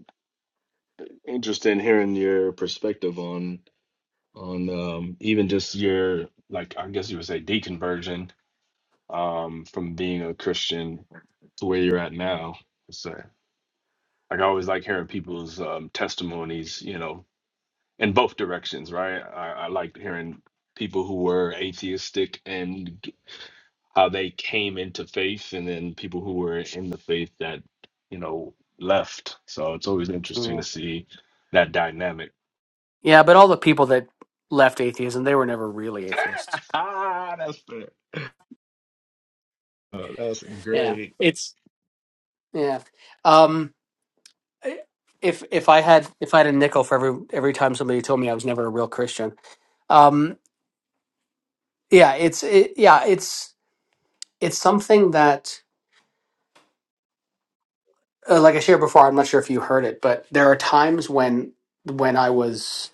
Speaker 6: interesting hearing your perspective on on um, even just your like I guess you would say deconversion um, from being a Christian to where you're at now. So, like I always like hearing people's um, testimonies, you know, in both directions, right? I, I liked hearing people who were atheistic and how they came into faith and then people who were in the faith that you know left so it's always interesting
Speaker 3: yeah,
Speaker 6: to see that dynamic
Speaker 3: yeah but all the people that left atheism they were never really atheists
Speaker 6: (laughs) that's fair Uh, that's
Speaker 3: yeah
Speaker 6: great
Speaker 3: it's yeah um if if I had if I had a nickel for every every time somebody told me I was never a real Christian. Um, yeah, it's it, yeah, it's it's something that uh, like I shared before. I'm not sure if you heard it, but there are times when when I was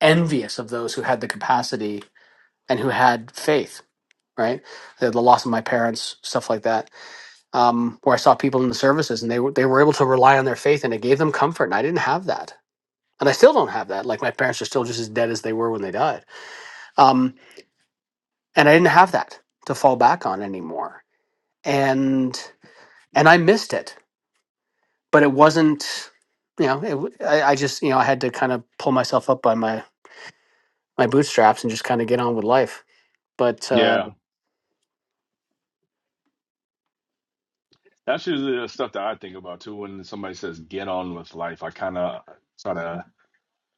Speaker 3: envious of those who had the capacity and who had faith. Right, the, the loss of my parents, stuff like that, um, where I saw people in the services and they were they were able to rely on their faith and it gave them comfort, and I didn't have that, and I still don't have that. Like my parents are still just as dead as they were when they died. Um. and I didn't have that to fall back on anymore, and and I missed it. But it wasn't, you know, it, w- I, I just you know I had to kind of pull myself up by my my bootstraps and just kind of get on with life. But uh,
Speaker 6: yeah that's usually the stuff that i think about too when somebody says get on with life i kind of try to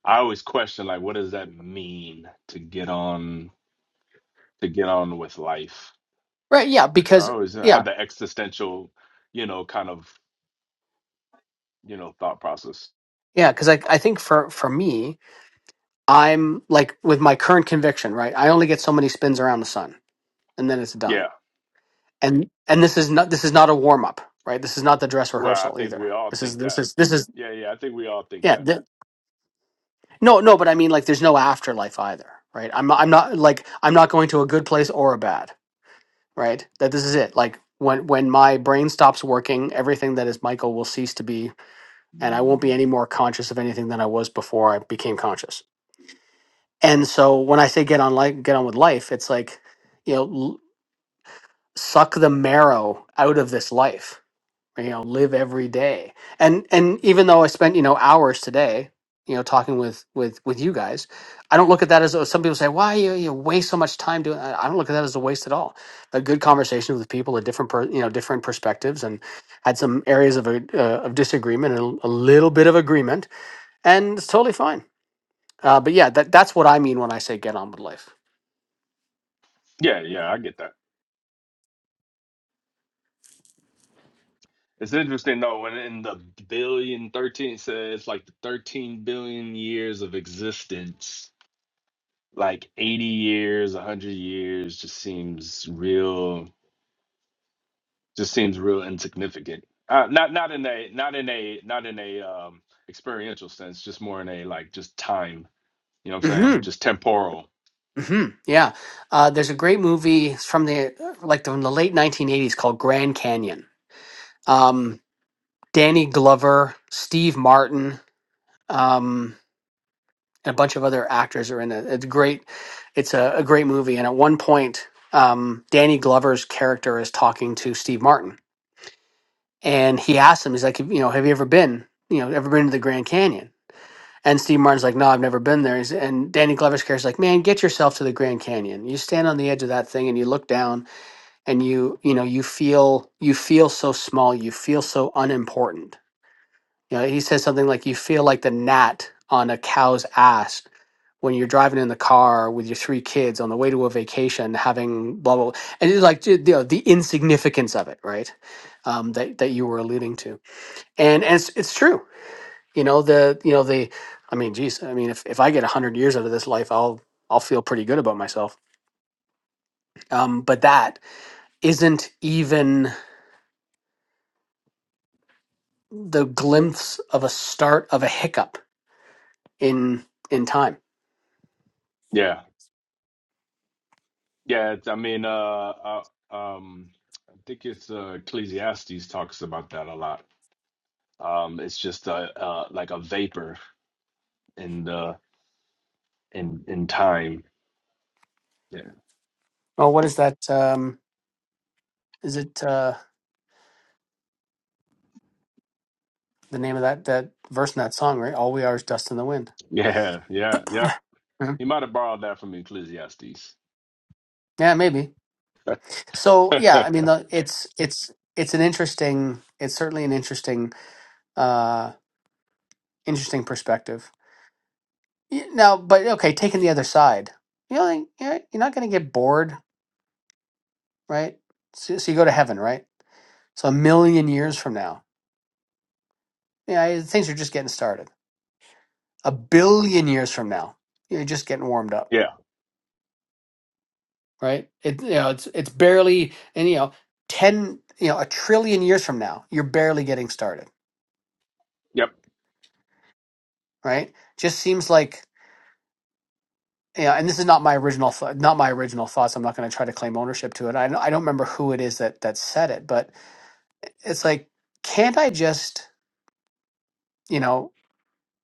Speaker 6: i always question like what does that mean to get on to get on with life
Speaker 3: right, yeah,
Speaker 6: like
Speaker 3: because
Speaker 6: i always
Speaker 3: yeah,
Speaker 6: have the existential you know kind of you know thought process
Speaker 3: yeah, because I I think for for me, I'm like with my current conviction, right? I only get so many spins around the sun, and then it's done.
Speaker 6: Yeah.
Speaker 3: And and this is not this is not a warm up, right? This is not the dress
Speaker 6: Well, I
Speaker 3: rehearsal
Speaker 6: think
Speaker 3: either.
Speaker 6: we all
Speaker 3: This is
Speaker 6: think
Speaker 3: this
Speaker 6: that.
Speaker 3: is this is
Speaker 6: Yeah, yeah, I think we all think that.
Speaker 3: yeah. No, no, but I mean, like, there's no afterlife either, right? I'm, I'm not like I'm not going to a good place or a bad, right? That this is it. Like when when my brain stops working, everything that is Michael will cease to be, and I won't be any more conscious of anything than I was before I became conscious. And so when I say get on like get on with life, it's like, you know, l- suck the marrow out of this life you know live every day and and even though i spent you know hours today you know talking with with with you guys i don't look at that as a, some people say why you, you waste so much time doing that?" i don't look at that as a waste at all a good conversation with people with different per, you know different perspectives and had some areas of a, uh, of disagreement and a little bit of agreement and it's totally fine uh, but yeah that that's what i mean when i say get on with life
Speaker 6: Yeah, yeah, I get that. It's interesting though when in the billion thirteen 13 says like the 13 billion years of existence, like 80 years, 100 years just seems real just seems real insignificant. Uh, not not in a not in a not in a um experiential sense, just more in a like just time, you know what I'm
Speaker 3: hmm
Speaker 6: saying? Just temporal.
Speaker 3: hmm yeah uh, there's a great movie it's from the like from the late 1980s called grand canyon Um, Danny Glover, Steve Martin, um, and a bunch of other actors are in it. It's great. It's a, a great movie. And at one point, um, Danny Glover's character is talking to Steve Martin, and he asks him, he's like, you know, have you ever been, you know, ever been to the Grand Canyon? And Steve Martin's like, no, I've never been there. He's, and Danny Glover's character's like, man, get yourself to the Grand Canyon. You stand on the edge of that thing and you look down, and you, you know, you feel you feel so small. You feel so unimportant You know, he says something like, "You feel like the gnat on a cow's ass when you're driving in the car with your three kids on the way to a vacation, having blah blah." blah." And it's like you know the insignificance of it, right? Um, that that you were alluding to, and, and it's it's true. You know the you know the, I mean, geez, I mean, if if I get a hundred years out of this life, I'll I'll feel pretty good about myself. Um, but that isn't even the glimpse of a start of a hiccup in in time.
Speaker 6: Yeah. Yeah, it's- I mean, uh, uh, um, I think it's uh, Ecclesiastes talks about that a lot. Um, it's just uh, uh, like a vapor in the in in time. Yeah,
Speaker 3: Well, what is that? Um, Is it uh, the name of that that verse in that song? Right, all we are is dust in the wind.
Speaker 6: (laughs) yeah, yeah, yep.
Speaker 3: Mhm.
Speaker 6: He might have borrowed that from Ecclesiastes.
Speaker 3: Yeah, maybe. So
Speaker 6: (laughs)
Speaker 3: yeah, I mean, the, it's it's it's an interesting. It's certainly an interesting uh, interesting perspective. Y- Now, but okay, taking the other side, you know, like, you're you're not going to get bored, right? So, so you go to heaven, right? So a million years from now, yeah, things are just getting started. A billion years from now, you're just getting warmed up
Speaker 6: Yeah,
Speaker 3: right? It you know it's it's barely and you know ten you know a trillion years from now you're barely getting started,
Speaker 6: yep.
Speaker 3: right? Just seems like you know, and this is not my original th- not my original thoughts. I'm not going to try to claim ownership to it. I don't- I don't remember who it is that that said it, but it's like can't I just you know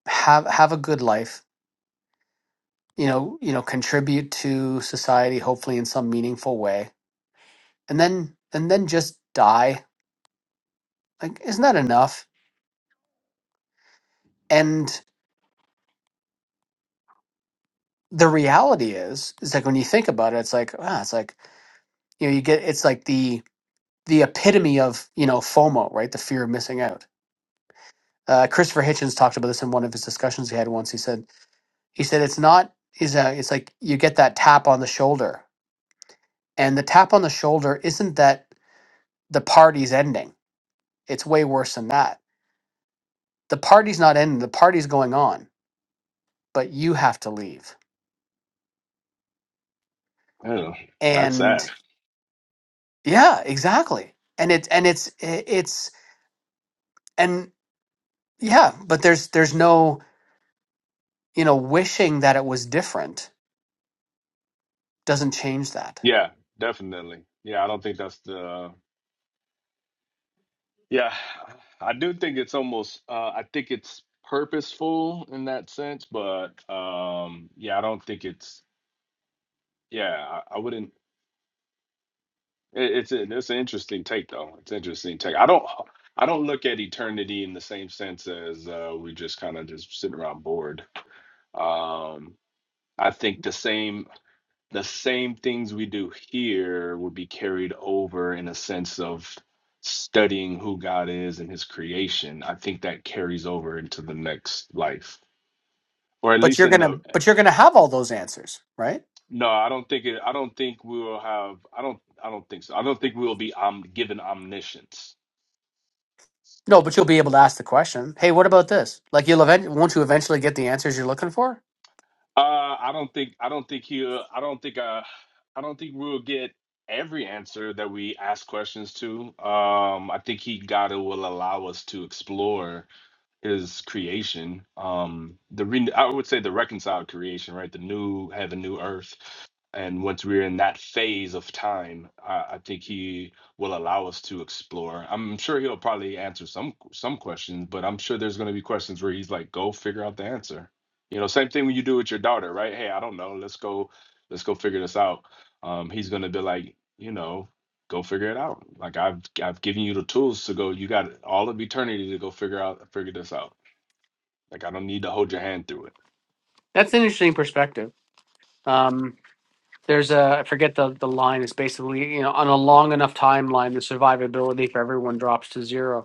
Speaker 3: have have a good life, you know you know contribute to society hopefully in some meaningful way, and then and then just die like isn't that enough? the reality is is like when you think about it it's like ah it's like you know you get it's like the the epitome of you know fomo right the fear of missing out uh, christopher hitchens talked about this in one of his discussions he had once he said he said it's not is a it's like you get that tap on the shoulder and the tap on the shoulder isn't that the party's ending it's way worse than that the party's not ending the party's going on but you have to leave
Speaker 6: Oh, that's
Speaker 3: and
Speaker 6: sad.
Speaker 3: yeah exactly and it's and it's it's and Yeah, but there's there's no, you know, wishing that it was different doesn't change that.
Speaker 6: Yeah, definitely. Yeah, I don't think that's the. Yeah, I do think it's almost. Uh, I think it's purposeful in that sense, but um, yeah, I don't think it's Yeah, I, I wouldn't. It, it's an it's an interesting take though. It's an interesting take. I don't I don't look at eternity in the same sense as uh, we just kind of just sitting around bored. Um, I think the same the same things we do here would be carried over in a sense of studying who God is and His creation. I think that carries over into the next life, or at
Speaker 3: But
Speaker 6: least
Speaker 3: you're
Speaker 6: in the
Speaker 3: gonna but you're gonna have all those answers, right?
Speaker 6: no, I don't think it. I don't think we will have. I don't. I don't think so. I don't think we will be um, given omniscience.
Speaker 3: No, but you'll be able to ask the question, hey, what about this? Like you'll event won't you eventually get the answers you're looking for?
Speaker 6: Uh, I don't think I don't think he uh, I don't think uh I don't think we'll get every answer that we ask questions to. Um, I think he gotta will allow us to explore his creation um the re- i would say the reconciled creation right the new heaven new earth and once we're in that phase of time i, I think he will allow us to explore i'm sure he'll probably answer some some questions but i'm sure there's going to be questions where he's like go figure out the answer you know same thing when you do with your daughter right hey i don't know let's go let's go figure this out um he's going to be like you know go figure it out. Like I've I've given you the tools to go. You got all of eternity to go figure out figure this out. Like I don't need to hold your hand through it.
Speaker 3: That's an interesting perspective. Um there's a I forget the the line, it's basically, you know, on a long enough timeline the survivability for everyone drops to zero.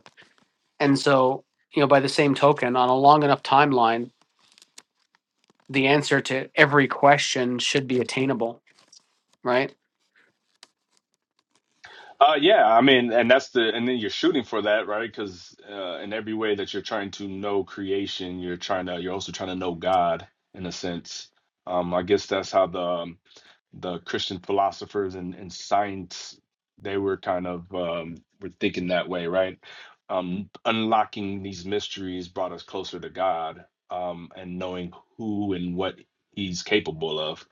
Speaker 3: And so, you know, by the same token, on a long enough timeline, the answer to every question should be attainable, right?
Speaker 6: Uh, yeah, I mean, and that's the and then you're shooting for that, right? Because uh, in every way that you're trying to know creation, you're trying to you're also trying to know God in a sense. Um, I guess that's how the um, the Christian philosophers and, and science, they were kind of um, were thinking that way, right? Um, unlocking these mysteries brought us closer to God um, and knowing who and what He's capable of.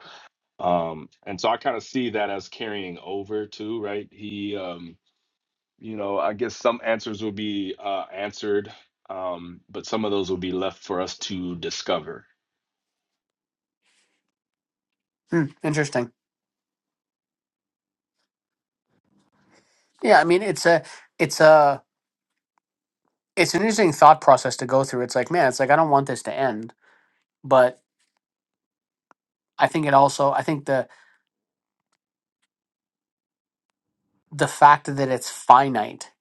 Speaker 6: Um, and so I kind of see that as carrying over too, right? He, um, you know, I guess some answers will be uh, answered, um, but some of those will be left for us to discover
Speaker 3: Hmm, interesting. Yeah, I mean, it's a, it's a, it's an interesting thought process to go through. It's like, man, it's like I don't want this to end, but I think it also, I think the the fact that it's finite,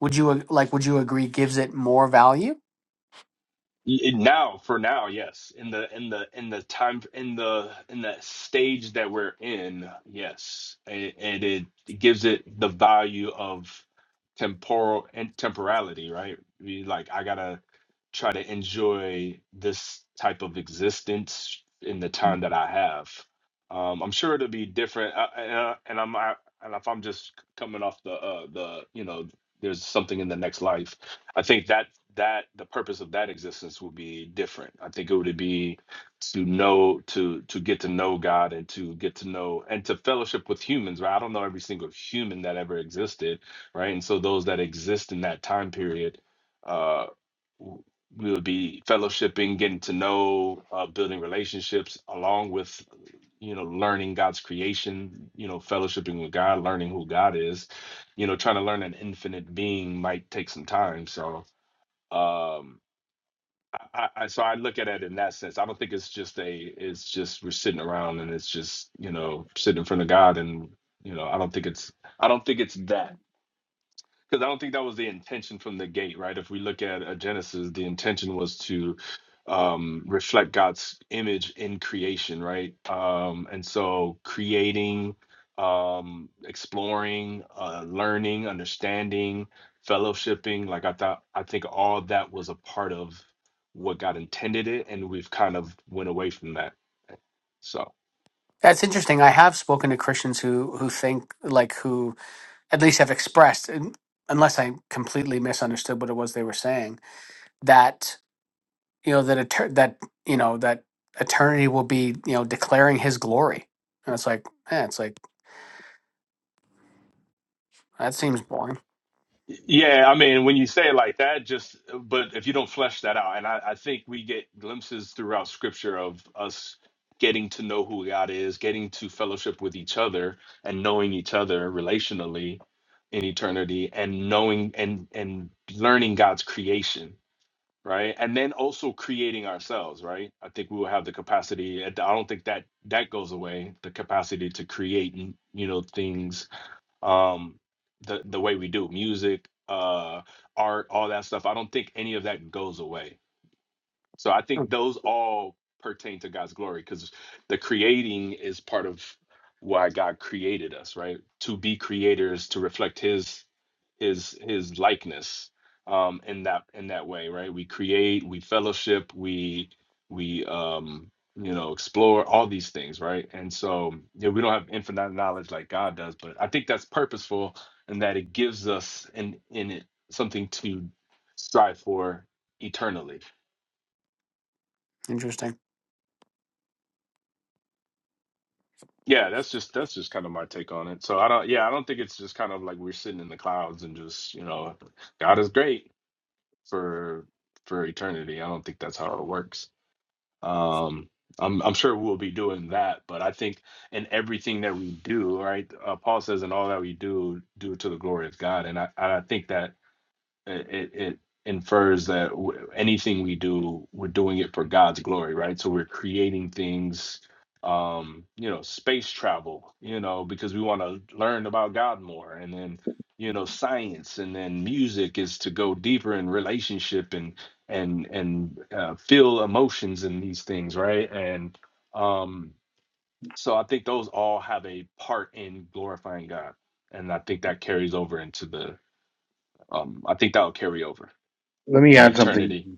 Speaker 3: would you ag- like, would you agree, gives it more value?
Speaker 6: Y- now for now yes in the in the in the time in the in the stage that we're in yes and, and it, gives it the value of temporal and temporality right We like i gotta try to enjoy this type of existence in the time that i have um i'm sure it'll be different uh, and, uh, and i'm I, and if i'm just coming off the uh the you know there's something in the next life I think that that the purpose of that existence would be different. I think it would be to know to to get to know God and to get to know and to fellowship with humans. Right? I don't know every single human that ever existed, right? And so those that exist in that time period, uh, w- we would be fellowshipping, getting to know, uh, building relationships, along with you know learning God's creation. You know, fellowshipping with God, learning who God is. You know, trying to learn an infinite being might take some time. So um I, I I- so I look at it in that sense. I don't think it's just a it's just we're sitting around and it's just you know sitting in front of God and you know I don't think it's I don't think it's that because I don't think that was the intention from the gate, right? If we look at uh, Genesis, the intention was to um, reflect God's image in creation, right? Um, and so creating, um, exploring, uh, learning, understanding, fellowshipping, like I thought, I think all that was a part of what God intended it, and we've kind of went away from that. So.
Speaker 3: That's interesting. I have spoken to Christians who who think like who at least have expressed, un- unless I completely misunderstood what it was they were saying that you know that eter- that you know that eternity will be you know declaring his glory and it's like eh, it's like that seems boring
Speaker 6: Yeah, I mean, when you say it like that, just but if you don't flesh that out, and I, I think we get glimpses throughout scripture of us getting to know who God is, getting to fellowship with each other and knowing each other relationally in eternity and knowing and and learning God's creation, right? And then also creating ourselves, right? I think we will have the capacity. I don't think that that goes away, the capacity to create, you know, things um the the way we do music uh art all that stuff i don't think any of that goes away so i
Speaker 3: Mm.
Speaker 6: think those all pertain to god's glory because the creating is part of why god created us right to be creators to reflect his his his likeness um in that in that way right we create we fellowship we we um you know explore all these things right and so yeah we don't have infinite knowledge like god does but i think that's purposeful in that it gives us in in it something to strive for eternally
Speaker 3: interesting
Speaker 6: yeah that's just that's just kind of my take on it so i don't yeah i don't think it's just kind of like we're sitting in the clouds and just you know god is great for for eternity i don't think that's how it works Um, I'm, I'm sure we'll be doing that, but I think in everything that we do, right? Uh, Paul says, in all that we do, do it to the glory of God. And I, I think that it, it it infers that w- anything we do, we're doing it for God's glory, right? So we're creating things, um, you know, space travel, you know, because we want to learn about God more, and then you know, science, and then music is to go deeper in relationship and and and uh, feel emotions in these things, right? And um, so I think those all have a part in glorifying God, and I think that carries over into the. Um, I think that'll carry over
Speaker 11: Let me
Speaker 6: in
Speaker 11: add something,
Speaker 6: eternity.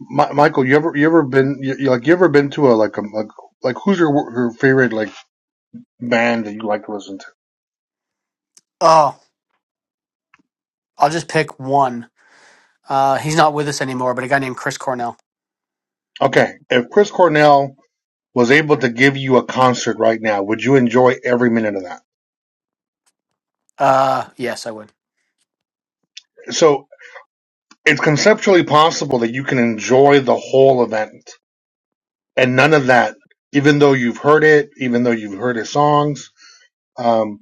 Speaker 11: Mi- Michael. You ever you ever been you, you- like you ever been to a like a like like who's your your favorite like band that you like to listen to?
Speaker 3: oh I'll just pick one. Uh, he's not with us anymore, but a guy named Chris Cornell.
Speaker 11: Okay, if Chris Cornell was able to give you a concert right now, would you enjoy every minute of that?
Speaker 3: Uh, yes, I would.
Speaker 11: So it's conceptually possible that you can enjoy the whole event and none of that. Even though you've heard it, even though you've heard his songs, um,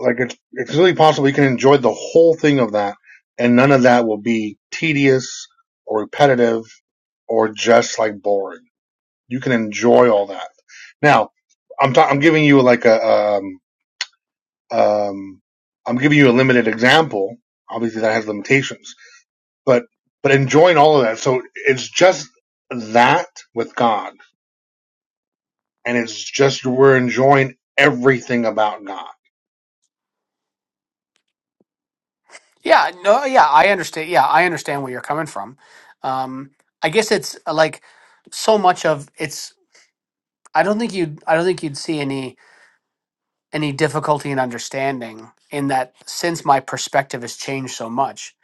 Speaker 11: like it's it's really possible you can enjoy the whole thing of that, and none of that will be tedious or repetitive or just like boring. You can enjoy all that. Now, I'm ta- I'm giving you like a um um I'm giving you a limited example. Obviously, that has limitations, but but enjoying all of that. So it's just that with God and it's just we're enjoying everything about God.
Speaker 3: Yeah, no, yeah, I understand. Yeah, I understand where you're coming from. Um, I guess it's uh, like so much of it's. I don't think you'd. I don't think you'd see any any difficulty in understanding in that since my perspective has changed so much.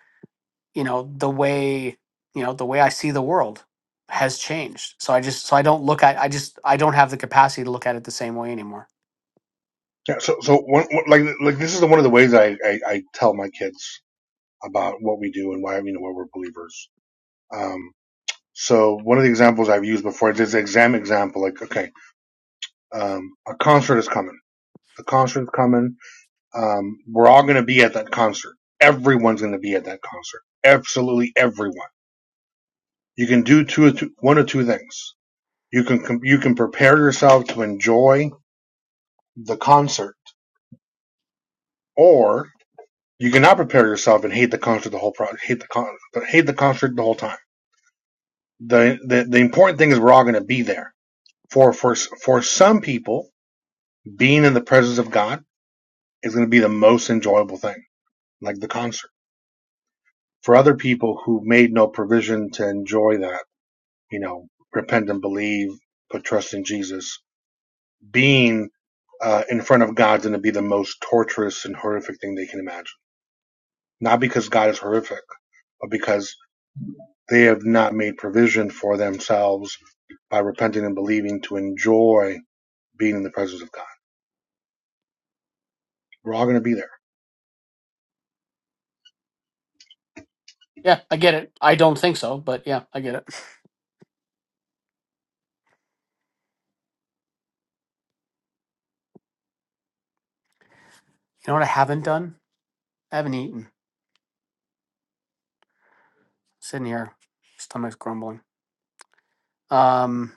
Speaker 3: You know the way you know the way I see the world has changed. So I just so I don't look at. I just I don't have the capacity to look at it the same way anymore.
Speaker 11: Yeah, so so one, like like this is one of the ways I, I I tell my kids about what we do and why you know why we're believers. Um, so one of the examples I've used before is this exam example. Like okay, um, a concert is coming. The concert is coming. Um, we're all going to be at that concert. Everyone's going to be at that concert. Absolutely everyone. You can do two, or two one or two things. You can you can prepare yourself to enjoy the concert Or you cannot prepare yourself and hate the concert the whole pro- hate the con- hate the concert the whole time. The, the the important thing is we're all going to be there. For for for some people, being in the presence of God is going to be the most enjoyable thing, like the concert. For other people who made no provision to enjoy that, you know, repent and believe, put trust in Jesus, being uh, in front of God's going to be the most torturous and horrific thing they can imagine. Not because God is horrific, but because They have not made provision for themselves by repenting and believing to enjoy being in the presence of God. We're all going to be there.
Speaker 3: Yeah, I get it. I don't think so, but yeah, I get it. You know what I haven't done? I haven't eaten. Sitting here, stomach's grumbling. Um,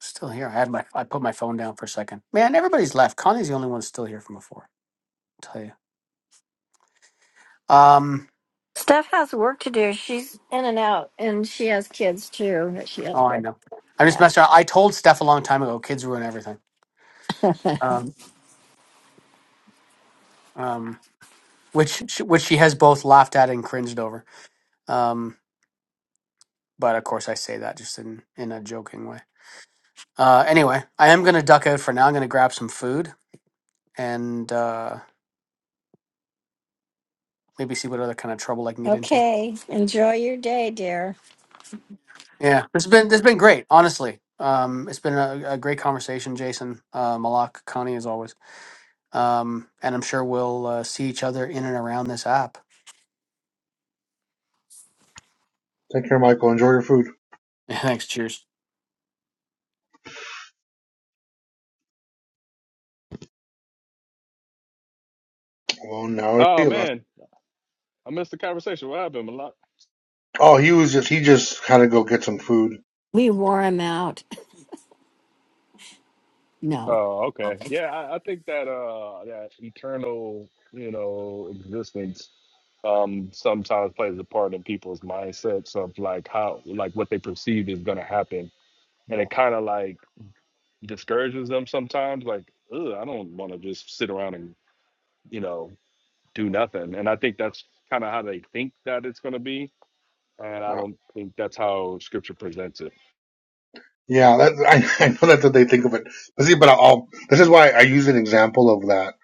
Speaker 3: still here. I had my I put my phone down for a second. Man, everybody's left. Connie's the only one still here from before. I'll tell you. Um,
Speaker 2: Steph has work to do. She's in and out, and she has kids too. that She has
Speaker 3: oh, I
Speaker 2: to,
Speaker 3: know. I'm just
Speaker 2: yeah.
Speaker 3: messing around. I told Steph a long time ago, kids ruin everything. Um, um, which she- which she has both laughed at and cringed over. Um, but of course I say that just in in a joking way. Uh, anyway, I am gonna duck out for now. I'm gonna grab some food and. Uh, maybe see what other kind of trouble I can get into.
Speaker 2: Okay. Enjoy your day, dear.
Speaker 3: Yeah, it's been it's been great, honestly. Um, it's been a, a great conversation, Jason, uh, Malak, Connie, as always. Um, and I'm sure we'll uh, see each other in and around this app.
Speaker 11: Take care, Michael. Enjoy your food.
Speaker 3: (laughs) Thanks. Cheers.
Speaker 11: Well, now it's
Speaker 6: Oh
Speaker 11: three of us.
Speaker 6: man, I missed the conversation. What happened, Malak?
Speaker 11: Oh, he was just, he just had to go get some food.
Speaker 2: We wore him out. No.
Speaker 6: Oh, okay. Yeah, I, I think that uh that eternal, you know, existence um sometimes plays a part in people's mindsets of like how like what they perceive is gonna happen.
Speaker 11: Yeah.
Speaker 6: And it kinda like discourages them sometimes, like, Ugh, I don't wanna just sit around and you know, do nothing. And I think that's kind of how they think that it's going to be. And I
Speaker 11: Yeah.
Speaker 6: don't think that's how scripture presents it.
Speaker 11: Yeah, that, I, I know that's what they think of it. But see, but I'll, this is why I use an example of that.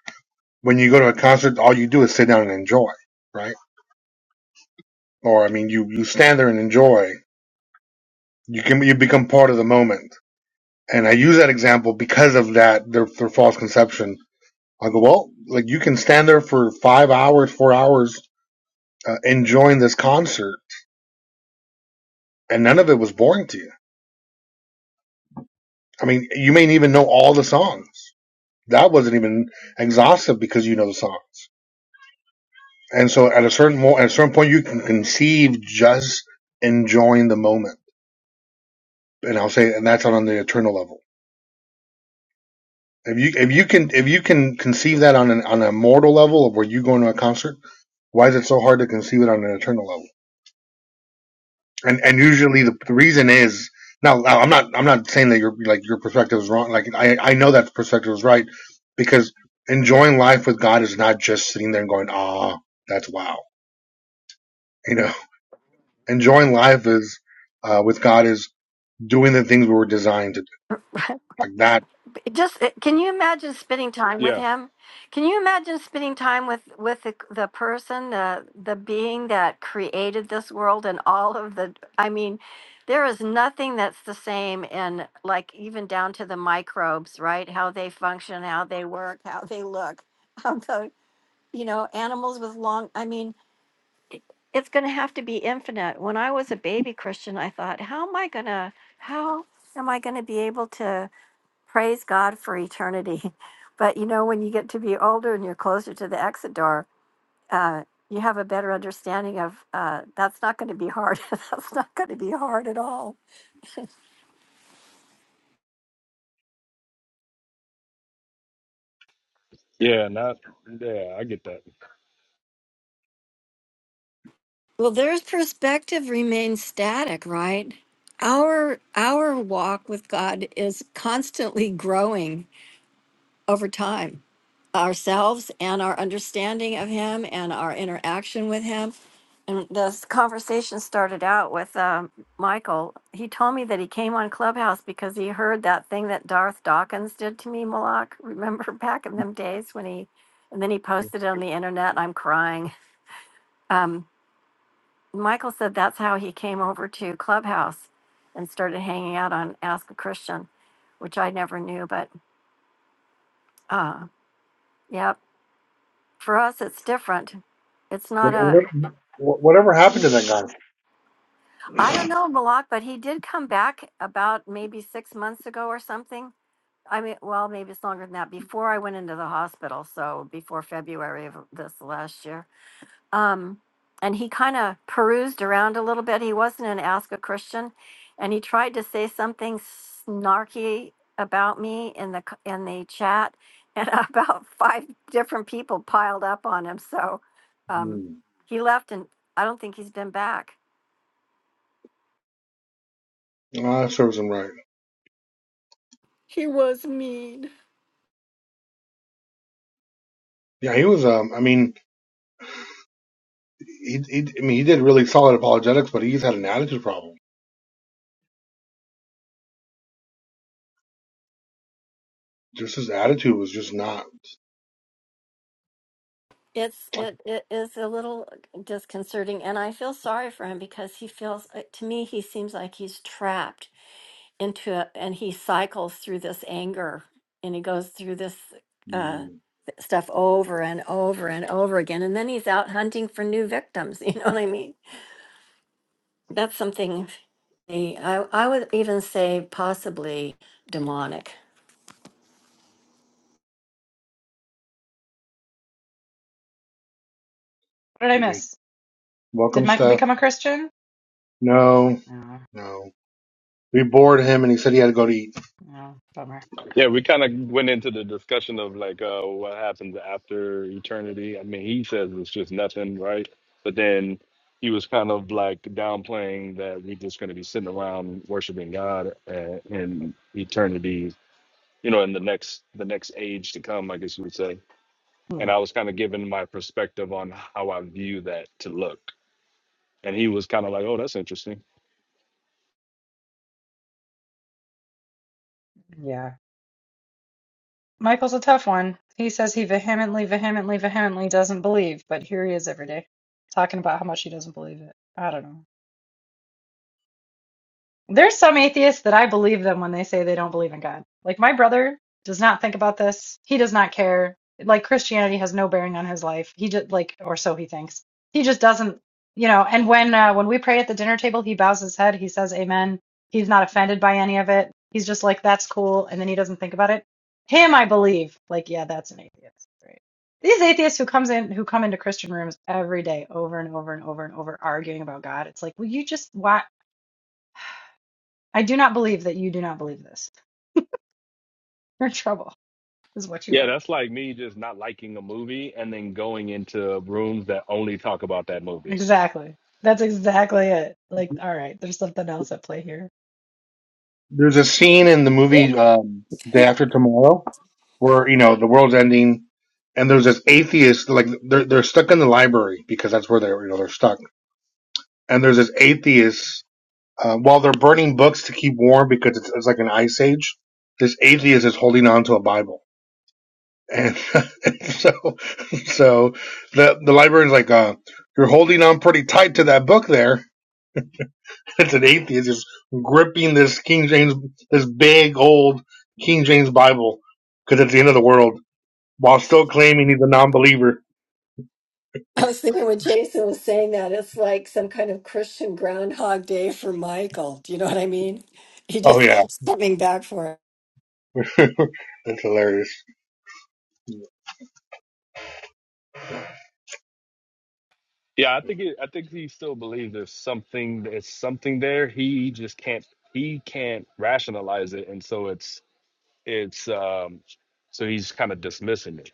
Speaker 11: When you go to a concert, all you do is sit down and enjoy, right? Or, I mean, you, you stand there and enjoy. You can, you become part of the moment. And I use that example because of that, their, their false conception I go, well, like you can stand there for five hours, four hours, uh, enjoying this concert, and none of it was boring to you. I mean, you may even know all the songs. That wasn't even exhaustive because you know the songs. And so, at a certain mo- at a certain point, you can conceive just enjoying the moment. And I'll say, and that's on the eternal level. If you if you can if you can conceive that on an on a mortal level of where you go to a concert, why is it so hard to conceive it on an eternal level? and and usually the, the reason is now I'm not I'm not saying that your like your perspective is wrong. Like I I know that perspective is right because enjoying life with God is not just sitting there and going ah that's wow you know (laughs) enjoying life is uh, with God is doing the things we were designed to do like that
Speaker 2: Just uh, can you imagine spending time with
Speaker 6: Yeah.
Speaker 2: him? Can you imagine spending time with with the, the person, the the being that this world? All of the. mean, is nothing that's the same in like even down to the microbes, right? How they function, how they work, how they look, (laughs) how the, you know, animals with long, I mean, it's going to have to be infinite. When I was a baby Christian, I thought, how am I going to, how am I going to be able to praise God for eternity? (laughs) But, you know, when you get to be older and you're closer to the exit door, uh, you have a better understanding of uh, that's not going to be hard. (laughs) that's not going to be hard at all.
Speaker 6: Yeah. Not, yeah, I get that.
Speaker 2: Well, their perspective remains static, right? Our our walk with God is constantly (laughs) growing over time. Ourselves and our understanding of Him and our interaction with Him. And this conversation started out with um, Michael. He told me that he came on Clubhouse because he heard that thing that Darth Dawkins did to me, Malak. Remember (laughs) back in them days when he, and then he posted it on the internet. And I'm crying. Um, Michael said that's how he came over to Clubhouse and started hanging out on Ask a Christian, which I never knew. But uh, yeah, for us, it's different. It's not a,
Speaker 11: whatever whatever happened to that guy.
Speaker 2: I don't know Malak, but he did come back about maybe six months ago or something. I mean, well, maybe it's longer than that before I went into the hospital. So before February of this last year. Um, and he kind of perused around a little bit. He wasn't an Ask a Christian, and he tried to say something snarky about me in the c- in the chat, and (laughs) about five different people piled up on him. So um,
Speaker 11: Mm.
Speaker 2: he left, and I don't think he's been back.
Speaker 11: Ah, that serves him right.
Speaker 2: He was mean.
Speaker 11: Yeah, he was. Um, I mean, he, he. I mean, he did really solid apologetics, but he's had an attitude problem. Just his attitude was just not.
Speaker 2: It's it, it is a little disconcerting, and I feel sorry for him because he feels uh, to me he seems like he's trapped into a, and he cycles through this anger and he goes through this uh
Speaker 11: Mm,
Speaker 2: th- stuff over and over and over again and then he's out hunting for new victims (laughs) you know what i mean that's something the- i i would even say possibly demonic
Speaker 4: What did
Speaker 11: could
Speaker 4: I
Speaker 11: be.
Speaker 4: miss? Did
Speaker 11: Welcome,
Speaker 4: Michael
Speaker 11: Steph.
Speaker 4: become a Christian?
Speaker 11: No,
Speaker 4: No,
Speaker 11: no. We bored him, and he said he had to go to eat.
Speaker 4: no, bummer.
Speaker 6: Yeah. We kind of went into the discussion of like, uh, what happens after eternity. I mean, he says it's just nothing, right? But then he was kind of like downplaying that we're just going to be sitting around worshiping God uh, in eternity, you know, in the next, the next age to come, I guess you would say
Speaker 4: Hmm,
Speaker 6: and I was kind of giving my perspective on how I view that to look. And he was kind of like, "Oh, that's interesting."
Speaker 4: Yeah. Michael's a tough one. He says he vehemently, vehemently, vehemently doesn't believe, but here he is every day talking about how much he doesn't believe it. I don't know. There's some atheists that I believe them when they say they don't believe in God. Like my brother does not think about this. He does not care. Like Christianity has no bearing on his life. He just like, or so he thinks. He just doesn't, you know. And when uh, when we pray at the dinner table, he bows his head. He says Amen. He's not offended by any of it. He's just like, that's cool, and then he doesn't think about it. Him, I believe. Like, yeah, that's an atheist. Right. These atheists who comes in who come into Christian rooms every day over and over and over and over arguing about God. It's like, will you just why? I do not believe that you do not believe this. (laughs) You're in trouble, is what you
Speaker 6: Yeah,
Speaker 4: are.
Speaker 6: that's like me just not liking a movie and then going into rooms that only talk about that movie.
Speaker 4: Exactly. That's exactly it. Like, all right, there's something else at play here.
Speaker 11: There's a scene in the movie um, Day After Tomorrow where you know the world's ending, and there's this atheist like they're they're stuck in the library because that's where they're you know they're stuck, and there's this atheist uh, while they're burning books to keep warm because it's, it's like an ice age. This atheist is holding on to a Bible, and, (laughs) and so so the the librarian's like, uh, "You're holding on pretty tight to that book there." It's an atheist just gripping this King James, this big old King James Bible, because it's the end of the world, while still claiming he's a non-believer.
Speaker 2: (laughs) i was thinking when jason was saying that it's like some kind of christian groundhog day for michael do you know what i mean he
Speaker 11: Oh
Speaker 2: just
Speaker 11: yeah,
Speaker 2: keeps coming back for it
Speaker 11: (laughs) that's hilarious.
Speaker 6: Yeah, I think it, I think he still believes there's something there's something there. He just can't he can't rationalize it, and so it's it's um so he's kind of dismissing it.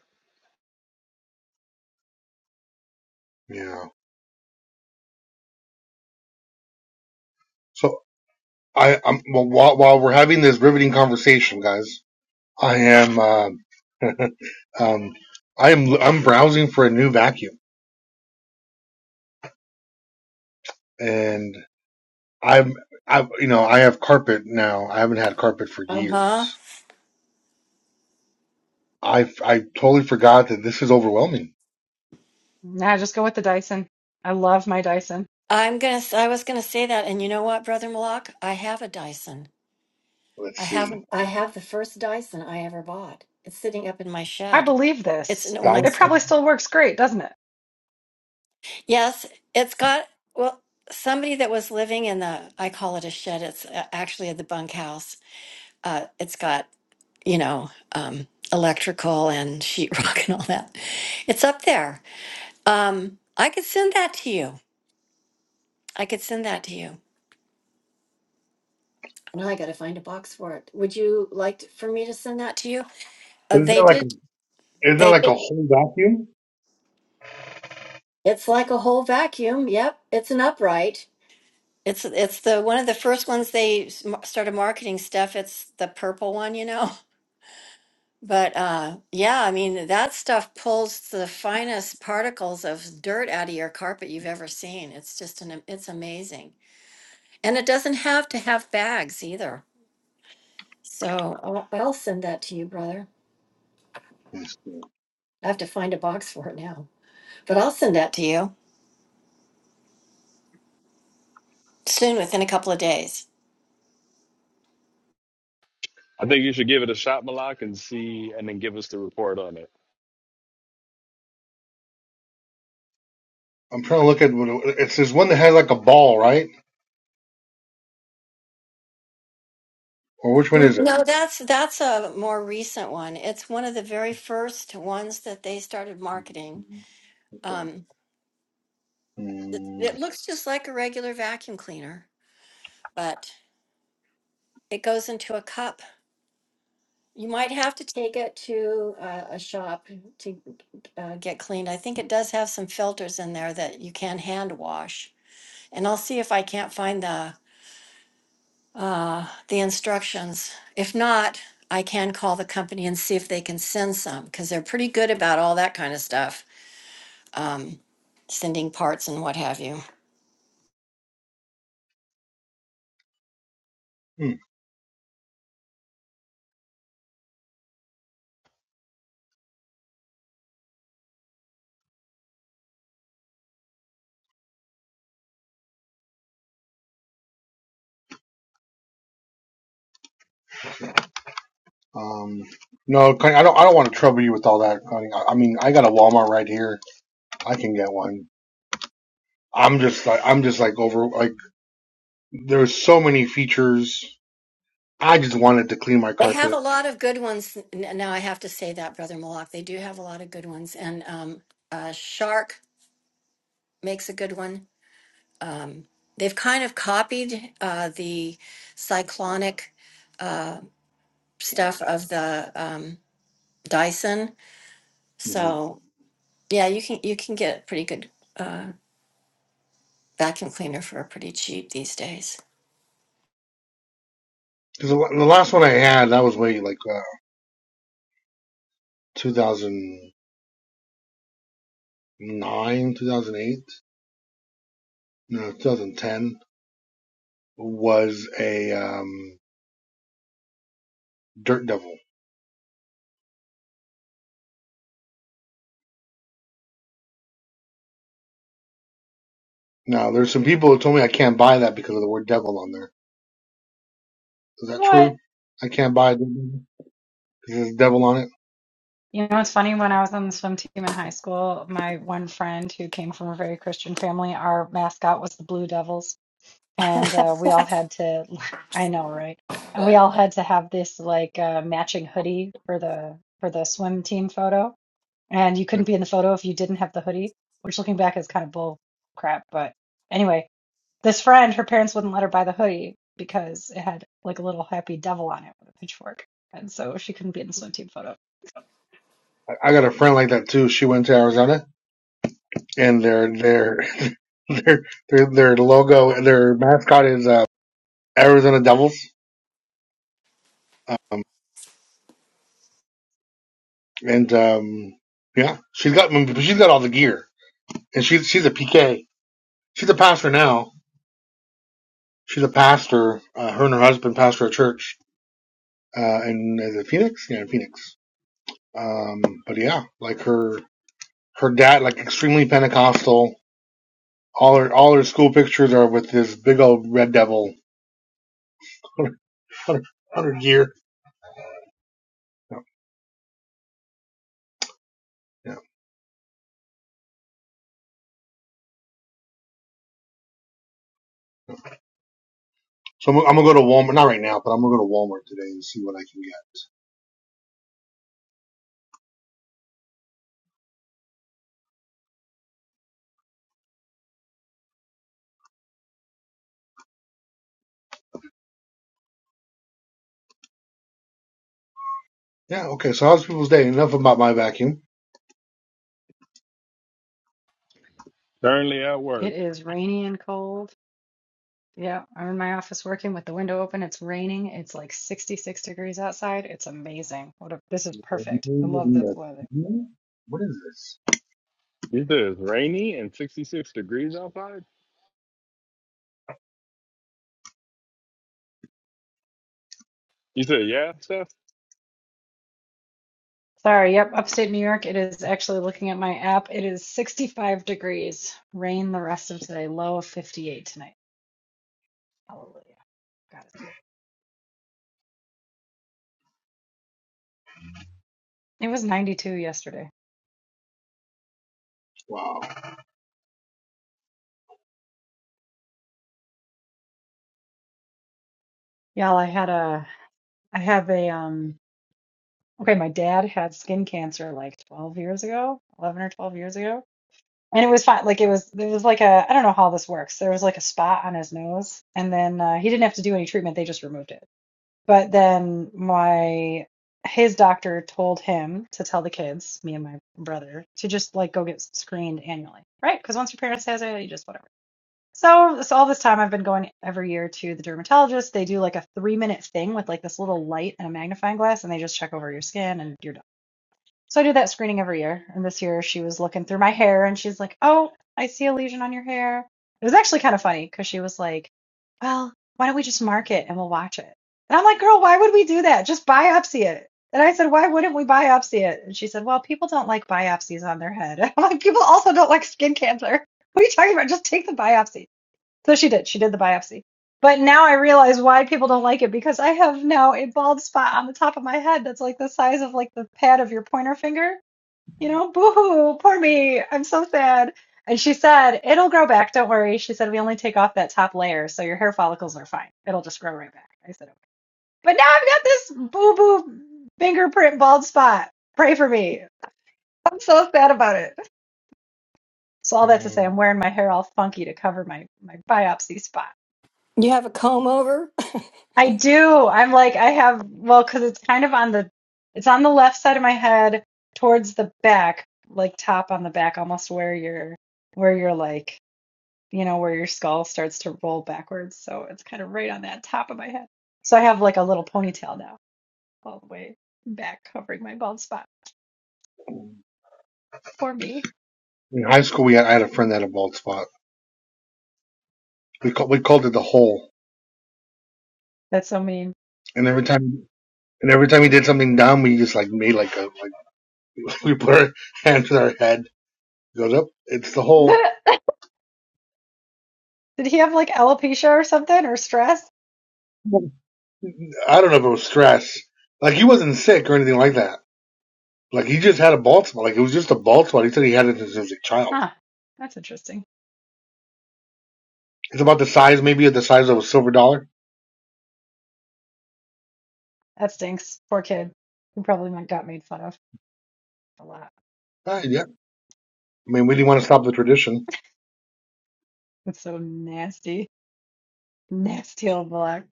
Speaker 11: Yeah. So I, I'm well, while while we're having this riveting conversation, guys, I am um, (laughs) um I am I'm browsing for a new vacuum, and I'm I you know I have carpet now. I haven't had carpet for
Speaker 2: uh-huh
Speaker 11: years. I I totally forgot that this is overwhelming.
Speaker 4: Nah, just go with the Dyson. I love my Dyson.
Speaker 2: i'm gonna s- i was gonna say that and you know what brother malak i have a dyson
Speaker 11: Let's
Speaker 2: I
Speaker 11: see.
Speaker 2: haven't. I have the first Dyson I ever bought. It's sitting up in my
Speaker 4: I
Speaker 2: shed.
Speaker 4: believe
Speaker 2: It's
Speaker 4: this.
Speaker 2: when I
Speaker 11: time.
Speaker 4: It
Speaker 2: say
Speaker 4: probably still works great, doesn't it?
Speaker 2: yes, it's got well. Somebody that was living in the I call it a shed. It's uh, actually the bunkhouse. Uh, it's got you know um, electrical and sheetrock (laughs) and all that. It's up there. Um, I could send that to you. I could send that to you. Now I got to find a box for it. Would you like to- for me to send that to you? Uh,
Speaker 11: But is there
Speaker 2: they
Speaker 11: like a,
Speaker 2: did.
Speaker 11: is there
Speaker 2: They
Speaker 11: like
Speaker 2: did.
Speaker 11: a whole vacuum?
Speaker 2: It's like a whole vacuum. Yep, it's an upright. It's it's the one of the first ones they s- m- started marketing stuff. It's the purple one, you know. (laughs) But uh, yeah, I mean that stuff pulls the finest particles of dirt out of your carpet you've ever seen. It's just an it's amazing, and it doesn't have to have bags either. So I'll, I'll send that to you, brother. I have to find a box for it now, but I'll send that to you soon, within a couple of days.
Speaker 6: I think you should give it a shot, Malak, and see, and then give us the report on it.
Speaker 11: I'm trying to look at what it, it's. There's one that has like a ball, right? Or which one is it?
Speaker 2: No, that's that's a more recent one. It's one of the very first ones that they started marketing.
Speaker 11: Okay.
Speaker 2: Um, it,
Speaker 11: Mm,
Speaker 2: it looks just like a regular vacuum cleaner, but it goes into a cup. You might have to take it to uh, a shop to uh, get cleaned. I think it does have some filters in there that you can hand wash. And I'll see if I can't find the uh, the instructions. If not, I can call the company and see if they can send some because they're pretty good about all that kind of stuff. um, sending parts and what have you.
Speaker 11: hmm. Um. No, Connie, I don't. I don't want to trouble you with all that, Connie. I, I mean, I got a Walmart right here. I can get one. I'm just like I'm just like over like there's so many features. I just wanted to clean my
Speaker 2: They have
Speaker 11: carpet.
Speaker 2: a lot of good ones. n- Now I have to say that, Brother Malak, they do have a lot of good ones. And um, uh, Shark makes a good one. Um, they've kind of copied uh, the cyclonic uh, stuff of the um, Dyson.
Speaker 11: Because mm-hmm.
Speaker 2: So yeah, you can you can get a pretty good uh, vacuum cleaner for pretty cheap these days.
Speaker 11: the, the last one I had, that was way like uh, 2009, 2008, no, 2010. was a um, dirt devil. Now, there's some people who told me I can't buy that because of the word devil on there. Is that
Speaker 4: What?
Speaker 11: true? I can't buy it because there's devil on it.
Speaker 4: You know, it's funny when I was on the swim team in high school, my one friend who came from a very Christian family, our mascot was the Blue Devils. and uh, we all had to (laughs) I know, right? And we all had to have this like uh, matching hoodie for the for the swim team photo, and you couldn't be in the photo if you didn't have the hoodie, which looking back is kind of bull crap. But anyway, this friend, her parents wouldn't let her buy the hoodie because it had like a little happy devil on it with a pitchfork, and so she couldn't be in the swim team photo.
Speaker 11: I I got a friend like that too. She went to Arizona, and their their (laughs) their their, their logo, their mascot is uh, Arizona Devils. Um, and um, yeah, she's got she's got all the gear, and she's she's a PK. She's a pastor now. She's a pastor. Uh, her and her husband pastor a church uh, and is it Phoenix? Yeah, in Phoenix. Um, but yeah, like her her dad, like extremely Pentecostal. All her all her school pictures are with this big old red devil (laughs) hundred year. Yeah, yeah. So I'm, I'm gonna go to Walmart, not right now, but I'm gonna go to Walmart today and see what I can get. Yeah, okay. So how's people's day? Enough about my vacuum.
Speaker 6: Currently at work.
Speaker 4: It is rainy and cold. Yeah, I'm in my office working with the window open. It's raining. It's like 66 degrees outside. It's amazing. What a, this is perfect. I love this
Speaker 11: What
Speaker 4: weather.
Speaker 11: is this?
Speaker 6: You said it's rainy and 66 degrees outside? You said, yeah, Steph?
Speaker 4: Sorry, yep, upstate New York. It is actually looking at my app. It is 65 degrees. Rain the rest of today. Low of 58 tonight. Hallelujah. God is good. It was 92 yesterday.
Speaker 11: Wow.
Speaker 4: Y'all, I had a, I have a, um, okay, my dad had skin cancer like 12 years ago, 11 or 12 years ago. And it was fine. Like it was, it was like a, I don't know how this works. There was like a spot on his nose and then uh, he didn't have to do any treatment. They just removed it. But then my, his doctor told him to tell the kids, me and my brother, to just like go get screened annually, right? Because once your parents has it, you just whatever. So, so all this time I've been going every year to the dermatologist. They do like a three minute thing with like this little light and a magnifying glass, and they just check over your skin and you're done. So I do that screening every year. And this year she was looking through my hair and she's like, Oh, I see a lesion on your hair. It was actually kind of funny because she was like, Well, why don't we just mark it and we'll watch it? And I'm like, Girl, why would we do that? Just biopsy it. And I said, Why wouldn't we biopsy it? And she said, Well, people don't like biopsies on their head. (laughs) And I'm like, People also don't like skin cancer. What are you talking about? Just take the biopsy. So she did. She did the biopsy. But now I realize why people don't like it because I have now a bald spot on the top of my head that's like the size of like the pad of your pointer finger. You know, boo-hoo, poor me. I'm so sad. And she said, it'll grow back. Don't worry. She said, we only take off that top layer. So your hair follicles are fine. It'll just grow right back. I said, okay. But now I've got this boo-boo fingerprint bald spot. Pray for me. I'm so sad about it. So all that to say,
Speaker 11: Mm.
Speaker 4: I'm wearing my hair all funky to cover my, my biopsy spot. I do. I'm like, I have, well, because it's kind of on the, it's on the left side of my head towards the back, like top on the back, almost where your, where your like, you know, where your skull starts to roll backwards. So it's kind of right on that top of my head. So I have like a little ponytail now, all the way back, covering my bald spot. Poor me.
Speaker 11: In high school, we had I had a friend that had a bald spot. We called we called it the hole,
Speaker 4: That's so mean.
Speaker 11: and every time And every time he did something dumb, we just like made like a like (laughs) we put our hands in our head, goes up. It's the
Speaker 4: (laughs)
Speaker 11: whole.
Speaker 4: Did he have like alopecia or something or stress?
Speaker 11: I don't know if it was stress. Like he wasn't sick or anything like that. Like he just had a bald spot. Like it was just a bald spot. He said he had it since he was a child.
Speaker 4: Huh. That's interesting.
Speaker 11: It's about the size, maybe of the size of a silver dollar.
Speaker 4: That stinks. Poor kid. He probably got made fun of a lot.
Speaker 11: Ah, yeah. I mean, we didn't want to stop the tradition.
Speaker 4: It's so nasty. Nasty old block.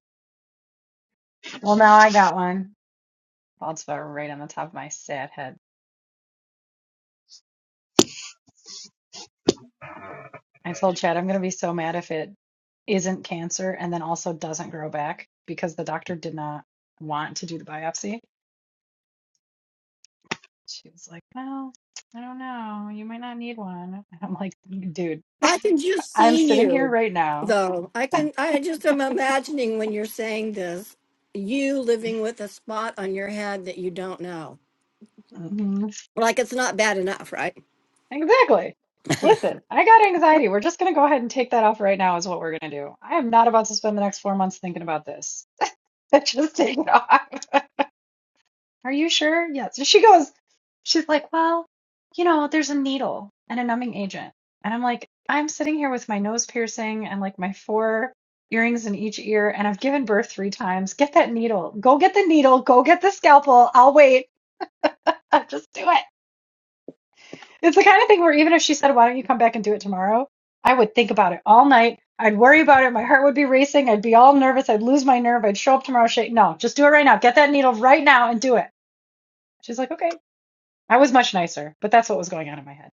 Speaker 4: Well, now I got one. Bald spot right on the top of my sad head. I told Chad I'm going to be so mad if it isn't cancer and then also doesn't grow back because the doctor did not want to do the biopsy. She was like, Well, I don't know. You might not need one. (laughs) And I'm like, Dude,
Speaker 2: I can just
Speaker 4: I'm
Speaker 2: see
Speaker 4: sitting here
Speaker 2: you,
Speaker 4: right now.
Speaker 2: though. I can. I just am imagining when you're saying this, you living with a spot on your head that you don't know.
Speaker 4: Mhm.
Speaker 2: Like it's not bad enough, right?
Speaker 4: Exactly. Listen, I got anxiety. We're just going to go ahead and take that off right now, is what we're going to do. I am not about to spend the next four months thinking about this. (laughs) just take it off. (laughs) Are you sure? Yes. And she goes, she's like, well, you know, there's a needle and a numbing agent. And I'm like, I'm sitting here with my nose piercing and like my four earrings in each ear, and I've given birth three times. Get that needle. Go get the needle. Go get the scalpel. I'll wait. (laughs) I'll just do it. It's the kind of thing where even if she said, why don't you come back and do it tomorrow? I would think about it all night. I'd worry about it. My heart would be racing. I'd be all nervous. I'd lose my nerve. I'd show up tomorrow. Shake. No, just do it right now. Get that needle right now and do it. She's like, okay. I was much nicer, but that's what was going on in my head.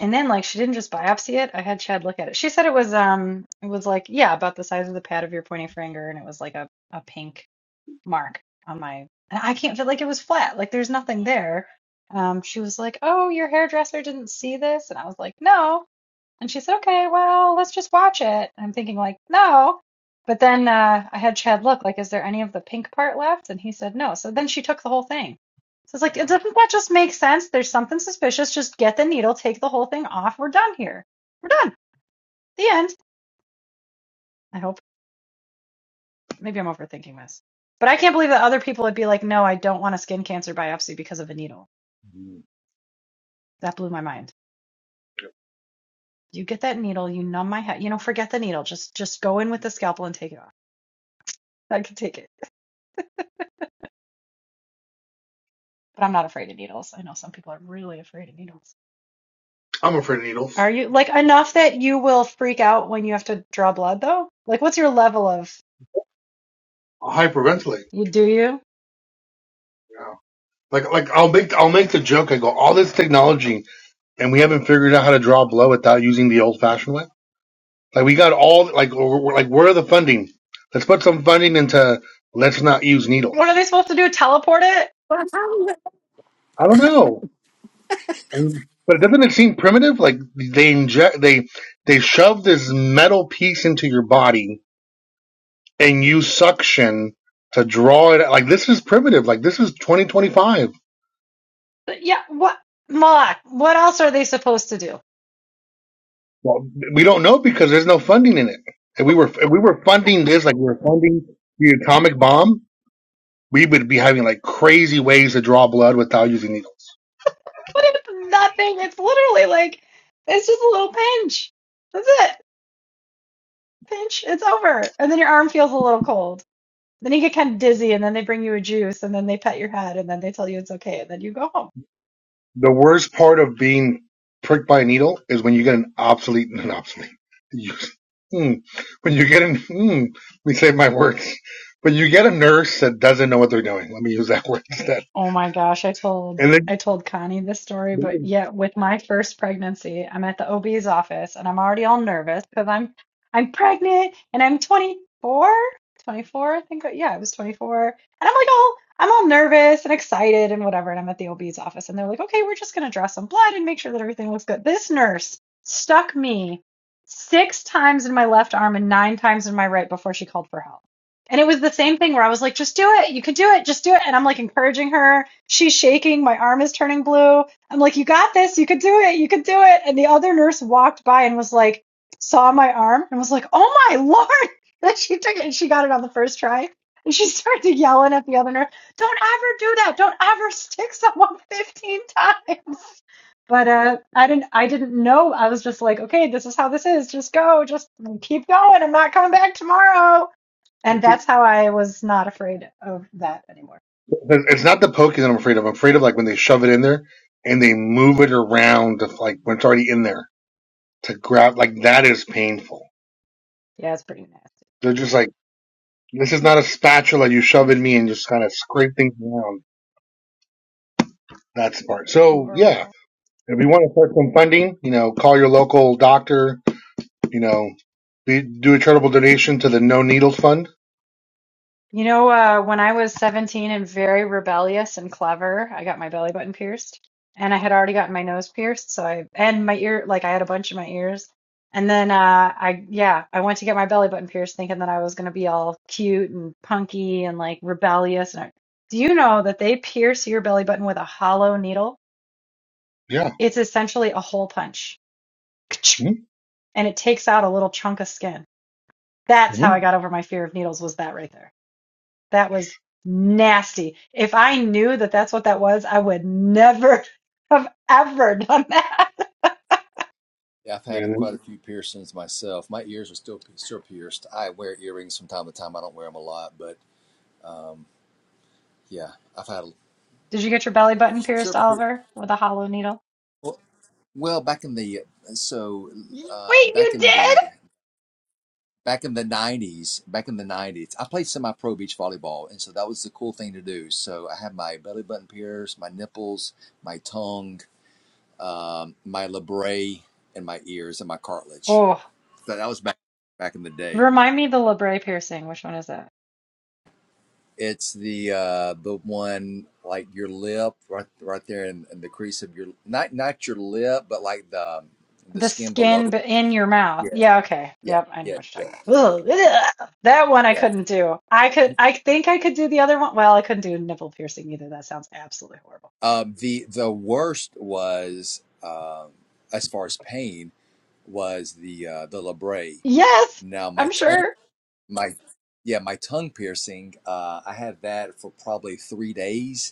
Speaker 4: And then like she didn't just biopsy it. I had Chad look at it. She said it was um it was like, yeah, about the size of the pad of your pointing finger and it was like a, a pink mark on my and I can't feel like it was flat. Like there's nothing there. Um she was like, "Oh, your hairdresser didn't see this." And I was like, "No." And she said, okay, well, let's just watch it. I'm thinking, like, no. But then uh, I had Chad look, like, is there any of the pink part left? And he said, no. So then she took the whole thing. So it's like, doesn't that just make sense? There's something suspicious. Just get the needle, take the whole thing off. We're done here. We're done. The end. I hope. Maybe I'm overthinking this. But I can't believe that other people would be like, no, I don't want a skin cancer biopsy because of a needle.
Speaker 11: Mm-hmm.
Speaker 4: That blew my mind. You get that needle, you numb my head, you know, forget the needle. Just just go in with the scalpel and take it off. I can take it. But I'm not afraid of needles. I know some people are really afraid of needles.
Speaker 11: I'm afraid of needles.
Speaker 4: Are you like enough that you will freak out when you have to draw blood though? Like what's your level of
Speaker 11: I'll hyperventilate.
Speaker 4: you do you?
Speaker 11: Yeah. Like like I'll make I'll make the joke. I go all this technology, and we haven't figured out how to draw blood without using the old fashioned way. Like we got all like we're, like where are the funding? Let's put some funding into let's not use
Speaker 4: What are
Speaker 11: needles.
Speaker 4: they supposed to do? Teleport it?
Speaker 11: I don't know, I mean, but doesn't it seem primitive? Like they inject they they shove this metal piece into your body and use suction to draw it. Like this is primitive. Like this is 2025.
Speaker 4: Yeah, what Malak, what else are they supposed to do?
Speaker 11: Well, we don't know because there's no funding in it. If we were if we were funding this like we were funding the atomic bomb, we would be having like crazy ways to draw blood without using needles.
Speaker 4: What if nothing? It's literally like it's just a little pinch. That's it. Pinch, it's over. And then your arm feels a little cold. Then you get kind of dizzy and then they bring you a juice and then they pet your head and then they tell you it's okay and then you go home.
Speaker 11: The worst part of being pricked by a needle is when you get an obsolete, (laughs) an obsolete. You, mm, when you get an, mm, let me save my words. When you get a nurse that doesn't know what they're doing. Let me use that (laughs) word instead.
Speaker 4: Oh my gosh, I told
Speaker 11: And then
Speaker 4: I told Connie this story, but yeah, with my first pregnancy, I'm at the OB's office and I'm already all nervous because I'm I'm pregnant and I'm 24, 24, I think. Yeah, I was 24. And I'm like all I'm all nervous and excited and whatever, and I'm at the OB's office and they're like, "Okay, we're just going to draw some blood and make sure that everything looks good." This nurse stuck me six times in my left arm and nine times in my right before she called for help. And it was the same thing where I was like, just do it. You can do it. Just do it. And I'm like encouraging her. She's shaking. My arm is turning blue. I'm like, you got this. You could do it. You could do it. And the other nurse walked by and was like, saw my arm and was like, oh my Lord. (laughs) Then she took it and she got it on the first try. And she (laughs) started yelling at the other nurse, don't ever do that. Don't ever stick someone (laughs) 15 times. But uh, I didn't. I didn't know. I was just like, okay, this is how this is. Just go. Just keep going. I'm not coming back tomorrow and that's how I was not afraid of that anymore.
Speaker 11: it's not the poking that I'm afraid of. I'm afraid of like when they shove it in there and they move it around, like when it's already in there to grab. Like that is painful.
Speaker 4: Yeah, it's pretty
Speaker 11: They're just like, this is not a spatula you shove in
Speaker 4: nasty.
Speaker 11: me
Speaker 4: (laughs)
Speaker 11: and just kind of scrape things around. That's the part.
Speaker 4: That's
Speaker 11: So yeah,
Speaker 4: horrible.
Speaker 11: If you want to start some funding, you know, call your local doctor. You know, be, do a charitable donation to the No Needles Fund.
Speaker 4: You know, uh, when I was 17 and very rebellious and clever, I got my belly button pierced. And I had already gotten my nose pierced. So I, and my ear, like I had a bunch in my ears. And then uh, I, yeah, I went to get my belly button pierced thinking that I was going to be all cute and punky and like rebellious. And I, do you know that they pierce your belly button with a hollow needle?
Speaker 11: Yeah.
Speaker 4: It's essentially a hole punch. (laughs)
Speaker 11: Mm-hmm.
Speaker 4: and it takes out a little chunk of skin. That's how
Speaker 11: hmm
Speaker 4: I got over my fear of needles was that right there. That was nasty. If I knew that that's what that was, I would never (laughs) have ever done that.
Speaker 12: Yeah, I've
Speaker 11: Yeah.
Speaker 12: had
Speaker 11: And
Speaker 12: quite a
Speaker 11: then,
Speaker 12: few piercings myself. My ears are still still pierced. I wear earrings from time to time. I don't wear them a lot, but um, yeah, I've had
Speaker 4: (laughs) Did you get your belly button pierced,
Speaker 12: several. pier-
Speaker 4: Oliver, with a hollow needle?
Speaker 12: Well, well, back in the so
Speaker 4: Wait,
Speaker 12: uh, back
Speaker 4: you
Speaker 12: in
Speaker 4: did?
Speaker 12: the back in the nineties, back in the nineties, I played semi-pro beach volleyball, and so that was the cool thing to do. So I had my belly button pierced, my nipples, my tongue, um, my labret and my ears and my cartilage.
Speaker 4: Oh,
Speaker 12: So that was back back in the day.
Speaker 4: remind me of the labret piercing. Which one is that?
Speaker 12: It's the uh, the one like your lip right right there in, in the crease of your not not your lip but like the um, the
Speaker 4: The
Speaker 12: skin below
Speaker 4: skin
Speaker 12: it.
Speaker 4: b- in your mouth.
Speaker 12: Yeah,
Speaker 4: Yeah, okay.
Speaker 12: yeah,
Speaker 4: Yep, I know
Speaker 12: yeah,
Speaker 4: what you're
Speaker 12: yeah,
Speaker 4: talking
Speaker 12: yeah,
Speaker 4: about. ugh. That one I
Speaker 12: yeah.
Speaker 4: couldn't do. I could I think I could do the other one. Well, I couldn't do nipple piercing either. That sounds absolutely horrible.
Speaker 12: Um, the the worst was um, as far as pain was the uh, the labret.
Speaker 4: Yes,
Speaker 12: Now my
Speaker 4: I'm
Speaker 12: tongue
Speaker 4: sure.
Speaker 12: my yeah my tongue piercing uh, I had that for probably three days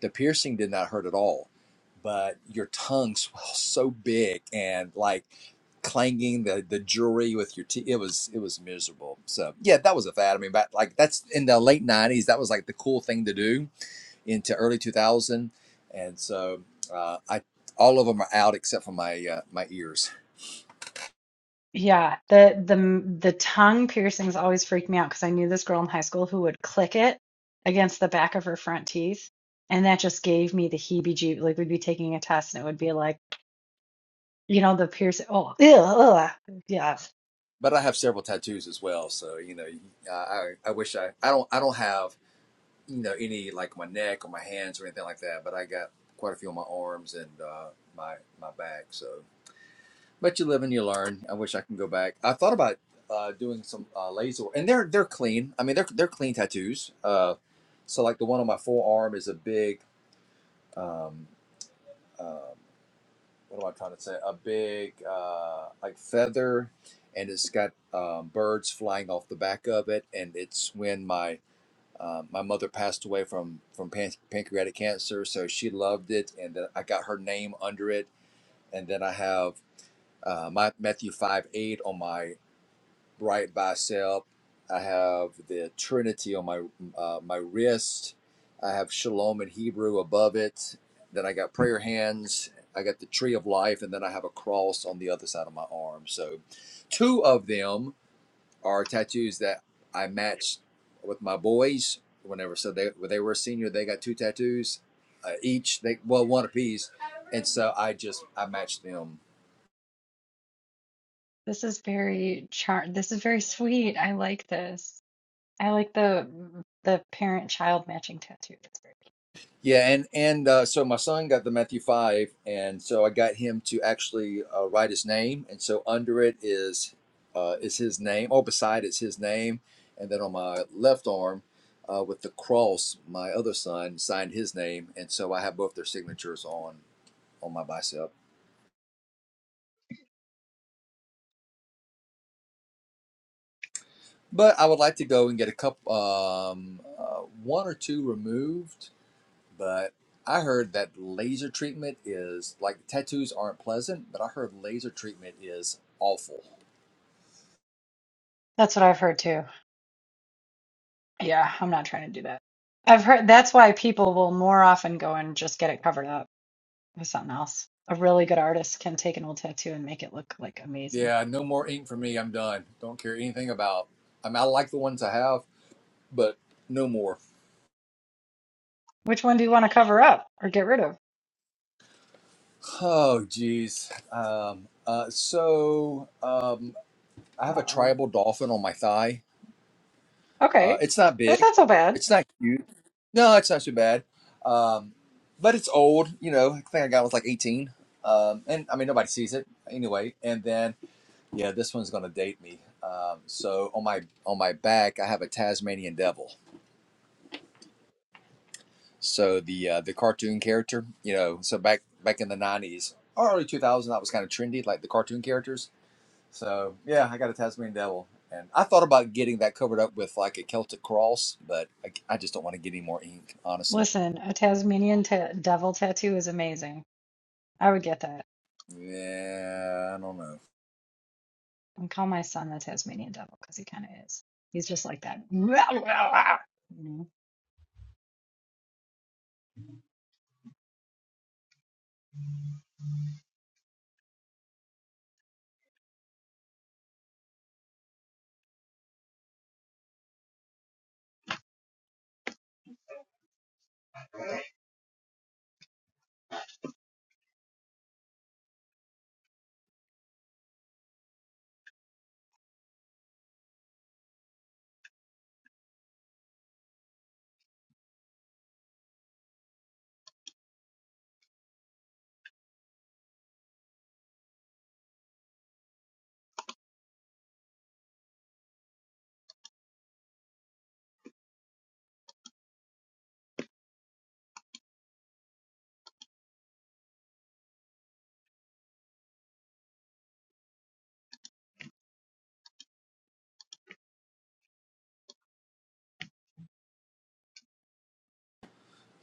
Speaker 12: The piercing did not hurt at all, but your tongue (laughs) swells so big and like clanging the, the jewelry with your teeth. It was it was miserable. So yeah, that was a fad. I mean, back like that's in the late '90s. That was like the cool thing to do into early 2000, and so uh, I all of them are out except for my uh, my ears.
Speaker 4: Yeah, the the the tongue piercings always freaked me out because I knew this girl in high school who would click it against the back of her front teeth, and that just gave me the heebie-jeeb. Like we'd be taking a test, and it would be like, you know, the piercing. Oh, ew, ugh, yeah.
Speaker 12: But I have several tattoos as well, so you know, I I I wish I I don't I don't have. you know any like my neck or my hands or anything like that, but I got quite a few on my arms and uh, my my back. So, but you live and you learn. I wish I can go back. I thought about uh, doing some uh, laser, and they're they're clean. I mean, they're they're clean tattoos. Uh, so like the one on my forearm is a big. Um, um, what am I trying to say? A big uh, like feather, and it's got um, birds flying off the back of it, and it's when my uh, my mother passed away from from pan- pancreatic cancer, so she loved it, and then I got her name under it. And then I have uh, my Matthew five eight on my right bicep. I have the Trinity on my uh, my wrist. I have Shalom in Hebrew above it. Then I got prayer hands. I got the tree of life, and then I have a cross on the other side of my arm. So, two of them are tattoos that I matched with my boys whenever. So they when they were a senior, they got two tattoos uh, each. They well one apiece, and so I just I matched them.
Speaker 4: This is very char. This is very sweet. I like this. I like the the parent-child matching tattoo. That's very.
Speaker 12: Yeah, and and uh, so my son got the Matthew five, and so I got him to actually uh, write his name, and so under it is uh, is his name, or beside it's his name, and then on my left arm. Uh, with the cross, my other son signed his name, and so I have both their signatures on on my bicep. But I would like to go and get a couple, um, uh, one or two removed. But I heard that laser treatment is like tattoos aren't pleasant, but I heard laser treatment is awful.
Speaker 4: That's what I've heard too. Yeah, I'm not trying to do that. I've heard that's why people will more often go and just get it covered up with something else. A really good artist can take an old tattoo and make it look like amazing.
Speaker 12: Yeah, no more ink for me. I'm done. Don't care anything about. I mean, I like the ones I have, but no more.
Speaker 4: Which one do you want to cover up or get rid of?
Speaker 12: Oh, geez. Um, uh, so um, I have a
Speaker 4: Uh-oh.
Speaker 12: tribal dolphin on my thigh. Uh,
Speaker 4: Okay.
Speaker 12: it's not
Speaker 4: That's
Speaker 12: big.
Speaker 4: not so bad.
Speaker 12: It's not huge. No, it's not too bad. Um, but it's old, you know. I think I got it was like 18. Um, and I mean, nobody sees it anyway. And then, yeah, this one's gonna date me. Um, so on my on my back, I have a Tasmanian devil. So the uh, the cartoon character, you know. So back back in the 90s or early two thousand, that was kind of trendy, like the cartoon characters. So yeah, I got a Tasmanian devil, and I thought about getting that covered up with like a Celtic cross, but I, I just don't want to get any more ink, honestly.
Speaker 4: Listen, a Tasmanian ta- devil tattoo is amazing. I would get that.
Speaker 12: Yeah, I don't know.
Speaker 4: And call my son the Tasmanian devil because he kind of is. He's just like that. (laughs) You know?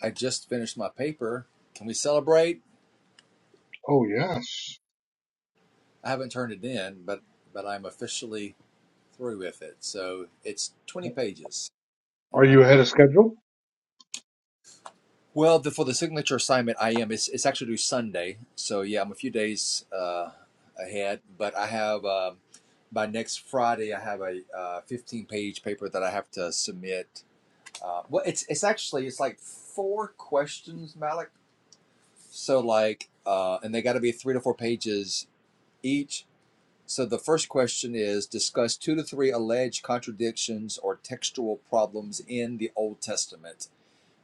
Speaker 12: I just finished my paper. Can we celebrate?
Speaker 11: oh yes.
Speaker 12: I haven't turned it in, but but I'm officially through with it. So it's 20 pages, and
Speaker 11: Are
Speaker 12: I
Speaker 11: you ahead of schedule?
Speaker 12: well the, for the signature assignment I am it's it's actually due Sunday. So yeah, I'm a few days uh, ahead, but I have um, by next Friday I have a uh, 15 page paper that I have to submit. Uh, well, it's it's actually it's like four questions, Malik. So like, uh, and they got to be three to four pages each So the first question is discuss two to three alleged contradictions or textual problems in the Old Testament.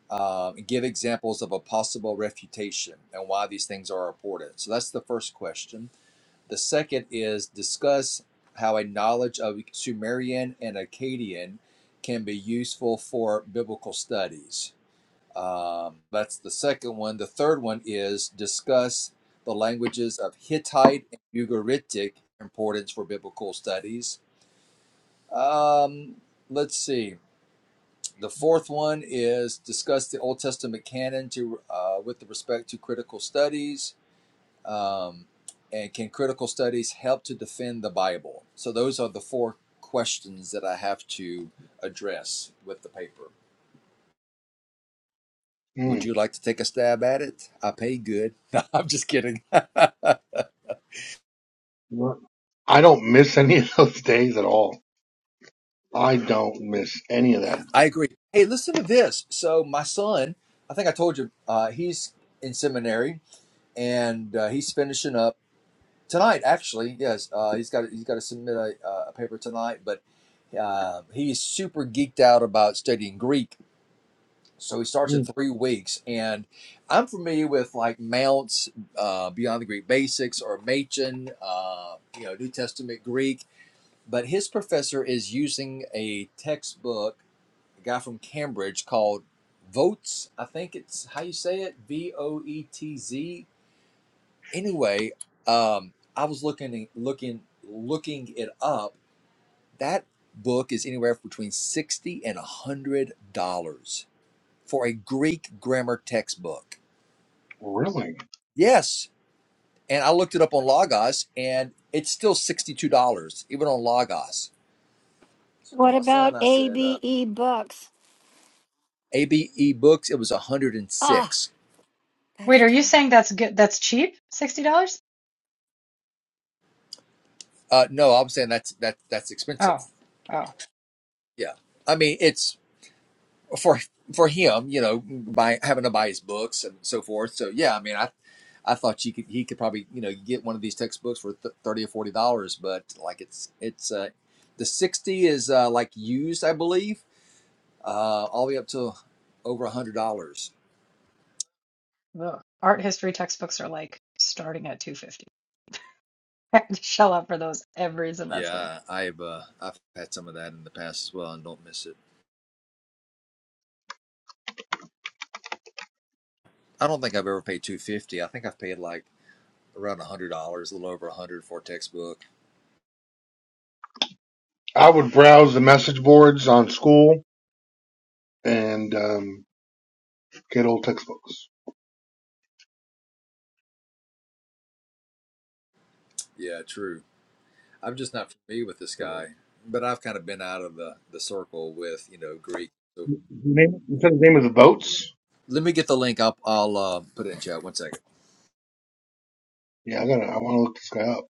Speaker 12: Um, give examples of a possible refutation and why these things are important. So that's the first question. The second is discuss how a knowledge of Sumerian and Akkadian can be useful for biblical studies. Um, that's the second one. The third one is discuss the languages of Hittite and Ugaritic importance for biblical studies. Um, let's see. The fourth one is discuss the Old Testament canon to uh, with respect to critical studies. Um, and can critical studies help to defend the Bible? So those are the four questions that I have to address with the paper. Would
Speaker 11: Mm.
Speaker 12: you like to take a stab at it? I pay good. (laughs) No, I'm just kidding. (laughs) I
Speaker 11: What? I don't miss any of those days at all. I don't miss any of that.
Speaker 12: agree. Hey, listen to this. So my son, I think I told you, uh, he's in seminary and uh, he's finishing up tonight. Actually, yes, uh, he's got he's got to submit a, uh, a paper tonight, but uh, he's super geeked out about studying Greek. So he starts in
Speaker 11: Mm.
Speaker 12: three weeks, and I'm familiar with like Mounts, uh, Beyond the Greek Basics, or Machen, uh, you know, New Testament Greek but his professor is using a textbook, a guy from Cambridge called Votes. I think it's how you say it, V O E T Z. Anyway, um, I was looking, looking, looking it up. That book is anywhere between sixty and a hundred dollars for a Greek grammar textbook.
Speaker 11: Really?
Speaker 12: Yes, and I looked it up on Logos, and it's still sixty-two dollars, even on Logos. So I
Speaker 2: What
Speaker 12: told my son,
Speaker 2: about
Speaker 12: I said. Uh,
Speaker 2: ABE books?
Speaker 12: ABE books, it was 106.
Speaker 2: That's
Speaker 4: Wait, are you
Speaker 2: terrible.
Speaker 4: saying that's good? That's cheap? $60?
Speaker 12: Uh, no, I'm saying that's that that's
Speaker 4: Oh.
Speaker 12: expensive.
Speaker 4: Oh.
Speaker 12: Yeah, I mean it's for for him, you know, by having to buy his books and so forth. So yeah, I mean, I I thought you could he could probably you know get one of these textbooks for th- thirty or forty dollars, but like it's it's uh, the sixty is uh, like used, I believe, uh, all the way up to over a hundred dollars.
Speaker 4: Ugh. Art history textbooks are like starting at 250. I have to (laughs) shell out for those every semester.
Speaker 12: Yeah, I've uh, I've had some of that in the past as well, and don't miss it. I don't think I've ever paid two fifty. I think I've paid like. around a hundred dollars, a little over a hundred for a textbook.
Speaker 11: I would browse the message boards on school and um, Good old textbooks.
Speaker 12: Yeah, true. I'm just not familiar with this
Speaker 11: You know.
Speaker 12: guy, but I've kind of been out of the the circle with you know Greek. So
Speaker 11: His name- You said his name is boats?
Speaker 12: let me get the link up. I'll uh, put it in chat. One second.
Speaker 11: Yeah, I gotta, I wanna look this guy up.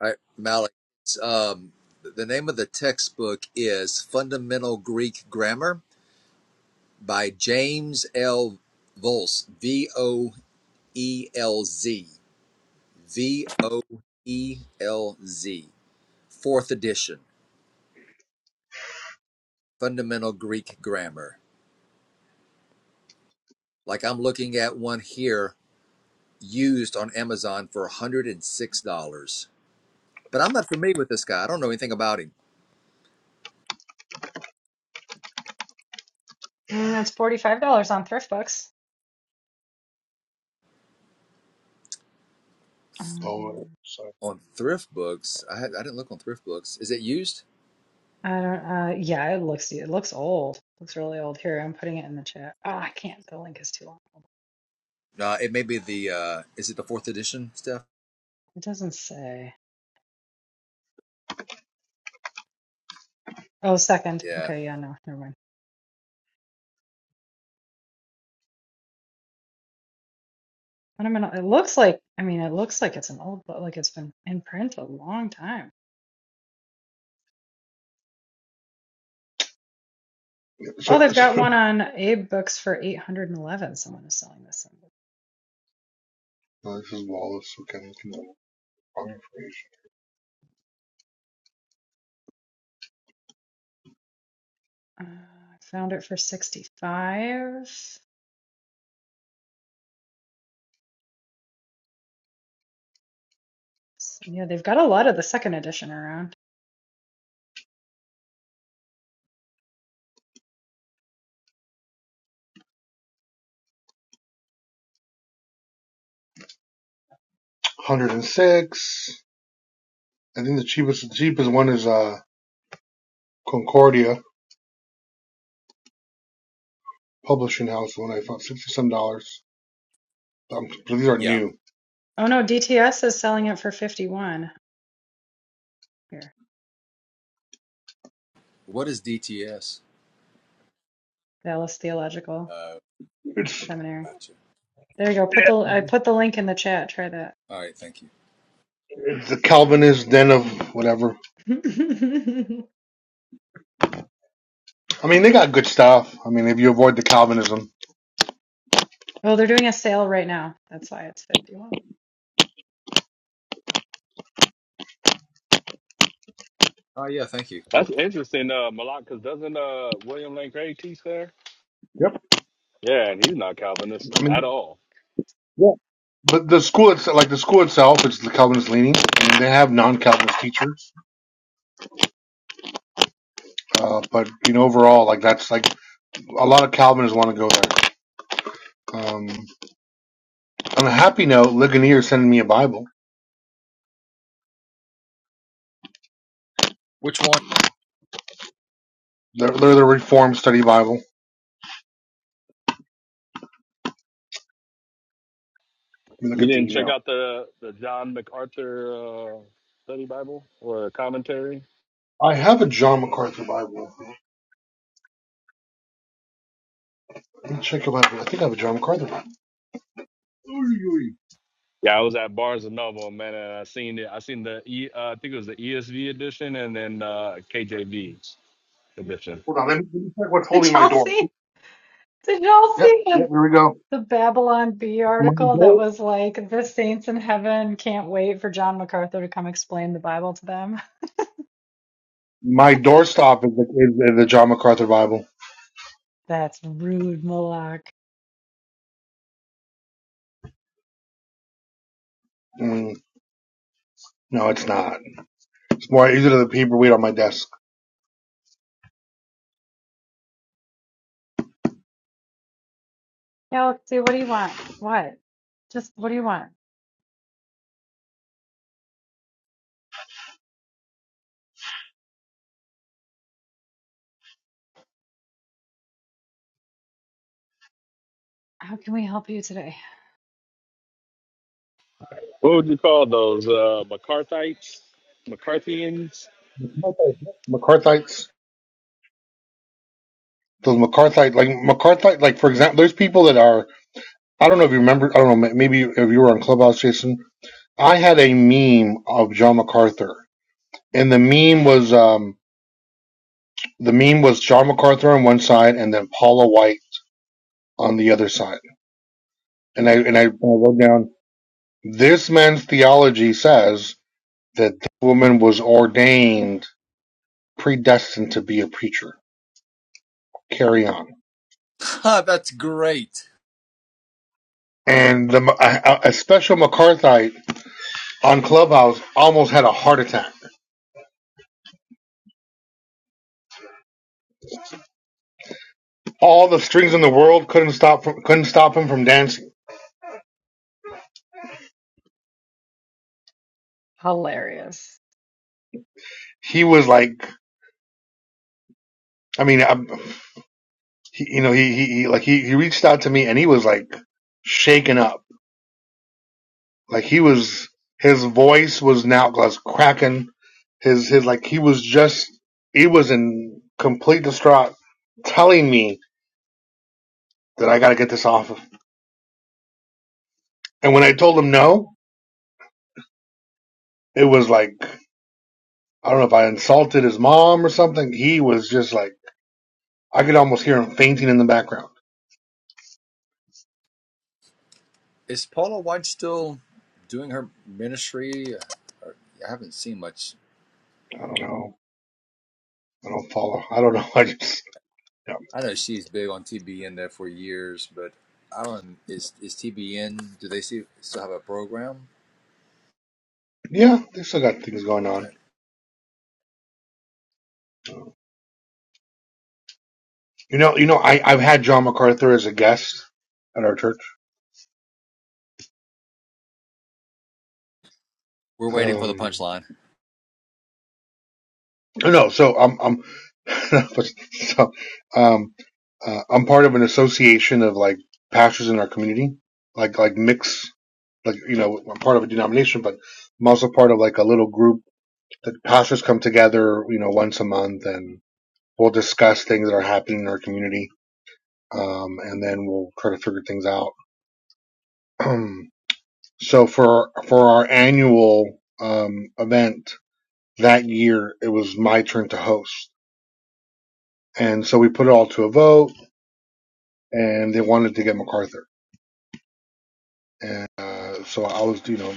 Speaker 12: All right, Malik. It's, um, the name of the textbook is Fundamental Greek Grammar by James L. Volz. V O E L Z. V O E L Z. Fourth edition. Fundamental Greek Grammar. Like I'm looking at one here used on Amazon for $106. But I'm not familiar with this guy. I don't know anything about him.
Speaker 4: Mm, it's $45 on ThriftBooks.
Speaker 11: Oh, uh,
Speaker 4: Um,
Speaker 11: sorry.
Speaker 12: On Thrift Books, I, had, I didn't look on Thrift Books. Is it used?
Speaker 4: I don't uh yeah, it looks it looks old. looks really old. Here, I'm putting it in the chat. Oh, I can't. The link is too long.
Speaker 12: No, uh, it may be the, uh, is it the fourth edition stuff?
Speaker 4: It doesn't say. Oh, second.
Speaker 12: Yeah.
Speaker 4: Okay, yeah, no, never mind. What am I not- it looks like I mean, it looks like it's an old book, like it's been in print a long time.
Speaker 11: Yeah,
Speaker 4: Oh,
Speaker 11: So,
Speaker 4: they've got
Speaker 11: so,
Speaker 4: one on Abe Books for 811. Someone is selling this. thing.
Speaker 11: (laughs) no, this is Wallace. We can, can know wrong information.
Speaker 4: Uh, I found it for 65. S- Yeah, they've got a lot of the second edition around.
Speaker 11: 106. I think the cheapest, the cheapest one is, uh, Concordia Publishing House one I found, 60 some dollars. Um, so these are
Speaker 12: Yeah.
Speaker 11: new.
Speaker 4: Oh no, DTS is selling it for 51 here.
Speaker 12: What is DTS?
Speaker 4: Dallas Theological
Speaker 12: Uh,
Speaker 11: It's,
Speaker 4: Seminary.
Speaker 12: gotcha.
Speaker 4: There you go. Put the I put the link in the chat. Try that.
Speaker 12: All right. Thank you.
Speaker 11: it's the Calvinist den of whatever.
Speaker 4: (laughs)
Speaker 11: I mean, they got good stuff. I mean, if you avoid the Calvinism.
Speaker 4: oh, they're doing a sale right now. That's why it's 51.
Speaker 12: Oh, yeah. Thank you. Cool.
Speaker 6: That's interesting, uh, Malak, because doesn't uh, William Lane Craig teach there?
Speaker 11: Yep.
Speaker 6: Yeah, and he's not Calvinist
Speaker 11: I mean,
Speaker 6: at all.
Speaker 11: Yeah. But the school itself, like the school itself, it's the Calvinist leaning. I mean, they have non-Calvinist teachers, uh, but you know, overall, like that's like a lot of Calvinists want to go there. Um, on a happy note, Ligonier is sending me a Bible.
Speaker 12: Which one?
Speaker 11: They're, they're the Reformed Study Bible. Let me look
Speaker 6: You
Speaker 11: at the
Speaker 6: didn't check
Speaker 11: email.
Speaker 6: out the, the John MacArthur uh, study Bible or commentary?
Speaker 11: I have a John MacArthur Bible. Let me check about it. I think I have a John MacArthur Bible. Oy, oy.
Speaker 6: Yeah, I was at Barnes and Noble, man, and I seen it. I seen the E, uh, I think it was the ESV edition and then uh, KJV edition.
Speaker 11: Hold on, let me, let me check what's
Speaker 4: (laughs)
Speaker 11: holding
Speaker 4: Did
Speaker 11: my
Speaker 4: y'all
Speaker 11: door.
Speaker 4: see? Did y'all
Speaker 11: Yep,
Speaker 4: see
Speaker 11: yep,
Speaker 4: the,
Speaker 11: here we go.
Speaker 4: the Babylon Bee
Speaker 11: My
Speaker 4: article that
Speaker 11: door,
Speaker 4: was like the saints in heaven can't wait for John MacArthur to come explain the Bible to them?
Speaker 11: my doorstop is the, is the John MacArthur Bible.
Speaker 4: (laughs) That's rude, Moloch.
Speaker 11: Mm, no, it's not. Why is it in the paper weight on my desk?
Speaker 4: Yeah, Galaxy, what do you want? What? Just what do you want? How can we help you today?
Speaker 6: What would you call those? Uh, McCarthyites? McCarthyans?
Speaker 11: McCarthyites, those McCarthyite, like McCarthyite, like for example, there's people that are. I don't know if you remember. I don't know. Maybe if you were on Clubhouse, Jason. I had a meme of John MacArthur, and the meme was um the meme was John MacArthur on one side, and then Paula White on the other side. And I and I wrote down this man's theology says that the woman was ordained, predestined to be a preacher. Carry on.
Speaker 12: (laughs) That's great.
Speaker 11: and the, a, a special McCarthyite on Clubhouse almost had a heart attack. All the strings in the world couldn't stop from, couldn't stop him from dancing.
Speaker 4: Hilarious.
Speaker 11: He was like, I mean, I, he, you know, he, he, he like he, he reached out to me and he was like shaken up. Like he was, his voice was now was cracking. His his like he was just he was in complete distraught, telling me that I got to get this off of. And when I told him no, it was like. I don't know if I insulted his mom or something. He was just like, I could almost hear him fainting in the background.
Speaker 12: Is Paula White still doing her ministry? Uh, I haven't seen much
Speaker 11: I don't know. I don't follow. I don't know. (laughs) I just, yeah,
Speaker 12: I know she's big on TBN there for years, but I don't. Is is TBN? Do they see, still have a program?
Speaker 11: yeah they still got things
Speaker 12: Oh,
Speaker 11: going on.
Speaker 12: Okay,
Speaker 11: You know, you know, I, I've had John MacArthur as a guest at our church.
Speaker 12: we're waiting for the
Speaker 11: Um,
Speaker 12: punchline.
Speaker 11: no, so I'm, I'm, (laughs) so, um, uh, I'm part of an association of like pastors in our community, like, like mix, like, you know, I'm part of a denomination, but I'm also part of like a little group the pastors come together, you know, once a month and we'll discuss things that are happening in our community. Um, and then we'll try to figure things out. (clears throat) so for, for our annual, um, event that year, it was my turn to host. And so we put it all to a vote and they wanted to get MacArthur. And, uh, so I was, you know,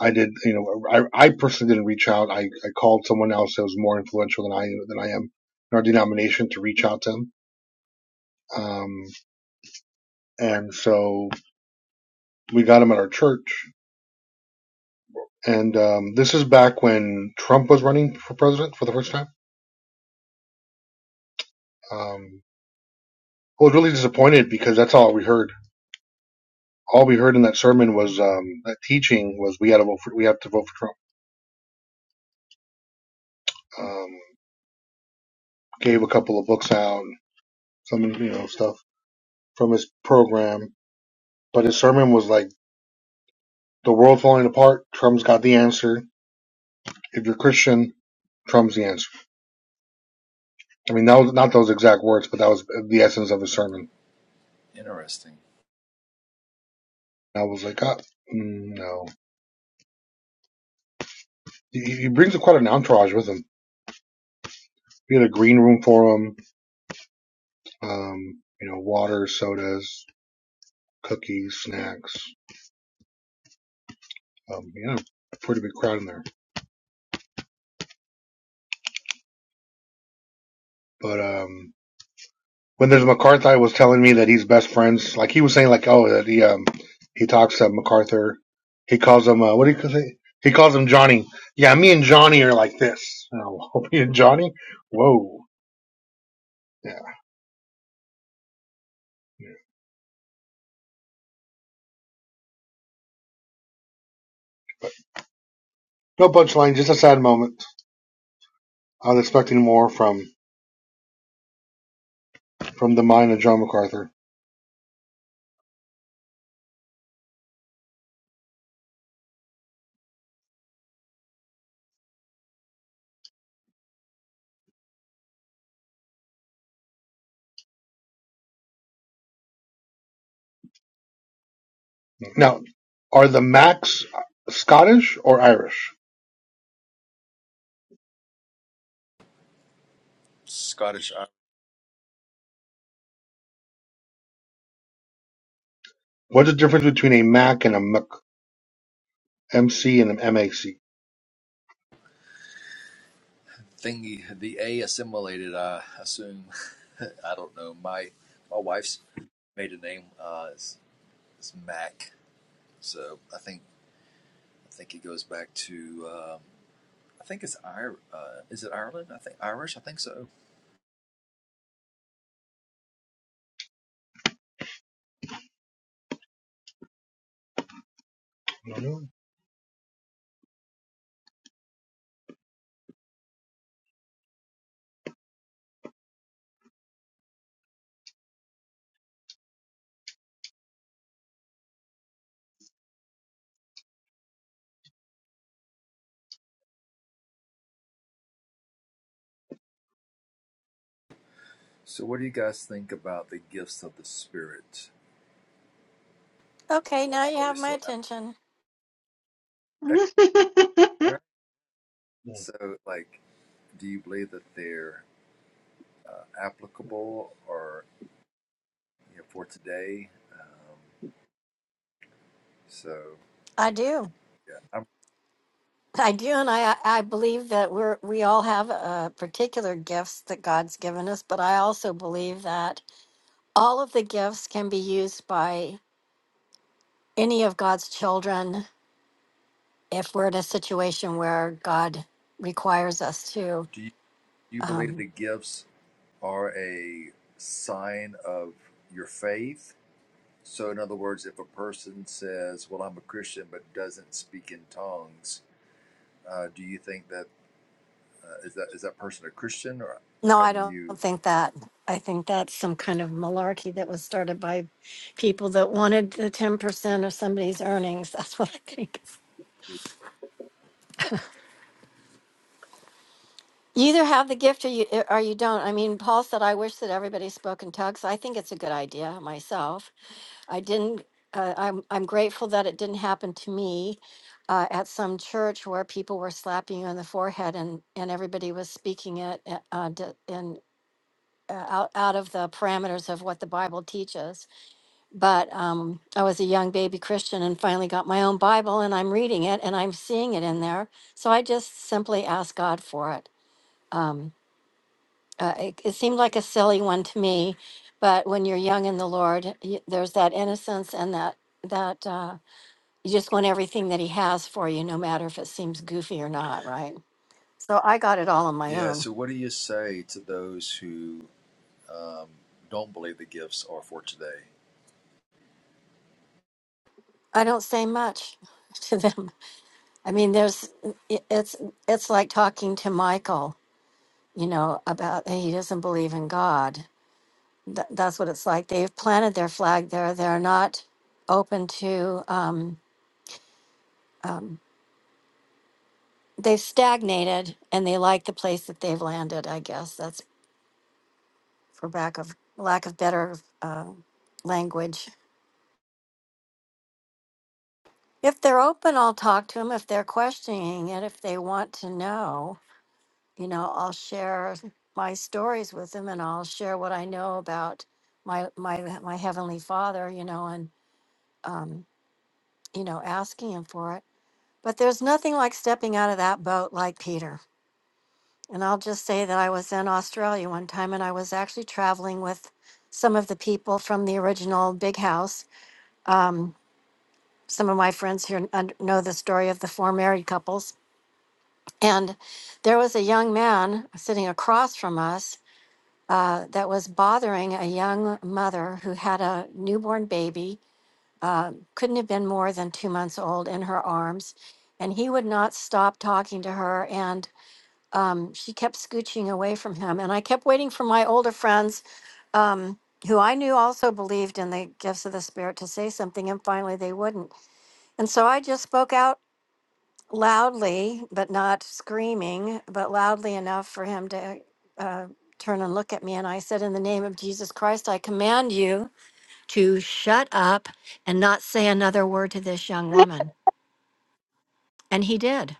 Speaker 11: I did, you know, I, I personally didn't reach out. I, I called someone else that was more influential than I, than I am in our denomination to reach out to him. Um, And so we got him at our church. And um, this is back when Trump was running for president for the first time. Um, I was really disappointed because that's all we heard. All we heard in that sermon was um, that teaching was we had to vote for we have to vote for Trump. Um, gave a couple of books out, some you know stuff from his program, but his sermon was like the world falling apart. Trump's got the answer. If you're Christian, Trump's the answer. I mean, that was not those exact words, but that was the essence of his sermon.
Speaker 12: Interesting.
Speaker 11: I was like, ah, mm, no. he, he brings quite an entourage with him. We had a green room for him, um, you know, water, sodas, cookies, snacks. Um, you know, pretty big crowd in there. But um, when there's MacArthur, was telling me that he's best friends. Like he was saying, like oh, that he um, he talks to MacArthur. He calls him uh, what do you say? He calls him Johnny. Yeah, me and Johnny are like this. (laughs) Oh, me and Johnny. Whoa. Yeah. No punchline, just a sad moment. I was expecting more from from the mind of John MacArthur. Now, are the Macs Scottish or Irish?
Speaker 12: Scottish I-
Speaker 11: What's the difference between a Mac and a Mac, MC and an MAC?
Speaker 12: thingy. The A assimilated. I assume. (laughs) I don't know. My my wife's maiden name uh, is, is Mac, so I think I think it goes back to. Um, I think it's Ir. Uh, is it Ireland? I think Irish. I think so.
Speaker 11: Mhm.
Speaker 12: So, what do you guys think about the gifts of the Spirit?
Speaker 2: Okay, now you
Speaker 12: Are they
Speaker 2: have my
Speaker 12: still?
Speaker 2: attention.
Speaker 4: (laughs)
Speaker 12: Excellent. All right. So, like, do you believe that they're uh, applicable or you know, for today? Um, so,
Speaker 2: I do.
Speaker 12: yeah. I'm,
Speaker 2: I do, and I I believe that we're we all have uh, particular gifts that God's given us, but I also believe that all of the gifts can be used by any of God's children if we're in a situation where God requires us to.
Speaker 12: do you do you believe
Speaker 2: Um,
Speaker 12: the gifts are a sign of your faith? So, in other words, if a person says, "Well, I'm a Christian," but doesn't speak in tongues, uh, do you think that uh, is that is that person a Christian, or
Speaker 2: no,
Speaker 12: how
Speaker 2: I
Speaker 12: do
Speaker 2: don't
Speaker 12: you?
Speaker 2: think that. I think that's some kind of malarkey that was started by people that wanted the ten percent of somebody's earnings. (laughs) That's what I think. You either have the gift or you or you don't. I mean, Paul said, "I wish that everybody spoke in tongues." I think it's a good idea myself. I didn't. Uh, I'm I'm grateful that it didn't happen to me uh, at some church where people were slapping you on the forehead and and everybody was speaking it uh, uh, d- in uh, out out of the parameters of what the Bible teaches. But um, I was a young baby Christian and finally got my own Bible and I'm reading it and I'm seeing it in there. So I just simply asked God for it. Um, uh, it, it seemed like a silly one to me, but when you're young in the Lord, y- there's that innocence and that that. Uh, you just want everything that he has for you, no matter if it seems goofy or not, right? So I got it all on my
Speaker 12: Yeah.
Speaker 2: own.
Speaker 12: So, what do you say to those who? um, don't believe the gifts are for today.
Speaker 2: I don't say much (laughs) to them. I mean, there's it- it's it's like talking to Michael, you know, about "Hey, he doesn't believe in God. Th- that's what it's like. They've planted their flag there. They're not open to. Um, um, they've stagnated, and they like the place that they've landed. I guess that's for lack of lack of better uh, language If they're open, I'll talk to them. If they're questioning it, if they want to know, you know, I'll share my stories with them and I'll share what I know about my my my heavenly Father, you know, and um, you know, asking him for it. But there's nothing like stepping out of that boat like Peter. And I'll just say that I was in Australia one time and I was actually traveling with some of the people from the original Big House. Um, some of my friends here un- know the story of the four married couples And there was a young man sitting across from us uh, that was bothering a young mother who had a newborn baby, uh, couldn't have been more than two months old in her arms. And he would not stop talking to her. And um, she kept scooching away from him. And I kept waiting for my older friends, um, who I knew also believed in the gifts of the Spirit, to say something. And finally, they wouldn't. And so I just spoke out loudly, but not screaming, but loudly enough for him to uh, turn and look at me. And I said, In the name of Jesus Christ, I command you to shut up and not say another word to this young woman. And he did.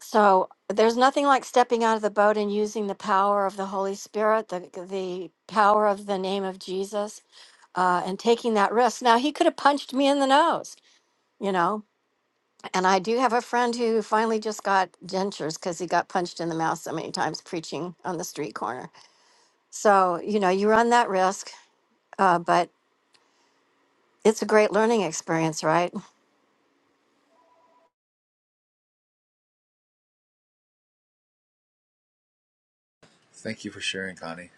Speaker 2: So there's nothing like stepping out of the boat and using the power of the Holy Spirit, the, the power of the name of Jesus, uh, and taking that risk. Now, he could have punched me in the nose, you know, And I do have a friend who finally just got dentures because he got punched in the mouth so many times preaching on the street corner. So, you know, you run that risk, uh, but it's a great learning experience, right?
Speaker 12: Thank you for sharing, Connie.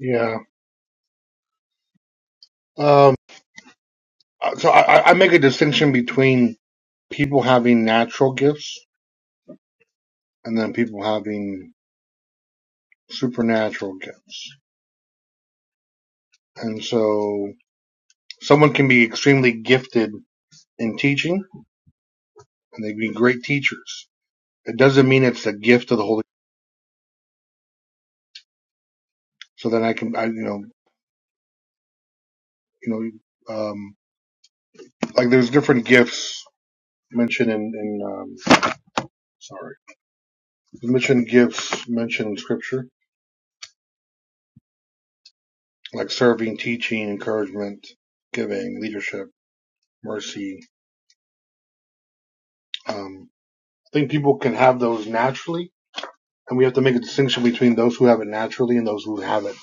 Speaker 11: Yeah. Um, uh, so I I make a distinction between people having natural gifts and then people having supernatural gifts. And so someone can be extremely gifted in teaching and they can be great teachers. It doesn't mean it's a gift of the Holy. Spirit. So then I can, I, you know, you know, um, like there's different gifts mentioned in, in um, sorry, mentioned gifts mentioned in Scripture, like serving, teaching, encouragement, giving, leadership, mercy. Um, I think people can have those naturally, and we have to make a distinction between those who have it naturally and those who have it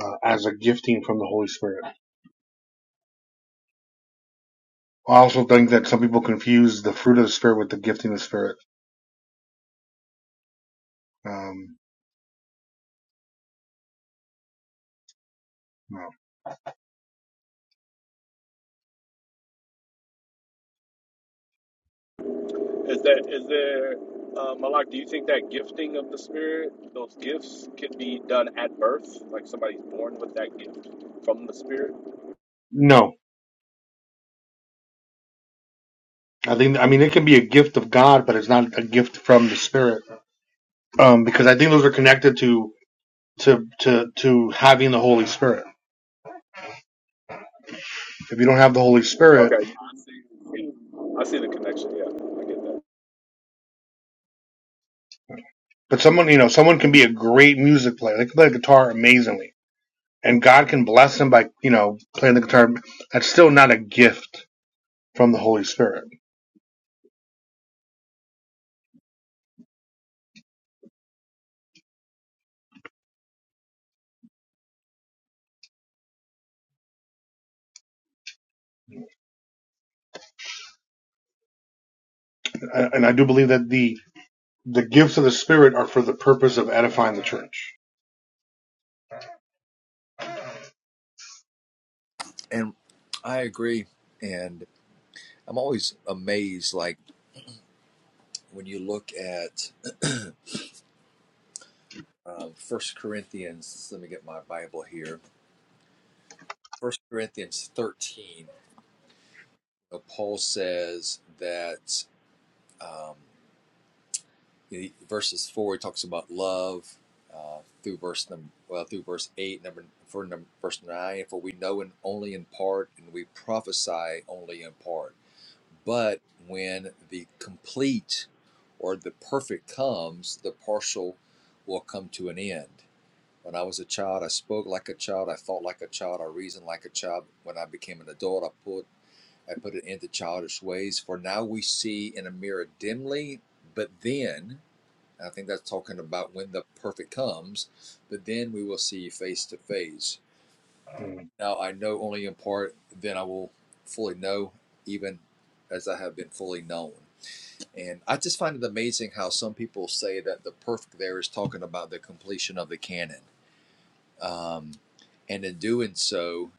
Speaker 11: uh, as a gifting from the Holy Spirit. I also think that some people confuse the fruit of the spirit with the gifting of the spirit. Um, no,
Speaker 6: Is that is there, uh, Malak? Do you think that gifting of the Spirit, those gifts, can be done at birth? Like somebody's born with that gift from the Spirit?
Speaker 11: no. I think I mean it can be a gift of God, but it's not a gift from the spirit um, because I think those are connected to to to to having the Holy Spirit. If you don't have the Holy Spirit,
Speaker 6: Okay, yeah, I see. I see the connection. Yeah, I get that.
Speaker 11: but someone you know someone can be a great music player. They can play the guitar amazingly, and God can bless them by you know playing the guitar. That's still not a gift from the Holy Spirit. Uh, And I do believe that the the gifts of the Spirit are for the purpose of edifying the church.
Speaker 12: And I agree. And I'm always amazed, like when you look at uh, First Corinthians. Let me get my Bible here. First Corinthians 13. uh, Paul says that um, verses four. He talks about love uh, through verse number well through verse eight, number for number, verse nine. For we know in, only in part, and we prophesy only in part But when the complete or the perfect comes, the partial will come to an end. When I was a child, I spoke like a child, I thought like a child, I reasoned like a child. When I became an adult, I put I put an end to childish ways. For now we see in a mirror dimly, but then, and I think that's talking about when the perfect comes, but then we will see face to face.
Speaker 11: Mm.
Speaker 12: Now I know only in part, then I will fully know, even as I have been fully known. And I just find it amazing how some people say that the perfect there is talking about the completion of the canon. Um, and in doing so,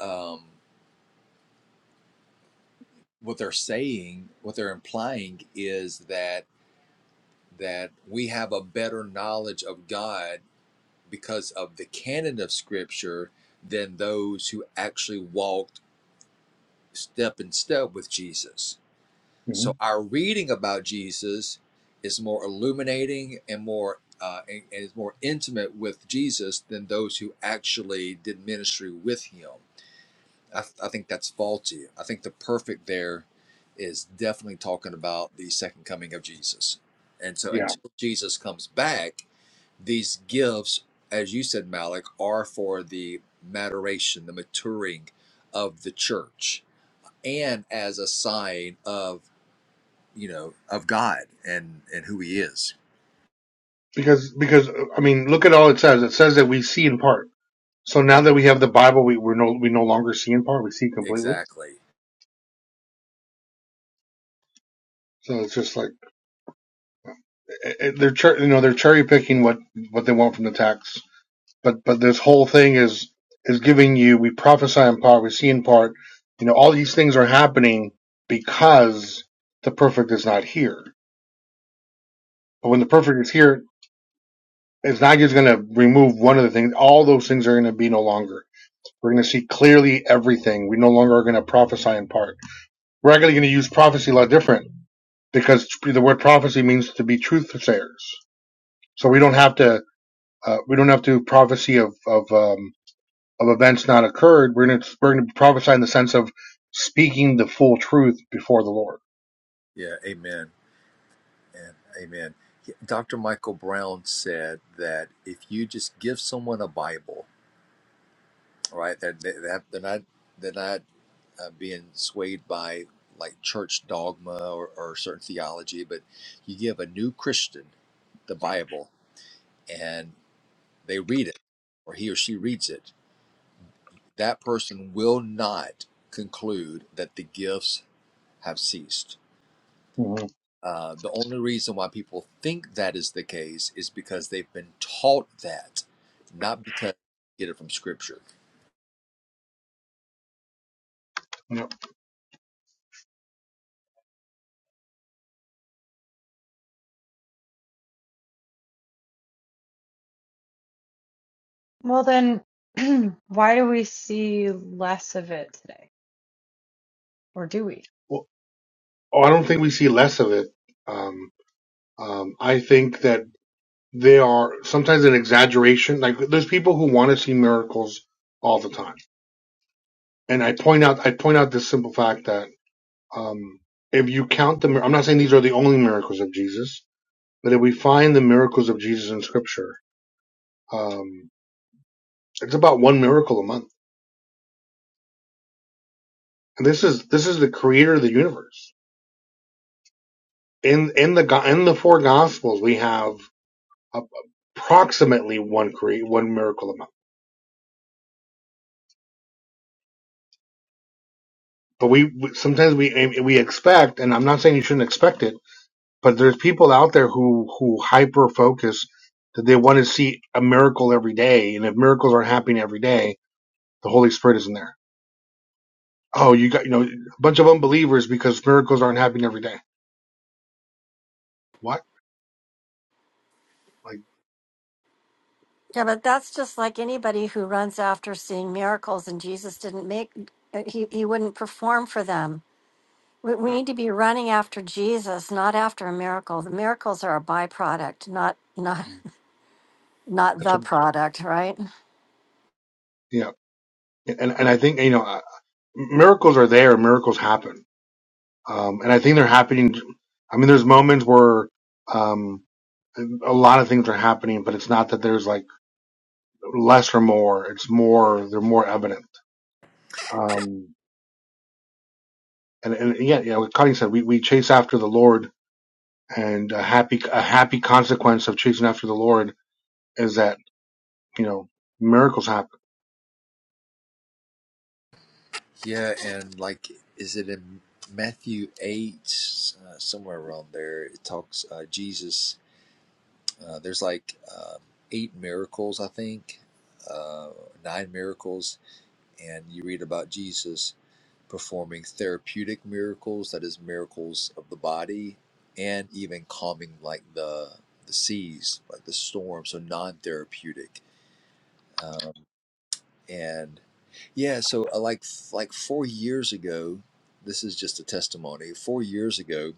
Speaker 12: um, what they're saying, what they're implying is that that we have a better knowledge of God because of the canon of Scripture than those who actually walked step in step with Jesus So
Speaker 11: Mhm.
Speaker 12: our reading about Jesus is more illuminating and more uh, and and is more intimate with Jesus than those who actually did ministry with him. I, th- I think that's faulty. I think the perfect there is definitely talking about the second coming of Jesus. And so
Speaker 11: Yeah,
Speaker 12: until Jesus comes back, these gifts, as you said, Malik, are for the maturation, the maturing of the church, and as a sign of you know, of God and and who He is.
Speaker 11: because because uh, I mean, look at all it says. It says that we see in part. So now that we have the Bible, we we're no we no longer see in part. We see completely.
Speaker 12: Exactly.
Speaker 11: So it's just like. eh, eh, they're you know they're cherry picking what what they want from the text. But but this whole thing is is giving you we prophesy in part, we see in part. You know all these things are happening because the perfect is not here. But when the perfect is here, it's not just going to remove one of the things. All those things are going to be no longer. We're going to see clearly everything. We no longer are going to prophesy in part. We're actually going to use prophecy a lot different because the word prophecy means to be truth sayers. So we don't have to Uh, we don't have to prophecy of of um, of events not occurred. We're going to we're going to prophesy in the sense of speaking the full truth before the Lord.
Speaker 12: Yeah. Amen. And amen. Dr. Michael Brown said that if you just give someone a Bible, right, that that they're not they're not uh, being swayed by like church dogma or, or certain theology, but you give a new Christian the Bible and they read it, or he or she reads it, that person will not conclude that the gifts have ceased
Speaker 11: hmm
Speaker 12: Uh, the only reason why people think that is the case is because they've been taught that, not because they get it from scripture.
Speaker 11: Yeah.
Speaker 4: Well, then, (clears throat) why do we see less of it today? Or do we?
Speaker 11: Well, oh, I don't think we see less of it. Um, um, I think that they are sometimes an exaggeration. Like there's people who want to see miracles all the time, and I point out I point out this simple fact that um, if you count the, I'm not saying these are the only miracles of Jesus, but if we find the miracles of Jesus in Scripture. Um, It's about one miracle a month. And this is this is the creator of the universe. In in the go- in the four gospels, we have a- approximately one create one miracle a month. But we we- sometimes we we expect, and I'm not saying you shouldn't expect it, but there's people out there who who hyper focus that they want to see a miracle every day, and if miracles aren't happening every day, the Holy Spirit isn't there. Oh, you got you know a bunch of unbelievers because miracles aren't happening every day. What? Like
Speaker 2: Yeah, but that's just like anybody who runs after seeing miracles, and Jesus didn't make, uh, he, he wouldn't perform for them. We, we need to be running after Jesus, not after a miracle. The miracles are a byproduct, not, not, not
Speaker 11: that's
Speaker 2: the
Speaker 11: what,
Speaker 2: product, right?
Speaker 11: yeah. And and I think you know miracles are there. Miracles happen, um, and I think they're happening. I mean, there's moments where um, a lot of things are happening, but it's not that there's like less or more. It's more. They're more evident. Um, and, and yeah, yeah. What Connie said, we, we chase after the Lord, and a happy a happy consequence of chasing after the Lord is that you know miracles happen.
Speaker 12: Yeah, and like, is it in Matthew 8, uh, somewhere around there? It talks, uh, Jesus, uh, there's like um eight miracles, I think, uh, nine miracles, and you read about Jesus. performing therapeutic miracles, that is miracles of the body, and even calming like the the seas, like the storm, so non-therapeutic. Um, and yeah, so uh, like like four years ago, this is just a testimony. Four years ago,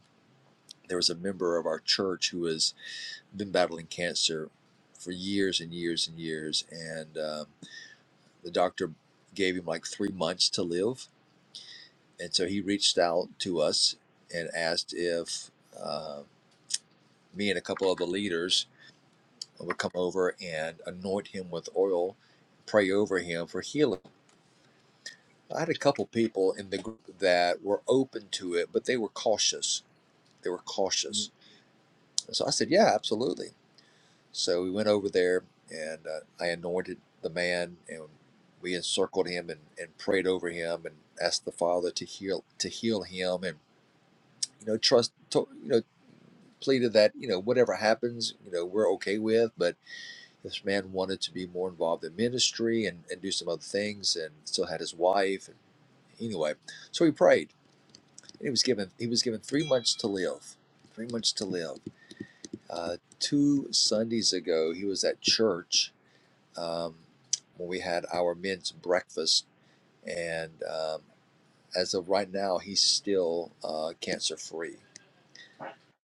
Speaker 12: there was a member of our church who has been battling cancer for years and years and years, and um, the doctor gave him like three months to live and so he reached out to us and asked if uh, me and a couple of the leaders would come over and anoint him with oil, pray over him for healing. I had a couple people in the group that were open to it, but they were cautious. They were cautious. And so I said, "Yeah, absolutely." So we went over there, and uh, I anointed the man, and we encircled him and, and prayed over him, and asked the Father to heal to heal him, and you know trust to, you know pleaded that you know whatever happens, you know we're okay with. But this man wanted to be more involved in ministry and, and do some other things, and still had his wife. And anyway, so he prayed, and he was given he was given three months to live, three months to live. Uh, two Sundays ago, he was at church um, when we had our men's breakfast, and um, as of right now, he's still uh, cancer free.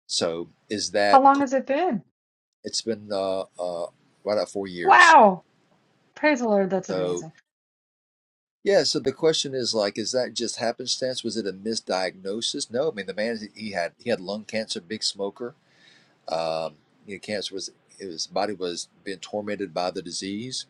Speaker 12: So is
Speaker 4: How
Speaker 12: that
Speaker 4: long has it been?
Speaker 12: it's been uh, uh, right at four years
Speaker 4: Wow! Praise the Lord, that's
Speaker 12: So
Speaker 4: amazing.
Speaker 12: yeah, so the question is like, is that just happenstance? Was it a misdiagnosis? No, I mean the man he had he had lung cancer, big smoker. Um, you know, cancer was his body was being tormented by the disease,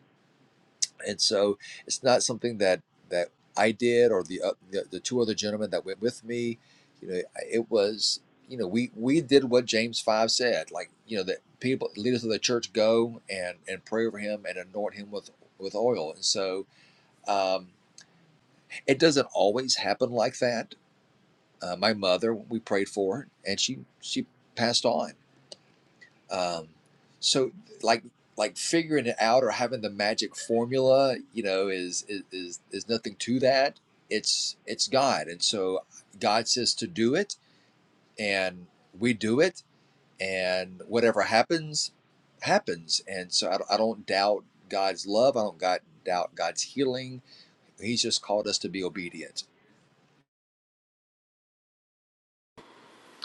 Speaker 12: and so it's not something that that I did or the uh, the, the two other gentlemen that went with me. You know, it was you know we we did what James five said, like you know that people leaders of the church go and and pray over him and anoint him with with oil, and so. Um, It doesn't always happen like that. Uh, my mother, we prayed for her, and she she passed on. Um, so, like like figuring it out or having the magic formula, you know, is is is, is nothing to that. It's it's God, and so God says to do it, and we do it, and whatever happens, happens. And so I, don't- I don't doubt God's love. I don't God, doubt God's healing. He's just called us to be obedient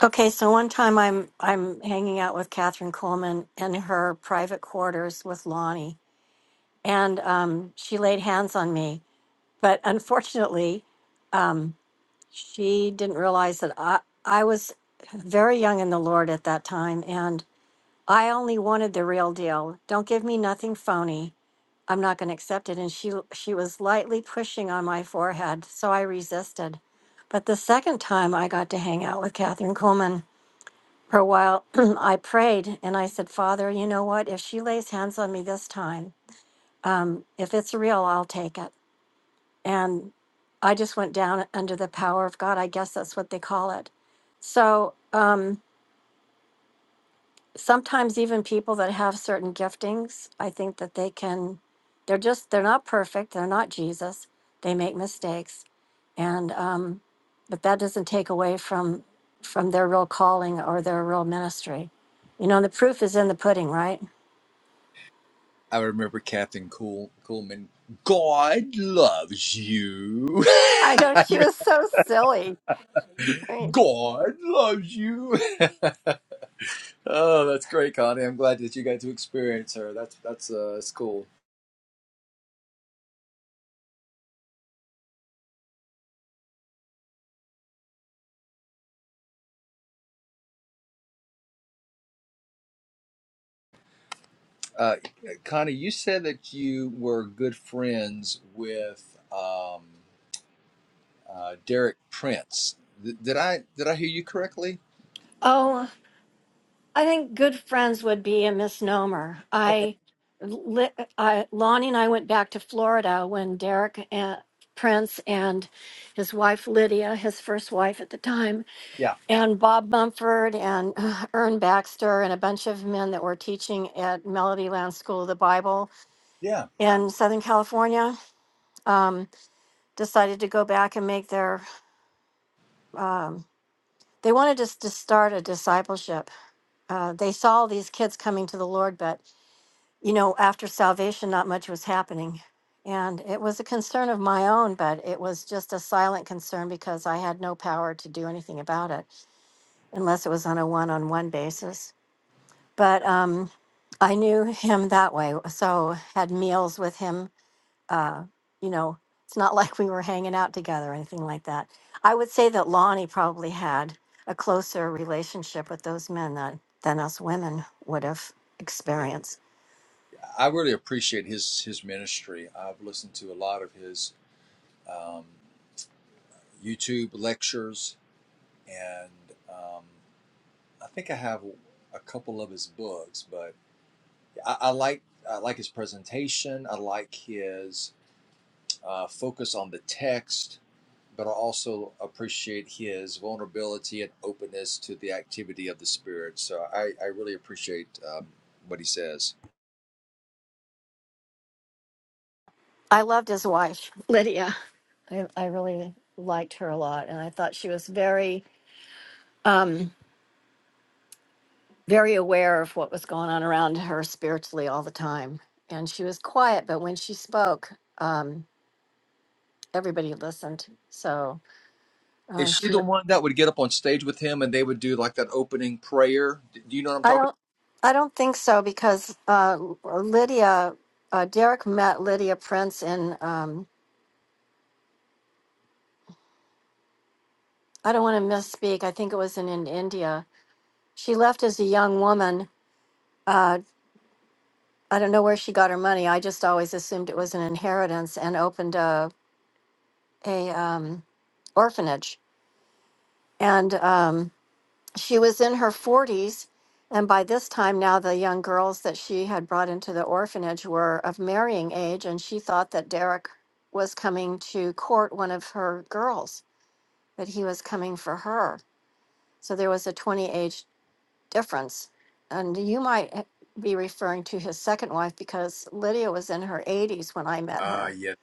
Speaker 2: Okay, so one time I'm I'm hanging out with Catherine Coleman in her private quarters with Lonnie, and um, she laid hands on me. But unfortunately, um, she didn't realize that I I was very young in the Lord at that time, and I only wanted the real deal. Don't give me nothing phony. I'm not going to accept it. And she she was lightly pushing on my forehead, so I resisted. But the second time I got to hang out with Catherine Coleman. For a while, (clears throat) I prayed and I said, Father, you know what? If she lays hands on me this time, um, if it's real, I'll take it. And I just went down under the power of God. I guess that's what they call it. So, um, sometimes even people that have certain giftings, I think that they can, they're just, they're not perfect. They're not Jesus. They make mistakes. And, um, but that doesn't take away from, from their real calling or their real ministry. You know, the proof is in the pudding, right?
Speaker 12: I remember Captain cool, Coolman. God loves you. (laughs)
Speaker 2: I know she
Speaker 12: You mean,
Speaker 2: was so silly. I mean,
Speaker 12: God loves you. (laughs) oh, that's great, Connie. I'm glad that you got to experience her. That's that's uh, it's cool. Uh, Connie, you said that you were good friends with um, uh, Derek Prince. Th- did I did I hear you correctly?
Speaker 2: Oh, I think good friends would be a misnomer.
Speaker 12: Okay.
Speaker 2: I, li- I Lonnie and I went back to Florida when Derek and Prince and his wife Lydia, his first wife at the time,
Speaker 12: Yeah.
Speaker 2: and Bob Mumford and uh, Ern Baxter and a bunch of men that were teaching at Melody Land School of the Bible
Speaker 12: Yeah.
Speaker 2: in Southern California um, decided to go back and make their. Um, they wanted us to start a discipleship. Uh, they saw all these kids coming to the Lord, but you know, after salvation, not much was happening. And it was a concern of my own, but it was just a silent concern because I had no power to do anything about it unless it was on a one on one basis. But um, I knew him that way. So had meals with him. Uh, you know, it's not (laughs) like we were hanging out together or anything like that. I would say that Lonnie probably had a closer relationship with those men that, than us women would have
Speaker 12: Yeah.
Speaker 2: experienced.
Speaker 12: I really appreciate his his ministry. I've listened to a lot of his. um. YouTube lectures, and um, I think I have a couple of his books. But I, I like I like his presentation. I like his uh, focus on the text, but I also appreciate his vulnerability and openness to the activity of the spirit. So I I really appreciate um, what he says.
Speaker 2: I loved his wife, (laughs) Lydia. I, I really liked her a lot, and I thought she was very, um, very aware of what was going on around her spiritually all the time. And she was quiet, but when she spoke, um, everybody listened. So
Speaker 12: Is
Speaker 2: uh,
Speaker 12: she
Speaker 2: she,
Speaker 12: the
Speaker 2: w-
Speaker 12: one that would get up on stage with him and they would do like that opening prayer? Do you know what I'm
Speaker 2: I
Speaker 12: talking?
Speaker 2: don't, I don't think so because uh, Lydia, uh, Derek met Lydia Prince in. Um, I don't want to misspeak. I think it was in, in India. She left as a young woman. uh, I don't know where she got her money. I just always assumed it was an inheritance and opened a a um, orphanage. And um, she was in her 40s, and by this time now the young girls that she had brought into the orphanage were of marrying age, and she thought that Derek was coming to court one of her girls, that he was coming for her. So there was a 20 age difference. And you might eh, be referring to his second wife because Lydia was in her 80s when I met
Speaker 12: about?
Speaker 2: her
Speaker 12: Uh yeah,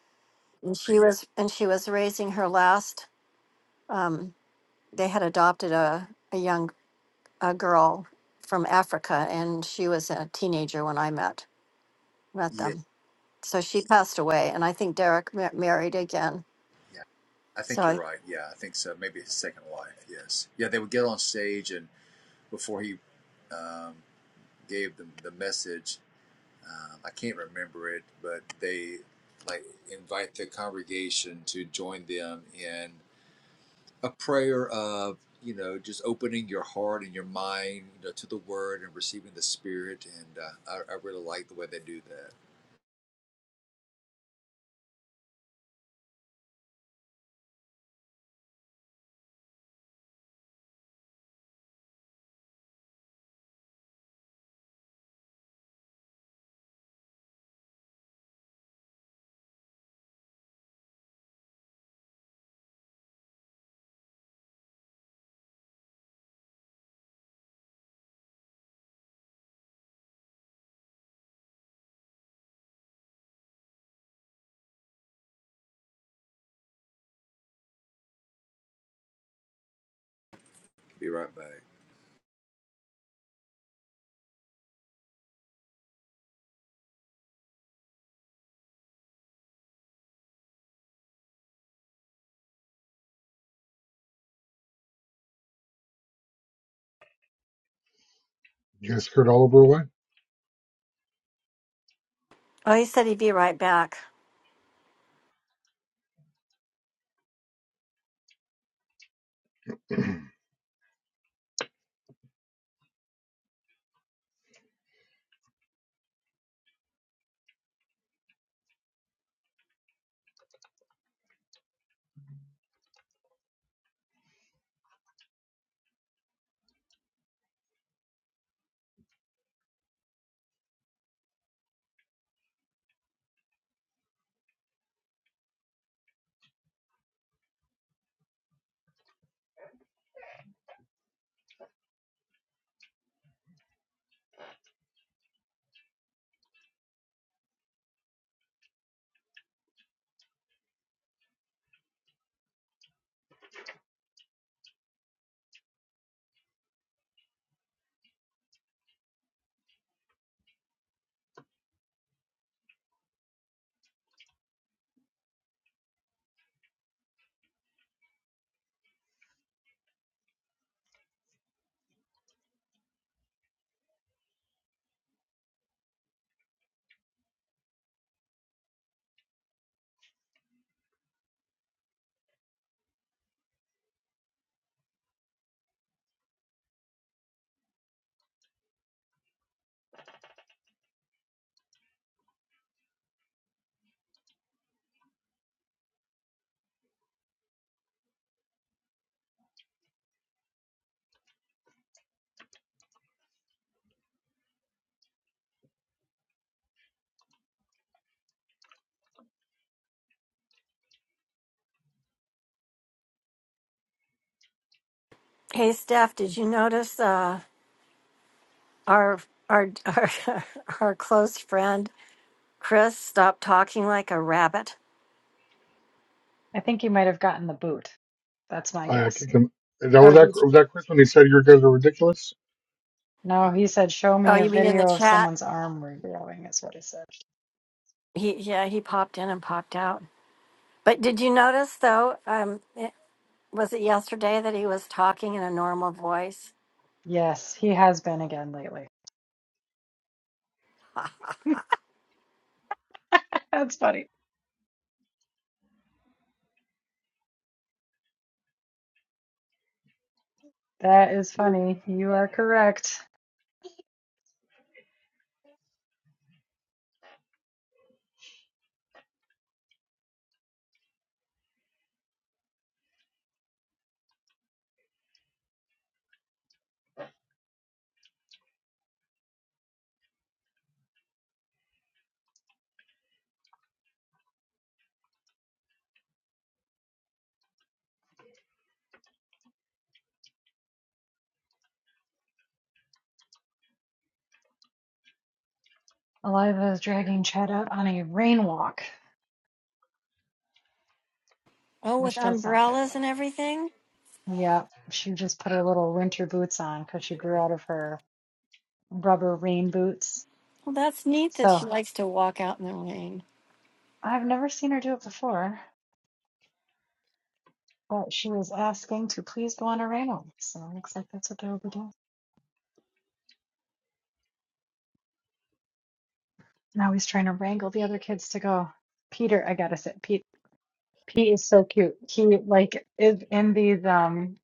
Speaker 2: And she was and she was raising her last. Um, they had adopted a a young a girl from Africa, and she was a teenager when I met met
Speaker 12: yeah,
Speaker 2: them. So she passed away, and I think Derek ma- married again.
Speaker 12: I
Speaker 2: So
Speaker 12: think you're
Speaker 2: I
Speaker 12: right. Yeah, I think so. Maybe his second wife. Yes. Yeah, they would get on stage, and before he um, gave them the message, um, I can't remember it, but they like invite the congregation to join them in a prayer of you know just opening your heart and your mind you know, to the Word and receiving the Spirit. And uh, I, I really like the way they do that. Be right back.
Speaker 2: oh he said he'd be right back. Hey, Status, uh, our our (laughs) our our close friend Chris stopped talking like a rabbit.
Speaker 4: I think he might have gotten the boot. That's my
Speaker 11: I I
Speaker 4: guess.
Speaker 11: kick him. That
Speaker 2: Oh,
Speaker 11: was that. Was that Chris when he said your guys are ridiculous?
Speaker 4: No, he said, show me a video of someone's arm regrowing, is what he said.
Speaker 2: he yeah he popped in and popped out. But did you notice though? Um, it, was it yesterday
Speaker 4: Yes, he has been again lately. (laughs) That's funny. That is funny. You are correct. Eliva is dragging Chad out on a rain walk,
Speaker 2: Oh, with
Speaker 4: which does sound kind
Speaker 2: umbrellas
Speaker 4: of
Speaker 2: and everything?
Speaker 4: fun. Yeah, she just put her little winter boots on because she grew out of her rubber rain boots.
Speaker 2: Well, that's neat that
Speaker 4: So
Speaker 2: she likes to walk out in the rain.
Speaker 4: I've never seen her do it before, but she was asking to please go on a rain walk. So it looks like that's what they'll be doing. Now he's trying to wrangle the other kids to go. Peter, I gotta say, Pete, Pete is so cute. He like is in these um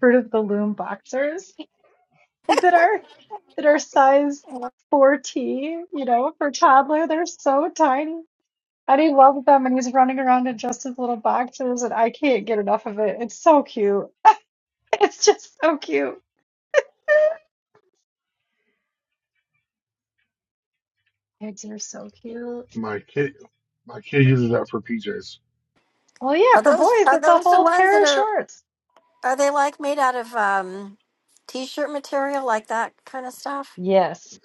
Speaker 4: Fruit of the Loom boxers (laughs) that are that are size 4T, you know, for toddler. They're so tiny. And he loves them and he's running around in just his little boxes and I can't get enough of it. It's so cute. (laughs) It's just so cute. (laughs) Kids are so cute.
Speaker 11: My kid, my kid uses that for PJs.
Speaker 4: Well, yeah,
Speaker 2: Are
Speaker 4: for
Speaker 2: those
Speaker 4: boys,
Speaker 2: are
Speaker 4: it's a
Speaker 2: those the
Speaker 4: whole
Speaker 2: ones
Speaker 4: pair
Speaker 2: that
Speaker 4: of
Speaker 2: are
Speaker 4: shorts.
Speaker 2: are they like made out of um t-shirt material like that kind of stuff?
Speaker 4: Yes.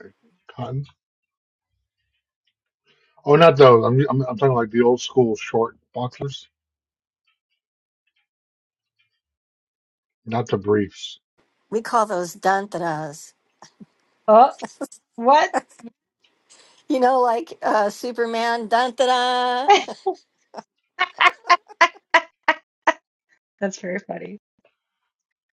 Speaker 11: Oh, not those. I'm, I'm I'm talking like the old school short boxers, not the briefs.
Speaker 2: We call those dantanas.
Speaker 4: Oh, what?
Speaker 2: You know, like uh Superman dantana. Is
Speaker 4: (laughs) That's very funny.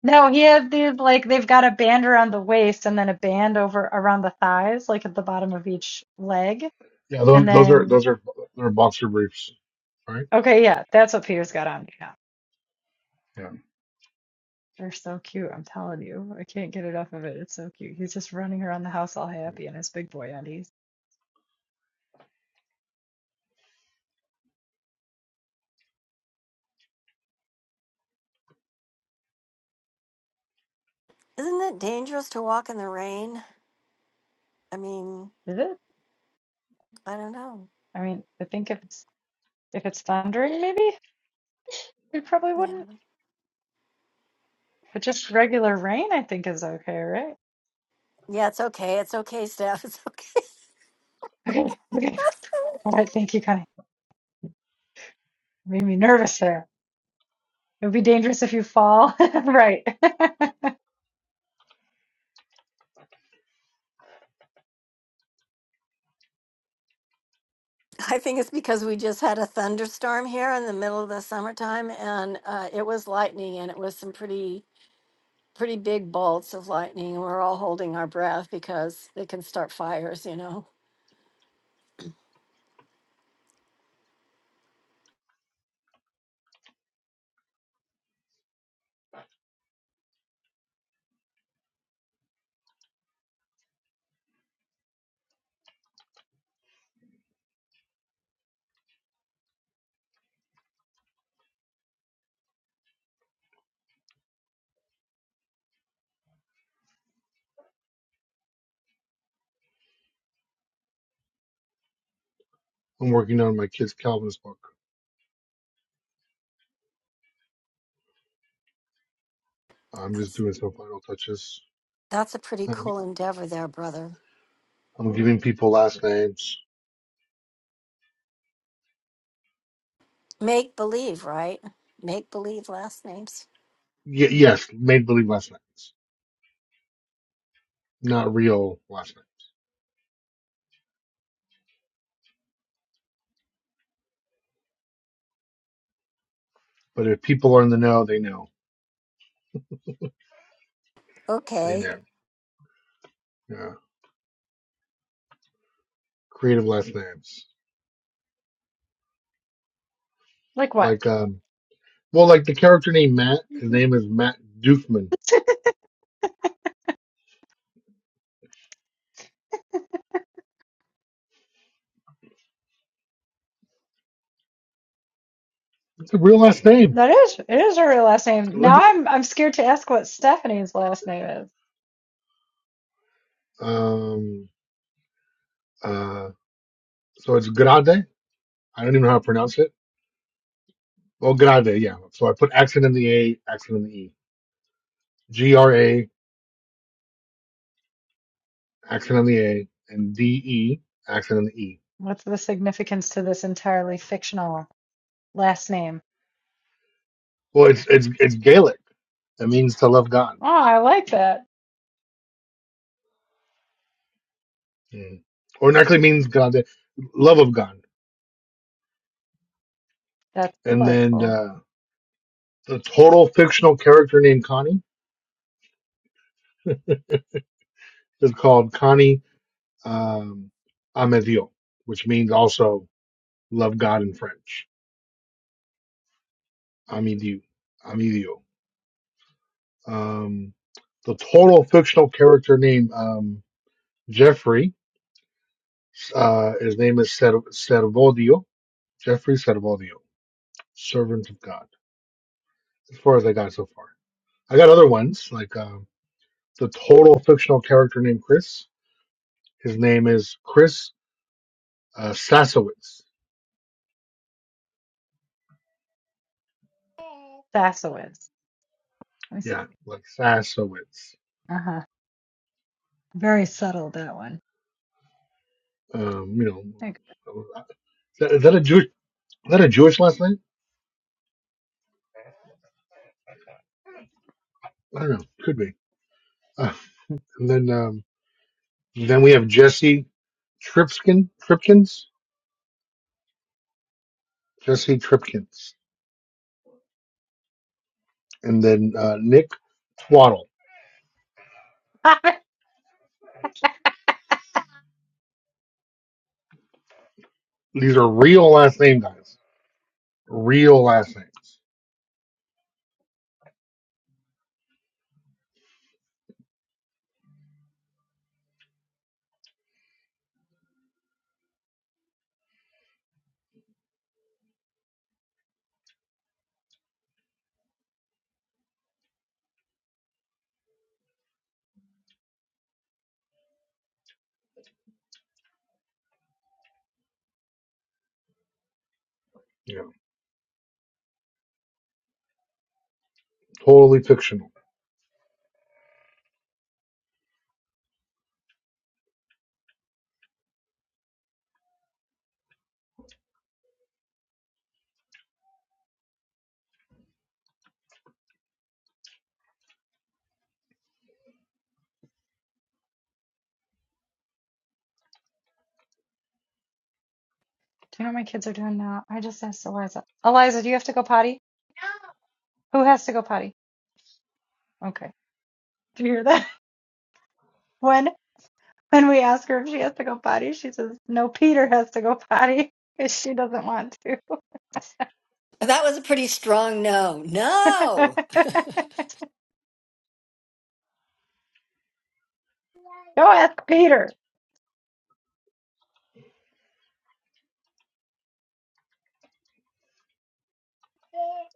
Speaker 4: No, he had these like they've got a band around the waist and then a band over around the thighs, like at the bottom of each leg.
Speaker 11: Yeah, those
Speaker 4: And
Speaker 11: those are
Speaker 4: then
Speaker 11: those are they're boxer briefs, right?
Speaker 4: Okay, yeah, that's what Peter's got on me now.
Speaker 11: Yeah.
Speaker 4: They're so cute, I'm telling you. I can't get enough of it. It's so cute. He's just running around the house all
Speaker 11: yeah.
Speaker 4: happy in his big boy undies.
Speaker 2: it Dangerous to walk in the
Speaker 4: Is it?
Speaker 2: I don't know.
Speaker 4: I mean, I think if it's if it's thundering, maybe we probably
Speaker 2: Yeah.
Speaker 4: wouldn't. But just regular rain, I think is okay, right?
Speaker 2: Yeah, it's okay. It's okay, Steph. It's okay.
Speaker 4: (laughs) Okay, okay. All right, thank you, Connie. Made me nervous there. It would be dangerous if you fall. (laughs) Right. (laughs)
Speaker 2: (laughs) Oh.
Speaker 11: I'm working on my kid's Calvinist book. I'm just
Speaker 2: That's
Speaker 11: doing some final touches.
Speaker 2: that's a pretty
Speaker 11: I'm,
Speaker 2: cool endeavor there, brother.
Speaker 11: I'm giving people last names.
Speaker 2: Make believe, right? Make believe last names.
Speaker 11: Y- yes, made believe last names, not real last names. But if people are in the know, they know. They
Speaker 2: Okay.
Speaker 11: know. Yeah, creative last names.
Speaker 4: Like what?
Speaker 11: Like um, well, like the character named Matt. His name is Matt Dukeman.
Speaker 4: (laughs)
Speaker 11: It's a real last name.
Speaker 4: That is it is her real last
Speaker 11: I
Speaker 4: name.
Speaker 11: lived
Speaker 4: Now I'm I'm scared to ask what Stephanie's last name is.
Speaker 11: Um, uh, so it's Grade. I don't even know how to pronounce it. Well, Grade, yeah. So I put accent on the A, accent on the E. G R A, accent on the A, and D E, accent on the E.
Speaker 4: What's the significance to this entirely fictional last name?
Speaker 11: Well, it's it's it's Gaelic. It means to love God,
Speaker 4: Oh, I like that.
Speaker 11: mm. or it actually means God, the love of God.
Speaker 4: That's
Speaker 11: And then
Speaker 4: delightful.
Speaker 11: uh, the total fictional character named Connie is called Connie um, Amedio, which means also love God in French. Amedio, Amedio. Um, the total fictional character named um, Jeffrey. Uh, his name is Cer- Cervodio. Jeffrey Cervodio, servant of God. As far as I got so far, I got other ones like um the total fictional character named Chris. His name is Chris uh, Sasowitz.
Speaker 4: Sassowitz. Let me see.
Speaker 11: Yeah, like Sasowitz.
Speaker 4: Uh-huh. Very subtle that one.
Speaker 11: Um, you
Speaker 4: There you
Speaker 11: know, is that, is that a Jewish? Is that a Jewish last name? I don't know. Could be. (laughs) Uh, and then um. Then we have Jesse Tripkin, Tripkins, Jesse Tripkins, and then uh, Nick Twaddle. These are real last name guys, real last names. Yeah, totally fictional.
Speaker 4: Do you know what my kids are doing now? I just asked Eliza. Eliza, do you have to go potty? Who has to go potty? Okay. Do you hear that? (laughs) When when we ask her if she has to go potty, she says, No, Peter has to go potty because she doesn't want to. (laughs) Go ask Peter.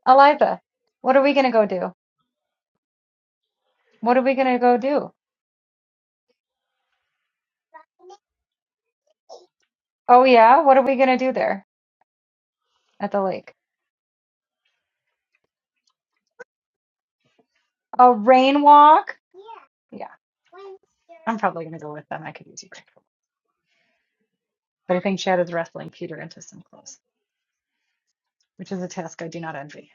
Speaker 4: Eliza, what are we going to go do? What are we going to go do? Oh, yeah. What are we going to do there at the lake? A rain walk? Yeah, I'm probably going to go with them. I could use you. But I think Chad is wrestling Peter into some clothes, which is a task I do not envy.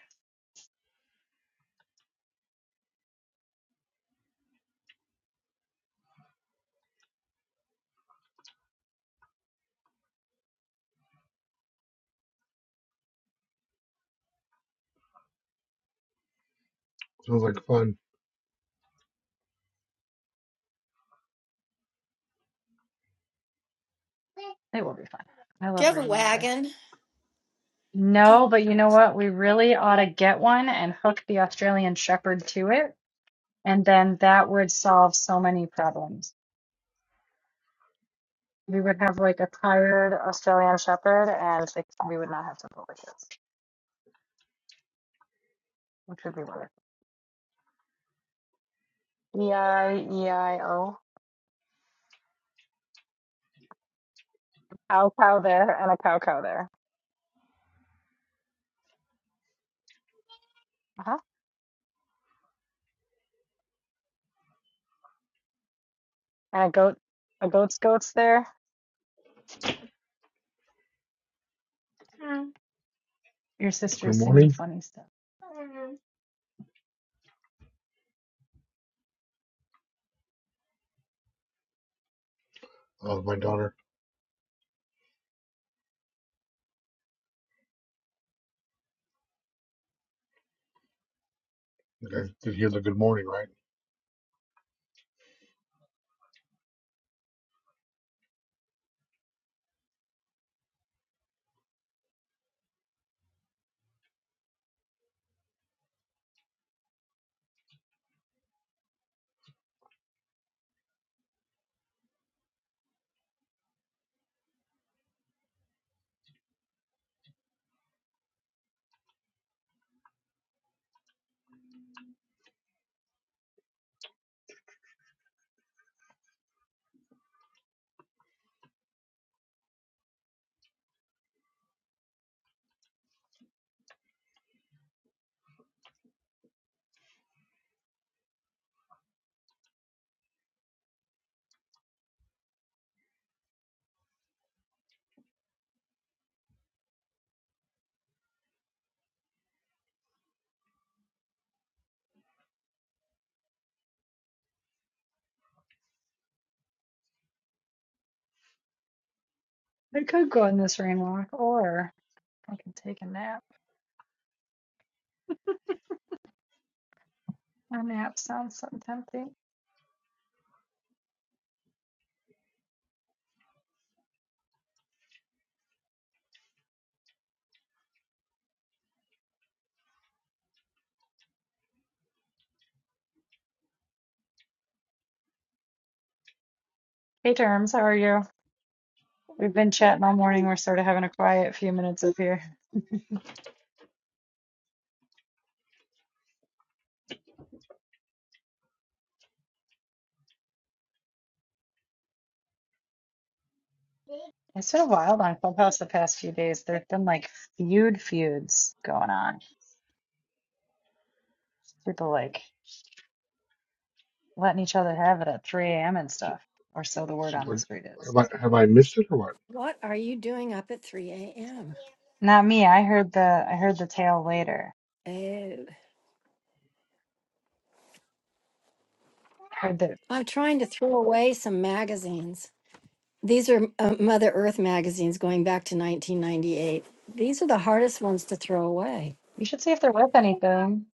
Speaker 11: Sounds like fun.
Speaker 4: It will be fun. I
Speaker 2: Do you
Speaker 4: love
Speaker 2: have a
Speaker 4: rain weather.
Speaker 2: wagon?
Speaker 4: No, but you know what? We really ought to get one and hook the Australian Shepherd to it. And then that would solve so many problems. we would have like a tired Australian Shepherd, and like, we would not have simple wishes, which would be wonderful. E I E I O. Cow cow there, and a cow cow there. Uh huh. And a goat, a goat's goats there. Your
Speaker 11: Good
Speaker 4: sister's singing
Speaker 11: morning.
Speaker 4: funny stuff.
Speaker 11: Uh, my daughter, you guys did hear the good morning, right?
Speaker 4: I could go on this rain walk, or I could take a nap. A nap sounds so tempting. Hey, Terms, how are you? We've been chatting all morning. We're sort of having a quiet few minutes up here. It's been wild on Clubhouse the past few days. There've been like feud feuds going on People like letting each other have it at 3 a.m. and
Speaker 11: So,
Speaker 4: stuff, or so the word
Speaker 11: so
Speaker 4: on the
Speaker 11: like,
Speaker 4: street
Speaker 11: have
Speaker 4: is.
Speaker 11: I have I missed it or what?
Speaker 2: What are you doing up at 3 a.m.?
Speaker 4: Not me. I heard the I heard the tale later.
Speaker 2: Oh,
Speaker 4: I heard that-
Speaker 2: I'm trying to throw away some magazines. These are uh, Mother Earth magazines going back to 1998. These are the hardest ones to throw away.
Speaker 4: You should see if they're worth anything.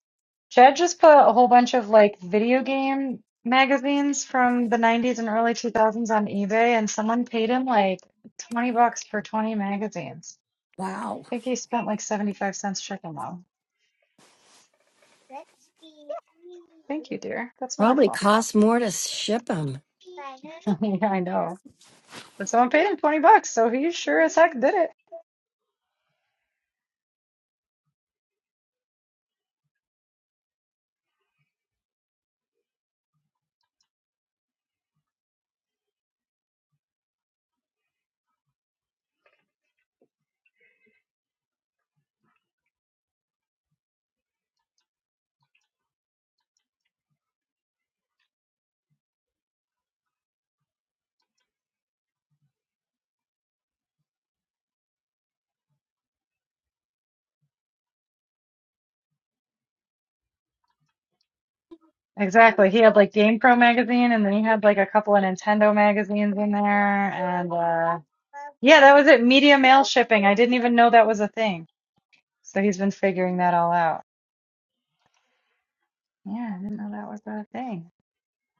Speaker 4: Chad just put a whole bunch of like video game magazines from the 90s and early 2000s on eBay, and someone paid him like 20 bucks for 20 magazines.
Speaker 2: Wow.
Speaker 4: I think he spent like 75 cents shipping them. You dear. That's
Speaker 2: Probably
Speaker 4: wonderful. (laughs)
Speaker 2: costs more to ship them.
Speaker 4: Yeah, I know. But someone paid him 20 bucks, so he sure as heck did it. Exactly. He had like GamePro magazine and then he had like a couple of Nintendo magazines in there. Yeah, that was it. Media mail shipping. I didn't even know that was a thing. So he's been figuring that all out. Yeah, I didn't know that was a thing.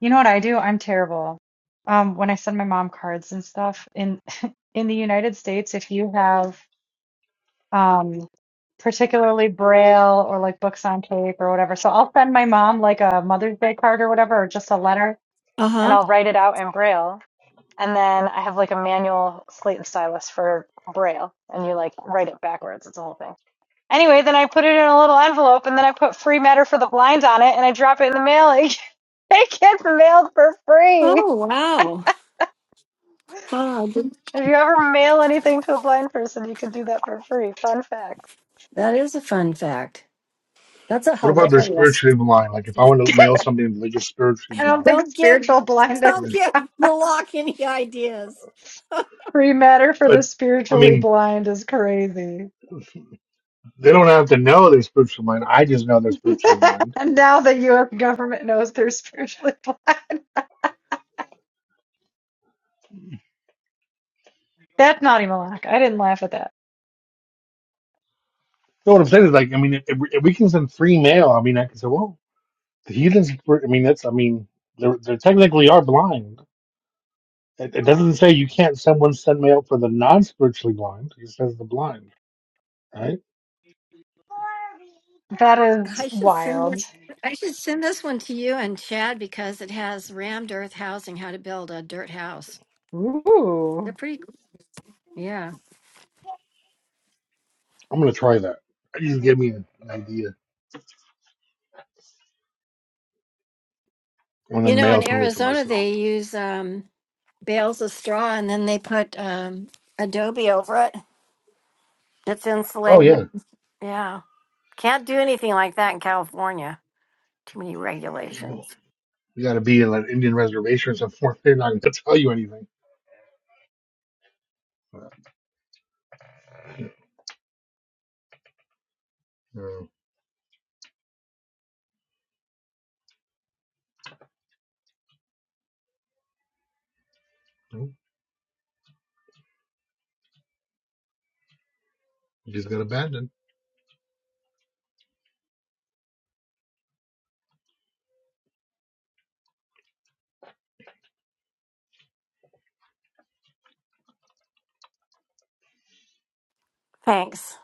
Speaker 4: You know what I do? I'm terrible. Um, when I send my mom cards and stuff in (laughs) in the United States, if you have um particularly Braille or like books on tape or whatever, so I'll send my mom like a Mother's Day card or whatever, or just a letter, and I'll write it out in Braille. And then I have like a manual slate and stylus for Braille, and you like write it backwards. It's a whole thing. Anyway, then I put it in a little envelope, and then I put free matter for the blind on it, and I drop it in the mail. Like, (laughs) it gets mailed for free.
Speaker 2: Oh, wow. Huh, I didn't-
Speaker 4: If you ever mail anything to a blind person, you can do that for free. Fun fact.
Speaker 2: that is a fun fact. That's a
Speaker 11: What about their
Speaker 2: hilarious.
Speaker 11: spiritually blind? Like if I want to mail something, they just spiritually
Speaker 4: I don't
Speaker 11: blind.
Speaker 4: think
Speaker 2: Don't give
Speaker 4: spiritual
Speaker 2: (laughs)
Speaker 4: blindness,
Speaker 11: And
Speaker 2: don't
Speaker 11: then-
Speaker 2: give Malak any ideas.
Speaker 4: (laughs) free matter for the
Speaker 11: But I
Speaker 4: spiritually
Speaker 11: mean,
Speaker 4: blind is crazy.
Speaker 11: they don't have to know they're spiritually blind. I just know they're spiritually blind
Speaker 4: (laughs) and now the U.S. government knows they're spiritually blind. That's naughty, Malak. I didn't laugh at that.
Speaker 11: No, what I'm saying is like, I mean, if, if we can send free mail, I mean, I can say, well, the heathens. were- I mean, that's, I mean, they're, they technically are blind. It, it doesn't say you can't send one send mail for the non-spiritually blind. It says the blind, right?
Speaker 4: That is
Speaker 2: I should send
Speaker 4: wild.
Speaker 2: this. I should send this one to you and Chad because it has rammed earth housing, how to build a dirt house.
Speaker 4: Ooh.
Speaker 2: They're pretty. Yeah,
Speaker 11: I'm gonna try that. It just gave me an idea. I'm gonna
Speaker 2: you know,
Speaker 11: mail
Speaker 2: in
Speaker 11: something to
Speaker 2: Arizona
Speaker 11: myself.
Speaker 2: they use um, bales of straw and then they put um, adobe over it. It's
Speaker 11: Oh yeah,
Speaker 2: insulated. Yeah, can't do anything like that in California. Too many
Speaker 11: you
Speaker 2: regulations.
Speaker 11: got to be in like Indian reservations and forth. They're not gonna (laughs) tell you anything. Mhm. You did.
Speaker 2: Thanks,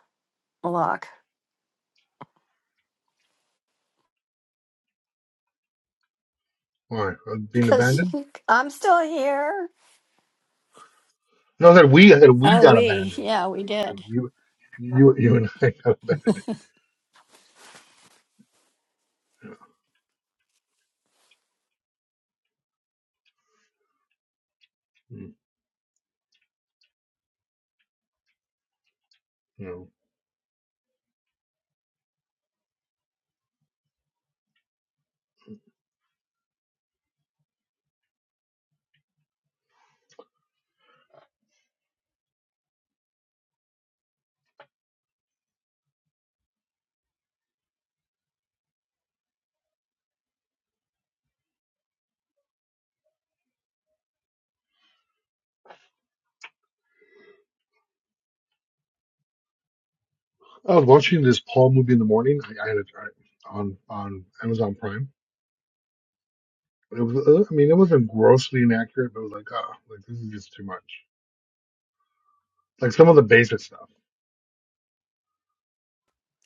Speaker 11: Why? Uh, Being
Speaker 2: because
Speaker 11: abandoned?
Speaker 2: (laughs) I'm still here.
Speaker 11: No, that we that we
Speaker 2: Oh,
Speaker 11: got
Speaker 2: we.
Speaker 11: abandoned.
Speaker 2: Yeah, we
Speaker 11: Like
Speaker 2: did.
Speaker 11: you, you, you and I (laughs) got abandoned. You know, I was watching this Paul movie in the morning. I, I had it I- on on Amazon Prime. It was, uh, I mean, it wasn't grossly inaccurate, but it was like, ah, like this is just too much. Like some of the basic stuff.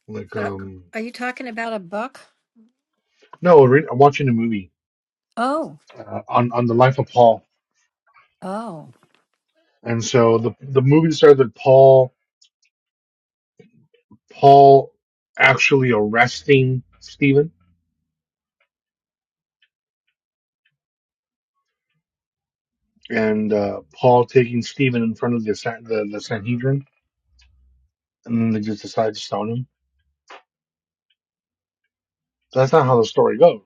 Speaker 11: Like, um,
Speaker 2: Are you?
Speaker 11: no, re- I'm watching a movie
Speaker 2: Oh,
Speaker 11: uh, on on the life of Paul,
Speaker 2: oh.
Speaker 11: and so the the movie started with Paul Paul actually arresting Stephen and uh, Paul taking Stephen in front of the San- the, the Sanhedrin, and then they just decide to stone him. That's not how the story goes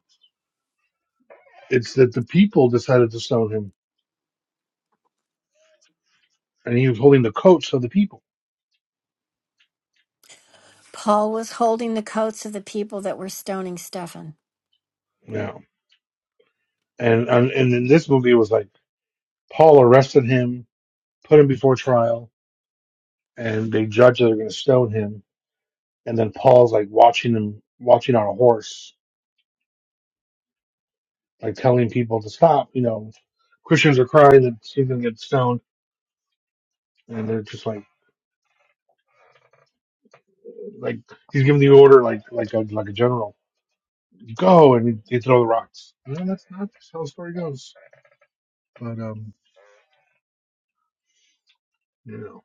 Speaker 11: It's that the people decided to stone him, and he was holding the coats of the people.
Speaker 2: Paul was holding the coats of the people that were stoning Stephen.
Speaker 11: Yeah, and and, and in this movie, it was like Paul arrested him, put him before trial, and they judge that they're going to stone him, and then Paul's like watching him, watching on a horse, like telling people to stop. You know, Christians are crying that he's going to get stoned, and they're just like, like he's giving the order, like like a like a general, go and you throw the rocks. No, that's not that's how the story goes. But um, you know,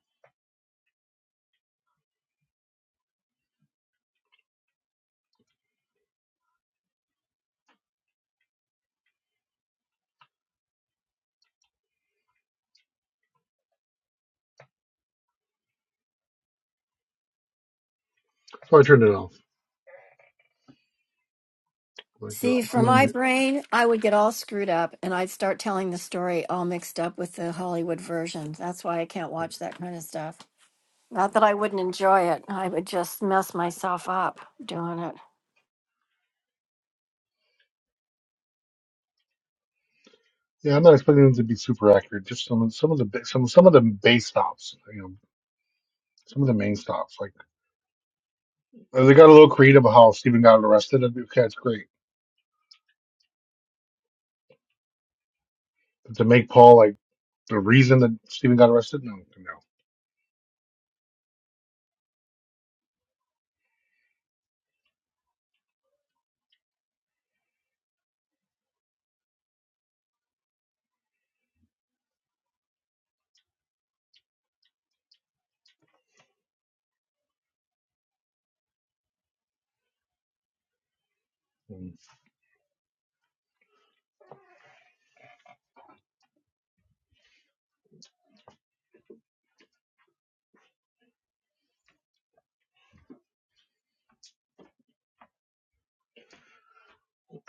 Speaker 11: so I turned it off. Like, uh,
Speaker 2: See,
Speaker 11: I'm
Speaker 2: for
Speaker 11: not,
Speaker 2: my brain, I would get all screwed up and I'd start telling the story all mixed up with the Hollywood version. That's why I can't watch that kind of stuff. Not that I wouldn't enjoy it, I would just mess myself up doing it.
Speaker 11: yeah, I'm not expecting them to be super accurate. Just some of some of the ba- some some of the base stops, you know, some of the main stops. Like uh, they got a little creative how Stephen got arrested. I'd be, Okay, that's great. But to make Paul like the reason that Stephen got arrested, no, no.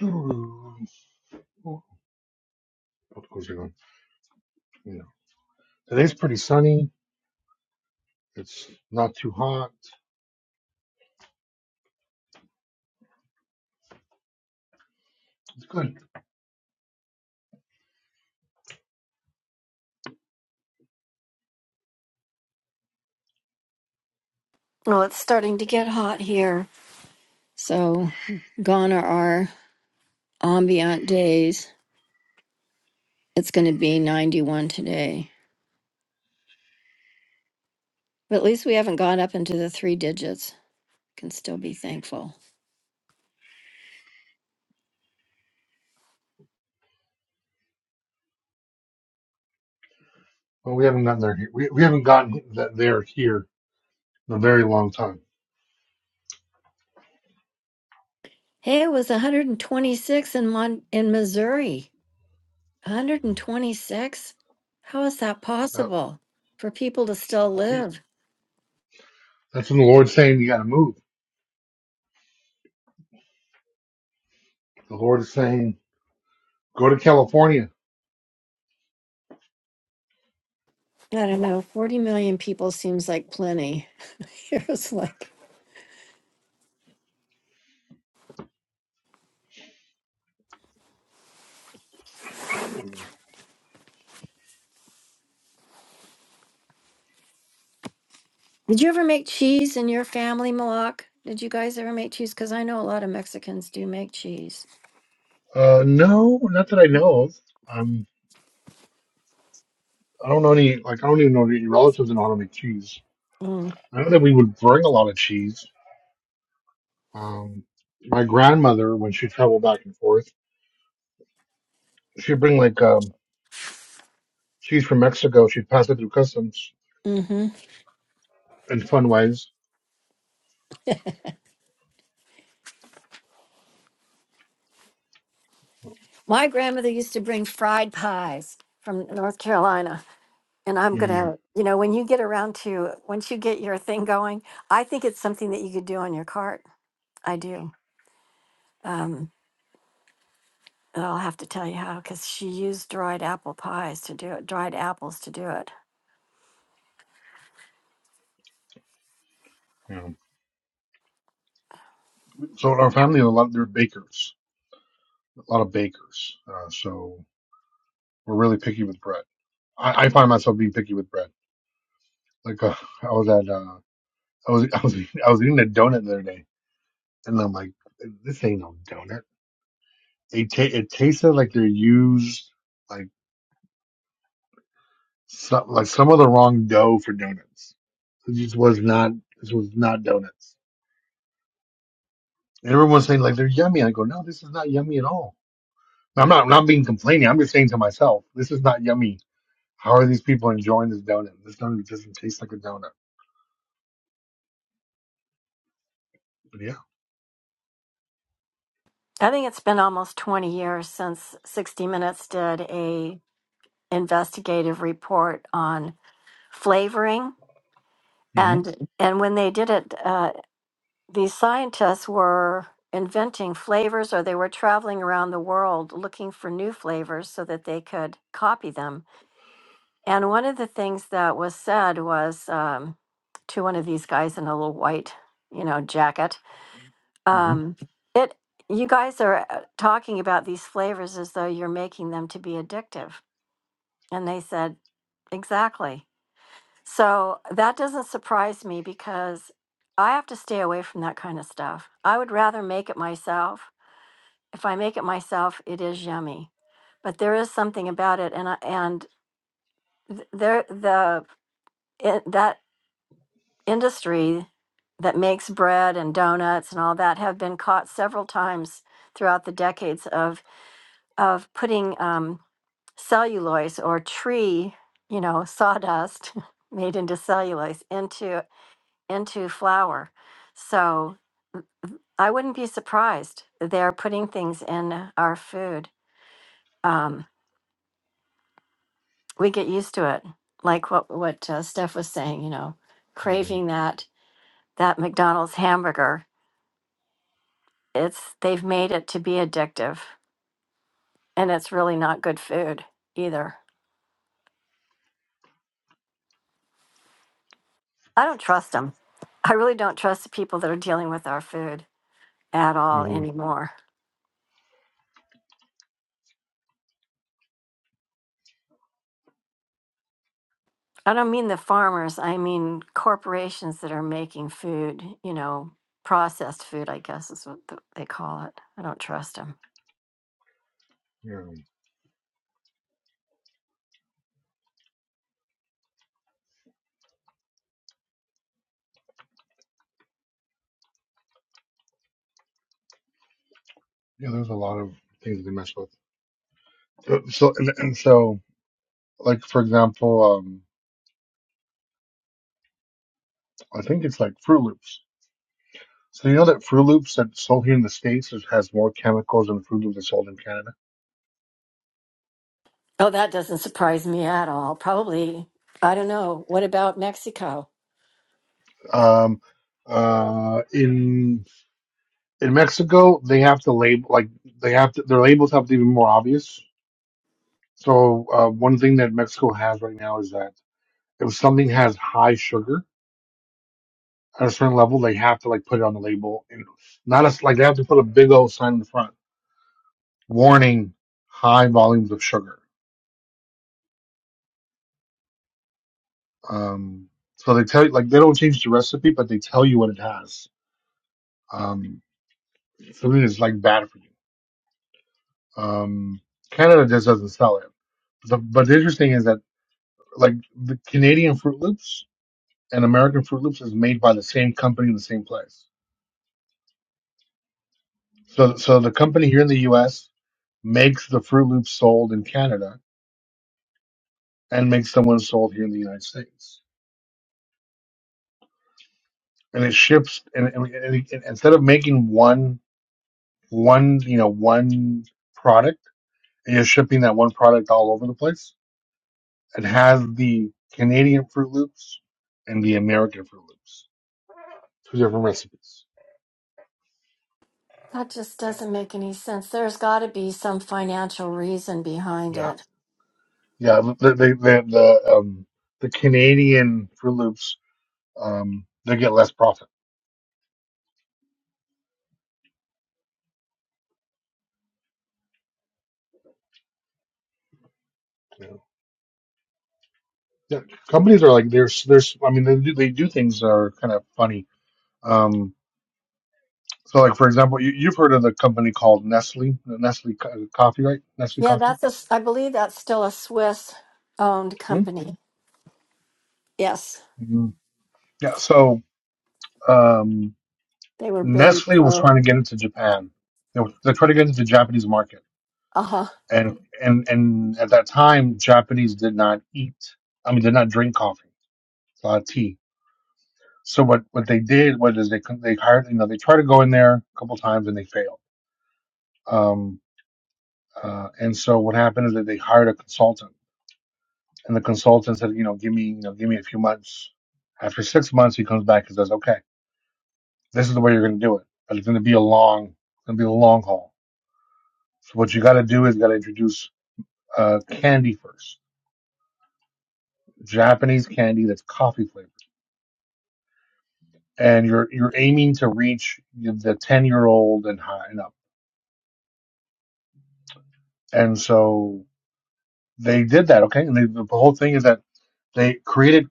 Speaker 11: Mm. What goes on? You know, today's pretty sunny. It's not too hot. It's good.
Speaker 2: Well, it's starting to get hot here. So, gone are our ambient days. It's going to be 91 today. But at least we haven't got up into the three digits. Can still be thankful.
Speaker 11: Well, we haven't gotten there. Here. We, we haven't gotten that there here in a very long time.
Speaker 2: Hey, it was 126 in Mon- in Missouri. 126? How is that
Speaker 11: Yep.
Speaker 2: possible for people to still live?
Speaker 11: That's when the Lord's saying you got to move. The Lord is saying Go to California.
Speaker 2: I don't know. 40 million people seems like plenty. (laughs) it was like, did you ever make cheese in your family, Malak? Did you guys ever make cheese? Because I know a lot of Mexicans do make cheese.
Speaker 11: Uh, no, not that I know of. Um, I don't know any. Like I don't even know any relatives in auto make cheese.
Speaker 2: Mm.
Speaker 11: I know that we would bring a lot of cheese. Um, my grandmother, when she traveled back and forth, she'd bring like um, cheese from Mexico. She'd pass it through customs
Speaker 2: hmm
Speaker 11: in fun ways.
Speaker 2: My grandmother used to bring fried pies from North Carolina. And I'm
Speaker 11: Mm,
Speaker 2: gonna, you know, when you get around to uh, once you get your thing going, I think it's something that you could do on your cart. I do. Um, and I'll have to tell you how because she used dried apple pies to do it, dried apples to do it.
Speaker 11: yeah. So our family, a lot they're bakers, a lot of bakers. Uh, so we're really picky with bread. I, I find myself being picky with bread. Like uh, I was at, uh, I was, (laughs) I was, I was eating a donut the other day And I'm like, this ain't no donut. It, ta- it tasted like they used like some, like some of the wrong dough for donuts. It just was not, this was not donuts. And everyone's saying like they're yummy. I go, no, this is not yummy at all. I'm not, I'm not being complaining. I'm just saying to myself, this is not yummy. How are these people enjoying this donut? This donut doesn't taste like a donut. But yeah.
Speaker 2: I think it's been almost 20 years since 60 Minutes did a investigative report on flavoring, and,
Speaker 11: Mm-hmm. Mm-hmm. Mm-hmm.
Speaker 2: and it's really not good food either. I don't trust them. I really don't trust the people that are dealing with our food at all
Speaker 11: hmm
Speaker 2: anymore. I don't mean the farmers, I mean corporations that are making food, you know, processed food, I guess is what th- they call it. I don't trust them.
Speaker 11: Yeah. yeah, there's a lot of things they mess with. So, so and, and so, like for example, um, I think it's like Froot Loops. So you know that Froot Loops that's sold here in the States is, has more chemicals than Froot Loops that's sold in Canada.
Speaker 2: Oh, that doesn't surprise me at all. Probably, I don't know. What about Mexico?
Speaker 11: Um, uh, in in Mexico, they have to label like they have to their labels have to be more obvious. So uh, one thing that Mexico has right now is that if something has high sugar at a certain level, they have to like put it on the label and not as like they have to put a big old sign in the front, warning high volumes of sugar Um, so they tell you, like, they don't change the recipe, but they tell you what it has. Um, something that's like bad for you. Um, Canada just doesn't sell it. The, but the interesting is that, like, the Canadian Fruit Loops and American Fruit Loops is made by the same company in the same place. So, so the company here in the U.S. makes the Fruit Loops sold in Canada and makes the one sold here in the United States. And it ships, and, and, and, and instead of making one, one, you know, one product You're shipping that one product all over the place. It has the Canadian Fruit Loops and the American Fruit Loops, two different recipes. Yeah, yeah. The the the, the um the Canadian Fruit Loops um they get less profit. You know? yeah, companies are like there's there's I mean they do, they do things that are kind of funny. Um, so like for example, you, you've heard of the company called Nestle, Nestle Co- Coffee, right? Nestle
Speaker 2: Yeah,
Speaker 11: Coffee.
Speaker 2: that's a, s- I believe that's still a Swiss owned
Speaker 11: Hmm?
Speaker 2: company. Yes,
Speaker 11: Mhm. Yeah. So. Um,
Speaker 2: they were very
Speaker 11: Nestle was
Speaker 2: so.
Speaker 11: trying to get into Japan. They were, they're trying to get into the Japanese market,
Speaker 2: Uh huh.
Speaker 11: and and and at that time, Japanese did not eat. I mean, did not drink coffee, a lot of tea. So what what they did was is they con- they hired you know they tried to go in there a couple times and they failed. Um, uh, and so what happened is that they hired a consultant, and the consultant said, you know, give me you know give me a few months. After six months, he comes back and says, okay, this is the way you're going to do it, but it's going to be a long, it's going to be a long haul. So what you got to do is you got to introduce uh, candy first, Japanese candy that's coffee flavored, and you're you're aiming to reach the ten year old and high and up. And so they did that, okay. And they, the whole thing is that they created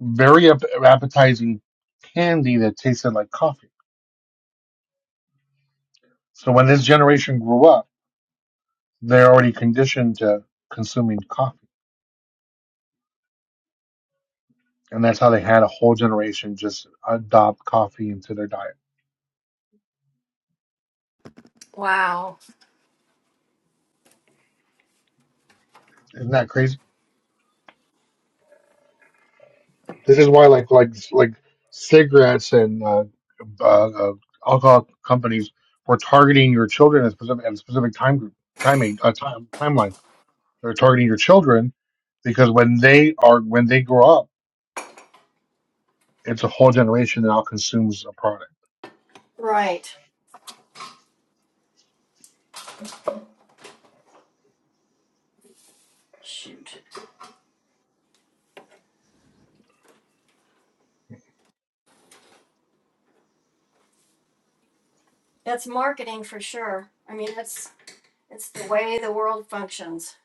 Speaker 11: very ap- appetizing candy that tasted like coffee. So when this generation grew up, they're already conditioned to consuming coffee, and that's how they had a whole generation just adopt coffee into their diet. Isn't that crazy? This is why like like like cigarettes and uh, uh, uh, alcohol companies were targeting your children at a specific, at a specific time group, timing, age, uh, time timeline. They're targeting your children because when they are when they grow up, it's a whole generation that now consumes a product.
Speaker 2: Shoot. That's marketing for sure. I mean, it's it's the way the world functions.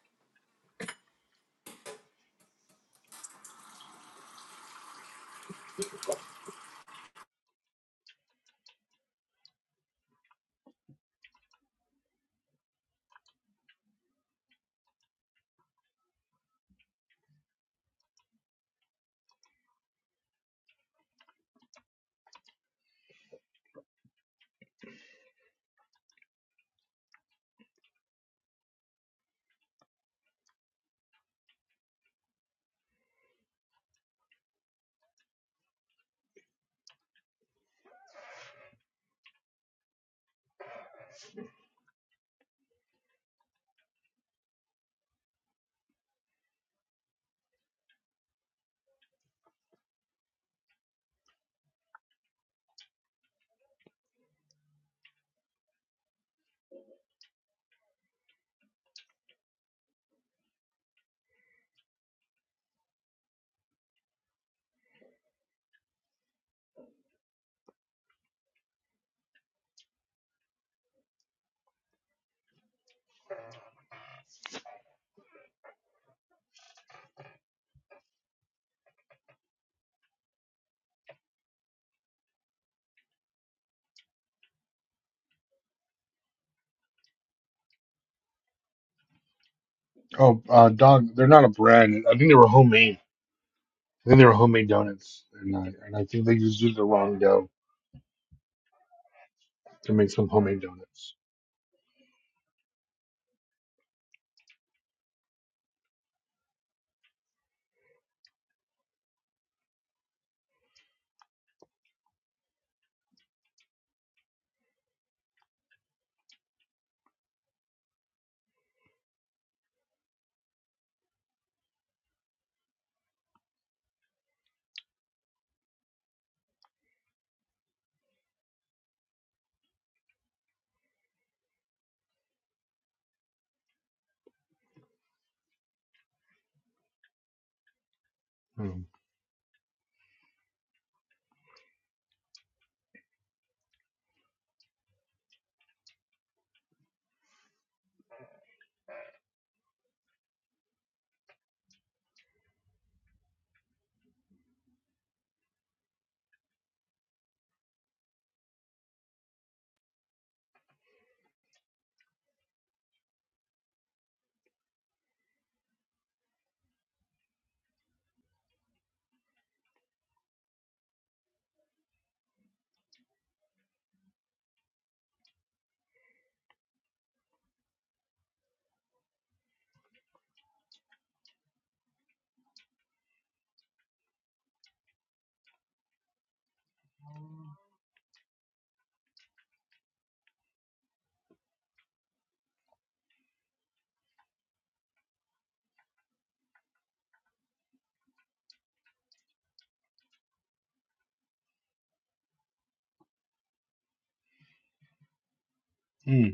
Speaker 11: Oh, uh, dog, they're not a brand. I think they were homemade. I think they were homemade donuts, and I and I think they just used the wrong dough to make some homemade donuts. Hmm. Hmm.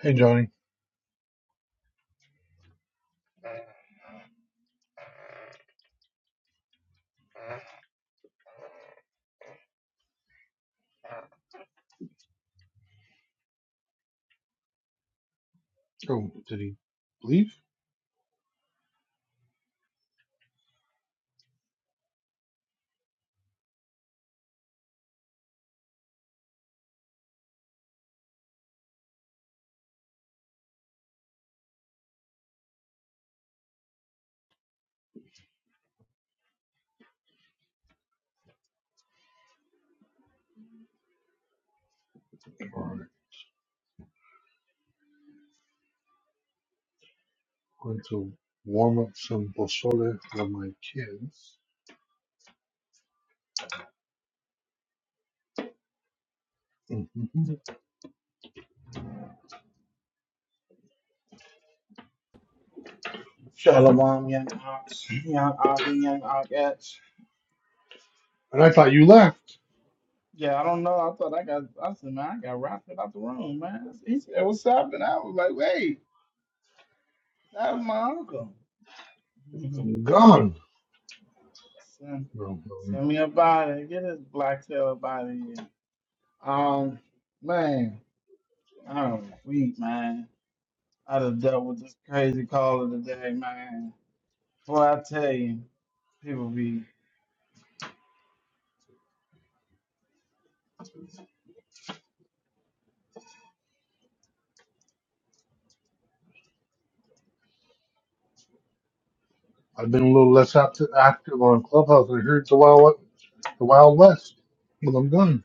Speaker 11: Hey, Johnny. Oh, did he leave? Or going to warm up some pozole for my kids. Mhm. and
Speaker 14: Shalom, young ox, young ox, and young ox.
Speaker 11: I thought you left.
Speaker 14: Yeah, I don't know. I thought I got, I said, man, I got raptured out the room, man. He said, what's up? And I was like, wait, that was my uncle. (laughs)
Speaker 11: I'm gone.
Speaker 14: send,
Speaker 11: No, no.
Speaker 14: send me a body. Get his black tail body here. Um, man, I'm weak, man. I done dealt with this crazy caller today, man. Boy, I tell you, people be,
Speaker 11: I've been a little less active, active on Clubhouse. I heard the Wild the Wild West. Well, I'm gone.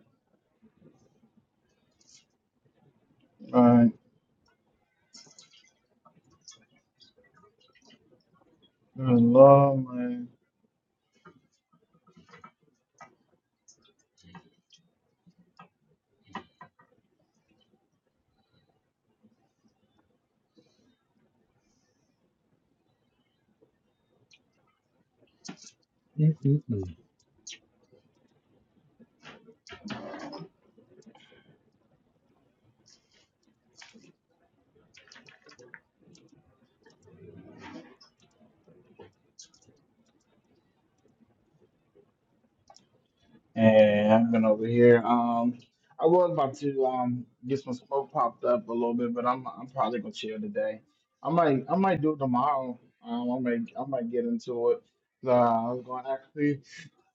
Speaker 14: Alright, good lord, man.
Speaker 11: Mm-hmm.
Speaker 14: And I've been over here. Um, I was about to um get some smoke popped up a little bit, but I'm I'm probably gonna chill today. I might I might do it tomorrow. Um, I might I might get into it. Uh, I was going to actually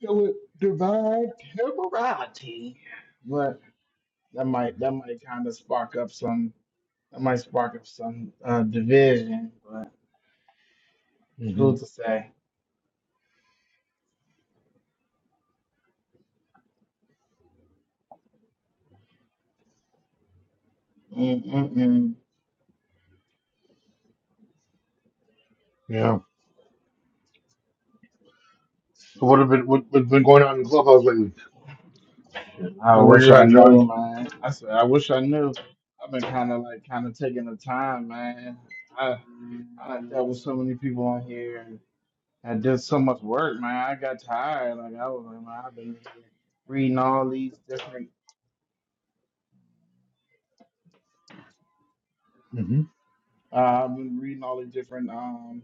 Speaker 14: do it divine temporality, but that might that might kind of spark up some that might spark up some uh division. But who's to say? Mm-mm-mm.
Speaker 11: Yeah. So what have been what, what's been going on in Clubhouse lately?
Speaker 14: Shit, I
Speaker 11: Well, Where
Speaker 14: wish
Speaker 11: you're
Speaker 14: I
Speaker 11: at,
Speaker 14: knew,
Speaker 11: Johnny?
Speaker 14: man. I said, I wish I knew. I've been kind of like kind of taking the time, man. I I dealt with so many people on here and I did so much work, man. I got tired. Like I was like, man, I've been here reading all these different.
Speaker 11: hmm
Speaker 14: Uh, I've been reading all the different. Um,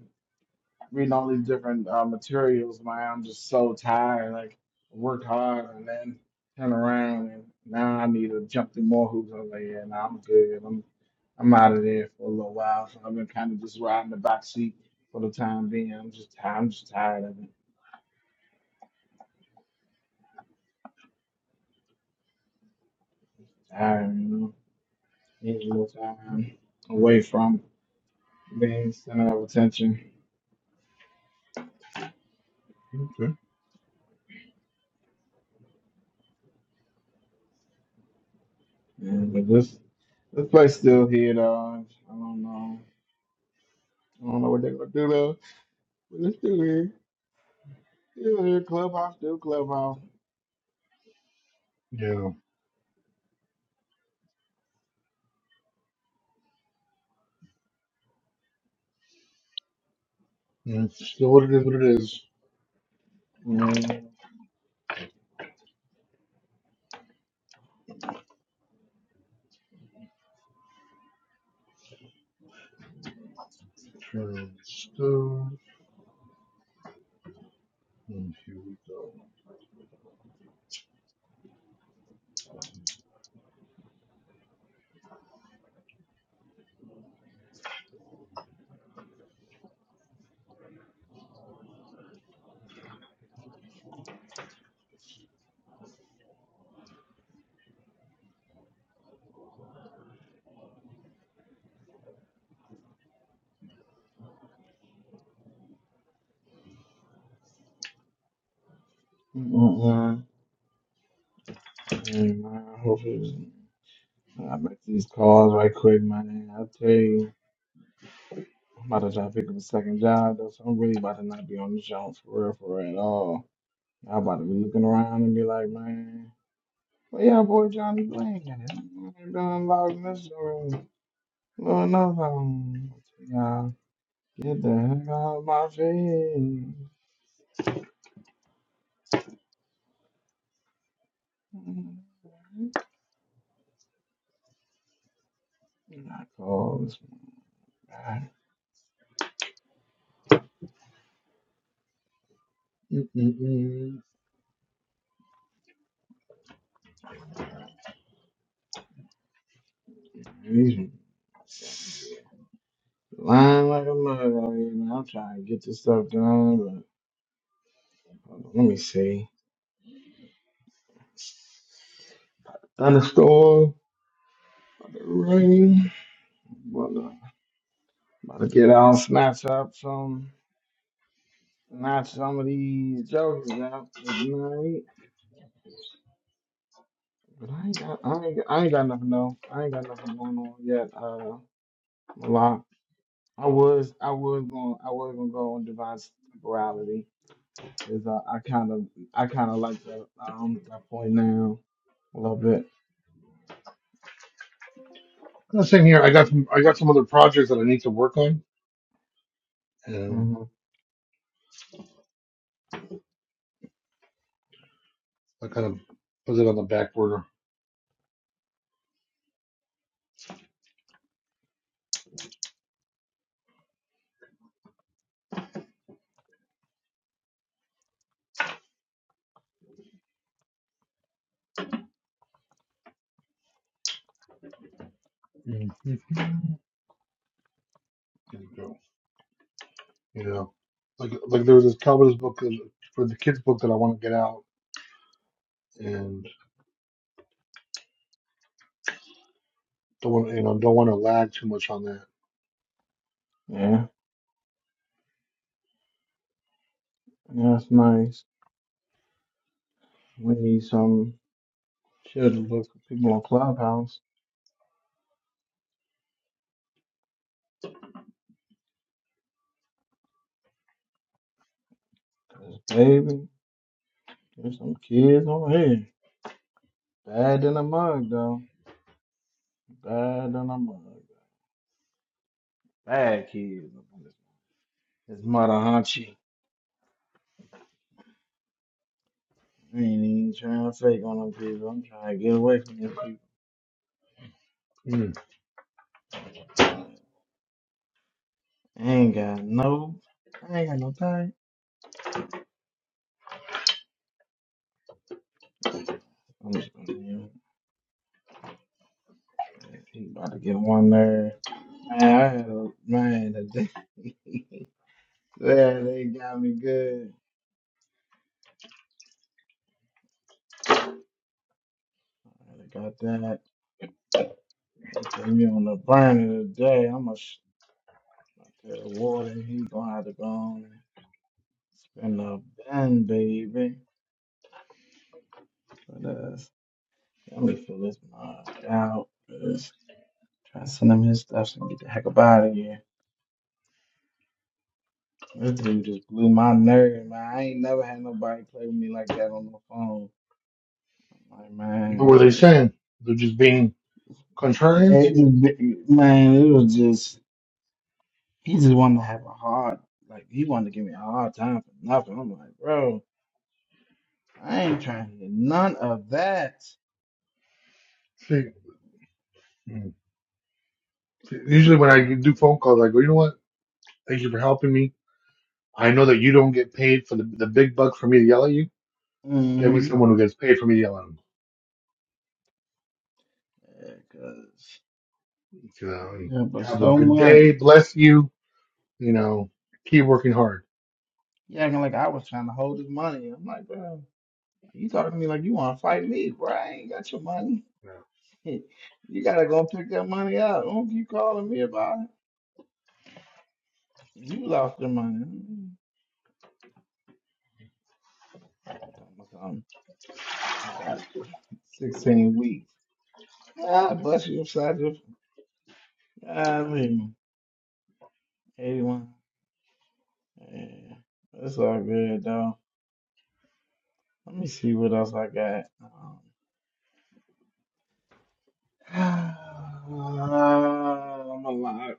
Speaker 14: reading all these different uh, materials, man. I'm just so tired. Like I worked hard and then turn around and now I need to jump through more hoops. I was like, yeah, nah, I'm good. I'm I'm out of there for a little while. So I've been kind of just riding the back seat for the time being. I'm just tired. I'm just tired of it. tired, you know. Need a little time away from being center of attention.
Speaker 11: Okay.
Speaker 14: And but this this place still here though. I don't know. I don't know what they're gonna do though. But it's still here. Still here, clubhouse, still clubhouse.
Speaker 11: Yeah. Yeah, It's still what it is. What it is.
Speaker 14: Mm,
Speaker 11: Turn on the stove. And here we go.
Speaker 14: mm, mm, man, hopefully, I make these calls right quick, man. I tell you, I'm about to try to pick up a second job, though, so I'm really about to not be on the show for real, for real at all. I'm about to be looking around and be like, man, well, yeah, boy, Johnny Blank, and I ain't been involved in this room. Well, no, um, y'all, get the heck out of my face. (laughs) And I called this one
Speaker 11: Mm-mm-mm.
Speaker 14: He's lying like a mother. You know, I'm trying to get this stuff done, but hold on, let me see. Thunderstorm, rain. Well, uh, about to get out, snatch up some, snatch some of these jokers out tonight. But I ain't got, I ain't, got- I ain't got nothing though. I ain't got nothing going on yet. Uh, a lot. I was, I was going, I was gonna go on Divine's temporality. Is uh, I, kind of I kind of like that um that point now a little bit.
Speaker 11: The same here. I got some. I got some other projects that I need to work on, and
Speaker 14: hmm
Speaker 11: I kind of put it on the back burner. Mhm. There you go. You know, like like there was this Calvinist book uh, for the kids book that I want to get out, and don't want you know don't want to lag too much on that.
Speaker 14: Yeah, yeah, that's nice. We need some shit to look for people on Clubhouse, 'cause baby, there's some kids on here. Bad than a mug though. Bad than a mug. Bad kids. It's mother hunchy. I ain't even trying to fake on them people. I'm trying to get away from them people.
Speaker 11: Mm.
Speaker 14: I ain't got no. I ain't got no time. I'm just gonna. He about to get one there. Man, I had a man today. (laughs) yeah, they got me good. I got that. They put me on the burner today. I'm gonna sh- I tell the warden he gonna have to go on and spend a bun, baby. But uh, let me fill this mug out. Just try to send him his stuff and get the heck up out of here. This dude just blew my nerve, man. I ain't never had nobody play with me like that on the phone. Like, man,
Speaker 11: What were
Speaker 14: what
Speaker 11: they
Speaker 14: you?
Speaker 11: saying? They're just being contrarians.
Speaker 14: It just, man, it was just. He just wanted to have a hard, like he wanted to give me a hard time for nothing. I'm like, bro, I ain't trying to hear none of that.
Speaker 11: See, mm. See, usually when I do phone calls, I go, you know what? Thank you for helping me. I know that you don't get paid for the, the big bucks for me to yell at you. Give me
Speaker 14: Mm-hmm.
Speaker 11: someone who gets paid for me to yell at 'em."
Speaker 14: Yeah, cause
Speaker 11: You
Speaker 14: you help us
Speaker 11: have a
Speaker 14: so
Speaker 11: good
Speaker 14: much.
Speaker 11: day. Bless you. You know, keep working hard.
Speaker 14: You acting like I was trying to hold his money. I'm like, bro, you talking to me like you want to fight me, bro? I ain't got your money.
Speaker 11: Yeah.
Speaker 14: (laughs) you gotta go pick that money up. Don't keep calling me about it. You lost your money. Mm. Talking about something. I got 16 weeks. Well, I bust you upside your. Golly. 81. Yeah, that's all good though. Let me see what else I got. Um, (sighs) I'm a lot.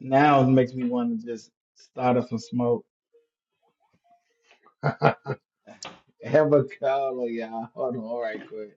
Speaker 14: Now it makes me want to just start up some smoke. (laughs) Have a color, y'all. Hold on, all right, quick.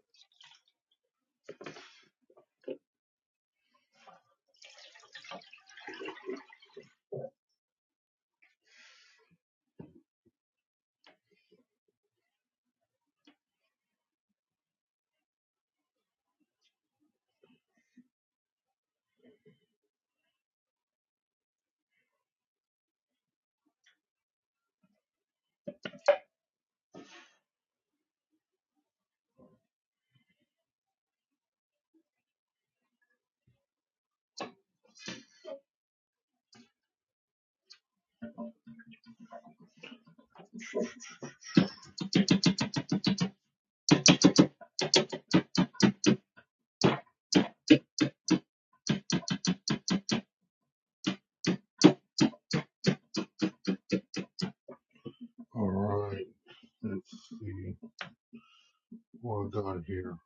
Speaker 11: All right. Let's see. We're done here.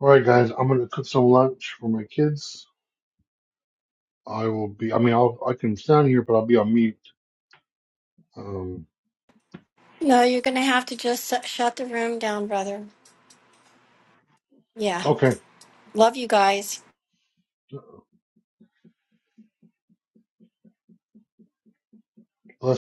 Speaker 11: All right, guys. I'm gonna cook some lunch for my kids. I will be. I mean, I'll I can stand here, but I'll be on mute. Um.
Speaker 2: No, you're going to have to just su- shut the room down, brother. Yeah.
Speaker 11: Okay.
Speaker 2: Love you guys.
Speaker 11: Bless.